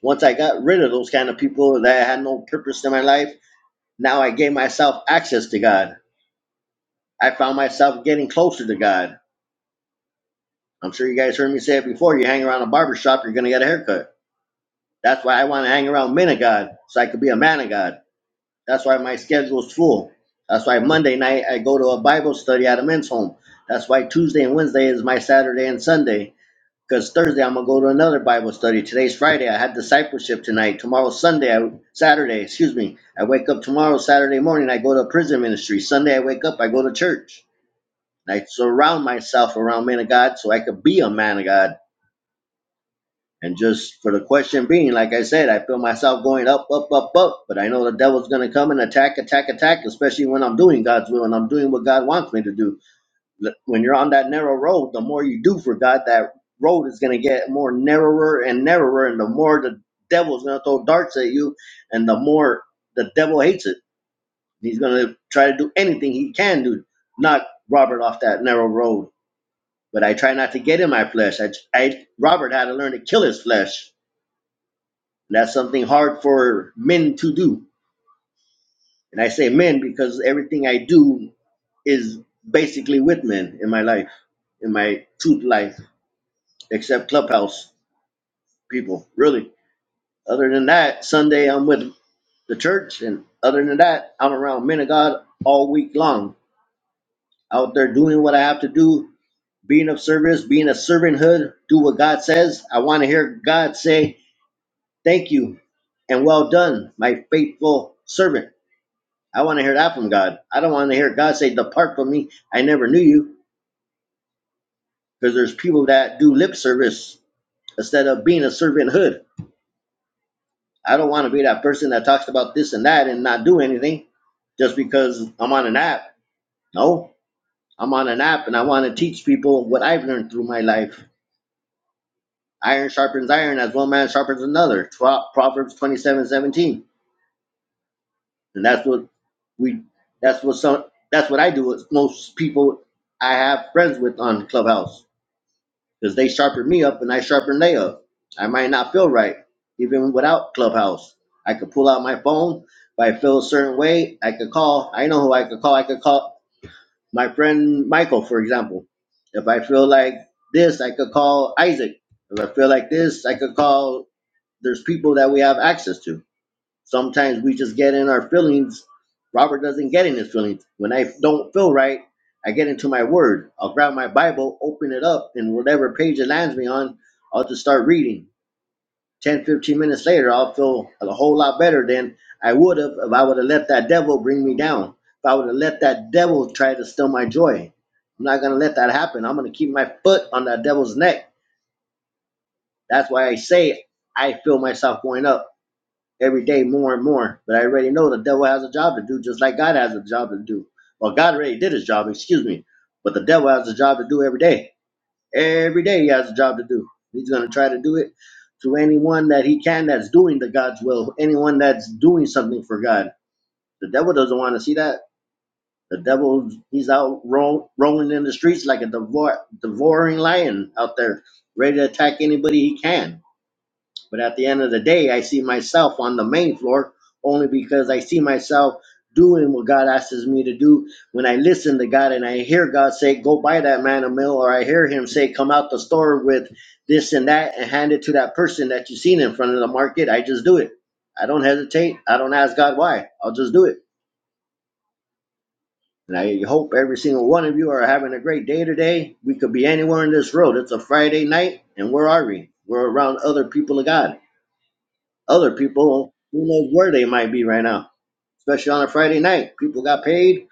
Once I got rid of those kind of people that had no purpose in my life, now I gave myself access to God. I found myself getting closer to God. I'm sure you guys heard me say it before. You hang around a barber shop, you're going to get a haircut. That's why I want to hang around men of God so I could be a man of God. That's why my schedule is full. That's why Monday night I go to a Bible study at a men's home. That's why Tuesday and Wednesday is my Saturday and Sunday. because Thursday I'm gonna go to another Bible study. Today's Friday. I had discipleship tonight. Tomorrow's Sunday. I, Saturday, excuse me. I wake up tomorrow Saturday morning. I go to prison ministry. Sunday I wake up. I go to church. And I surround myself around men of God so I could be a man of God. And just for the question being, like I said, I feel myself going up, up, up, up. But I know the devil's gonna come and attack, attack, attack. Especially when I'm doing God's will and I'm doing what God wants me to do when you're on that narrow road, the more you do for God, that road is going to get more narrower and narrower, and the more the devil's going to throw darts at you, and the more the devil hates it. He's going to try to do anything he can to knock Robert off that narrow road. But I try not to get in my flesh. I, I Robert had to learn to kill his flesh. And that's something hard for men to do. And I say men because everything I do is basically with men in my life, in my truth life, except Clubhouse. people, really. Other than that, Sunday I'm with the church, and other than that, I'm around men of God all week long, out there doing what I have to do, being of service, being a servanthood, do what God says. I want to hear God say, Thank you and well done, my faithful servant. I want to hear that from God. I don't want to hear God say, Depart from me, I never knew you, because there's people that do lip service instead of being a servanthood. I don't want to be that person that talks about this and that and not do anything just because I'm on an app. No, I'm on an app and I want to teach people what I've learned through my life. Iron sharpens iron as one man sharpens another. Proverbs twenty-seven seventeen, And that's what we, that's what some, that's what I do with most people I have friends with on Clubhouse because they sharpened me up and I sharpened they up. I might not feel right, even without Clubhouse. I could pull out my phone. If I feel a certain way, I could call. I know who I could call. I could call my friend Michael, for example. If I feel like this, I could call Isaac. If I feel like this, I could call. There's people that we have access to. Sometimes we just get in our feelings. Robert doesn't get in his feelings. When I don't feel right, I get into my word. I'll grab my Bible, open it up, and whatever page it lands me on, I'll just start reading. 10, 15 minutes later, I'll feel a whole lot better than I would have if I would have let that devil bring me down. If I would have let that devil try to steal my joy. I'm not going to let that happen. I'm going to keep my foot on that devil's neck. That's why I say I feel myself going up every day more and more. But I already know the devil has a job to do, just like God has a job to do. Well, God already did his job, excuse me. But the devil has a job to do every day. Every day he has a job to do. He's going to try to do it to anyone that he can that's doing the God's will, anyone that's doing something for God. The devil doesn't want to see that. The devil, he's out roll, rolling in the streets like a devour, devouring lion out there, ready to attack anybody he can. But at the end of the day, I see myself on the main floor only because I see myself doing what God asks me to do. When I listen to God and I hear God say, go buy that man a meal, or I hear him say, come out the store with this and that and hand it to that person that you've seen in front of the market, I just do it. I don't hesitate. I don't ask God why. I'll just do it. And I hope every single one of you are having a great day today. We could be anywhere on this road. It's a Friday night, and where are we? We're around other people of God. other people who knows where they might be right now especially on a friday night people got paid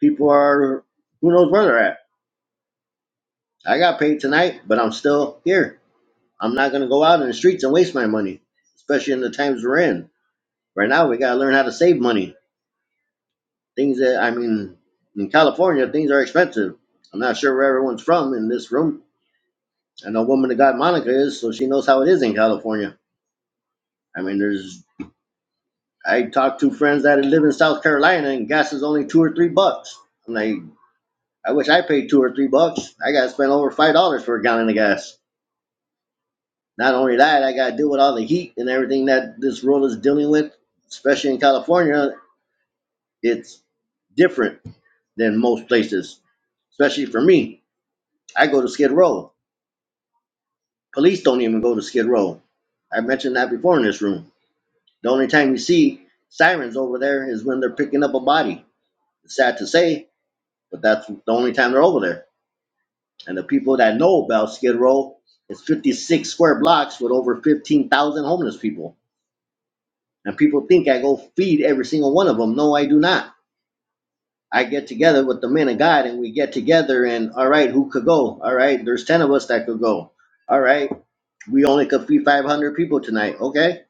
people are who knows where they're at i got paid tonight but i'm still here i'm not going to go out in the streets and waste my money especially in the times we're in right now we got to learn how to save money things that i mean in california things are expensive i'm not sure where everyone's from in this room i know woman that got monica is so she knows how it is in california i mean there's I talked to friends that live in South Carolina and gas is only two or three bucks. I'm like, I wish I paid two or three bucks. I got to spend over five dollars for a gallon of gas. Not only that, I got to deal with all the heat and everything that this world is dealing with, especially in California. It's different than most places, especially for me. I go to Skid Row. Police don't even go to Skid Row. I mentioned that before in this room. The only time you see sirens over there is when they're picking up a body. It's sad to say, but that's the only time they're over there. And the people that know about Skid Row, it's 56 square blocks with over 15,000 homeless people. And people think I go feed every single one of them. No, I do not. I get together with the men of God and we get together and, all right, who could go? All right, there's 10 of us that could go. All right, we only could feed 500 people tonight. Okay.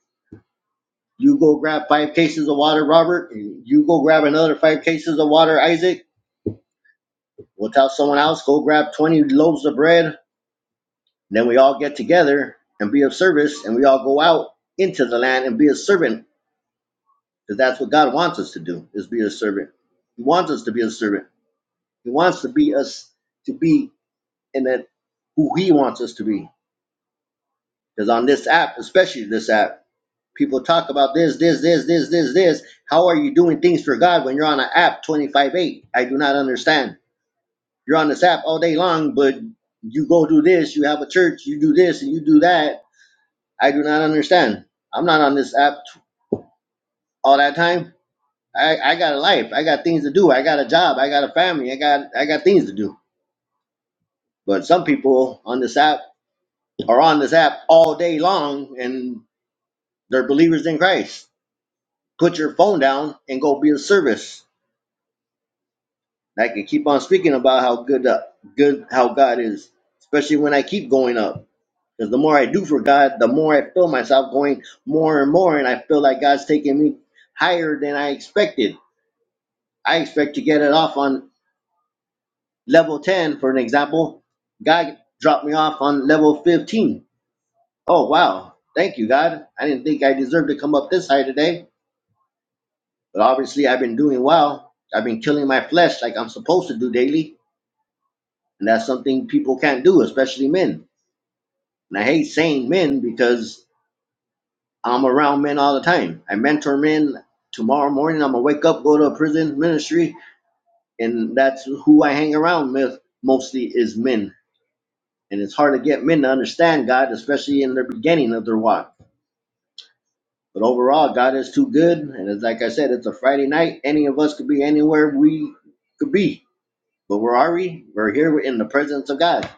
You go grab five cases of water, Robert. and You go grab another five cases of water, Isaac. We'll tell someone else, go grab 20 loaves of bread And then we all get together and be of service, and we all go out into the land and be a servant, because that's what God wants us to do: is be a servant. He wants us to be a servant. He wants to be us to be in that who He wants us to be. Because on this app, especially this app, people talk about this, this, this, this, this, this. How are you doing things for God when you're on an app 25/8? I do not understand. You're on this app all day long, but you go do this, you have a church, you do this, and you do that I do not understand. I'm not on this app t- all that time. I, I got a life. I got things to do. I got a job. I got a family. I got I got things to do. But some people on this app are on this app all day long and they're believers in Christ. Put your phone down and go be a service. I can keep on speaking about how good uh, good how God is, especially when I keep going up. Because the more I do for God, the more I feel myself going more and more, and I feel like God's taking me higher than I expected I expect to get it off on level 10, for an example. God dropped me off on level 15. Oh, wow. Thank you, God. I didn't think I deserved to come up this high today, but obviously I've been doing well. I've been killing my flesh like I'm supposed to do daily, and that's something people can't do, especially men. And I hate saying men because I'm around men all the time. I mentor men. Tomorrow morning, I'm going to wake up, go to a prison ministry, and that's who I hang around with mostly is men And it's hard to get men to understand God, especially in their beginning of their walk. But overall, God is too good. And it's like I said, it's a Friday night. Any of us could be anywhere we could be. But where are we? We're here in the presence of God,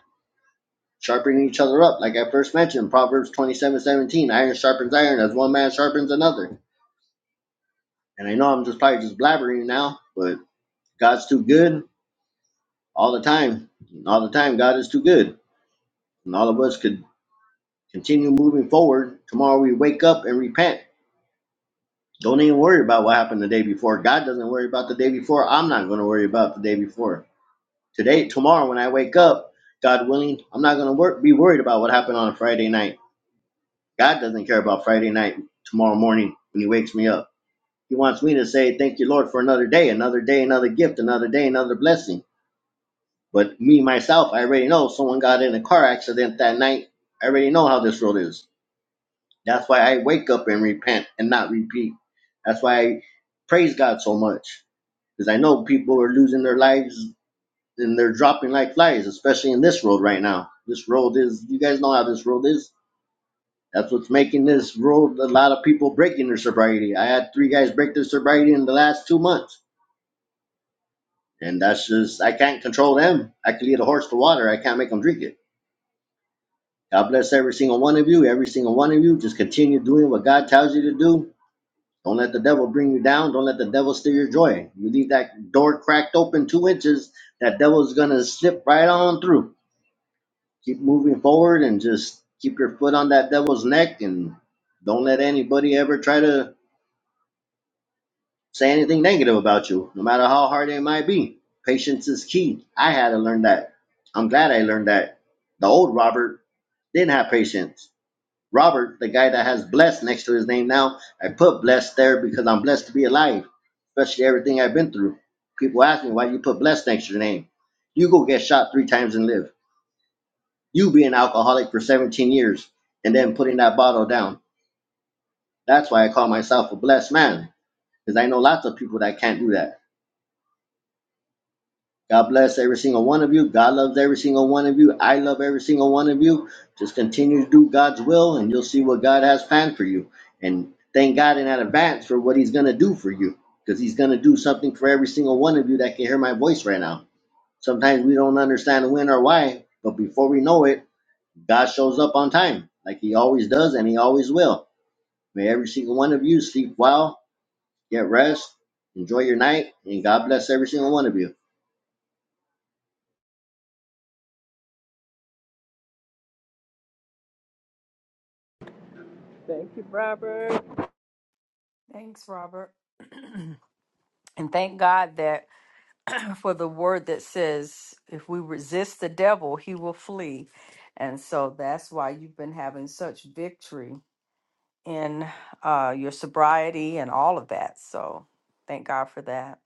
sharpening each other up. Like I first mentioned, Proverbs twenty-seven seventeen: iron sharpens iron as one man sharpens another. And I know I'm just probably just blabbering now, but God's too good all the time. All the time, God is too good. And all of us could continue moving forward. Tomorrow we wake up and repent Don't even worry about what happened the day before. God doesn't worry about the day before. I'm not going to worry about the day before. Today, tomorrow, when I wake up, God willing, I'm not going to wor- be worried about what happened on a Friday night. God doesn't care about Friday night, tomorrow morning, when He wakes me up. He wants me to say, Thank you, Lord, for another day, another day, another gift, another day, another blessing. But me, myself, I already know someone got in a car accident that night. I already know how this world is. That's why I wake up and repent and not repeat. That's why I praise God so much because I know people are losing their lives and they're dropping like flies, especially in this road right now. This road is, you guys know how this road is. That's what's making this road a lot of people breaking their sobriety. I had three guys break their sobriety in the last two months. And that's just, I can't control them. I can lead a horse to water, I can't make them drink it. God bless every single one of you. Every single one of you, just continue doing what God tells you to do Don't let the devil bring you down. Don't let the devil steal your joy. You leave that door cracked open two inches, that devil's gonna slip right on through. Keep moving forward and just keep your foot on that devil's neck and don't let anybody ever try to say anything negative about you, no matter how hard it might be. Patience is key. I had to learn that. I'm glad I learned that. The old Robert didn't have patience. Robert, the guy that has blessed next to his name now, I put blessed there because I'm blessed to be alive, especially everything I've been through. People ask me why you put blessed next to your name. You go get shot three times and live. You be an alcoholic for 17 years and then putting that bottle down. That's why I call myself a blessed man because I know lots of people that can't do that. God bless every single one of you. God loves every single one of you. I love every single one of you. Just continue to do God's will, and you'll see what God has planned for you. And thank God in advance for what He's going to do for you, because He's going to do something for every single one of you that can hear my voice right now. Sometimes we don't understand when or why, but before we know it, God shows up on time, like He always does, and He always will. May every single one of you sleep well, get rest, enjoy your night, and God bless every single one of you.
Thank you, Robert.
<laughs> Thanks, Robert. And thank God that for the word that says, if we resist the devil, he will flee. And so that's why you've been having such victory in uh, your sobriety and all of that. So thank God for that.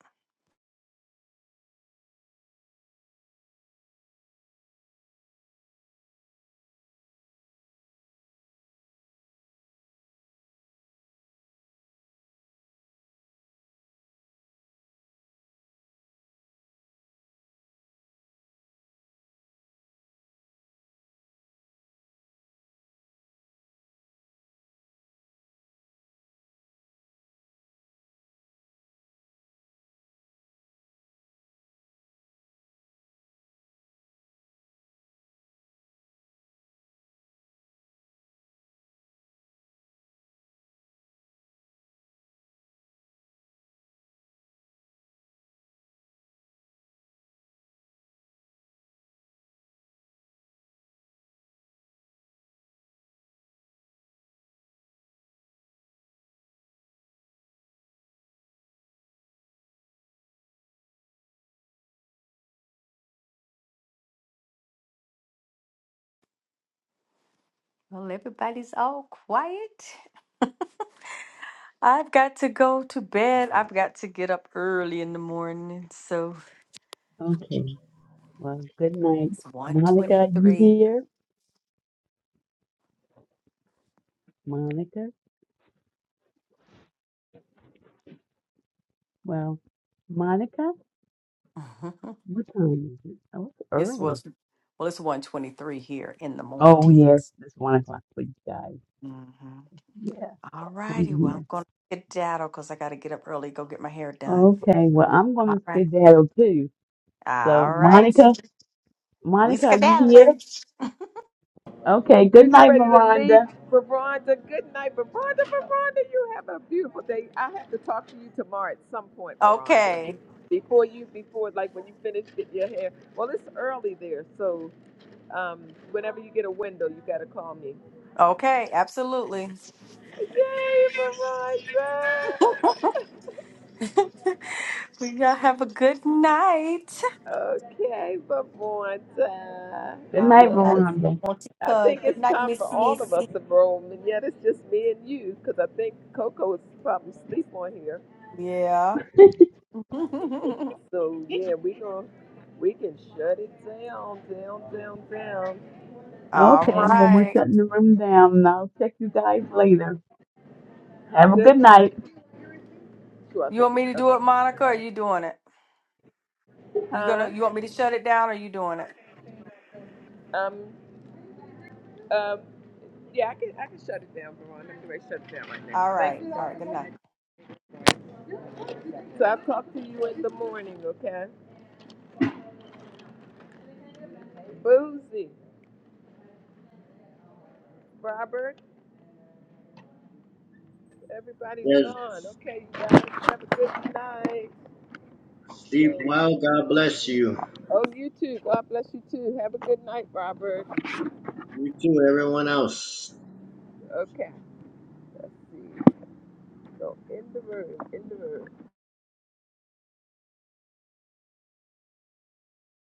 Well, everybody's all quiet. I've got to go to bed. I've got to get up early in the morning. So
Okay. Well, good night.
it's
Monica, you
123.
here? Monica? Well, Monica? What time is it? Oh, it's
it's well,
early.
it's- well, it's 123 here in the
Oh, yes.
mornings.
It's one o'clock, please, guys.
Mm-hmm.
Yeah.
All
Ten
righty. Well, I'm
here.
going to get daddle because I got to get up early, go get my hair done.
Okay. Well, I'm going
All
to
right.
skedaddle too. So,
All right.
Monica?
We
Monica, are you here?
skedaddling.
Okay.
You
Good
get
night,
ready to leave,
Veranda.
Veronda. Good night, Veronda. Veronda, you have a beautiful day. I have to talk to you tomorrow at some point, Veronda.
Okay.
Before you, before like when you finish getting your hair. Well, it's early there, so. Um, whenever you get a window, you gotta call me.
Okay. Absolutely.
Yay,
<laughs>
Veronta!
we y'all have a good night.
Okay, Veronta.
Good night,
All right.
Yes.
Veranda.
Won't you,
I
uh,
think
Good
it's
night,
time for
Miss
all of
Missy.
us to roam, and yet it's just me and you, because I think Coco is probably asleep on here.
Yeah. <laughs> All
So yeah, we gonna we can shut it down, down, down, down.
Okay. Well, we're
right.
shutting the room down. and I'll check you guys later. Have a
Good
good night.
night. Sure, I'll
You
take
want
it.
me to do
Okay.
it, Monica? Or are you doing it? You
Huh?
gonna you want me to shut it down or you doing it?
Um. Um. Yeah, I can I can shut it down, Veron. I'm gonna shut it down right now.
All
Thank
right.
you.
All right,
sir.
good night.
So I'll talk to you in the morning, okay? Boozy, Robert, everybody's
Yes.
gone. Okay, you guys have a good night.
Sleep
So,
well. God bless you.
oh, you too. God bless you too. Have a good night, Robert.
You too, everyone else.
Okay, let's see. So in the room, in the room.